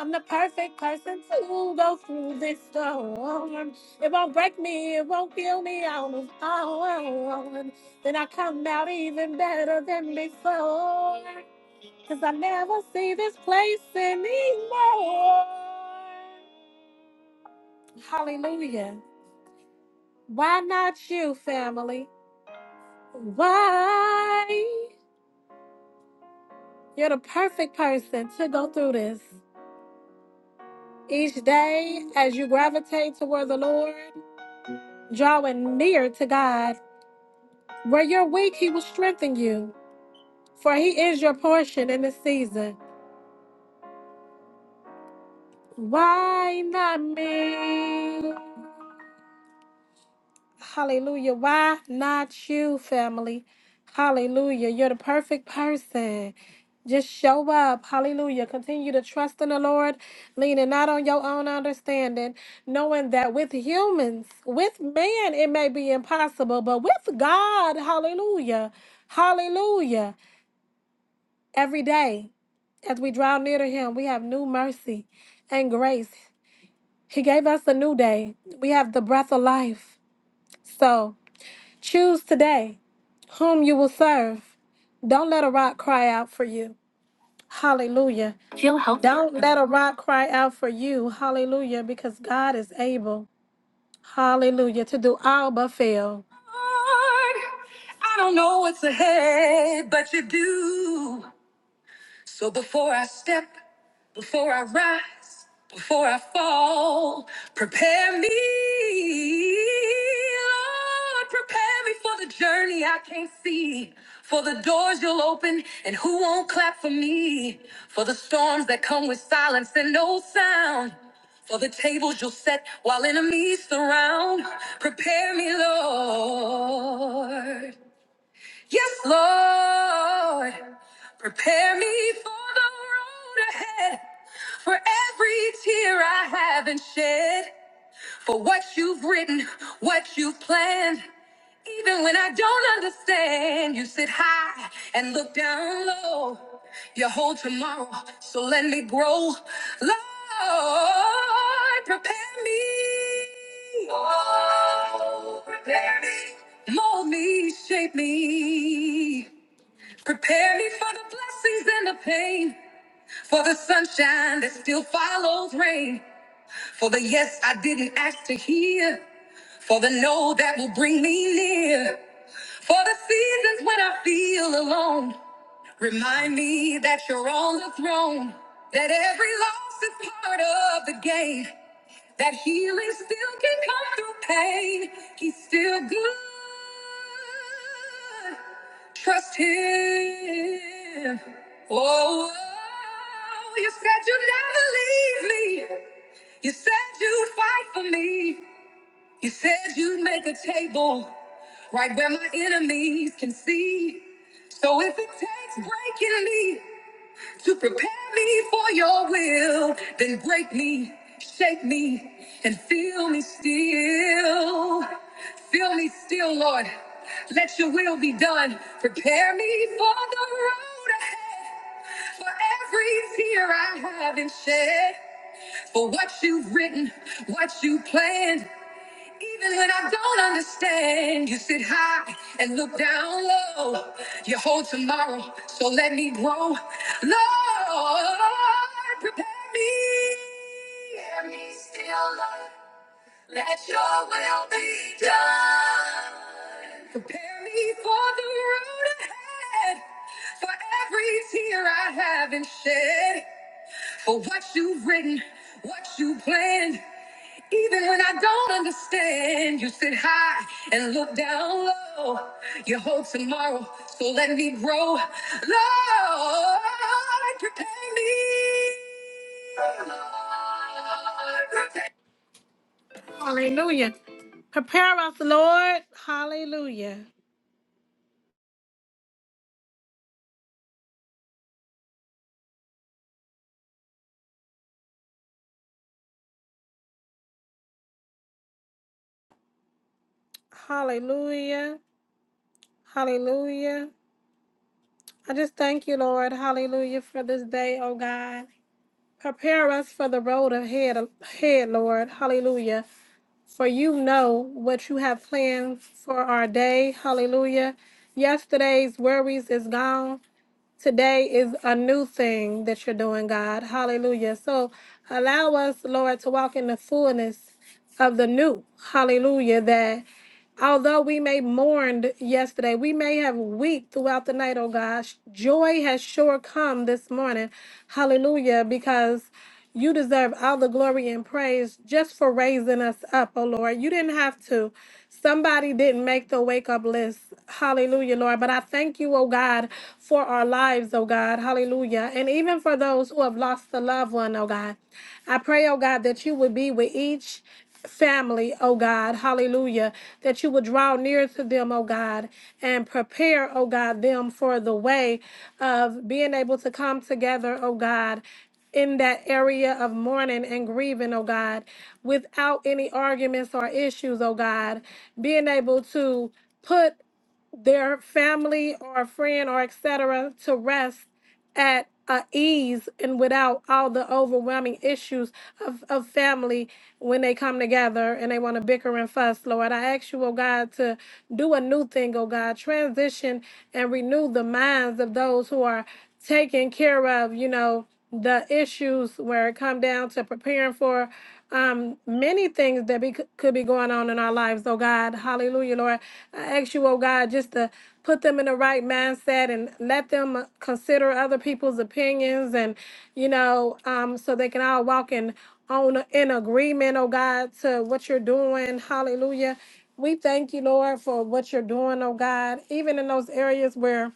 S5: I'm the perfect person to go through this storm. It won't break me, it won't kill me out of own. Then I come out even better than before. Cause I never see this place anymore. Hallelujah. Why not you, family? Why? You're the perfect person to go through this. Each day, as you gravitate toward the Lord, drawing near to God, where you're weak, He will strengthen you, for He is your portion in this season. Why not me? Hallelujah. Why not you, family? Hallelujah. You're the perfect person. Just show up. Hallelujah. Continue to trust in the Lord, leaning not on your own understanding, knowing that with humans, with man, it may be impossible, but with God, hallelujah. Hallelujah. Every day, as we draw near to Him, we have new mercy and grace. He gave us a new day. We have the breath of life. So choose today whom you will serve. Don't let a rock cry out for you. Hallelujah. Don't let a rock cry out for you. Hallelujah. Because God is able, hallelujah, to do all but fail. Lord, I don't know what's ahead, but you do. So before I step Before I rise, before I fall, prepare me, Lord, prepare me for the journey I can't see, for the doors you'll open and who won't clap for me, for the storms that come with silence and no sound, for the tables you'll set while enemies surround. Prepare me, Lord. Yes, Lord. Prepare me for the road ahead, for every tear I haven't shed, for what you've written, what you've planned. Even when I don't understand, you sit high and look down low. You hold tomorrow, so let me grow. Lord, prepare me. Oh, prepare me. Mold me, shape me. Prepare me for the blessings and the pain, for the sunshine that still follows rain, for the yes I didn't ask to hear, for the no that will bring me near, for the seasons when I feel alone. Remind me that you're on the throne, that every loss is part of the game. That healing still can come through pain. He's still good. Trust him. Oh, oh, you said you'd never leave me. You said you'd fight for me. You said you'd make a table right where my enemies can see. So if it takes breaking me, to prepare me for your will, then break me, shake me, and fill me still. Fill me still, Lord. Let your will be done. Prepare me for the road ahead, for every tear I haven't shed, for what you've written, what you planned. Even when I don't understand, you sit high and look down low. You hold tomorrow, so let me grow. Lord, prepare me. Prepare me still, Lord. Let your will be done. Prepare me for the road ahead, for every tear I haven't shed. For what you've written, what you planned, even when I don't understand, you sit high and look down low. You hope tomorrow, so let me grow. Lord, prepare me. Lord, prepare- Hallelujah. Prepare us, Lord. Hallelujah. Hallelujah. Hallelujah. I just thank you, Lord. Hallelujah for this day, oh God. Prepare us for the road ahead, ahead, Lord. Hallelujah. For you know what you have planned for our day. Hallelujah. Yesterday's worries is gone. Today is a new thing that you're doing, God. Hallelujah. So allow us, Lord, to walk in the fullness of the new. Hallelujah. That. Although we may mourned yesterday, we may have wept throughout the night, oh gosh. Joy has sure come this morning. Hallelujah, because you deserve all the glory and praise just for raising us up, oh Lord. You didn't have to. Somebody didn't make the wake up list. Hallelujah, Lord. But I thank you, oh God, for our lives, oh God. Hallelujah. And even for those who have lost a loved one, oh God. I pray, oh God, that you would be with each family, oh God, hallelujah, that you would draw near to them, oh God, and prepare, oh God, them for the way of being able to come together, oh God. In that area of mourning and grieving, oh God, without any arguments or issues, oh God, being able to put their family or a friend or et cetera to rest at uh, ease and without all the overwhelming issues of, of family when they come together and they want to bicker and fuss lord i ask you oh god to do a new thing oh god transition and renew the minds of those who are taken care of you know the issues where it come down to preparing for um, many things that be, could be going on in our lives. Oh God, hallelujah, Lord. I ask you, oh God, just to put them in the right mindset and let them uh, consider other people's opinions and, you know, um, so they can all walk in on in agreement, oh God, to what you're doing. Hallelujah. We thank you, Lord, for what you're doing, oh God, even in those areas where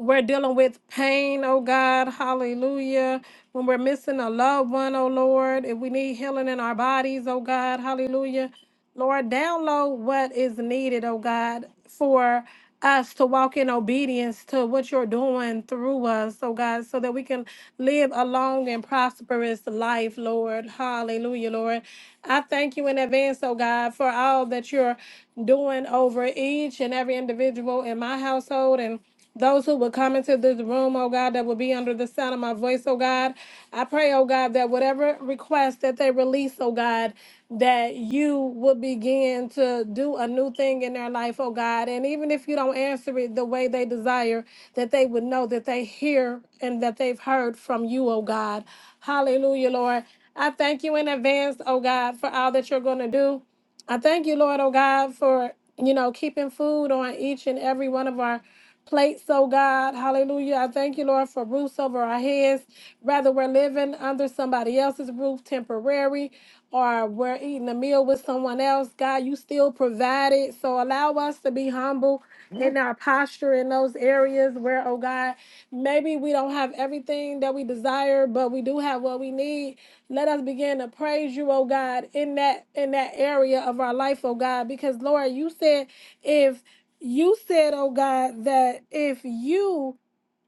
S5: we're dealing with pain, oh God, hallelujah. When we're missing a loved one, oh Lord, if we need healing in our bodies, oh God, hallelujah. Lord, download what is needed, oh God, for us to walk in obedience to what you're doing through us, oh God, so that we can live a long and prosperous life, Lord. Hallelujah, Lord. I thank you in advance, oh God, for all that you're doing over each and every individual in my household and those who would come into this room, oh God, that will be under the sound of my voice, oh God. I pray, oh God, that whatever request that they release, oh God, that you would begin to do a new thing in their life, oh God. And even if you don't answer it the way they desire, that they would know that they hear and that they've heard from you, oh God. Hallelujah, Lord. I thank you in advance, oh God, for all that you're going to do. I thank you, Lord, oh God, for, you know, keeping food on each and every one of our plates, oh God. Hallelujah. I thank you, Lord, for roofs over our heads. Rather, we're living under somebody else's roof temporary or we're eating a meal with someone else. God, you still provide it. So allow us to be humble in our posture in those areas where, oh God, maybe we don't have everything that we desire, but we do have what we need let us begin to praise you, oh God, in that in that area of our life, oh God, because Lord, you said if you said, oh God, that if you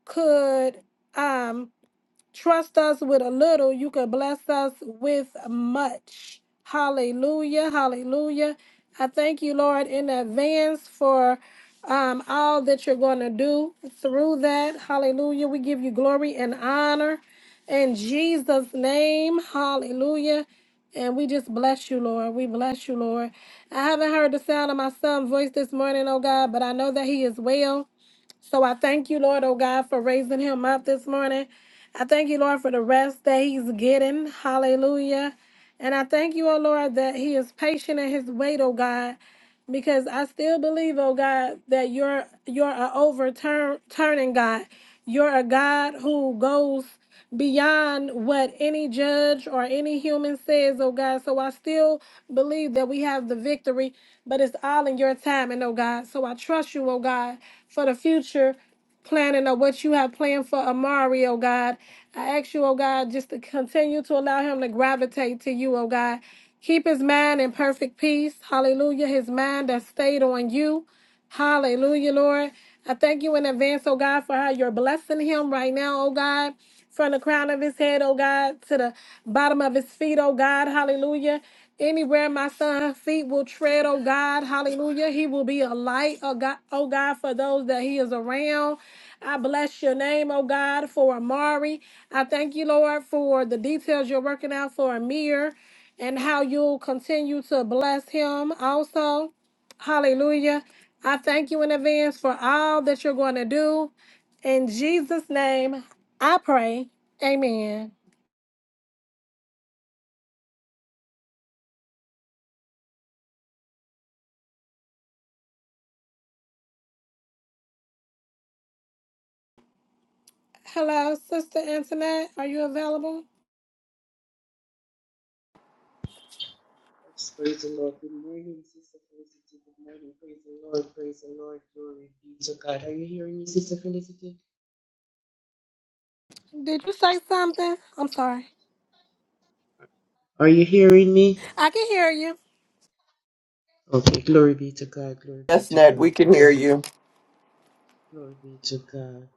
S5: could um Trust us with a little, you can bless us with much. Hallelujah. Hallelujah. I thank you, Lord, in advance for um, all that you're going to do through that. Hallelujah. We give you glory and honor in Jesus' name. Hallelujah. And we just bless you, Lord. We bless you, Lord. I haven't heard the sound of my son's voice this morning, oh God, but I know that he is well. So I thank you, Lord, oh God, for raising him up this morning. I thank you, Lord, for the rest that he's getting. Hallelujah. And I thank you, oh Lord, that he is patient in his wait, oh God because I still believe, oh God, that you're you're a overturn turning God. You're a God who goes beyond what any judge or any human says, oh God. So I still believe that we have the victory, but it's all in your time, and oh God. So I trust you, oh God, for the future planning or what you have planned for Amari, oh God. I ask you, oh God, just to continue to allow him to gravitate to you, oh God. Keep his mind in perfect peace. Hallelujah. His mind that stayed on you. Hallelujah, Lord. I thank you in advance, oh God, for how you're blessing him right now, oh God, from the crown of his head, oh God, to the bottom of his feet, oh God. Hallelujah. Anywhere my son's feet will tread, oh God, hallelujah. He will be a light, oh God, oh God, for those that he is around. I bless your name, oh God, for Amari. I thank you, Lord, for the details you're working out for Amir and how you'll continue to bless him also. Hallelujah. I thank you in advance for all that you're going to do. In Jesus' name, I pray. Amen. Hello, Sister Antoinette. Are you available?
S9: Let's praise the Lord. Good morning, Sister Felicity. Good morning. Praise the Lord. Praise the Lord. Glory be to God. Are you hearing me, Sister Felicity?
S5: Did you say something? I'm sorry.
S9: Are you hearing me?
S5: I can hear you.
S9: Okay. Glory be to God. Glory
S1: Yes,
S9: be to
S1: Chestnut, we
S9: God.
S1: can hear you.
S9: Glory be to God.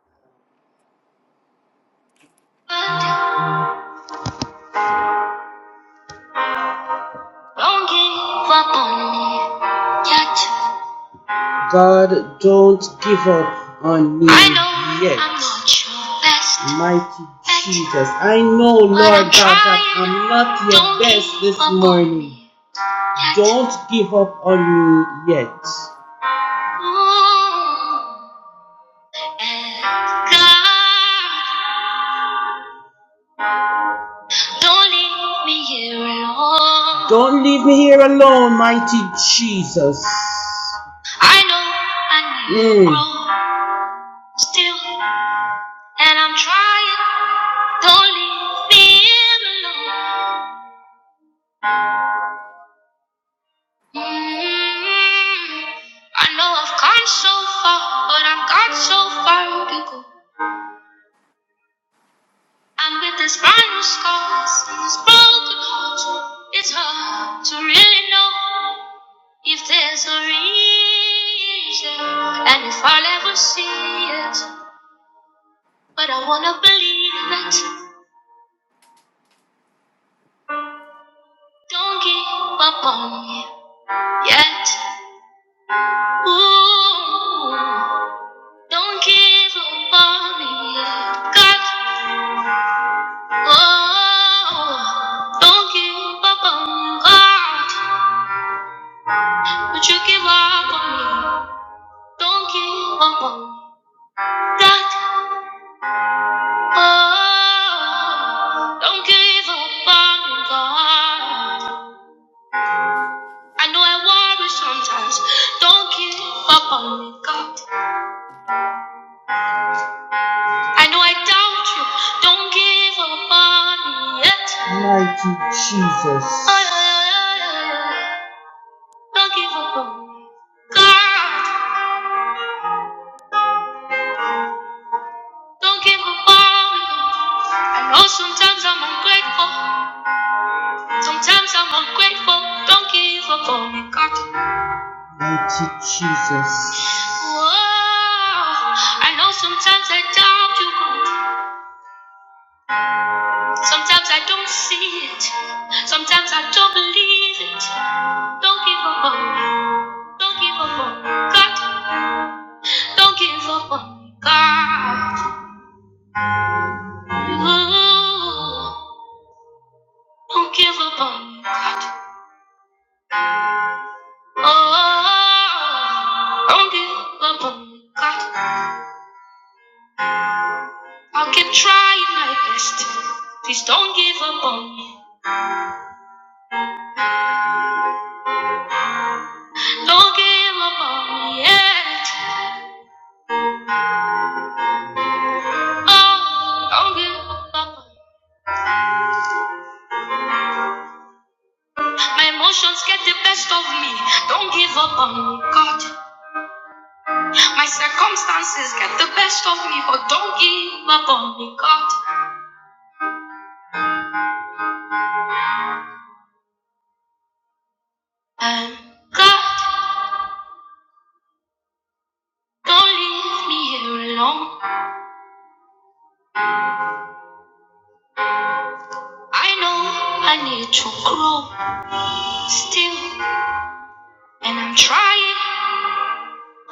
S9: God, don't give up on me yet. Mighty Jesus. I know, Lord God, that I'm not your best this morning. Don't give up on you yet. Oh, God, don't leave me here alone. Don't leave me here alone, mighty Jesus. I know I need to Mm. grow still, and I'm trying. Don't leave me here alone. Mm. I know I've gone so far, but I've got so far to go. And with these vinyl scars and this broken heart, it's hard to really know if there's a reason and if I'll ever see it. But I wanna believe it. Don't give up on me yet. Ooh, don't give up on me yet. God, oh, don't give up on me, God. Would you give up on me? Don't give up on that. Oh, don't give up on God. I know I worry sometimes. Don't give up on me, God. I know I doubt you. Don't give up on me yet. Mighty Jesus. Oh, yeah, yeah, yeah, yeah, yeah. Don't give up on me, God. Don't give up on me. God. I know sometimes I'm ungrateful. Sometimes I'm ungrateful, don't give up on me, God. Mighty Jesus. Whoa, I know sometimes I doubt you, God. Sometimes I don't see it. Sometimes I don't believe it. Don't give up on me. Don't give up on me, God. Don't give up on me, God. Ooh, don't give up on me. Oh, don't give up on me, God. I'll keep trying my best. Please don't give up on me. Don't give up on me yet. Oh, don't give up on me. My emotions get the best of me. Don't give up on me, God. My circumstances get the best of me, but don't give up on me, God. And God, don't leave me here alone. I know I need to grow still, and I'm trying.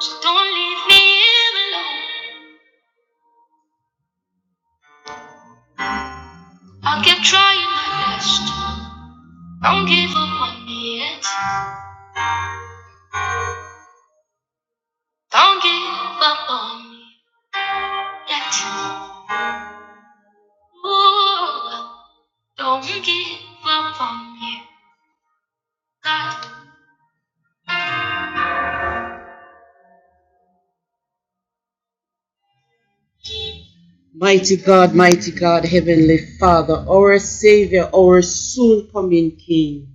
S9: So don't leave me here alone. I'll keep trying my best. Don't give up on me yet. Don't give up on me yet. Ooh, don't give up on me. God. Mighty God, mighty God, Heavenly Father, our Savior, our soon coming King.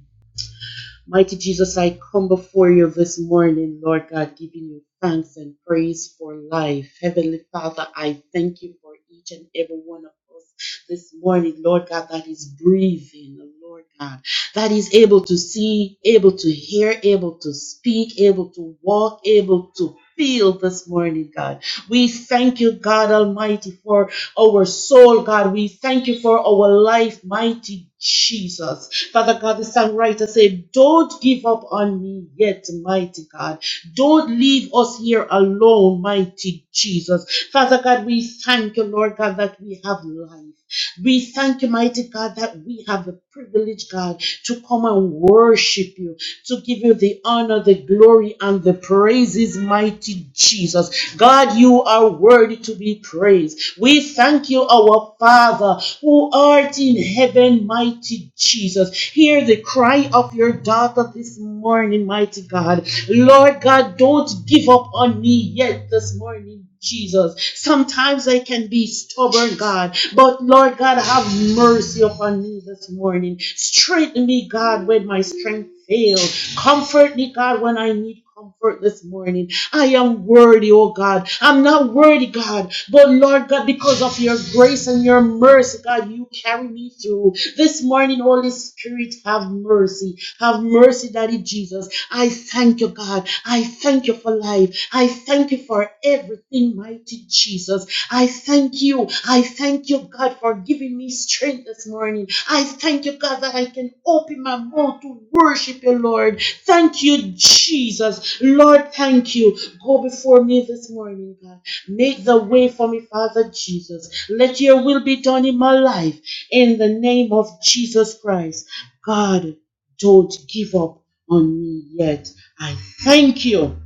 S9: Mighty Jesus, I come before you this morning, Lord God, giving you thanks and praise for life. Heavenly Father, I thank you for each and every one of us this morning, Lord God, that is breathing, Lord God. That is able to see, able to hear, able to speak, able to walk, able to feel this morning, God. We thank you, God Almighty, for our soul, God. We thank you for our life, mighty Jesus. Father God, the songwriter said, Don't give up on me yet, mighty God. Don't leave us here alone, mighty Jesus. Father God, we thank you, Lord God, that we have life. We thank you, mighty God, that we have the privilege, God, to come and worship you, to give you the honor, the glory, and the praises, mighty Jesus. God, you are worthy to be praised. We thank you, our Father, who art in heaven, mighty Jesus. Hear the cry of your daughter this morning, mighty God. Lord God, don't give up on me yet this morning. Jesus. Jesus. Sometimes I can be stubborn, God, but Lord God, have mercy upon me this morning. Strengthen me, God, when my strength fails. Comfort me, God, when I need comfort this morning. I am worthy, oh God. I'm not worthy, God, but Lord God, because of your grace and your mercy, God, you carry me through. This morning, Holy Spirit, have mercy. Have mercy, Daddy Jesus. I thank you, God. I thank you for life. I thank you for everything, mighty Jesus. I thank you. I thank you, God, for giving me strength this morning. I thank you, God, that I can open my mouth to worship you, Lord. Thank you, Jesus. Lord, thank you. Go before me this morning, God. Make the way for me, Father Jesus. Let your will be done in my life. In the name of Jesus Christ. God. Don't give up on me yet. I thank you.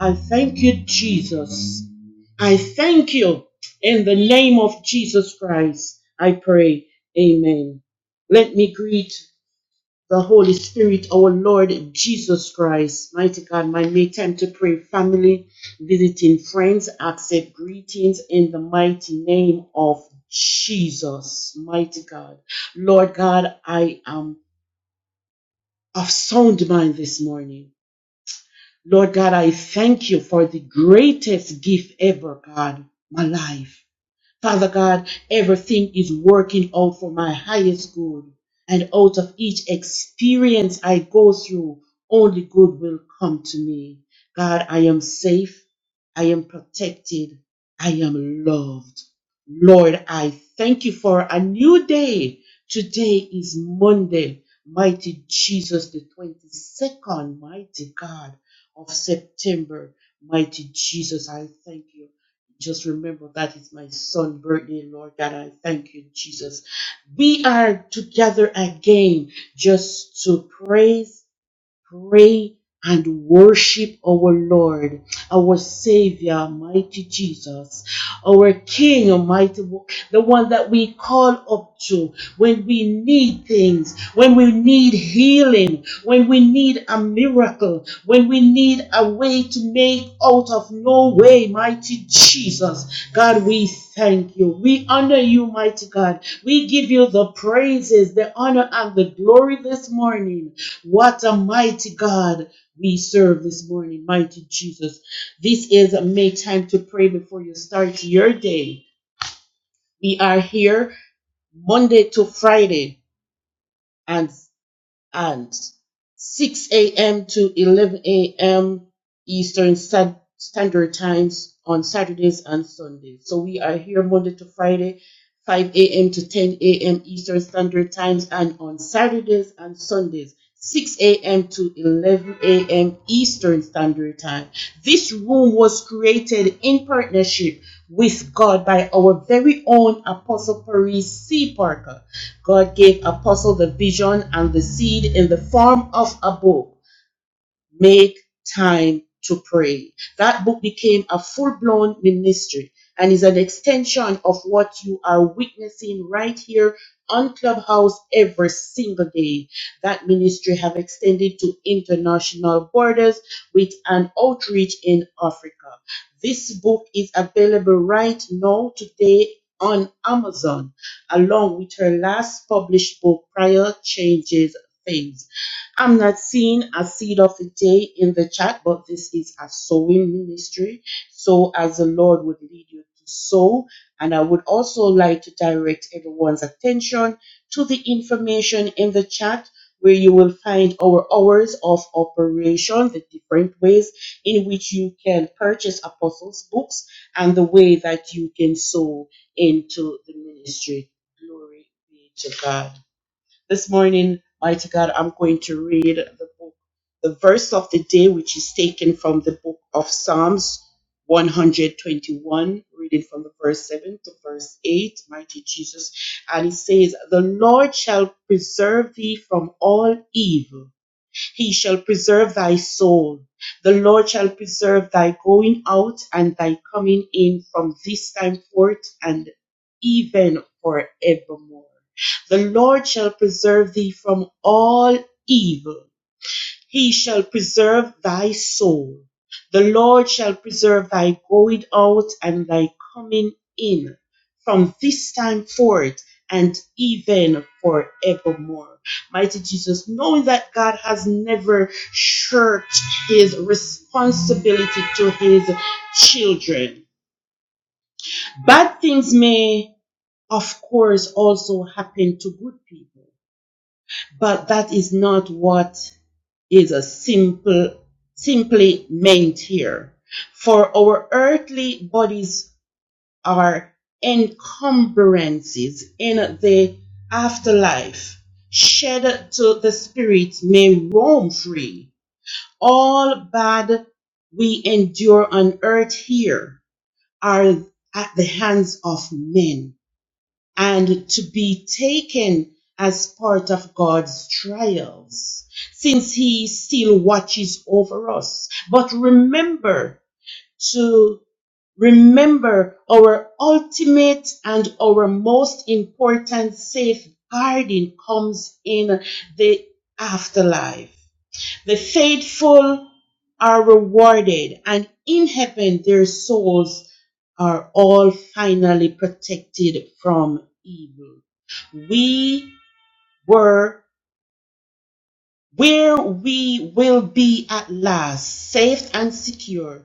S9: I thank you, Jesus. I thank you in the name of Jesus Christ. I pray. Amen. Let me greet the Holy Spirit, our Lord Jesus Christ. Mighty God, my make time to pray. Family, visiting friends, accept greetings in the mighty name of Jesus. Mighty God. Lord God, I am of sound mind this morning. Lord God, I thank you for the greatest gift ever, God, my life. Father God, everything is working out for my highest good. And out of each experience I go through, only good will come to me. God, I am safe. I am protected. I am loved. Lord, I thank you for a new day. Today is Monday, mighty Jesus, the 22nd, mighty God of September. Mighty Jesus, I thank you. Just remember that is my son's birthday, Lord God. I thank you, Jesus. We are together again just to praise pray and worship our Lord, our Savior, mighty Jesus, our King, Almighty, the one that we call up to when we need things, when we need healing, when we need a miracle, when we need a way to make out of no way, mighty Jesus. God, we thank you. We honor you, mighty God. We give you the praises, the honor, and the glory this morning. What a mighty God we serve this morning, mighty Jesus. This is make time to pray before you start your day. We are here Monday to Friday. and and 6 a.m. to 11 a.m. Eastern Standard Times on Saturdays and Sundays. So we are here Monday to Friday, 5 a.m. to 10 a.m. Eastern Standard Times, and on Saturdays and Sundays, 6 a.m. to 11 a.m. Eastern Standard Time. This room was created in partnership with God by our very own Apostle Paris C. Parker God gave Apostle the vision and the seed in the form of a book make time to pray. That book became a full blown ministry and is an extension of what you are witnessing right here on Clubhouse every single day. That ministry have extended to international borders with an outreach in Africa. This book is available right now today on Amazon along with her last published book Prior Changes Things I'm not seeing a seed of a day in the chat, but this is a sowing ministry. So, as the Lord would lead you to sow, and I would also like to direct everyone's attention to the information in the chat. Where you will find our hours of operation, the different ways in which you can purchase apostles' books, and the way that you can sow into the ministry. Glory be to God. This morning, mighty God, I'm going to read the book, the verse of the day, which is taken from the book of Psalms 121, reading from the verse 7 to verse 8, mighty Jesus. And it says, The Lord shall preserve thee from all evil. He shall preserve thy soul. The Lord shall preserve thy going out and thy coming in from this time forth and even forevermore. The Lord shall preserve thee from all evil. He shall preserve thy soul. The Lord shall preserve thy going out and thy coming in from this time forth and even forevermore. Mighty Jesus, knowing that God has never shirked his responsibility to his children. Bad things may, of course, also happen to good people, but that is not what is a simple, simply meant here. For our earthly bodies are encumbrances in the afterlife, shed to the spirit may roam free. All bad we endure on earth here are at the hands of men and to be taken as part of God's trials, since He still watches over us. But remember to remember our ultimate and our most important safeguarding comes in the afterlife. The faithful are rewarded, and in heaven their souls are all finally protected from evil. We were where we will be at last, safe and secure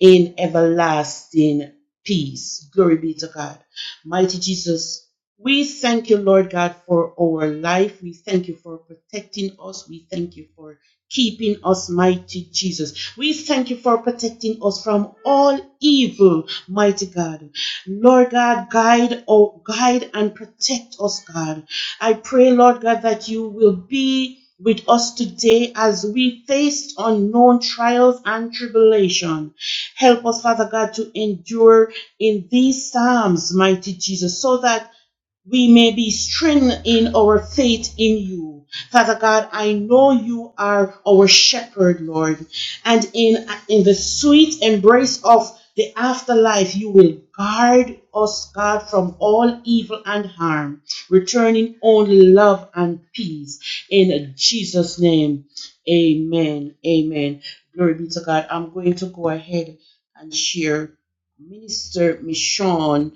S9: in everlasting peace. Glory be to God. Mighty Jesus, we thank you, Lord God, for our life. We thank you for protecting us. We thank you for keeping us, mighty Jesus. We thank you for protecting us from all evil, mighty God. Lord God, guide, oh, guide and protect us, God. I pray, Lord God, that you will be with us today as we face unknown trials and tribulation. Help us, Father God, to endure in these times, mighty Jesus, so that we may be strengthened in our faith in you. Father God, I know you are our shepherd, Lord, and in, in the sweet embrace of the afterlife, you will guard us, God, from all evil and harm, returning only love and peace. In Jesus' name, amen. Amen. Glory be to God. I'm going to go ahead and share Minister Michonne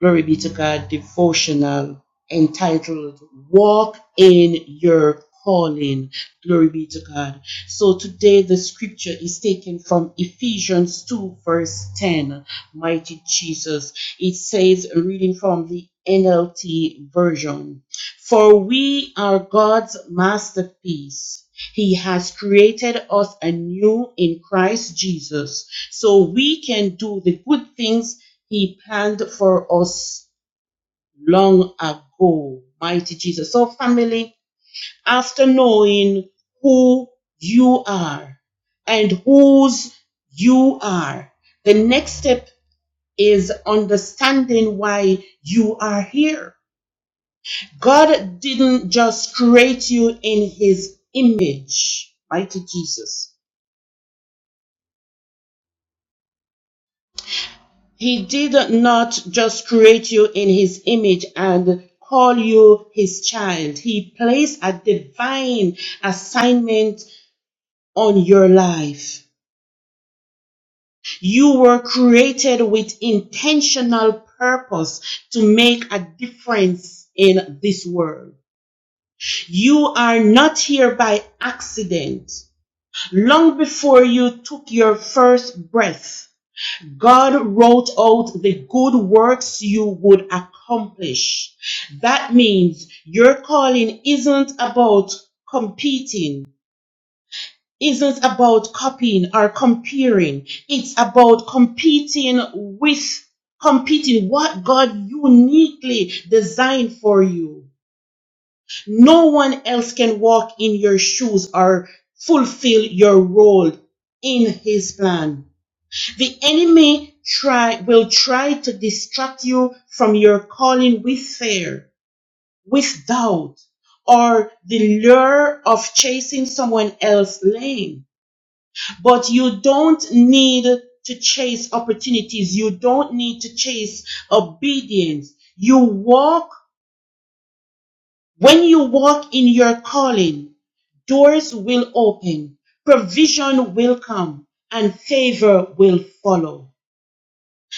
S9: glory be to God, devotional entitled Walk in Your Calling. Glory be to God. So today the scripture is taken from Ephesians 2, verse 10. Mighty Jesus. It says, reading from the NLT version For we are God's masterpiece. He has created us anew in Christ Jesus so we can do the good things he planned for us long ago, mighty Jesus. So, family, after knowing who you are and whose you are, the next step is understanding why you are here. God didn't just create you in his image, mighty Jesus. He did not just create you in his image and call you his child. He placed a divine assignment on your life. You were created with intentional purpose to make a difference in this world. You are not here by accident. Long before you took your first breath, God wrote out the good works you would accomplish. That means your calling isn't about competing, isn't about copying or comparing. It's about competing with, competing what God uniquely designed for you. No one else can walk in your shoes or fulfill your role in His plan. The enemy try, will try to distract you from your calling with fear, with doubt, or the lure of chasing someone else's lane. But you don't need to chase opportunities. You don't need to chase obedience. You walk, when you walk in your calling, doors will open, provision will come, and favor will follow.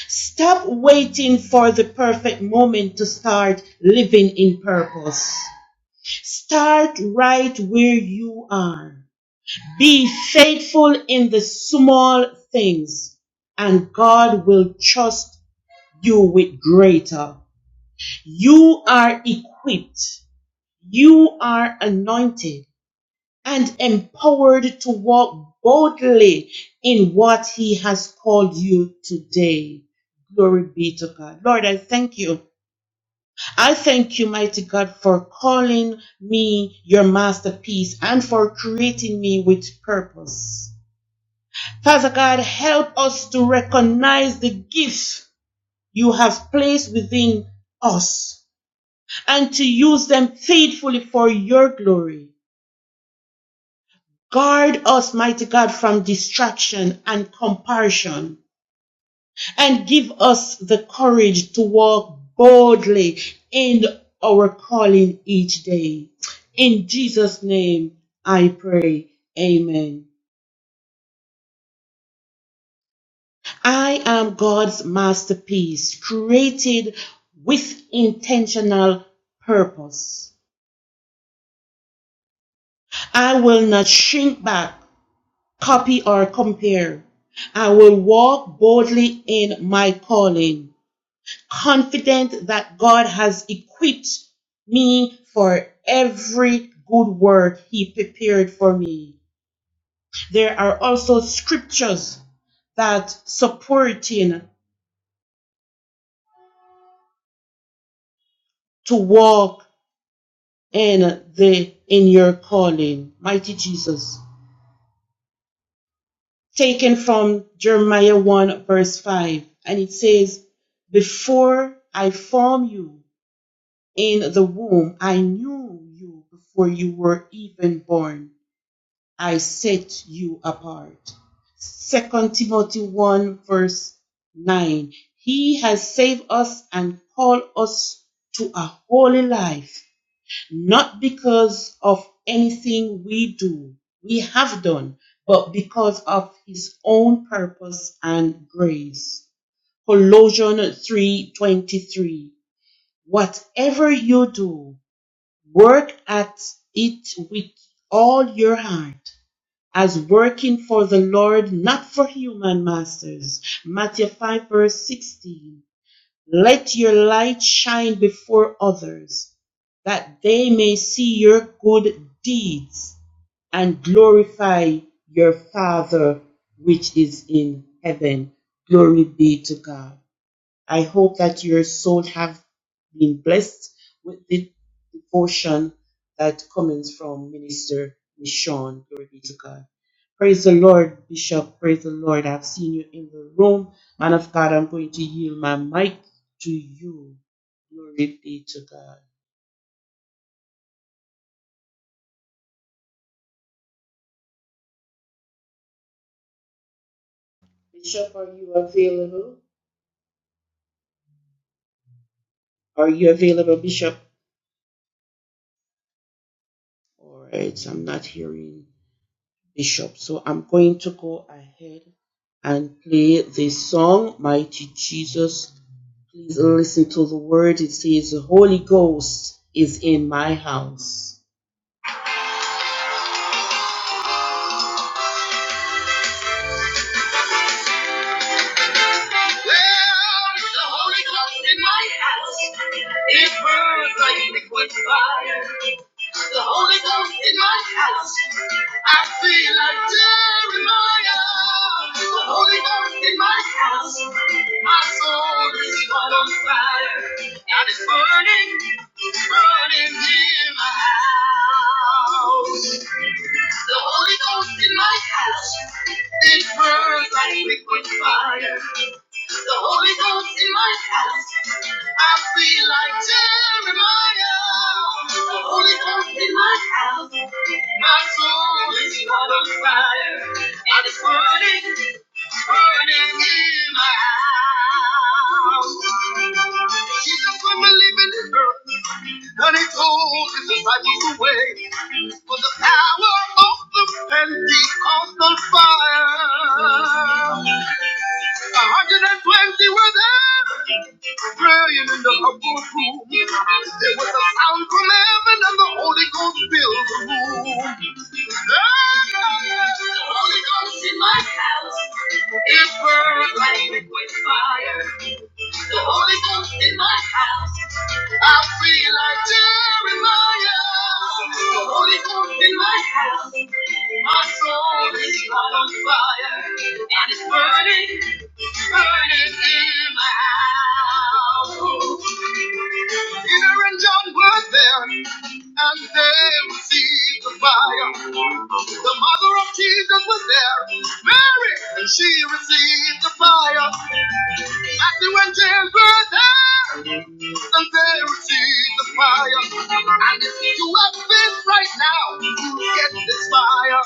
S9: Stop waiting for the perfect moment to start living in purpose. Start right where you are. Be faithful in the small things, and God will trust you with greater. You are equipped. You are anointed and empowered to walk boldly in what He has called you today. Glory be to God. Lord, I thank you. I thank you, mighty God, for calling me your masterpiece and for creating me with purpose. Father God, help us to recognize the gifts you have placed within us and to use them faithfully for your glory. Guard us, mighty God, from distraction and comparison, and give us the courage to walk boldly in our calling each day. In Jesus' name, I pray. Amen. I am God's masterpiece, created with intentional purpose. I will not shrink back, copy, or compare. I will walk boldly in my calling confident that God has equipped me for every good work He prepared for me. There are also scriptures that supporting to walk in the in your calling. Mighty Jesus. Taken from Jeremiah 1 verse 5. And it says, Before I formed you in the womb, I knew you before you were even born. I set you apart. Second Timothy 1 verse 9. He has saved us and called us to a holy life, not because of anything we do, we have done, but because of his own purpose and grace. Colossians 3:23. Whatever you do, work at it with all your heart as working for the Lord, not for human masters. Matthew 5, verse 16. Let your light shine before others, that they may see your good deeds and glorify your Father which is in heaven. Glory be to God. I hope that your soul have been blessed with the devotion that comes from Minister Michonne. Glory be to God. Praise the Lord, Bishop. Praise the Lord. I've seen you in the room. Man of God, I'm going to yield my mic to you. Glory be to God. Bishop, are you available? Are you available, Bishop? All right, I'm not hearing. Bishop. So I'm going to go ahead and play the song, Mighty Jesus. Please listen to the word. It says, The Holy Ghost is in my house. Well, the Holy Ghost in my house. It burns like liquid fire. The Holy Ghost in my house. I feel like Jeremiah. The Holy Ghost in my house. My soul is caught on fire. And it's burning, burning in my house. The Holy Ghost in my house. It burns like liquid fire. The Holy Ghost in my house. I feel like Jeremiah. The Holy Ghost in my my soul is caught on fire, and it's burning, burning in my house. Jesus, when we're leaving this earth, and he told his disciples the way, for the power of the Pentecostal fire. 120 were there, praying in the upper room. There was a sound from from heaven and the Holy Ghost fills the room. The Holy Ghost in my house. it burns like liquid fire. The Holy Ghost in my house. I feel like Jeremiah. The Holy Ghost in my house. My soul is caught on fire. And it's burning, burning in my house. Peter and John were there, and they received the fire. The mother of Jesus was there, Mary, and she received the fire. Matthew and James were there and they receive the fire. And if you have faith right now, you get this fire.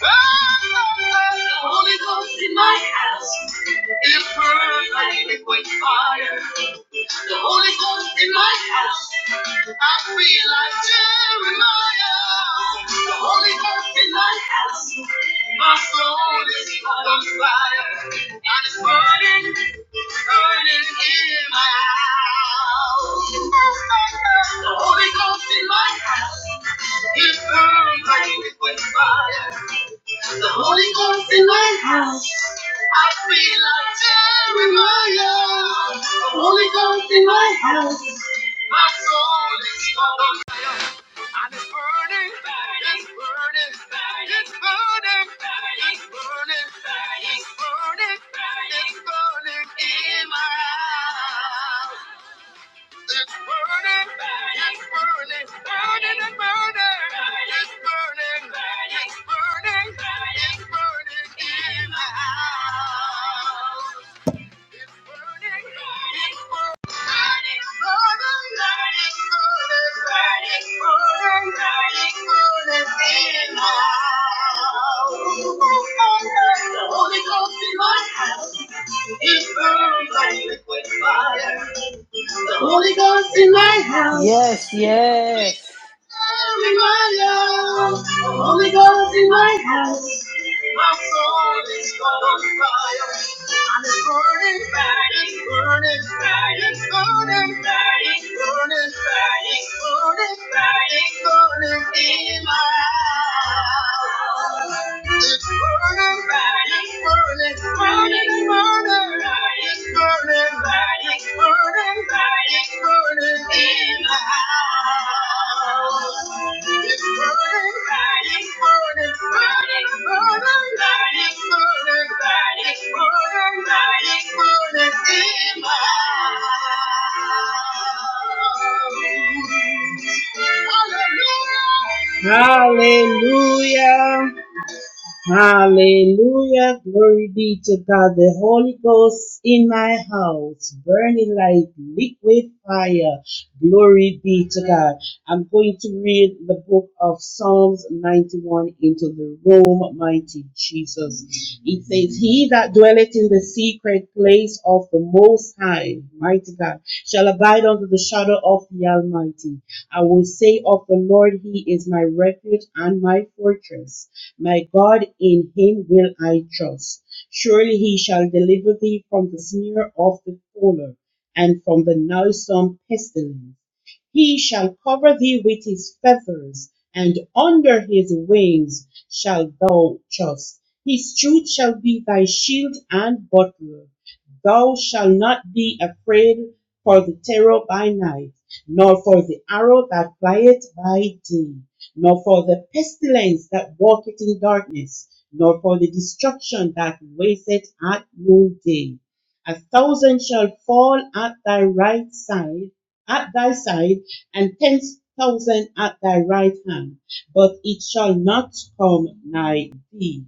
S9: The Holy Ghost in my house. It burns like liquid fire. The Holy Ghost in my house. I feel like Jesus. The Holy Ghost in my house. My soul is on fire. And it's burning, burning in my house. The Holy Ghost in my house. It burns like liquid fire. The Holy I feel like Jeremiah. it's burning, it's burning, burning, it's burning, it's burning, it's burning in my house. It's burning, it's burning, burning and burning. It's burning, it's burning, it's burning in my house. Holy Ghost in my house. In my house, Holy Ghost in my house. My soul is caught on fire. And it's burning, burning, burning, burning, burning, burning, burning, burning, burning, burning burning in my house. It's burning, burning, burning, burning, burning. It's burning, it's burning, it's burning in the house. It's burning, it's burning, burning, burning, it's burning, it's burning, it's burning in the house. Hallelujah. Hallelujah. Hallelujah. Glory be to God. The Holy Ghost in my house, burning like liquid fire. Glory be to God. I'm going to read the book of Psalms 91 into the room, mighty Jesus. It says, He that dwelleth in the secret place of the Most High, mighty God, shall abide under the shadow of the Almighty. I will say of the Lord, He is my refuge and my fortress. My God, in him will I trust. Surely he shall deliver thee from the snare of the fowler and from the noisome pestilence. He shall cover thee with his feathers, and under his wings shalt thou trust. His truth shall be thy shield and buckler. Thou shalt not be afraid for the terror by night, nor for the arrow that flieth by day nor for the pestilence that walketh in darkness, nor for the destruction that wasteth at noonday. A thousand shall fall at thy right side, at thy side, and ten thousand at thy right hand, but it shall not come nigh thee.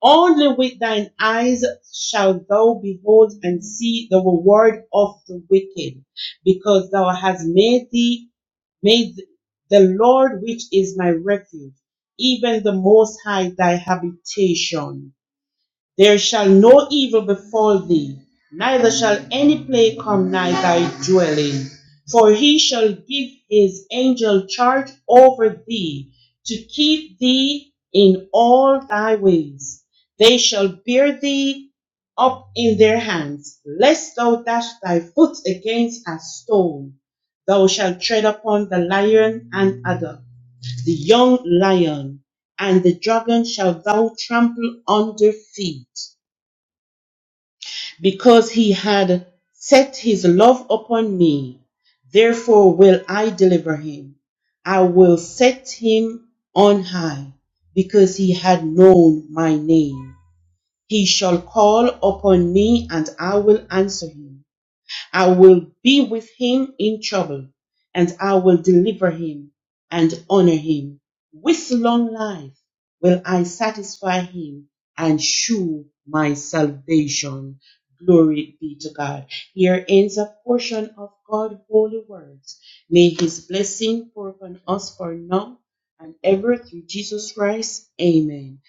S9: Only with thine eyes shall thou behold and see the reward of the wicked, because thou hast made thee May th- the Lord, which is my refuge, even the Most High, thy habitation. There shall no evil befall thee, neither shall any plague come nigh thy dwelling. For he shall give his angel charge over thee, to keep thee in all thy ways. They shall bear thee up in their hands, lest thou dash thy foot against a stone. Thou shalt tread upon the lion and adder, the young lion, and the dragon shall thou trample under feet because he had set his love upon me. Therefore will I deliver him. I will set him on high, because he had known my name. He shall call upon me, and I will answer him. I will be with him in trouble, and I will deliver him and honor him. With long life will I satisfy him and shew my salvation. Glory be to God. Here ends a portion of God's holy words. May his blessing pour upon us for now and ever through Jesus Christ. Amen.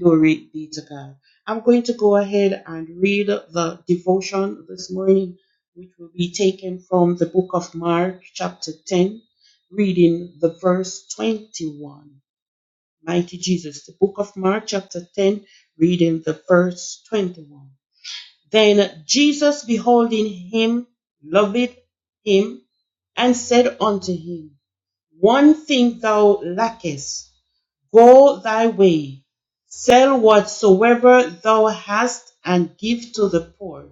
S9: Glory be to God. I'm going to go ahead and read the devotion this morning which will be taken from the book of Mark, chapter 10, reading the verse 21. Mighty Jesus, the book of Mark, chapter 10, reading the verse 21. Then Jesus, beholding him, loved him, and said unto him, One thing thou lackest, go thy way, sell whatsoever thou hast, and give to the poor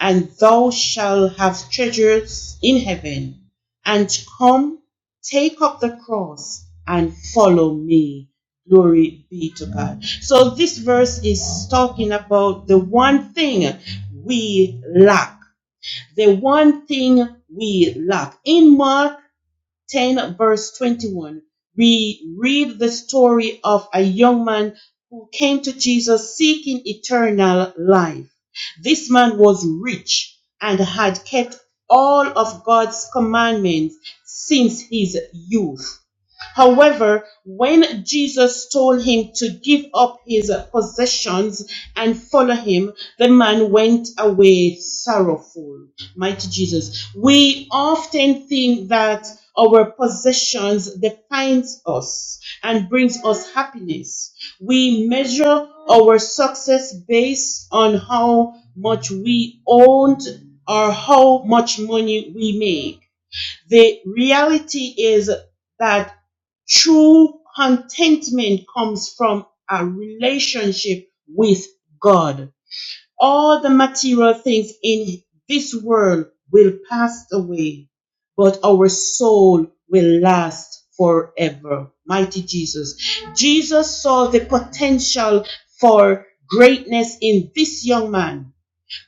S9: and thou shalt have treasures in heaven. And come, take up the cross and follow me. Glory be to God. So this verse is talking about the one thing we lack. The one thing we lack. In Mark 10 verse 21 we read the story of a young man who came to jesus seeking eternal life this man was rich and had kept all of god's commandments since his youth However, when Jesus told him to give up his possessions and follow him, the man went away sorrowful. Mighty Jesus. We often think that our possessions defines us and brings us happiness. We measure our success based on how much we owned or how much money we made. The reality is that true contentment comes from a relationship with God. All the material things in this world will pass away, but our soul will last forever. Mighty Jesus. Jesus saw the potential for greatness in this young man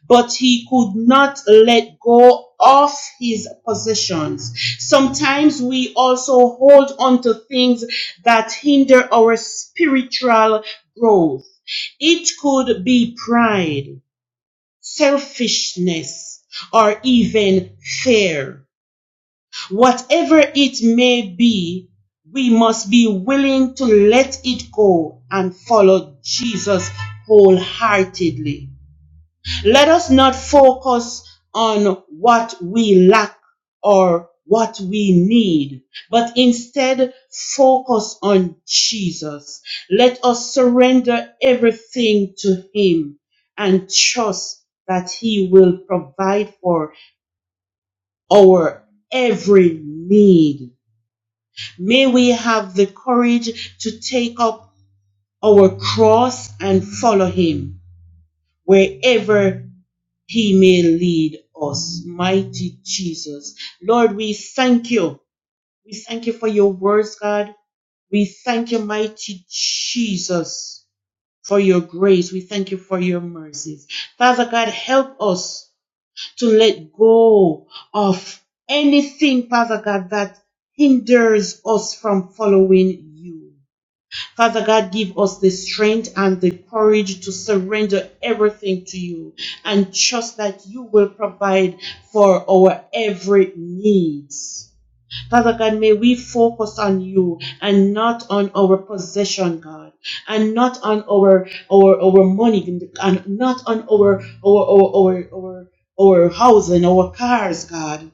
S9: but he could not let go of his possessions. Sometimes we also hold on to things that hinder our spiritual growth. It could be pride, selfishness, or even fear. Whatever it may be, we must be willing to let it go and follow Jesus wholeheartedly. Let us not focus on what we lack or what we need, but instead focus on Jesus. Let us surrender everything to Him and trust that He will provide for our every need. May we have the courage to take up our cross and follow Him wherever He may lead us. Mighty Jesus. Lord, we thank you. We thank you for your words, God. We thank you, mighty Jesus, for your grace. We thank you for your mercies. Father God, help us to let go of anything, Father God, that hinders us from following you. Father God, give us the strength and the courage to surrender everything to you and trust that you will provide for our every needs. Father God, may we focus on you and not on our possession, God, and not on our our our money and not on our our our our our, our house and our cars, God.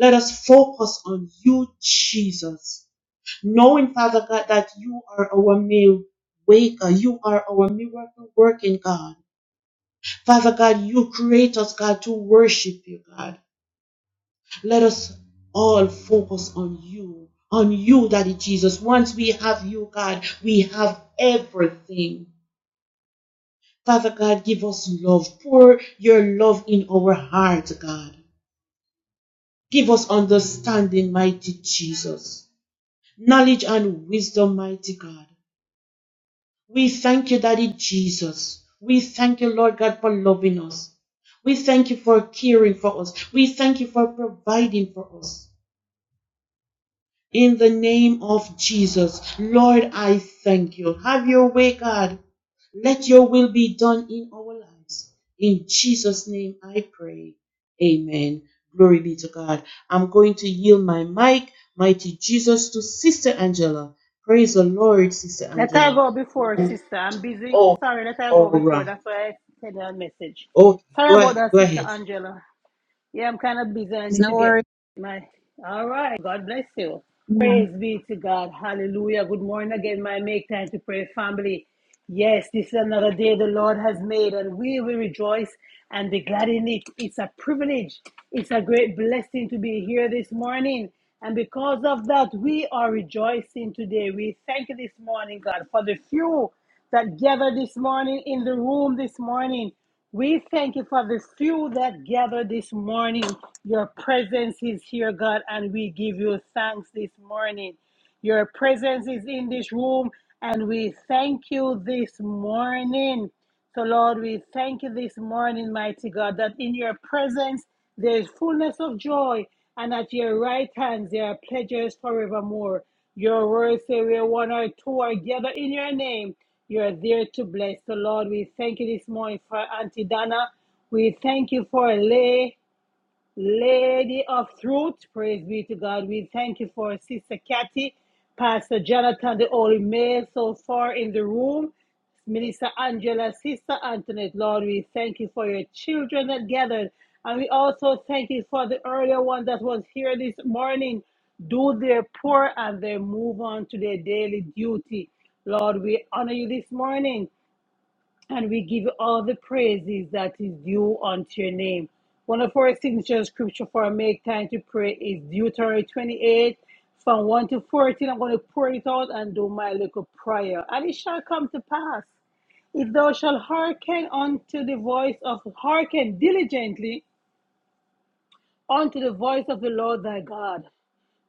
S9: Let us focus on you, Jesus knowing, Father God, that you are our meal waker, you are our miracle working God. Father God, you create us, God, to worship you, God. Let us all focus on you, on you, Daddy Jesus. Once we have you, God, we have everything. Father God, give us love. Pour your love in our hearts, God. Give us understanding, mighty Jesus. Knowledge and wisdom, mighty God. We thank you, Daddy Jesus. We thank you, Lord God, for loving us. We thank you for caring for us. We thank you for providing for us. In the name of Jesus, Lord, I thank you. Have your way, God. Let your will be done in our lives. In Jesus' name I pray. Amen. Glory be to God. I'm going to yield my mic, mighty Jesus, to Sister Angela. Praise the Lord, Sister
S2: Let I
S9: Angela.
S2: go before, sister. I'm busy.
S9: Oh.
S2: Sorry, let I go
S9: All
S2: before.
S9: right.
S2: That's why I sent her a message.
S9: Okay,
S2: Sorry
S9: go
S2: about
S9: ahead.
S2: that,
S9: Go
S2: sister
S9: ahead.
S2: Angela. Yeah, I'm kind of busy. I
S10: There's
S2: need to
S10: no
S2: get
S10: worry.
S2: my. All right. God bless you. Praise be to God. Hallelujah. Good morning again, my make time to pray family. Yes, this is another day the Lord has made, and we will rejoice and be glad in it. It's a privilege. It's a great blessing to be here this morning. And because of that, we are rejoicing today. We thank you this morning, God, for the few that gather this morning in the room this morning. We thank you for the few that gather this morning. Your presence is here, God, and we give you thanks this morning. Your presence is in this room, and we thank you this morning. So, Lord, we thank you this morning, mighty God, that in your presence there is fullness of joy, and at your right hand there are pleasures forevermore. Your words say where one or two are gathered in your name, you are there to bless. So, Lord, we thank you this morning for Auntie Donna. We thank you for Lay. Lady of Truth, praise be to God. We thank you for Sister Kathy, Pastor Jonathan, the only male so far in the room. Minister Angela, Sister Antoinette, Lord, we thank you for your children that gathered. And we also thank you for the earlier one that was here this morning. Do their poor and they move on to their daily duty. Lord, we honor you this morning and we give you all the praises that is due unto your name. One of our signature scripture for make time to pray is Deuteronomy 28 from 1 to 14. I'm going to pour it out and do my little prayer. And it shall come to pass if thou shalt hearken unto the voice of hearken diligently unto the voice of the Lord thy God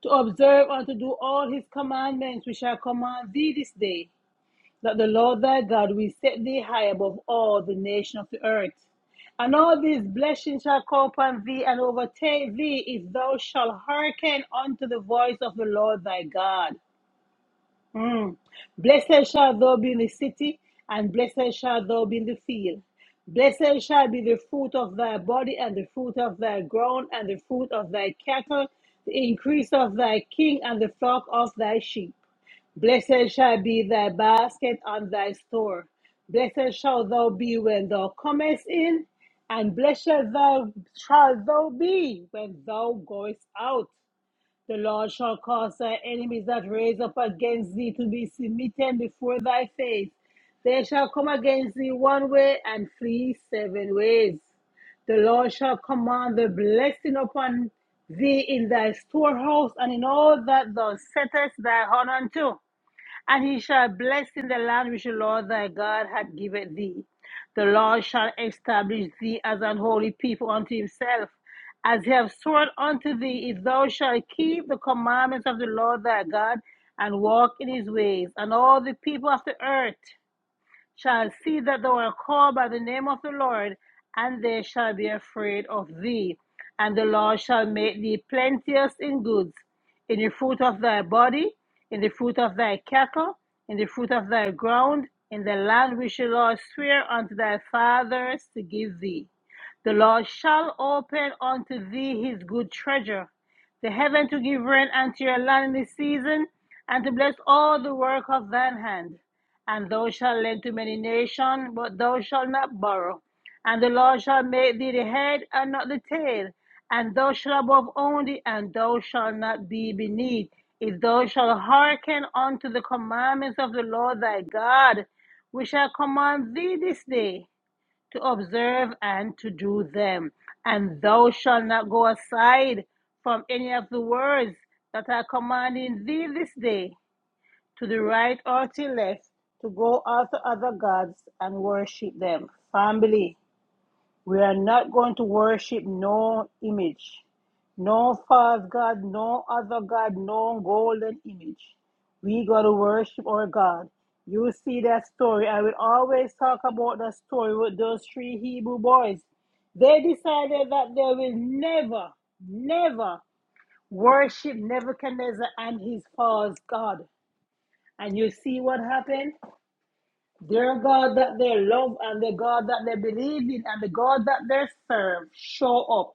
S2: to observe and to do all his commandments which I command thee this day that the Lord thy God will set thee high above all the nations of the earth. And all these blessings shall come upon thee and overtake thee if thou shalt hearken unto the voice of the Lord thy God. Mm. Blessed shall thou be in the city, and blessed shall thou be in the field. Blessed shall be the fruit of thy body, and the fruit of thy ground, and the fruit of thy cattle, the increase of thy king, and the flock of thy sheep. Blessed shall be thy basket and thy store. Blessed shall thou be when thou comest in, and blessed thou shalt thou be when thou goest out. The Lord shall cause thy enemies that raise up against thee to be submitted before thy face. They shall come against thee one way and flee seven ways. The Lord shall command the blessing upon thee in thy storehouse and in all that thou settest thy hand unto and he shall bless in the land which the Lord thy God hath given thee. The Lord shall establish thee as an holy people unto himself, as he hath sworn unto thee, if thou shalt keep the commandments of the Lord thy God and walk in his ways, and all the people of the earth shall see that thou art called by the name of the Lord, and they shall be afraid of thee. And the Lord shall make thee plenteous in goods, in the fruit of thy body, in the fruit of thy cattle, in the fruit of thy ground, in the land which the Lord sware unto thy fathers to give thee. The Lord shall open unto thee his good treasure, the heaven to give rain unto your land in this season, and to bless all the work of thine hand. And thou shalt lend to many nations, but thou shalt not borrow. And the Lord shall make thee the head and not the tail, and thou shalt above only, and thou shalt not be beneath. If thou shalt hearken unto the commandments of the Lord thy God, which I command thee this day, to observe and to do them. And thou shalt not go aside from any of the words that are commanding thee this day, to the right or to the left, to go after other gods and worship them. Family, we are not going to worship no image, no false God, no other God, no golden image. We got to worship our God. You see that story. I will always talk about that story with those three Hebrew boys. They decided that they will never, never worship Nebuchadnezzar and his false God. And you see what happened? Their God that they love and the God that they believe in and the God that they serve, show up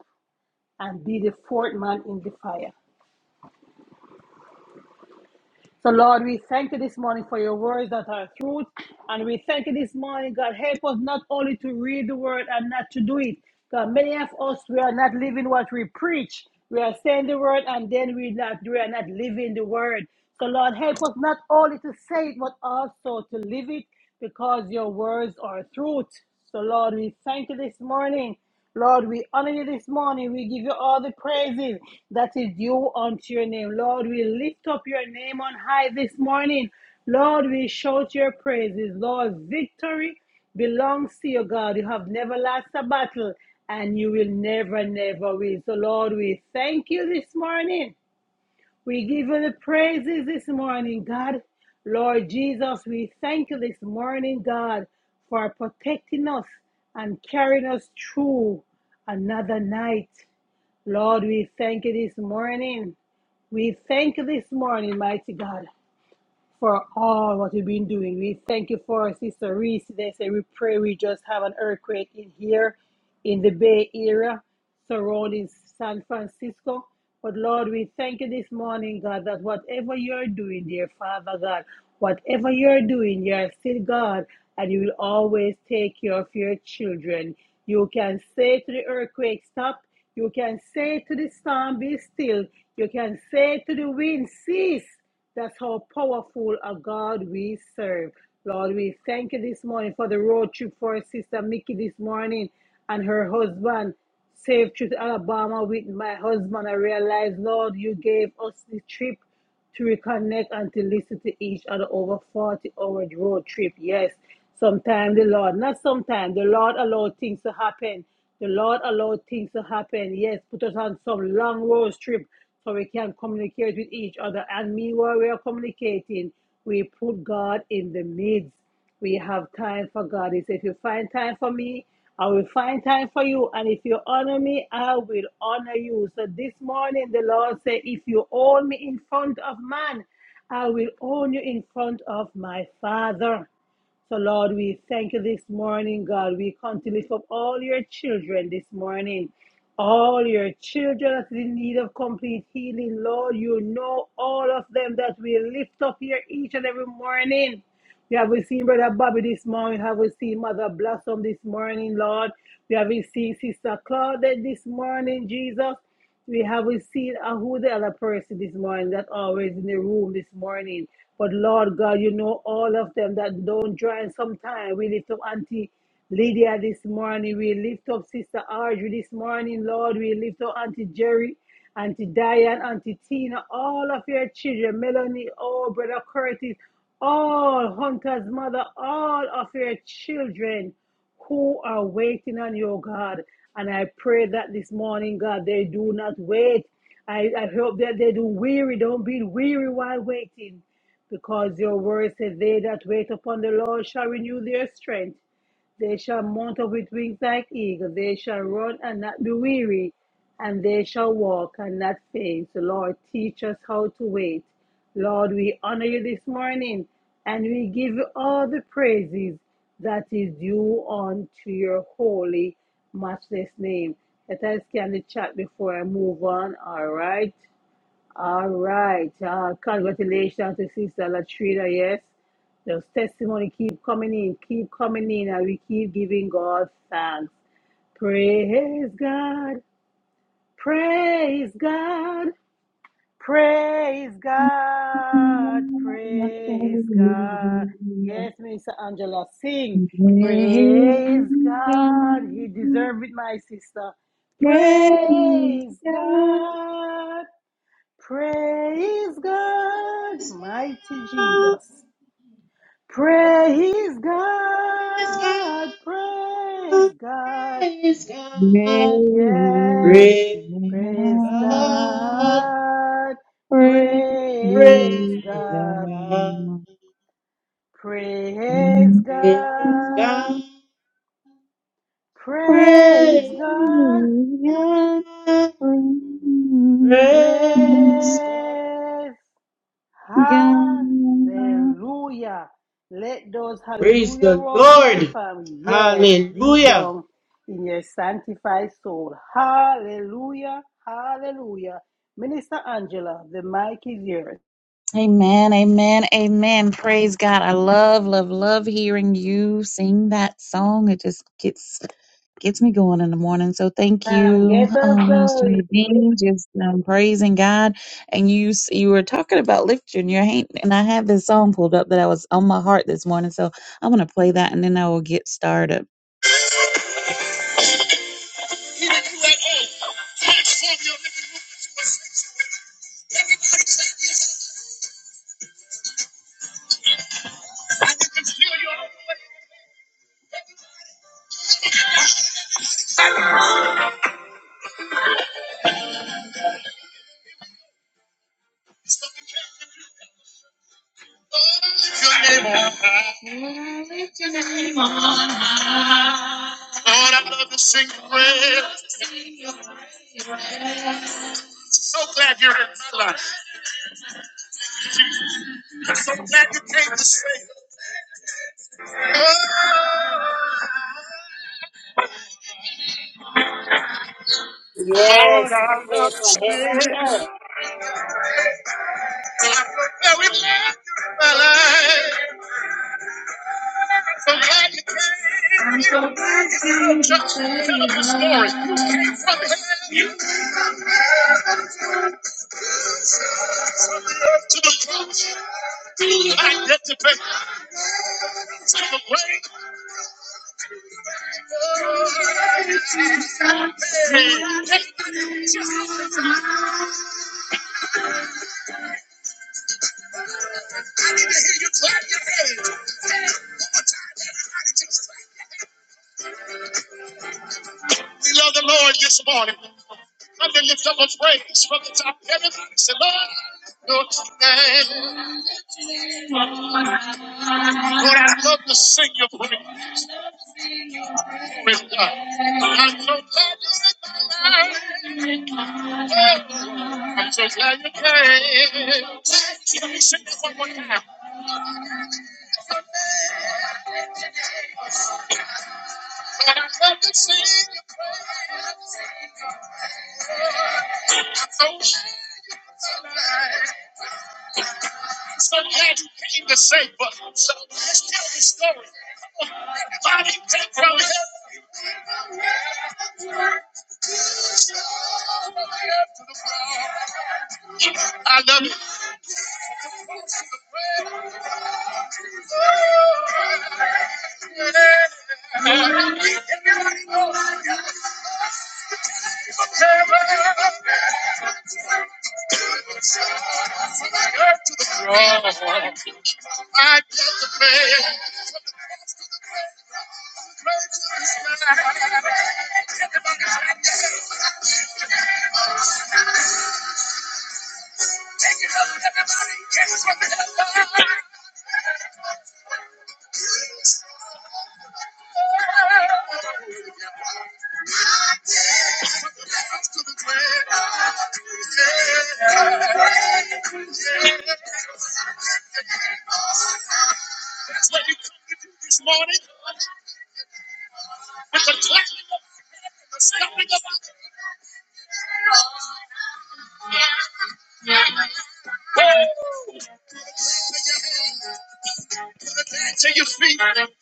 S2: and be the fourth man in the fire. So, Lord, we thank you this morning for your words that are truth. And we thank you this morning, God, help us not only to read the word and not to do it. God, many of us, we are not living what we preach. We are saying the word and then we, not, we are not living the word. So, Lord, help us not only to say it, but also to live it because your words are truth. So, Lord, we thank you this morning. Lord, we honor you this morning. We give you all the praises that is due unto your name. Lord, we lift up your name on high this morning. Lord, we shout your praises. Lord, victory belongs to you, God. You have never lost a battle and you will never, never win. So, Lord, we thank you this morning. We give you the praises this morning, God. Lord Jesus, we thank you this morning, God, for protecting us and carrying us through another night. Lord, we thank you this morning. We thank you this morning, mighty God for all what you've been doing. We thank you for Sister Reese. They say we pray we just have an earthquake in here in the Bay Area surrounding San Francisco. But Lord, we thank you this morning, God, that whatever you're doing, dear Father God, whatever you're doing, you're still God, and you will always take care of your children. You can say to the earthquake, stop. You can say to the storm, be still. You can say to the wind, cease that's how powerful a God we serve. Lord, we thank you this morning for the road trip for our sister Mickey this morning and her husband. Safe trip to Alabama with my husband. I realize, Lord, you gave us the trip to reconnect and to listen to each other over 40 hour road trip. Yes, Sometimes the Lord, not sometimes, the Lord allowed things to happen. The Lord allowed things to happen. Yes, put us on some long road trip so we can communicate with each other. And meanwhile, we are communicating. We put God in the midst. We have time for God. He said, if you find time for me, I will find time for you. And if you honor me, I will honor you. So this morning, the Lord said, if you own me in front of man, I will own you in front of my Father. So, Lord, we thank you this morning, God. We come to lift up all your children this morning. All your children that is in need of complete healing, Lord, you know all of them that we lift up here each and every morning. We have seen Brother Bobby this morning. We have seen Mother Blossom this morning, Lord. We have seen Sister Claudette this morning, Jesus. We haven't seen uh, who the other person this morning that always in the room this morning. But Lord God, you know all of them that don't join sometime. We lift up Auntie Lydia this morning. We lift up Sister Audrey this morning, Lord. We lift up Auntie Jerry, Auntie Diane, Auntie Tina, all of your children, Melanie, oh, Brother Curtis, all Hunter's mother, all of your children who are waiting on you, God. And I pray that this morning, God, they do not wait. I, I hope that they do weary, don't be weary while waiting, because your word says, They that wait upon the Lord shall renew their strength. They shall mount up with wings like eagles. They shall run and not be weary, and they shall walk and not faint. So, Lord, teach us how to wait. Lord, we honor you this morning, and we give you all the praises that is due unto your holy, matchless name. Let us scan the chat before I move on. All right. All right. Uh, congratulations to Sister Latrina. Yes. Those testimony keep coming in, keep coming in, and we keep giving God thanks. Praise God. Praise God. Praise God. Praise God. Yes, Minister Angela, sing. Praise God. He deserves it, my sister. Praise God. Praise God, mighty Jesus. Praise
S9: Praise
S2: God, praise
S9: God.
S2: God.
S9: Praise God.
S2: Yes,
S9: Praise God. Praise
S2: praise
S9: God.
S2: God,
S10: Praise
S2: praise God,
S10: God,
S2: praise
S9: Praise
S2: God,
S9: God.
S2: praise God,
S10: praise
S9: Praise
S10: God,
S9: God.
S2: praise.
S10: praise God.
S2: Hallelujah. Let those
S9: Praise
S2: hallelujah
S9: the
S2: rolls, my
S9: Lord.
S2: family. Yes, deep
S9: Hallelujah.
S2: down in your sanctified soul. Hallelujah. Hallelujah. Minister Angela, the mic is yours.
S10: Amen, amen, amen. Praise God. I love, love, love hearing you sing that song. It just gets gets me going in the morning. So thank
S2: And
S10: you,
S2: get us
S10: um, Minister
S2: going.
S10: Nadine, just um, praising God. And you s- you were talking about lifting your hand, and I had this song pulled up that I was on my heart this morning. So I'm gonna play that, and then I will get started. Lift Your name on high. Lift your name on high. Lord, I love to sing your praise. I'm so glad you're in my life. I'm so glad you came to save. Oh, Lord, I
S2: Yes, came
S10: love to
S2: from heaven
S10: sing.
S2: to earth.
S10: I'm so very glad you're in my life. I'm so glad you came. I'm so glad you came. Tell them your story. You came from hell to the cross. identify to the grave. Hey, I need to hear you clap your hands. We love the Lord this morning. Come to lift up a praise from the top. Everybody say, Lord, your name. Lord, I love to sing your praise. Praise God. I'm so glad you're in my life. Oh, I'm so glad you came. Let me sing it one more time. Lord, I love to sing your praise. I'm so glad. Some magic came to save us. So let's tell the story. Come on, everybody take from here. I love you. I love you. I love the man. That's what you come to do this morning with the clapping of the stomping of our- Hey! Dance to your feet. Come on, everybody,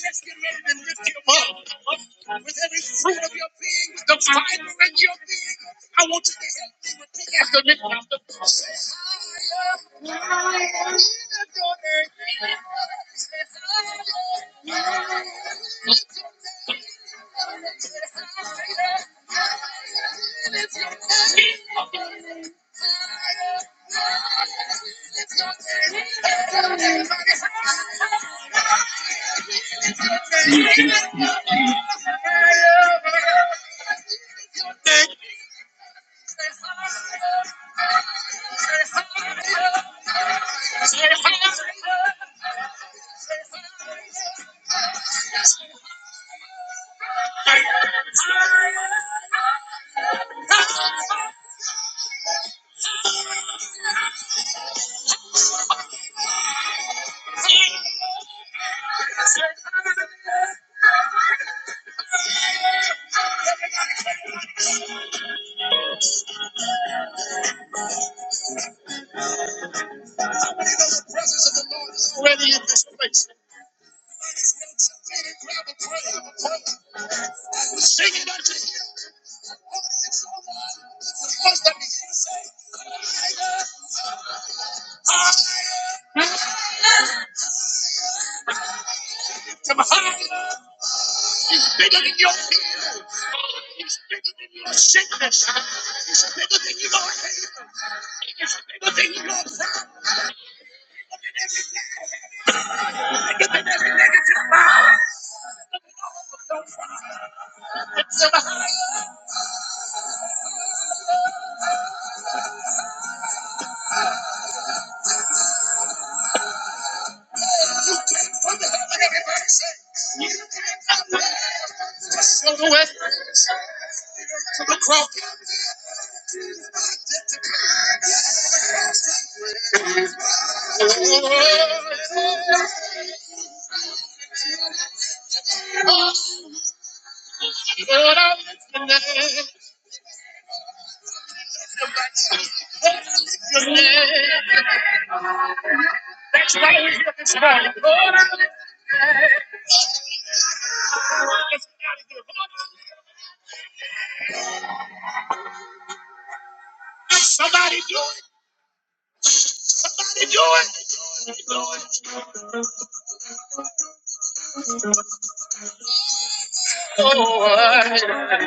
S10: let's get ready to lift him up. With every fruit of your being, with the fiber in your being, I want you to help me repeat after me. Say, higher, higher, lift your name. Say, higher, higher, lift your name. Say, higher, higher. The presence of the Lord is already in this place. Grab a prayer. Sing it out to say, I lift Him. higher. He's bigger than your sin. He's bigger than your shame. He's bigger than your pain. He's bigger than your past. You can't hide from the cross. Oh, Lord, I lift my hands. Your name. That's why we're here this morning. Lord, I lift your name. Let's get out of here. Lord, Somebody do it. Somebody do it. Lord.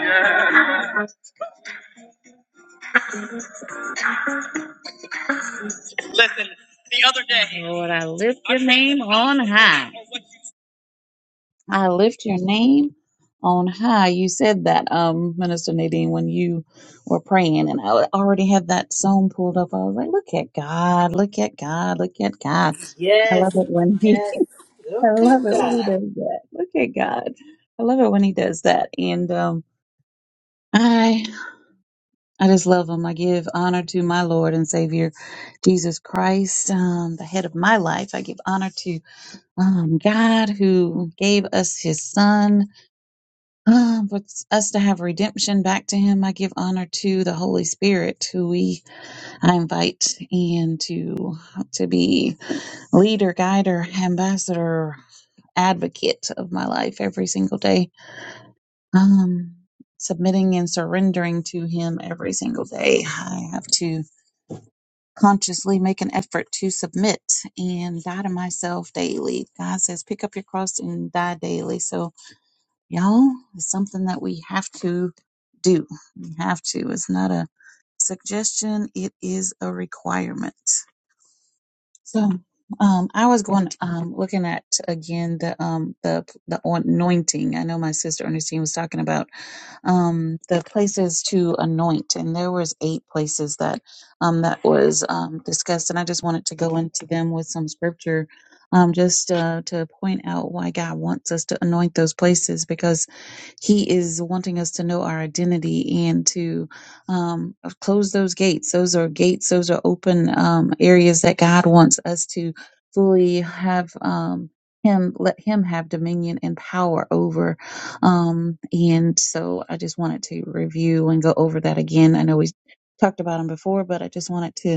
S10: Listen, the other day. Lord, I lift your name on high. I lift your name on high. You said that, um, Minister Nadine, when you were praying, and I already had that song pulled up. I was like, "Look at God! Look at God! Look at God!" I
S2: Yes,
S10: love it when he,
S2: yes.
S10: I
S2: Look at
S10: love it when
S2: God.
S10: he does that. Look at God! I love it when he does that, and um, I, I just love him. I give honor to my Lord and Savior, Jesus Christ, um, the head of my life. I give honor to um, God who gave us His Son Ah, but us to have redemption back to him, I give honor to the Holy Spirit, who we I invite and to to be leader, guider, ambassador, advocate of my life every single day. Um, submitting and surrendering to Him every single day. I have to consciously make an effort to submit and die to myself daily. God says, pick up your cross and die daily. So you know it's something that we have to do we have to it's not a suggestion it is a requirement so um i was going um looking at again the um the the anointing i know my sister ernestine was talking about um the places to anoint and there was eight places that um that was um discussed and i just wanted to go into them with some scripture um just uh, to point out why god wants us to anoint those places because he is wanting us to know our identity and to um, close those gates. Those are gates, those are open um, areas that God wants us to fully have. Um, him, let him have dominion and power over. Um, and so I just wanted to review and go over that again. I know we talked about them before, but I just wanted to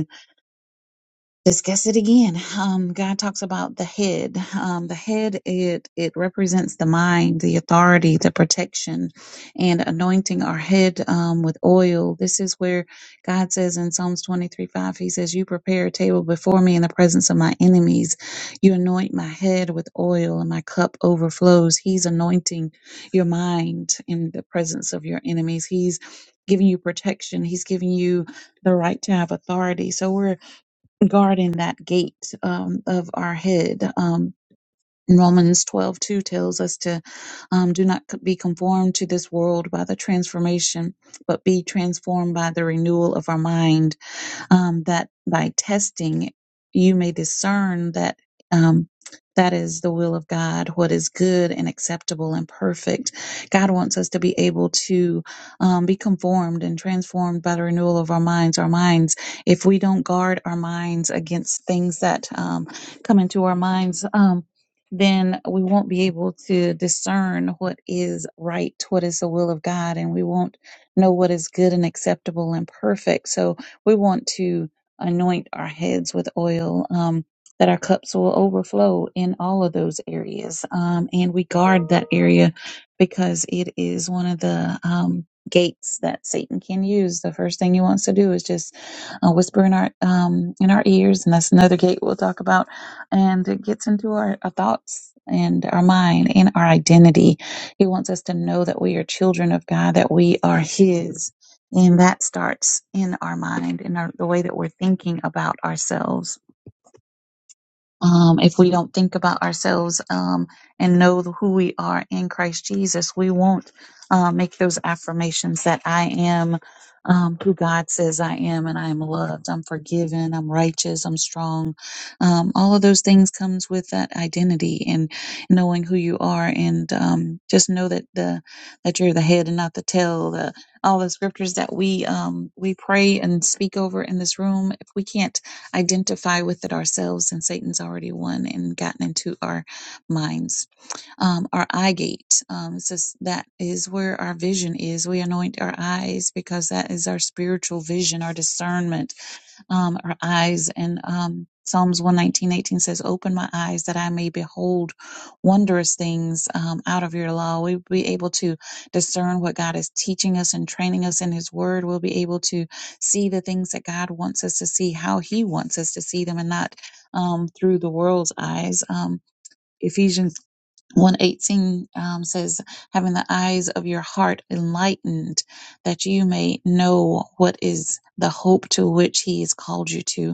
S10: discuss it again. Um, God talks about the head. Um, the head it it represents the mind, the authority, the protection, and anointing our head um, with oil. This is where God says in Psalms twenty three five, He says, "You prepare a table before me in the presence of my enemies. You anoint my head with oil, and my cup overflows." He's anointing your mind in the presence of your enemies. He's giving you protection. He's giving you the right to have authority. So we're guarding that gate um, of our head. Um, in Romans twelve two tells us to um, do not be conformed to this world by the transformation, but be transformed by the renewal of our mind um, that by testing you may discern that um, that is the will of God, what is good and acceptable and perfect. God wants us to be able to um, be conformed and transformed by the renewal of our minds. Our minds, if we don't guard our minds against things that um, come into our minds, um, then we won't be able to discern what is right, what is the will of God, and we won't know what is good and acceptable and perfect. So, we want to anoint our heads with oil, um, that our cups will overflow in all of those areas. Um, and we guard that area because it is one of the um, gates that Satan can use. The first thing he wants to do is just uh, whisper in our um, in our ears, and that's another gate we'll talk about. And it gets into our, our thoughts and our mind and our identity. He wants us to know that we are children of God, that we are His and that starts in our mind in our, the way that we're thinking about ourselves. Um, if we don't think about ourselves um, and know who we are in Christ Jesus, we won't uh, make those affirmations that I am um, who God says I am, and I am loved, I'm forgiven, I'm righteous, I'm strong. Um, all of those things comes with that identity and knowing who you are, and um, just know that the that you're the head and not the tail. The, all the scriptures that we um, we pray and speak over in this room, if we can't identify with it ourselves, and Satan's already won and gotten into our minds. Um, our eye gate, um, it says that is where our our our our vision vision, is. We anoint our eyes because that is our spiritual vision, our discernment um, our eyes. And um, Psalms one nineteen eighteen says, Open my eyes that I may behold wondrous things um, out of your law. We'll be able to discern what God is teaching us and training us in His Word. We'll be able to see the things that God wants us to see, how He wants us to see them, and not um, through the world's eyes. Um, Ephesians 118 um, says, having the eyes of your heart enlightened, that you may know what is the hope to which he has called you to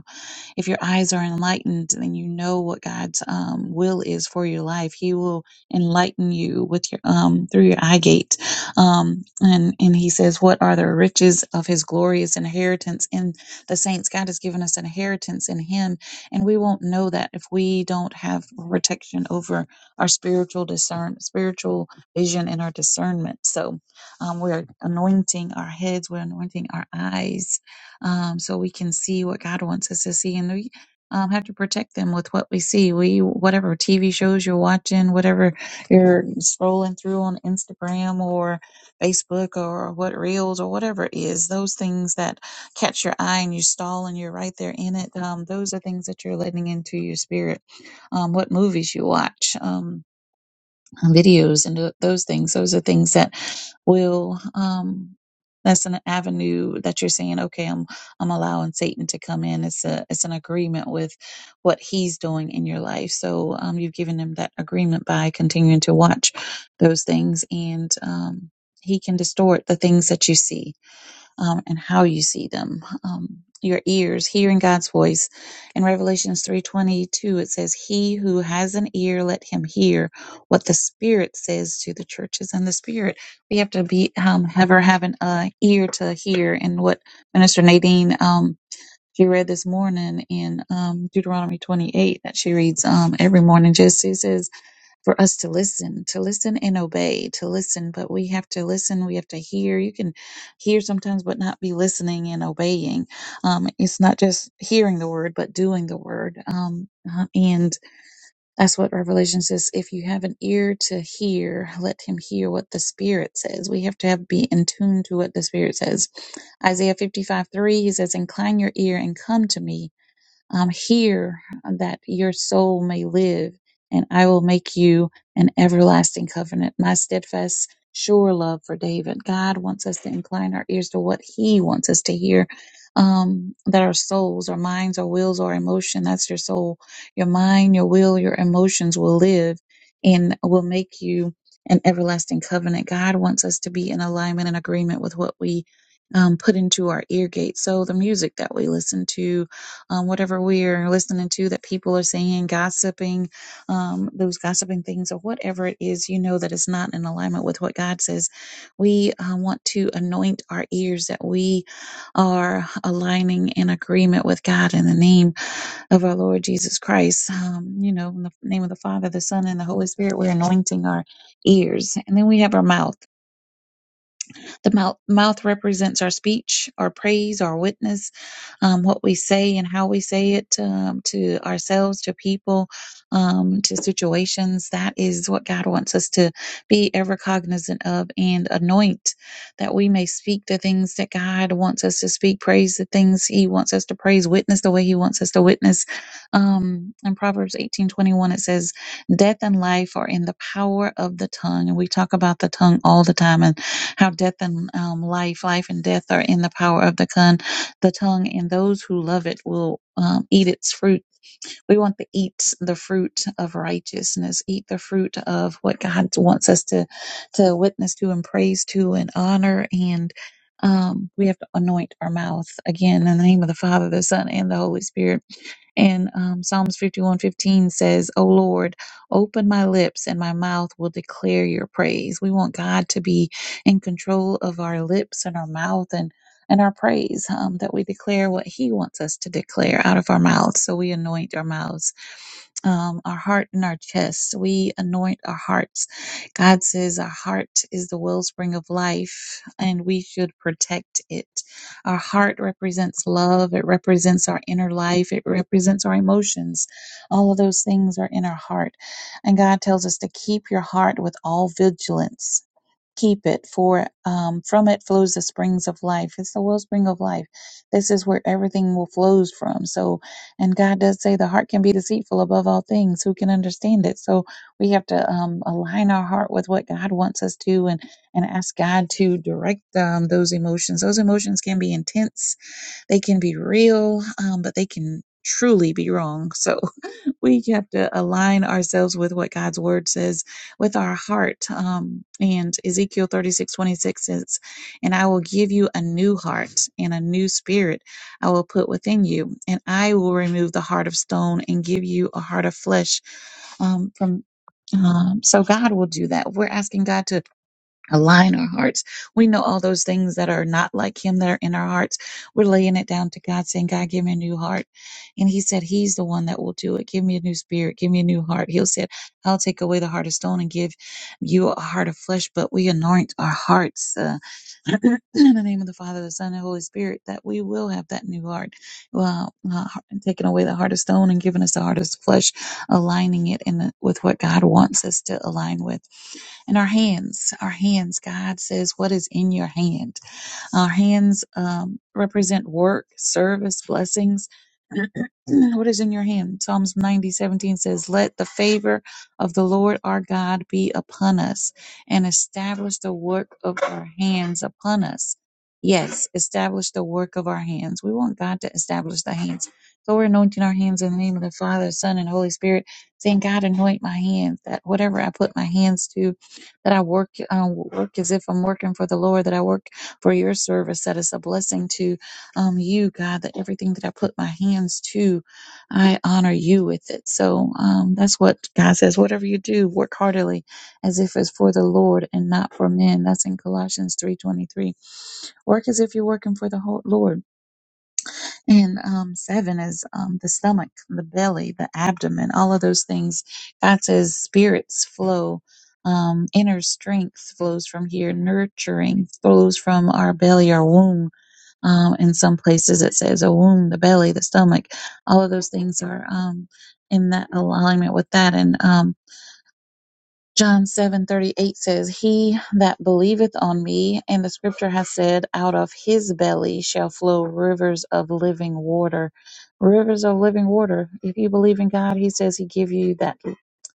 S10: if your eyes are enlightened, then you know what God's um, will is for your life. He will enlighten you with your um through your eye gate. Um, and and He says, "What are the riches of His glorious inheritance in the saints?" God has given us an inheritance in Him, and we won't know that if we don't have protection over our spiritual discern, spiritual vision, and our discernment. So um, we're anointing our heads, we're anointing our eyes, um, so we can see what God wants us to see. And we um, have to protect them with what we see. We whatever TV shows you're watching, whatever you're scrolling through on Instagram or Facebook or what reels or whatever it is, those things that catch your eye and you stall and you're right there in it. Um, those are things that you're letting into your spirit. Um, what movies you watch. Um, uh, videos and th- those things. Those are things that will um that's an avenue that you're saying, okay, I'm I'm allowing Satan to come in. It's a it's an agreement with what he's doing in your life. So um you've given him that agreement by continuing to watch those things and um he can distort the things that you see um, and how you see them. Um, your ears hearing God's voice. In Revelations 3:22 it says he who has an ear let him hear what the spirit says to the churches and the spirit we have to be um ever have an uh, ear to hear and what Minister Nadine um she read this morning in um, Deuteronomy 28 that she reads um, every morning just it says for us to listen, to listen and obey, to listen, but we have to listen, we have to hear. You can hear sometimes, but not be listening and obeying. Um, it's not just hearing the word, but doing the word. Um, uh, and that's what Revelation says if you have an ear to hear, let him hear what the Spirit says. We have to have, be in tune to what the Spirit says. Isaiah 55 3, he says, Incline your ear and come to me. I'm here that your soul may live, and I will make you an everlasting covenant. My steadfast, sure love for David. God wants us to incline our ears to what He wants us to hear. Um, that our souls, our minds, our wills, our emotion, that's your soul. Your mind, your will, your emotions will live and will make you an everlasting covenant. God wants us to be in alignment and agreement with what we um, put into our ear gate. So the music that we listen to, um, whatever we're listening to that people are saying, gossiping, um, those gossiping things, or whatever it is, you know that it's not in alignment with what God says. We uh, want to anoint our ears that we are aligning in agreement with God in the name of our Lord Jesus Christ. Um, you know, in the name of the Father, the Son, and the Holy Spirit, we're anointing our ears. And then we have our mouth. The mouth, mouth represents our speech, our praise, our witness, um, what we say and how we say it um, to ourselves, to people, um, to situations. That is what God wants us to be ever cognizant of and anoint that we may speak the things that God wants us to speak, praise the things He wants us to praise, witness the way He wants us to witness. Um, in Proverbs eighteen twenty one, it says, Death and life are in the power of the tongue. And we talk about the tongue all the time and how death and um, life, life and death are in the power of the tongue, the tongue, and those who love it will um, eat its fruit. We want to eat the fruit of righteousness, eat the fruit of what God wants us to to witness to and praise to and honor and. Um, we have to anoint our mouth again in the name of the Father, the Son, and the Holy Spirit and um, Psalms 51:15 says, "O Lord, open my lips, and my mouth will declare your praise." We want God to be in control of our lips and our mouth and and our praise um, that we declare what He wants us to declare out of our mouths. So we anoint our mouths um, our heart and our chest. We anoint our hearts. God says our heart is the wellspring of life and we should protect it. Our heart represents love, it represents our inner life, it represents our emotions. All of those things are in our heart. And God tells us to keep your heart with all vigilance keep it, for um, from it flows the springs of life. It's the wellspring of life. This is where everything will flows from. So, and God does say the heart can be deceitful above all things. Who can understand it? So we have to um, align our heart with what God wants us to, and and ask God to direct um, those emotions. Those emotions can be intense. They can be real, um, but they can truly be wrong. So we have to align ourselves with what God's word says with our heart. Um, and Ezekiel 36 26 says, And I will give you a new heart and a new spirit I will put within you, and I will remove the heart of stone and give you a heart of flesh. Um, from um, so God will do that. We're asking God to align our hearts. We know all those things that are not like him that are in our hearts. We're laying it down to God saying, God, give me a new heart. And he said, he's the one that will do it. Give me a new spirit. Give me a new heart. He'll said, I'll take away the heart of stone and give you a heart of flesh, but we anoint our hearts. uh, in the name of the Father, the Son, and the Holy Spirit, that we will have that new heart, well, uh, taking away the heart of stone and giving us the heart of flesh, aligning it in the, with what God wants us to align with. And our hands, our hands, God says, what is in your hand? Our hands um, represent work, service, blessings. what is in your hand? Psalms 90 17 says, Let the favor of the Lord our God be upon us and establish the work of our hands upon us. Yes, establish the work of our hands. We want God to establish the hands. So we're anointing our hands in the name of the Father, Son, and Holy Spirit, saying, God, anoint my hands, that whatever I put my hands to, that I work, uh, work as if I'm working for the Lord, that I work for your service, that is a blessing to um, you, God, that everything that I put my hands to, I honor you with it. So um, that's what God says. Whatever you do, work heartily as if it's for the Lord and not for men. That's in Colossians 3.23. Work as if you're working for the whole Lord. And um, seven is um, the stomach, the belly, the abdomen, all of those things. God says spirits flow um, inner strength flows from here, nurturing flows from our belly, our womb um, in some places, it says a womb, the belly, the stomach. All of those things are um, in that alignment with that. And um, John seven thirty eight says, "He that believeth on me, and the Scripture has said, out of his belly shall flow rivers of living water, rivers of living water." If you believe in God, He says He give you that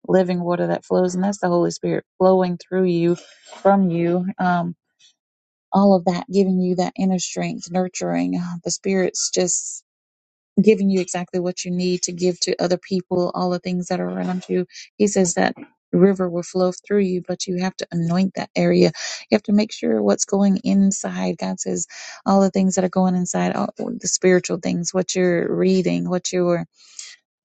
S10: living water that flows, and that's the Holy Spirit flowing through you, from you. Um, all of that giving you that inner strength, nurturing uh, the spirits, just giving you exactly what you need to give to other people, all the things that are around you. He says that river will flow through you, but you have to anoint that area. You have to make sure what's going inside. God says all the things that are going inside, all the spiritual things, what you're reading, what you're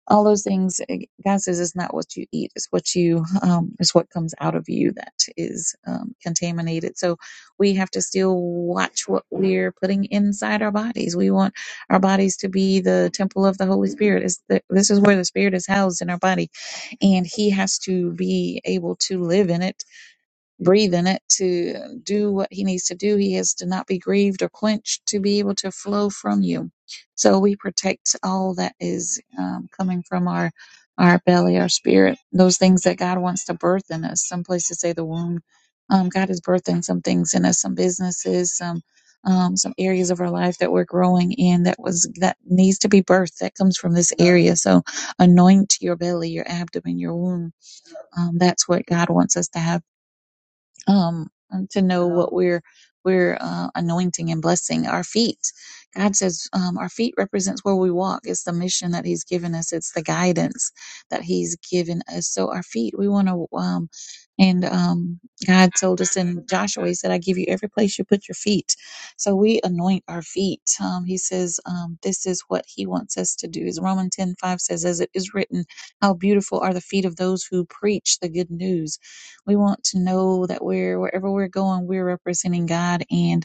S10: all those things eh, god says it's not what you eat it's what you um it's what comes out of you that is um, contaminated so we have to still watch what we're putting inside our bodies we want our bodies to be the temple of the holy spirit is the, this is where the spirit is housed in our body and he has to be able to live in it breathe in it to do what he needs to do. He is to not be grieved or quenched to be able to flow from you. So we protect all that is um, coming from our our belly, our spirit, those things that God wants to birth in us. Some places say the womb. Um, God is birthing some things in us, some businesses, some um, some areas of our life that we're growing in that was that needs to be birthed. That comes from this area. So anoint your belly, your abdomen, your womb. Um, that's what God wants us to have um, to know what we're we're uh, anointing and blessing our feet. God says um, our feet represents where we walk. It's the mission that He's given us. It's the guidance that He's given us. So our feet, we want to. Um, and um, God told us in Joshua, He said, "I give you every place you put your feet." So we anoint our feet. Um, he says, um, "This is what He wants us to do." As Romans ten five says, "As it is written, how beautiful are the feet of those who preach the good news." We want to know that we're wherever we're going, we're representing God, and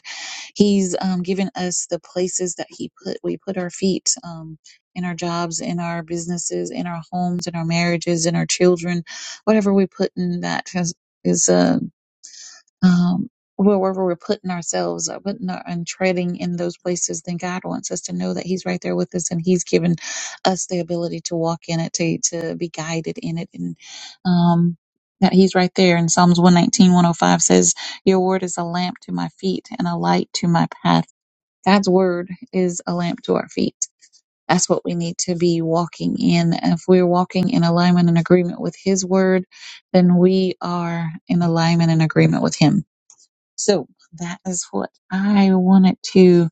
S10: He's um, given us the places that He put we put our feet um, in our jobs, in our businesses, in our homes, in our marriages, in our children, whatever we put in that has is. uh, um, wherever we're putting ourselves, uh, putting our, and treading in those places, then God wants us to know that He's right there with us, and He's given us the ability to walk in it, to to be guided in it, and um, that He's right there. And Psalms 119, 105 says, "Your word is a lamp to my feet and a light to my path." God's word is a lamp to our feet. That's what we need to be walking in. If we're walking in alignment and agreement with His word, then we are in alignment and agreement with Him so that is what I wanted to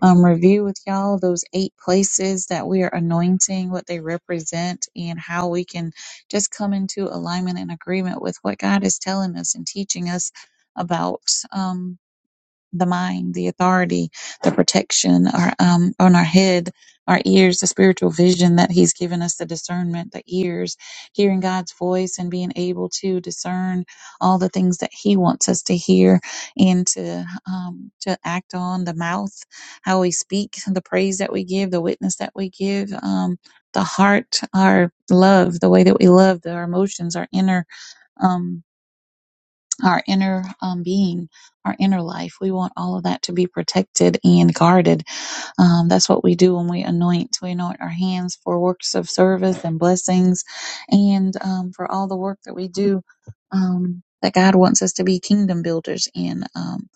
S10: um, review with y'all those eight places that we are anointing, what they represent, and how we can just come into alignment and agreement with what God is telling us and teaching us about. Um, the mind, the authority, the protection our, um, on our head, our ears, the spiritual vision that He's given us, the discernment, the ears, hearing God's voice and being able to discern all the things that He wants us to hear and to, um, to act on, the mouth, how we speak, the praise that we give, the witness that we give, um, the heart, our love, the way that we love, the, our emotions, our inner. um our inner um, being, our inner life. We want all of that to be protected and guarded um, that's what we do when we anoint. We anoint our hands for works of service and blessings and um, for all the work that we do um, that God wants us to be kingdom builders in. Um,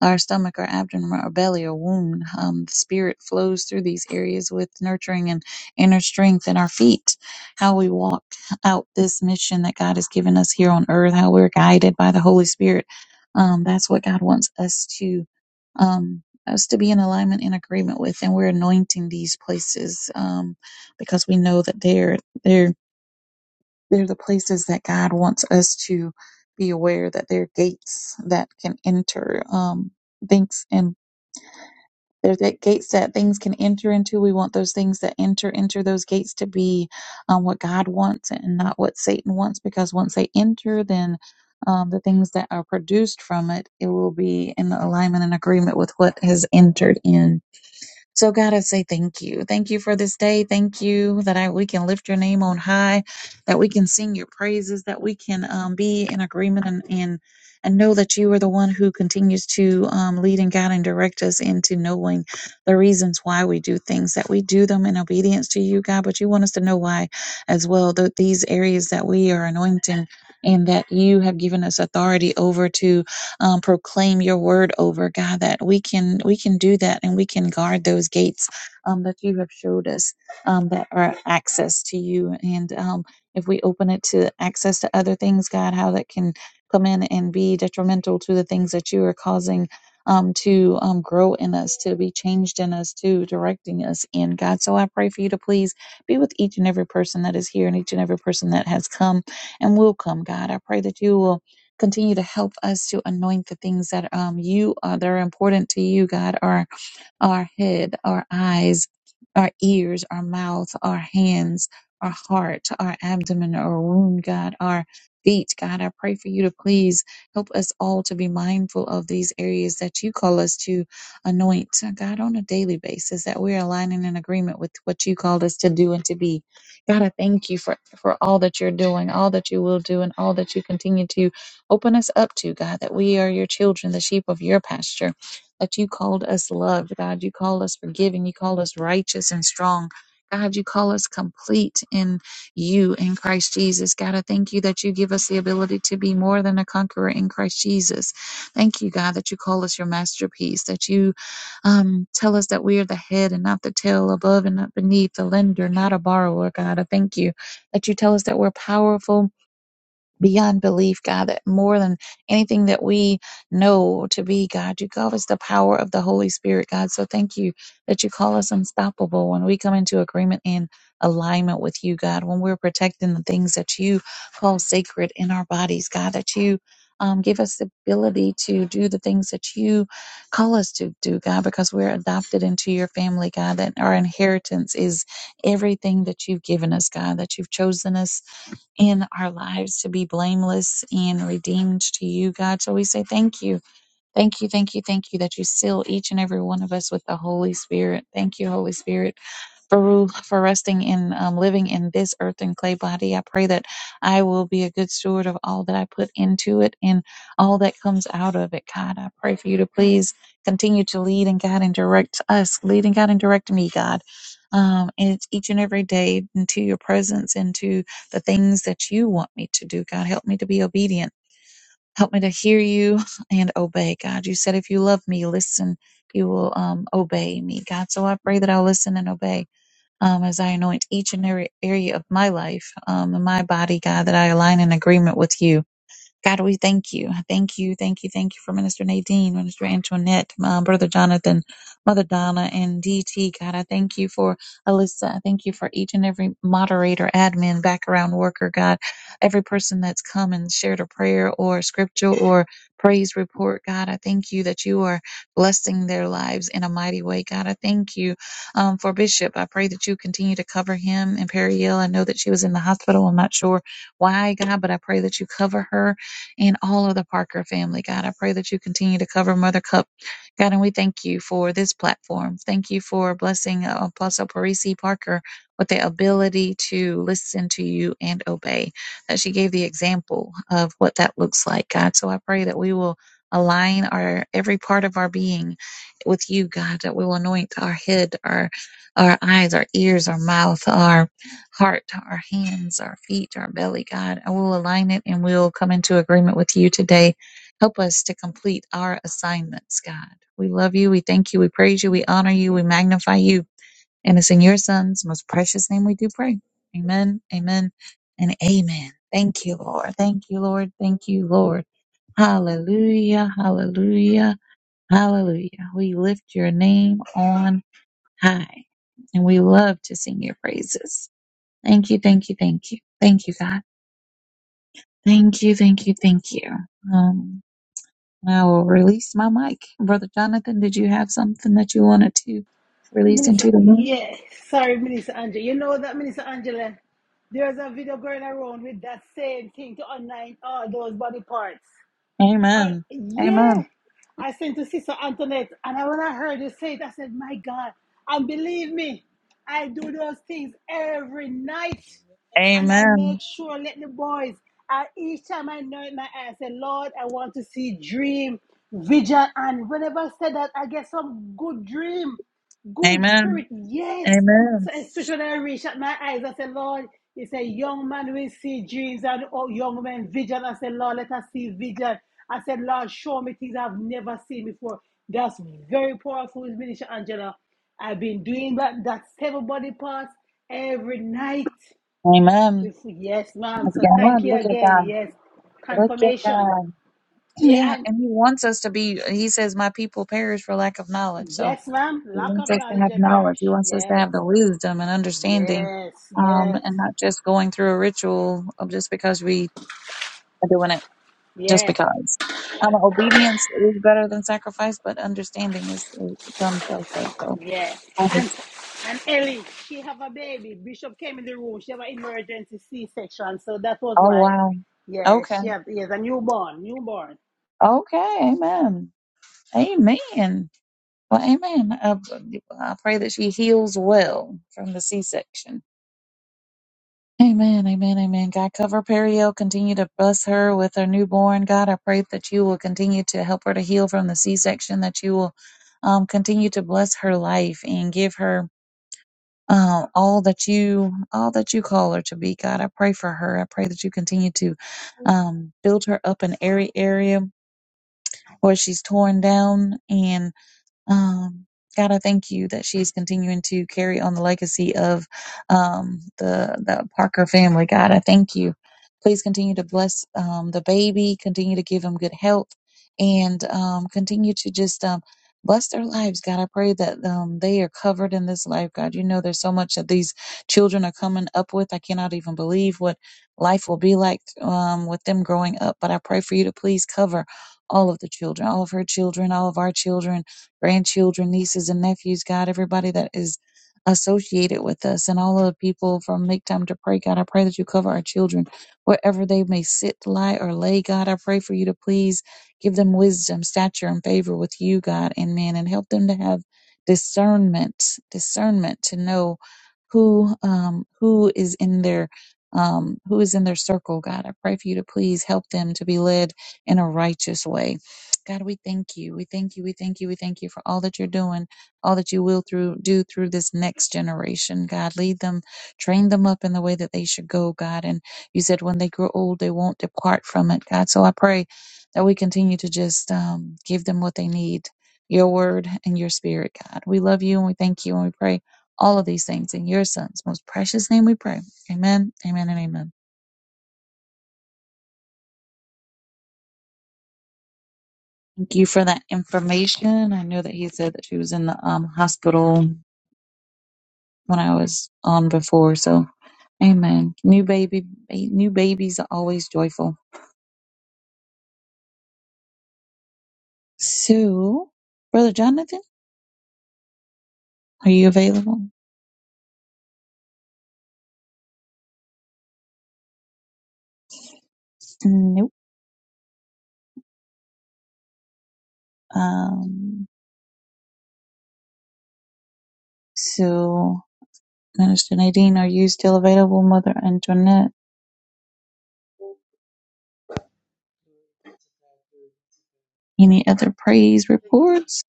S10: our stomach, our abdomen, our belly, our womb, um, the spirit flows through these areas with nurturing and inner strength in our feet, how we walk out this mission that God has given us here on earth, how we're guided by the Holy Spirit. Um, that's what God wants us to. Um, us to be in alignment and agreement with and we're anointing these places um, because we know that they're they're they're the places that god wants us to be aware that they're gates that can enter um, things and they're the gates that things can enter into we want those things that enter enter those gates to be um, what god wants and not what satan wants because once they enter then um, the things that are produced from it, it will be in alignment and agreement with what has entered in so, God, I say thank you. Thank you for this day. Thank you that I, we can lift your name on high, that we can sing your praises, that we can um, be in agreement and, and and know that you are the one who continues to um, lead and guide and direct us into knowing the reasons why we do things, that we do them in obedience to you, God. But you want us to know why as well, that these areas that we are anointing and that you have given us authority over to um, proclaim your word over god that we can we can do that and we can guard those gates um, that you have showed us um, that are access to you and um, if we open it to access to other things god how that can come in and be detrimental to the things that you are causing um, to um, grow in us, to be changed in us, to directing us in God. So I pray for you to please be with each and every person that is here and each and every person that has come and will come, God. I pray that you will. Continue to help us to anoint the things that um you uh, that are important to you, God, are our head, our eyes, our ears, our mouth, our hands, our heart, our abdomen, our womb, God, our feet. God, I pray for you to please help us all to be mindful of these areas that you call us to anoint, God, on a daily basis, that we're aligning in agreement with what you called us to do and to be. God, I thank you for, for all that you're doing, all that you will do, and all that you continue to open us up to, God, that we are your children, the sheep of your pasture that you called us loved, God. You call us forgiving. You call us righteous and strong. God, you call us complete in you in Christ Jesus. God, I thank you that you give us the ability to be more than a conqueror in Christ Jesus. Thank you, God, that you call us your masterpiece, that you um, tell us that we are the head and not the tail, above and not beneath, the lender, not a borrower, God. I thank you that you tell us that we're powerful beyond belief, God, that more than anything that we know to be, God, you give us the power of the Holy Spirit, God. So thank you that you call us unstoppable when we come into agreement and alignment with you, God, when we're protecting the things that you call sacred in our bodies, God, that you um, give us the ability to do the things that you call us to do, God, because we're adopted into your family, God, that our inheritance is everything that you've given us, God, that you've chosen us in our lives to be blameless and redeemed to you, God. So we say thank you Thank you, thank you, thank you that you seal each and every one of us with the Holy Spirit. Thank you, Holy Spirit, for rule, for resting in um, living in this earth and clay body. I pray that I will be a good steward of all that I put into it and all that comes out of it. God, I pray for you to please continue to lead and guide and direct us, lead and guide and direct me, God. Um, and it's each and every day into your presence, into the things that you want me to do. God, help me to be obedient Help me to hear you and obey, God. You said if you love me, listen, you will um, obey me, God. So I pray that I'll listen and obey um, as I anoint each and every area of my life um, and my body, God, that I align in agreement with you God, we thank you. Thank you, thank you, thank you for Minister Nadine, Minister Antoinette, my Brother Jonathan, Mother Donna, and DT. God, I thank you for Alyssa. I thank you for each and every moderator, admin, background worker, God, every person that's come and shared a prayer or scripture or praise report. God, I thank you that you are blessing their lives in a mighty way. God, I thank you um, for Bishop. I pray that you continue to cover him and Perry Hill. I know that she was in the hospital. I'm not sure why, God, but I pray that you cover her and all of the Parker family. God, I pray that you continue to cover Mother Cup. God, and we thank you for this platform. Thank you for blessing uh, Apostle Parisi Parker with the ability to listen to you and obey. That she gave the example of what that looks like, God. So I pray that we will align our every part of our being with you, God, that we will anoint our head, our our eyes, our ears, our mouth, our heart, our hands, our feet, our belly, God. I will align it and we'll come into agreement with you today. Help us to complete our assignments, God. We love you. We thank you. We praise you. We honor you. We magnify you. And it's in your son's most precious name we do pray. Amen, amen, and amen. Thank you, Lord. Thank you, Lord. Thank you, Lord. Hallelujah, hallelujah, hallelujah. We lift your name on high and we love to sing your praises. Thank you, thank you, thank you. Thank you, God. Thank you, thank you, thank you. Um, I will release my mic. Brother Jonathan, did you have something that you wanted to release into
S2: Minister,
S10: the room?
S2: yeah, sorry, Minister Angela. You know that, Minister Angela, there's a video going around with that same thing to online all those body parts. Uh,
S10: Amen.
S2: yeah,
S10: Amen.
S2: I sent to Sister Antoinette, and I, when I heard you say it, I said, "My God!" And believe me, I do those things every night, and I
S10: Amen.
S2: make sure let the boys. I, each time I know in my eyes, I say, "Lord, I want to see dream, vision," and whenever I say that, I get some good dream, good
S10: Amen.
S2: spirit. Yes,
S10: Amen.
S2: so especially when I reached out my eyes, I said, Lord, you say young man will see dreams and oh, young men vision. I said, Lord, let us see vision. I said, Lord, show me things I've never seen before. That's very powerful, Minister Angela. I've been doing that, that seven body parts every night.
S10: Amen.
S2: Yes, ma'am.
S10: Look at
S2: So thank
S10: God.
S2: you
S10: Look at
S2: again.
S10: God.
S2: Yes.
S10: Look at
S2: Confirmation.
S10: God.
S2: Yeah,
S10: Yeah,
S2: and
S10: and he wants us to be, he says, my people perish for lack of knowledge. So
S2: yes, ma'am.
S10: He
S2: Lack
S10: wants
S2: of
S10: us to
S2: knowledge,
S10: have
S2: I
S10: knowledge. He
S2: perish.
S10: wants us to
S2: Yes.
S10: have the wisdom and understanding,
S2: Yes.
S10: um,
S2: Yes.
S10: and not just going through a ritual of just because we are doing it just
S2: Yeah.
S10: because. Um, obedience is better than sacrifice, but understanding is it comes also. So,
S2: Yeah.
S10: I
S2: And
S10: was-
S2: and Ellie, she have a baby. Bishop came in the room. She have an emergency C section. So that was
S10: oh
S2: why.
S10: wow,
S2: Yeah,
S10: okay,
S2: she have yes, a newborn. Newborn.
S10: okay, amen, amen. Well, amen. I, I pray that she heals well from the C-section Amen, amen, amen. God, cover Periel. Continue to bless her with her newborn. God, I pray that you will continue to help her to heal from the C-section, that you will um, continue to bless her life and give her uh, all that you all that you call her to be. God, I pray for her. I pray that you continue to um, build her up in every area where she's torn down and. Um, God, I thank you that she's continuing to carry on the legacy of um, the the Parker family. God, I thank you. Please continue to bless um, the baby. Continue to give him good health, and um, continue to just um, bless their lives. God, I pray that um, they are covered in this life. God, you know there's so much that these children are coming up with. I cannot even believe what life will be like um, with them growing up. But I pray for you to please cover all of the children, all of her children, all of our children grandchildren, nieces, and nephews, God, everybody that is associated with us, and all of the people from Make Time to Pray, God, I pray that you cover our children wherever they may sit, lie, or lay, God. I pray for you to please give them wisdom, stature, and favor with you, God, and man, and help them to have discernment, discernment to know who um who is in their um who is in their circle god i pray for you to please help them to be led in a righteous way God, we thank you. We thank you. We thank you. We thank you for all that you're doing, all that you will through do through this next generation. God, lead them, train them up in the way that they should go, God. And you said when they grow old, they won't depart from it, God. So I pray that we continue to just um, give them what they need, your word and your spirit, God. We love you and we thank you and we pray all of these things in your son's most precious name we pray. Amen. Amen and amen. Thank you for that information. I know that he said that she was in the um, hospital when I was on before. So, amen. New baby, new babies are always joyful. So, Brother Jonathan, are you available? Nope. Um, so, Minister Nadine, are you still available? Mother Antoinette, any other praise reports?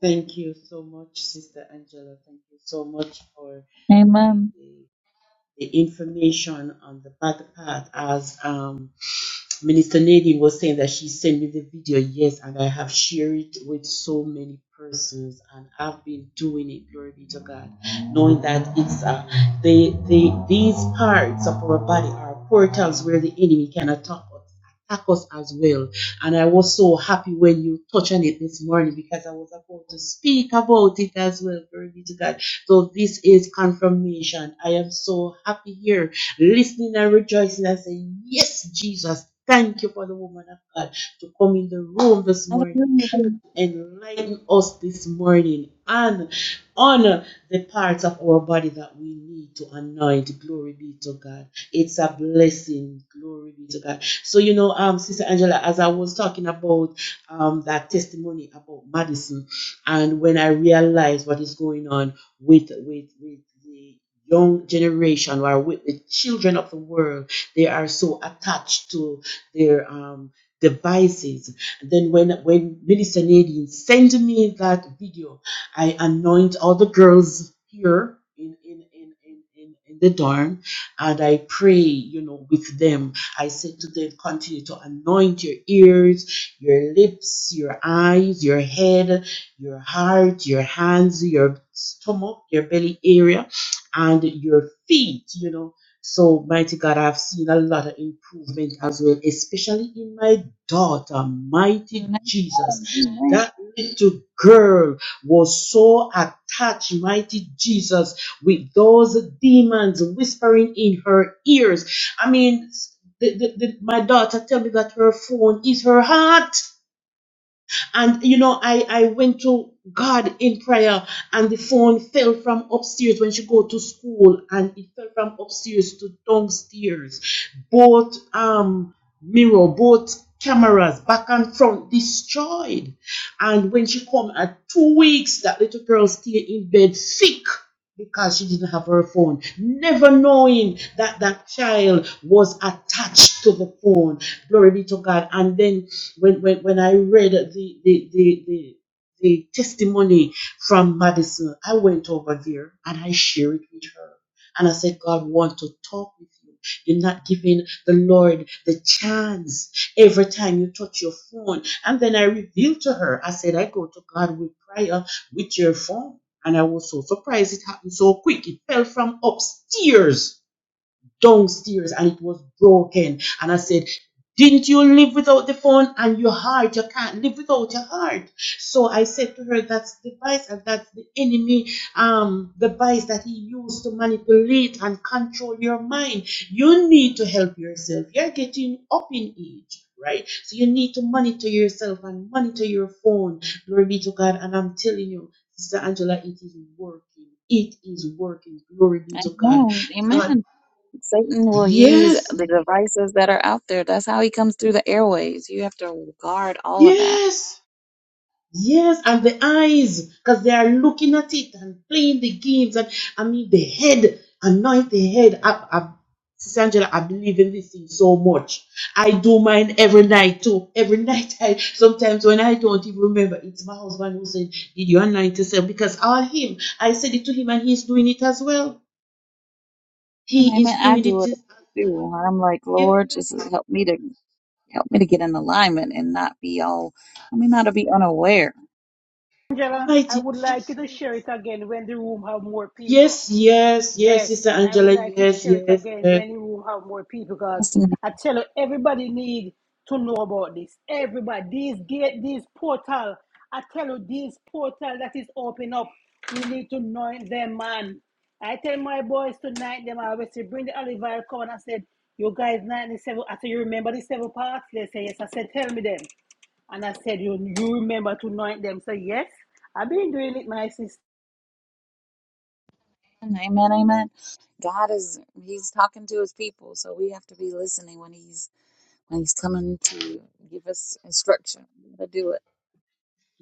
S9: Thank you so much, Sister Angela. Thank you so much for the
S10: Amen.
S9: the, the information on the back path as um Minister Nadine was saying that she sent me the video, yes, and I have shared it with so many persons, and I've been doing it. Glory be to God, knowing that it's uh, they they these parts of our body are portals where the enemy can attack us, attack us as well. And I was so happy when you touched on it this morning because I was about to speak about it as well. Glory be to God. So this is confirmation. I am so happy here listening and rejoicing and saying, Yes, Jesus, thank you for the woman of God to come in the room this morning
S10: Hallelujah.
S9: enlighten us this morning and honor the parts of our body that we need to anoint. Glory be to God. It's a blessing. Glory be to God. So you know, um, Sister Angela, as I was talking about um that testimony about Madison, and when I realized what is going on with with with the young generation or with the children of the world, they are so attached to their um devices and then when when Minister Nadine sent me that video, I anoint all the girls here in in in in, in, in the dorm, and I pray, you know, with them. I said to them, continue to anoint your ears, your lips, your eyes, your head, your heart, your hands, your stomach, your belly area, and your feet. You know. So, mighty God, I've seen a lot of improvement as well, especially in my daughter, mighty
S10: Amen.
S9: Jesus. That little girl was so attached, mighty Jesus, with those demons whispering in her ears. I mean, the, the, the- my daughter tell me that her phone is her heart. And you know, I, I went to God in prayer and the phone fell from upstairs when she go to school and it fell from upstairs to downstairs. Both um mirror, both cameras back and front destroyed. And when she come at two weeks, that little girl stay in bed sick because she didn't have her phone, never knowing that that child was attached to the phone. Glory be to God. And then when when, when I read the the, the the the testimony from Madison, I went over there and I shared it with her. And I said, God want to talk with you. You're not giving the Lord the chance every time you touch your phone. And then I revealed to her, I said, I go to God with prayer with your phone. And I was so surprised it happened so quick. It fell from upstairs downstairs and it was broken. And I said, didn't you live without the phone and your heart? You can't live without your heart. So I said to her, that's the device and that's the enemy um device that he used to manipulate and control your mind. You need to help yourself. You're getting up in age, right? So you need to monitor yourself and monitor your phone. Glory be to God. And I'm telling you, Sister Angela, it is working. It is working. Glory be to God.
S10: Amen.
S9: Uh,
S10: Amen. Satan will use
S9: Yes,
S10: the devices that are out there. That's how he comes through the airways. You have to guard all of that.
S9: yes, yes. And the eyes, because they are looking at it and playing the games. And I mean, the head, anoint the head. I, I, Sister Angela, I believe in this thing so much. I do mine every night too. Every night, I sometimes when I don't even remember, it's my husband who said, "Did you anoint yourself?" Because all him, I said it to him, and he's doing it as well.
S10: And I
S9: He
S10: mean,
S9: is
S10: I
S9: doing
S10: do
S9: it
S10: it
S9: as
S10: too.
S9: well.
S10: I'm like,
S9: Yes,
S10: Lord, just help me to help me to get in alignment and not be all. I mean, not to be unaware.
S2: Angela, I
S9: mighty
S2: would like you
S9: Jesus.
S2: to share it again when the room have more people.
S9: Yes, yes, yes,
S2: Yes,
S9: Sister
S2: I would
S9: Angela.
S2: like to
S9: Yes,
S2: share it
S9: yes,
S2: again
S9: yes.
S2: when you will have more people because
S10: Yes, and
S2: I tell you, everybody need to know about this. Everybody, these gate, these portal, I tell you, these portal that is open up, we need to know them, man. I tell my boys tonight, them I always say, bring the olive oil, come and I said, you guys 97, I said, you remember the seven parts? They say, yes. I said, tell me them. And I said, you, you remember to anoint them. So yes, I've been doing it, my sister.
S10: Amen, amen. amen. God is He's talking to His people, so we have to be listening when He's when He's coming to give us instruction how to do it.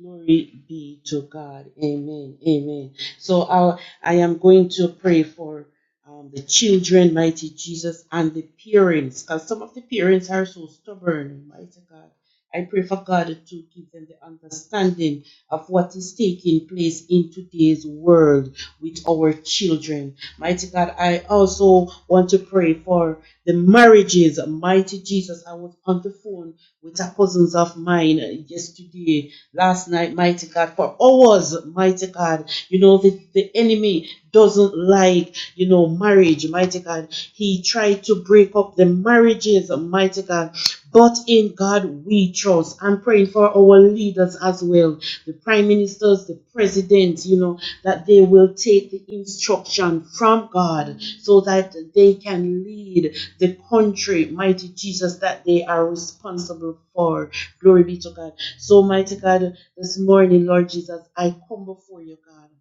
S9: Glory be to God. Amen. Amen. So I, I am going to pray for um, the children, mighty Jesus, and the parents, because some of the parents are so stubborn, mighty God. I pray for God to give them the understanding of what is taking place in today's world with our children. Mighty God, I also want to pray for the marriages. Mighty Jesus, I was on the phone with a cousins of mine yesterday, last night, mighty God, for hours, mighty God. You know, the, the enemy doesn't like, you know, marriage, mighty God. He tried to break up the marriages, mighty God. But in God we trust. I'm praying for our leaders as well, the prime ministers, the presidents, you know, that they will take the instruction from God so that they can lead the country, mighty Jesus, that they are responsible for. Glory be to God. So, mighty God, this morning, Lord Jesus, I come before you, God.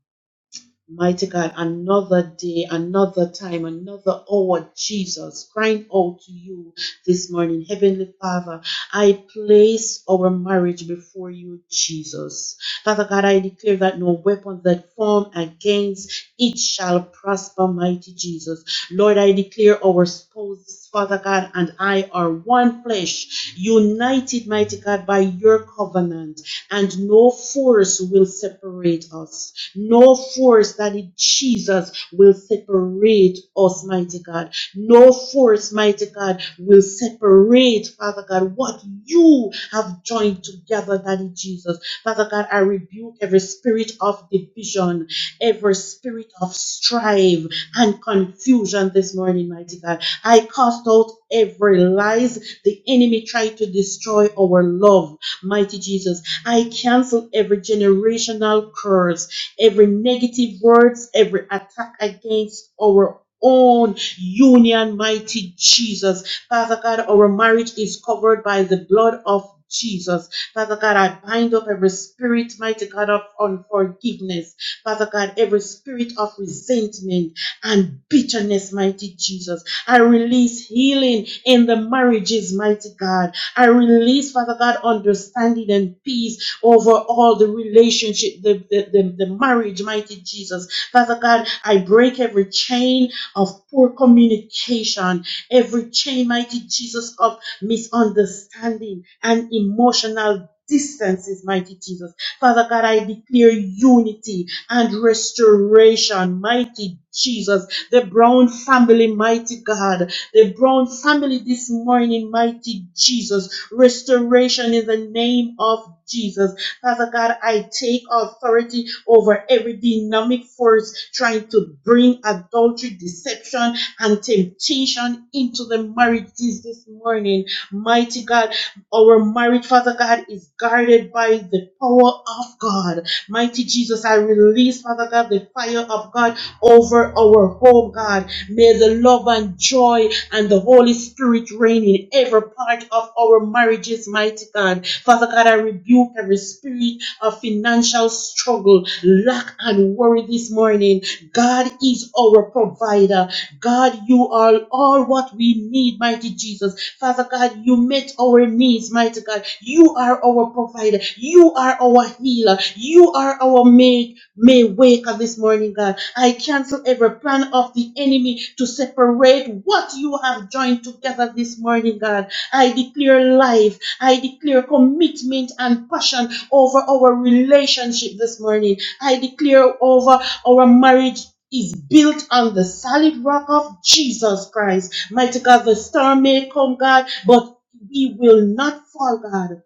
S9: Mighty God, another day, another time, another hour, Jesus, crying out to you this morning. Heavenly Father, I place our marriage before you, Jesus. Father God, I declare that no weapon that form against it shall prosper, mighty Jesus. Lord, I declare our spouses, Father God, and I are one flesh, united, mighty God, by your covenant and no force will separate us. No force that in Jesus will separate us, mighty God. No force, mighty God, will separate, Father God, what you have joined together, Daddy Jesus. Father God, I rebuke every spirit of division, every spirit of strife and confusion this morning, mighty God. I cast out every lies the enemy tried to destroy our love, mighty Jesus. I cancel every generational curse, every negative words, every attack against our own union, mighty Jesus. Father God, our marriage is covered by the blood of Jesus. Father God, I bind up every spirit, mighty God, of unforgiveness. Father God, every spirit of resentment and bitterness, mighty Jesus. I release healing in the marriages, mighty God. I release, Father God, understanding and peace over all the relationship, the, the, the, the marriage, mighty Jesus. Father God, I break every chain of poor communication, every chain, mighty Jesus, of misunderstanding and emotional distances, mighty Jesus. Father God, I declare unity and restoration, mighty Jesus. The Brown family, mighty God the Brown family this morning, mighty Jesus. Restoration in the name of Jesus. Father God, I take authority over every dynamic force trying to bring adultery, deception, and temptation into the marriages this morning. Mighty God, our marriage, Father God, is guarded by the power of God. Mighty Jesus, I release, Father God, the fire of God over our home, God. May the love and joy and the Holy Spirit reign in every part of our marriages, mighty God. Father God, I rebuke every spirit of financial struggle, lack, and worry this morning. God is our provider. God, you are all what we need, mighty Jesus. Father God, you met our needs, mighty God. You are our provider. You are our healer. You are our maker may wake up this morning, God. I cancel every plan of the enemy to separate what you have joined together this morning, God. I declare life, I declare commitment and passion over our relationship this morning. I declare over our marriage. Is built on the solid rock of Jesus Christ. Mighty God, the storm may come, God, but we will not fall, God.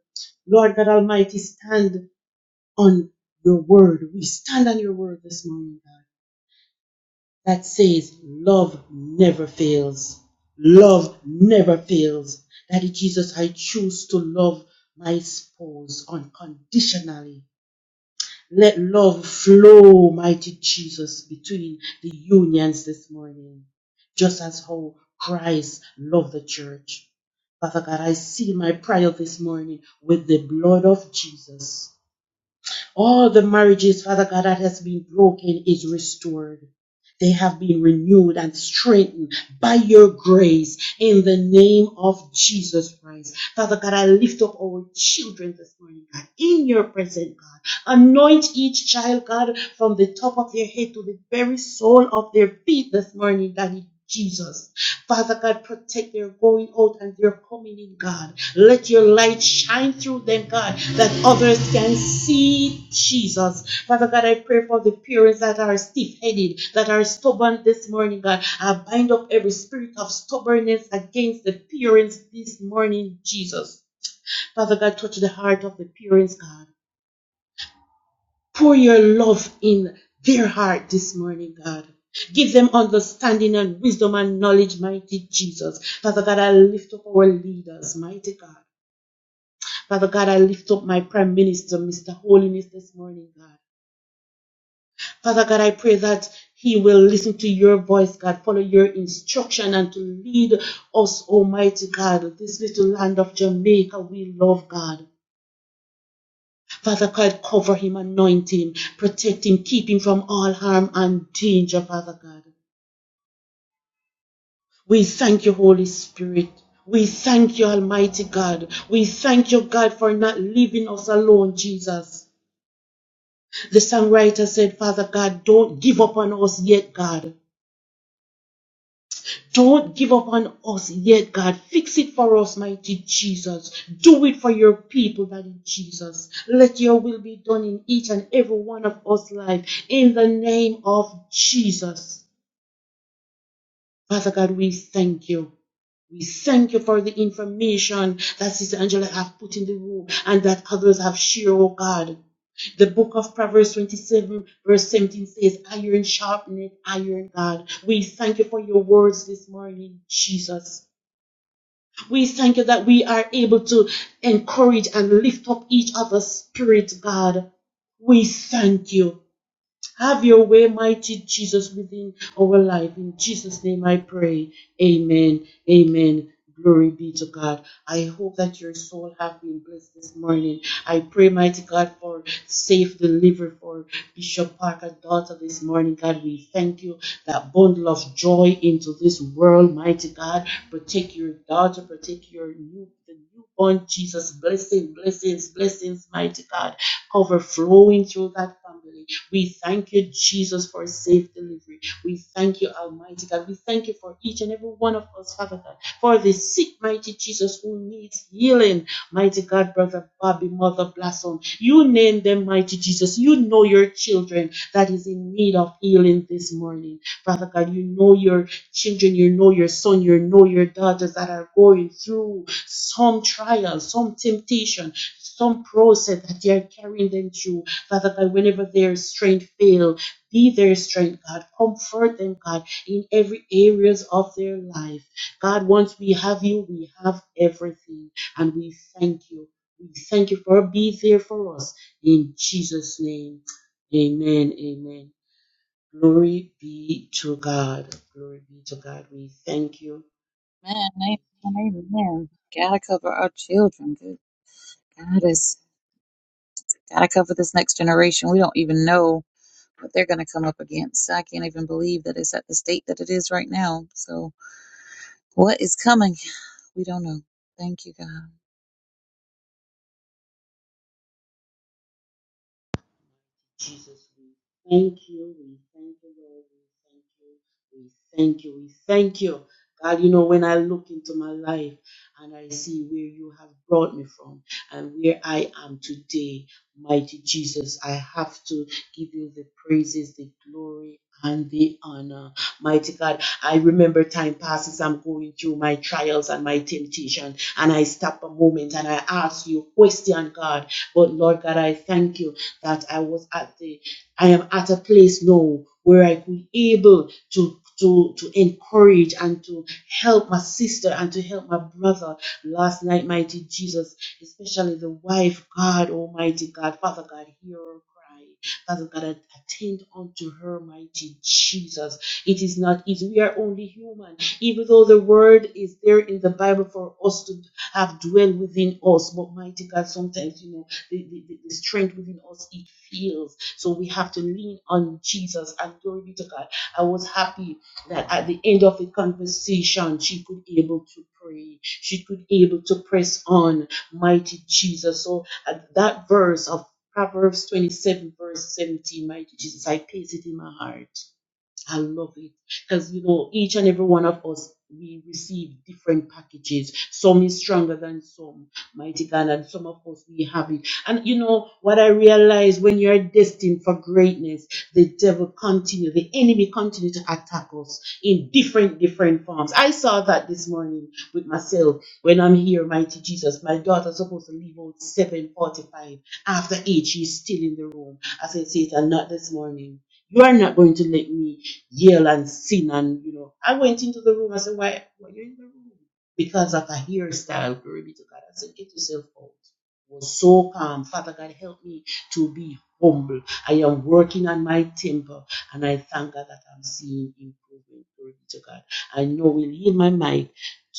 S9: Lord God Almighty, stand on your word. We stand on your word this morning, God, that says love never fails. Love never fails. Daddy Jesus, I choose to love my spouse unconditionally. Let love flow, mighty Jesus, between the unions this morning, just as how Christ loved the church. Father God, I seal my prayer this morning with the blood of Jesus. All the marriages, Father God, that has been broken is restored. They have been renewed and strengthened by your grace in the name of Jesus Christ. Father God, I lift up our children this morning, God, in your presence, God. Anoint each child, God, from the top of their head to the very sole of their feet this morning, Daddy Jesus. Father God, protect their going out and their coming in, God. Let your light shine through them, God, that others can see Jesus. Father God, I pray for the parents that are stiff headed, that are stubborn this morning, God. I bind up every spirit of stubbornness against the parents this morning, Jesus. Father God, touch the heart of the parents, God. Pour your love in their heart this morning, God. Give them understanding and wisdom and knowledge, mighty Jesus. Father God, I lift up our leaders, mighty God. Father God, I lift up my Prime Minister, Mr. Holiness, this morning, God. Father God, I pray that he will listen to your voice, God, follow your instruction and to lead us, Almighty God, this little land of Jamaica we love, God. Father God, cover him, anoint him, protect him, keep him from all harm and danger, Father God. We thank you, Holy Spirit. We thank you, Almighty God. We thank you, God, for not leaving us alone, Jesus. The songwriter said, Father God, don't give up on us yet, God. Don't give up on us yet, God. Fix it for us, mighty Jesus. Do it for your people, mighty Jesus. Let your will be done in each and every one of us life. In the name of Jesus. Father God, we thank you. We thank you for the information that Sister Angela have put in the room and that others have shared, oh God. The book of Proverbs 27, verse 17 says, Iron sharpeneth iron, God. We thank you for your words this morning, Jesus. We thank you that we are able to encourage and lift up each other's spirit, God. We thank you. Have your way, mighty Jesus, within our life. In Jesus' name I pray. Amen. Amen. Glory be to God. I hope that your soul have been blessed this morning. I pray, mighty God, for safe delivery for Bishop Parker's daughter, this morning. God, we thank you that bundle of joy into this world, mighty God. Protect your daughter, protect your new newborn Jesus. Blessing, blessings, blessings, mighty God, overflowing through that family. We thank you, Jesus, for safe delivery. We thank you, Almighty God. We thank you for each and every one of us, Father God, for the sick, mighty Jesus who needs healing. Mighty God, Brother Bobby, Mother Blossom. You you name them, mighty Jesus. You know your children that is in need of healing this morning. Father God, you know your children, you know your son, you know your daughters that are going through some trial, some temptation. Some process that you're carrying them through, Father God, whenever their strength fail, be their strength, God. Comfort them, God, in every areas of their life. God, once we have you, we have everything, and we thank you. We thank you for being there for us. In Jesus' name, amen, amen. Glory be to God. Glory be to God. We thank you.
S10: Man,
S9: Thank you.
S10: amen, amen. Gotta cover our children. Good God has gotta cover this next generation. We don't even know what they're gonna come up against. I can't even believe that it's at the state that it is right now. So what is coming? We don't know. Thank you, God.
S9: Almighty Jesus, we thank you. We thank you, Lord. We thank you. We thank you. We thank you. God, you know, when I look into my life and I see where you have brought me from and where I am today, mighty Jesus, I have to give you the praises, the glory, and the honor. Mighty God, I remember time passes, I'm going through my trials and my temptation, and I stop a moment and I ask you a question, God. But Lord God, I thank you that I was at the, I am at a place now where I could able to to to encourage and to help my sister and to help my brother last night, mighty Jesus, especially the wife, God, Almighty God, Father God, hear her cry. Father God, att- attend unto her, mighty Jesus. It is not easy. We are only human. Even though the word is there in the Bible for us to have dwell within us, but mighty God, sometimes, you know the, the, the strength within us, it fails. So we have to lean on Jesus. And glory be to God. I was happy that at the end of the conversation, she could be able to pray. She could be able to press on, mighty Jesus. So at that verse of Proverbs 27, verse 17, mighty Jesus, I place it in my heart. I love it because you know each and every one of us we receive different packages. Some is stronger than some, mighty God, and some of us we have it. And you know what I realize when you're destined for greatness, the devil continue, the enemy continue to attack us in different different forms. I saw that this morning with myself when I'm here, mighty Jesus. My daughter's supposed to leave out seven forty-five. After eight, she's still in the room. I said, Satan, not this morning. You are not going to let me yell and sin and you know I went into the room I said why why you in the room because of a hairstyle glory be to God I said get yourself out It was so calm Father God help me to be humble I am working on my temper and I thank God that I'm seeing improvement glory be to God I know we'll yield my mic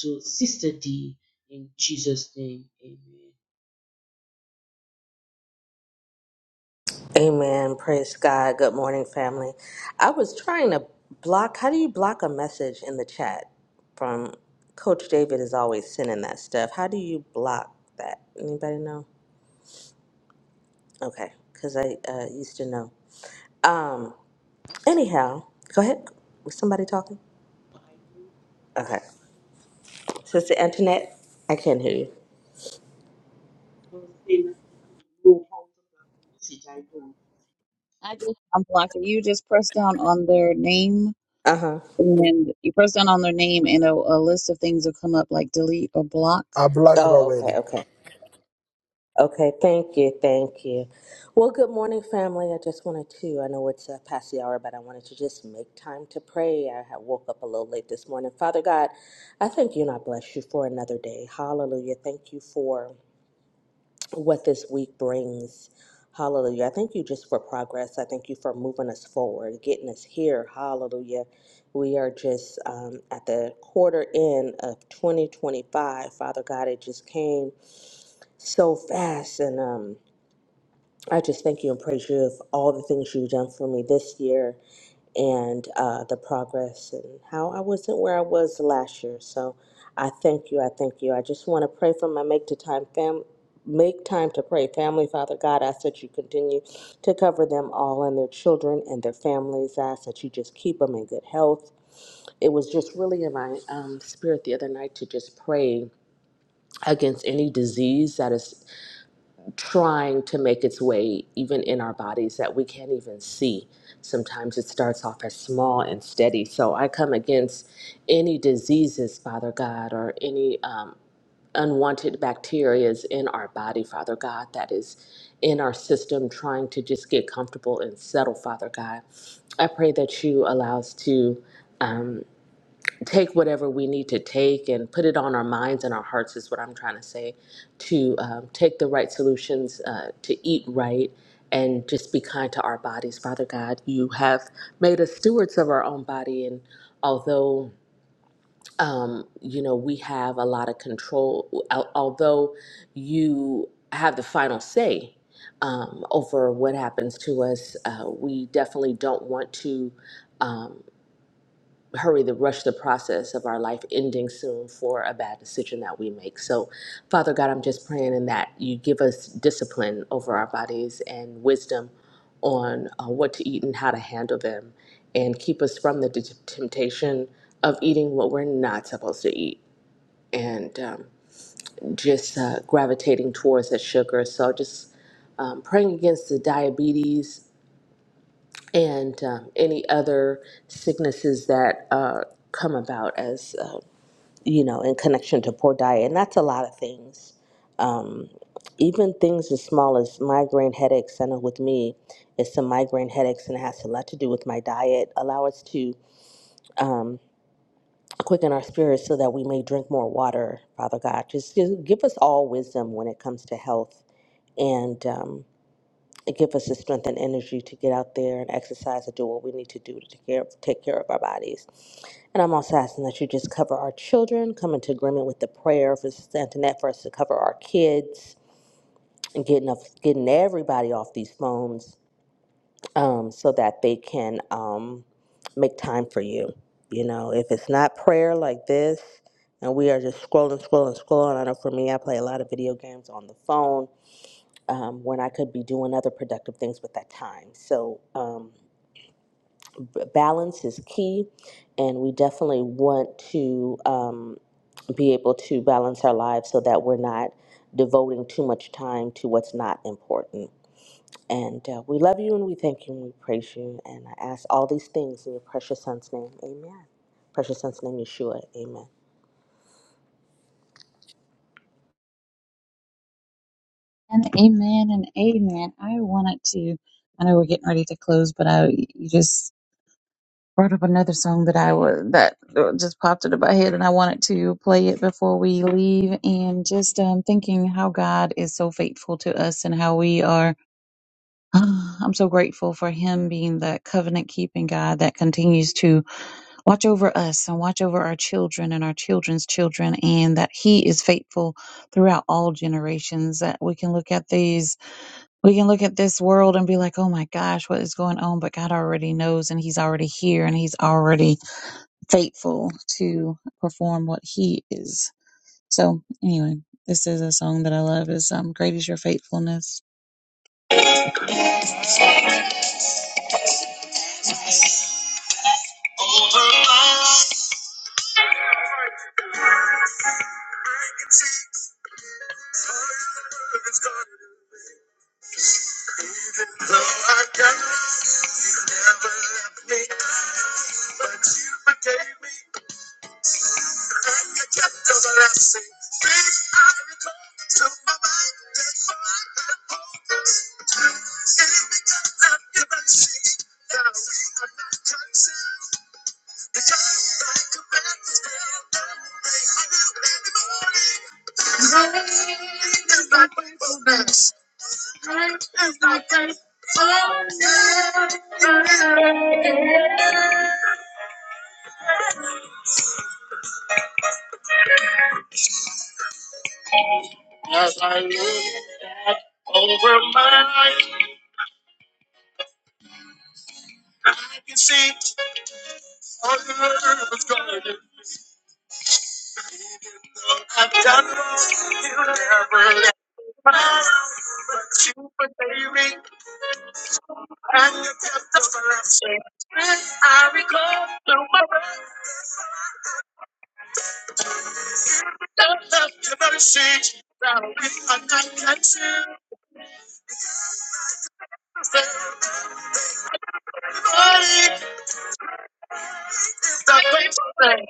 S9: to Sister D in Jesus name amen
S11: Amen. Praise God. Good morning, family. I was trying to block. How do you block a message in the chat? From Coach David is always sending that stuff. How do you block that? Anybody know? Okay, because I uh, used to know. Um. Anyhow, go ahead. Was somebody talking?
S9: I
S11: Okay. Sister Antoinette, I can't hear you.
S9: don't know how to say that I don't know how to pass the message I don't
S10: I just unblocked it. You just press down on their name
S11: Uh huh.
S10: and you press down on their name and a, a list of things will come up like delete or block.
S12: I blocked it
S11: Oh, okay,
S12: already.
S11: okay. Okay, thank you, thank you. Well, good morning, family. I just wanted to, I know it's uh, past the hour, but I wanted to just make time to pray. I had woke up a little late this morning. Father God, I thank you and I bless you for another day. Hallelujah. Thank you for what this week brings. Hallelujah. I thank you just for progress. I thank you for moving us forward, getting us here. Hallelujah. We are just um, at the quarter end of 2025. Father God, it just came so fast and, um, I just thank you and praise you for all the things you've done for me this year and uh, the progress and how I wasn't where I was last year. So I thank you. I thank you. I just want to pray for my make to time fam Make time to pray. Family, Father God, I ask that you continue to cover them all and their children and their families. I ask that you just keep them in good health. It was just really in my um, spirit the other night to just pray against any disease that is trying to make its way even in our bodies that we can't even see. Sometimes it starts off as small and steady. So I come against any diseases, Father God, or any um, unwanted bacteria is in our body, Father God, that is in our system trying to just get comfortable and settle, Father God. I pray that you allow us to. um, take whatever we need to take and put it on our minds and our hearts is what I'm trying to say to um, take the right solutions uh, to eat right and just be kind to our bodies father god you have made us stewards of our own body and although um, you know we have a lot of control al- although you have the final say um, over what happens to us uh, we definitely don't want to Um, hurry the rush the process of our life ending soon for a bad decision that we make so father god i'm just praying in that you give us discipline over our bodies and wisdom on uh, what to eat and how to handle them and keep us from the t- temptation of eating what we're not supposed to eat and um, just uh, gravitating towards that sugar so just um, praying against the diabetes and um, any other sicknesses that uh, come about as uh, you know, in connection to poor diet. And that's a lot of things. Um, even things as small as migraine headaches. I know with me, it's some migraine headaches, and it has a lot to do with my diet. Allow us to um, quicken our spirits so that we may drink more water, Father God. Just give, give us all wisdom when it comes to health. And um, give us the strength and energy to get out there and exercise and do what we need to do to take care, take care of our bodies. And I'm also asking that you just cover our children, come into agreement with the prayer for Sister Antoinette for us to cover our kids and getting off, getting everybody off these phones um, so that they can um, make time for you. You know, if it's not prayer like this, and we are just scrolling, scrolling, scrolling. I know for me, I play a lot of video games on the phone um, when I could be doing other productive things with that time. So um, balance is key, and we definitely want to um, be able to balance our lives so that we're not devoting too much time to what's not important. And uh, we love you and we thank you and we praise you. And I ask all these things in your precious son's name. Amen. Precious son's name, Yeshua. Amen.
S10: And amen and amen. I wanted to. I know we're getting ready to close, but I you just brought up another song that I was that just popped into my head, and I wanted to play it before we leave. And just um, thinking how God is so faithful to us, and how we are. I'm so grateful for Him being that covenant keeping God that continues to watch over us and watch over our children and our children's children, and that He is faithful throughout all generations. That we can look at these we can look at this world and be like, oh my gosh, what is going on? But God already knows and He's already here and He's already faithful to perform what He is. So, anyway, this is a song that I love is um, Great is Your Faithfulness. Over my service, though I got never left me, but you forgave me. and the gift of the blessing. Things I recall to my mind, therefore I have hope. It is because of your mercy that we are not consumed. Because thy commandments fail not, they are new every morning. Great is thy faithfulness. As I look back over my life, I can see all the earth was gone. I've done wrong, you never let me down. But you forgave me, and you kept the blessing. I recall through my breath, the love, your mercy. Now we are not consumed. Everybody is the faithful thing.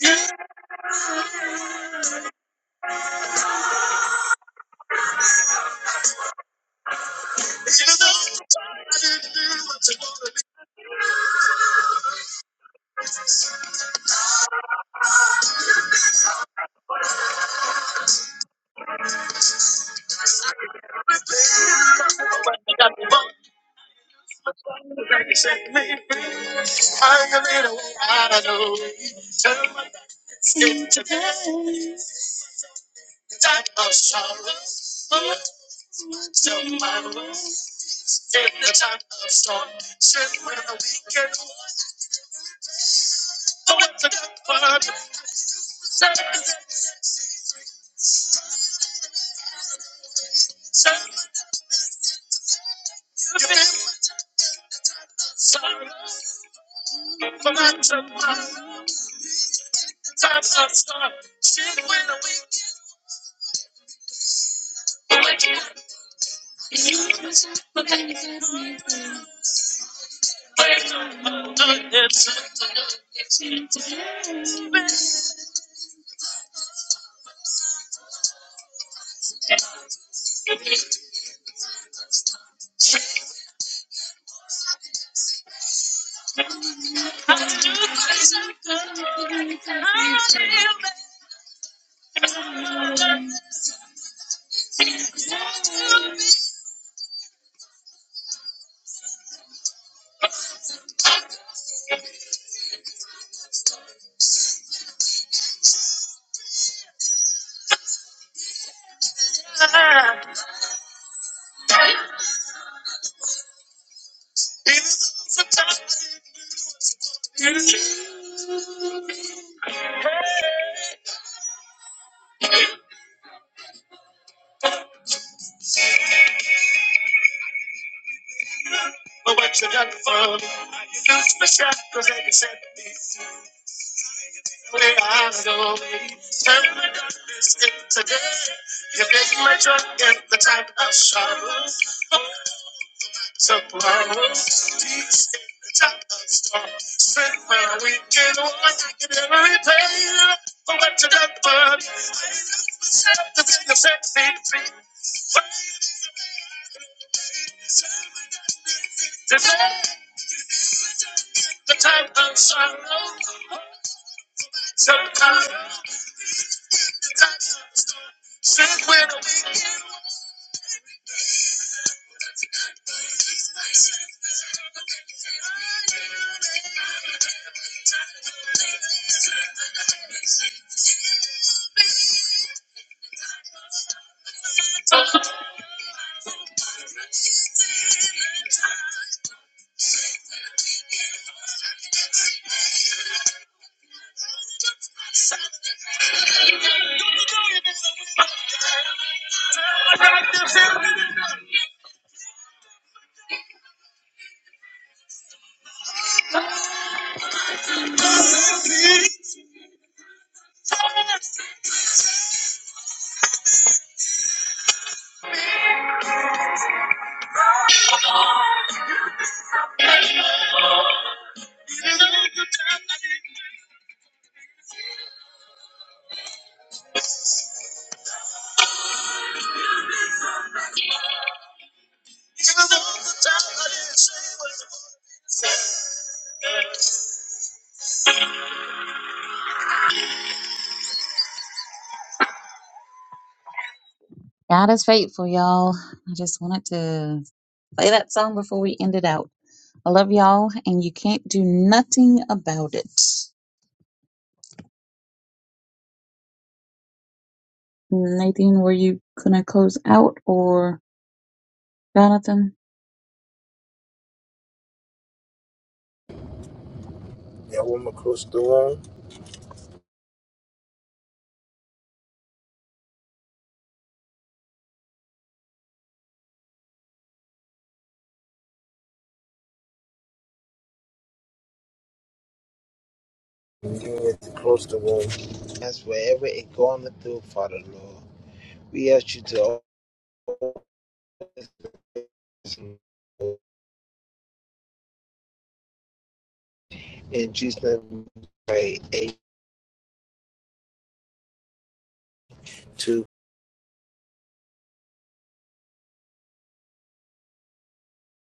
S10: You, you know, I didn't do what you wanted me to do. But you got me wrong. But you sent me free. Find a little way out of the way. Turn my back and skip today. The Time of sorrow. But tomorrow. In the time of storm. Sit when the weekend was. I went to the club. Seven, seven, you've been sorrow. But tomorrow. is The Time of storm. Sit when the weekend was. You just forget me. Oh, it's a- But what you done for me, you lose my shot, cause I can set me where I go. Turn my darkness into day, you make my joy in the time of sorrow. So close, peace in the top of the storm. Spent my weekend on I can never repay you for what you done for me. I love myself to be the best thing free. But today, the time of sorrow, so close, the top of the storm. Spend my weekend on I can never repay you. Even though the time, even though the time I didn't say it was God is faithful, y'all. I just wanted to play that song before we end it out. I love y'all, and you can't do nothing about it. Nathan, were you gonna close out or Jonathan?
S12: Yeah, woman close the room. You need to close the room. That's wherever it going through, Father Lord. We ask you to open in Jesus' name. we Pray. Amen.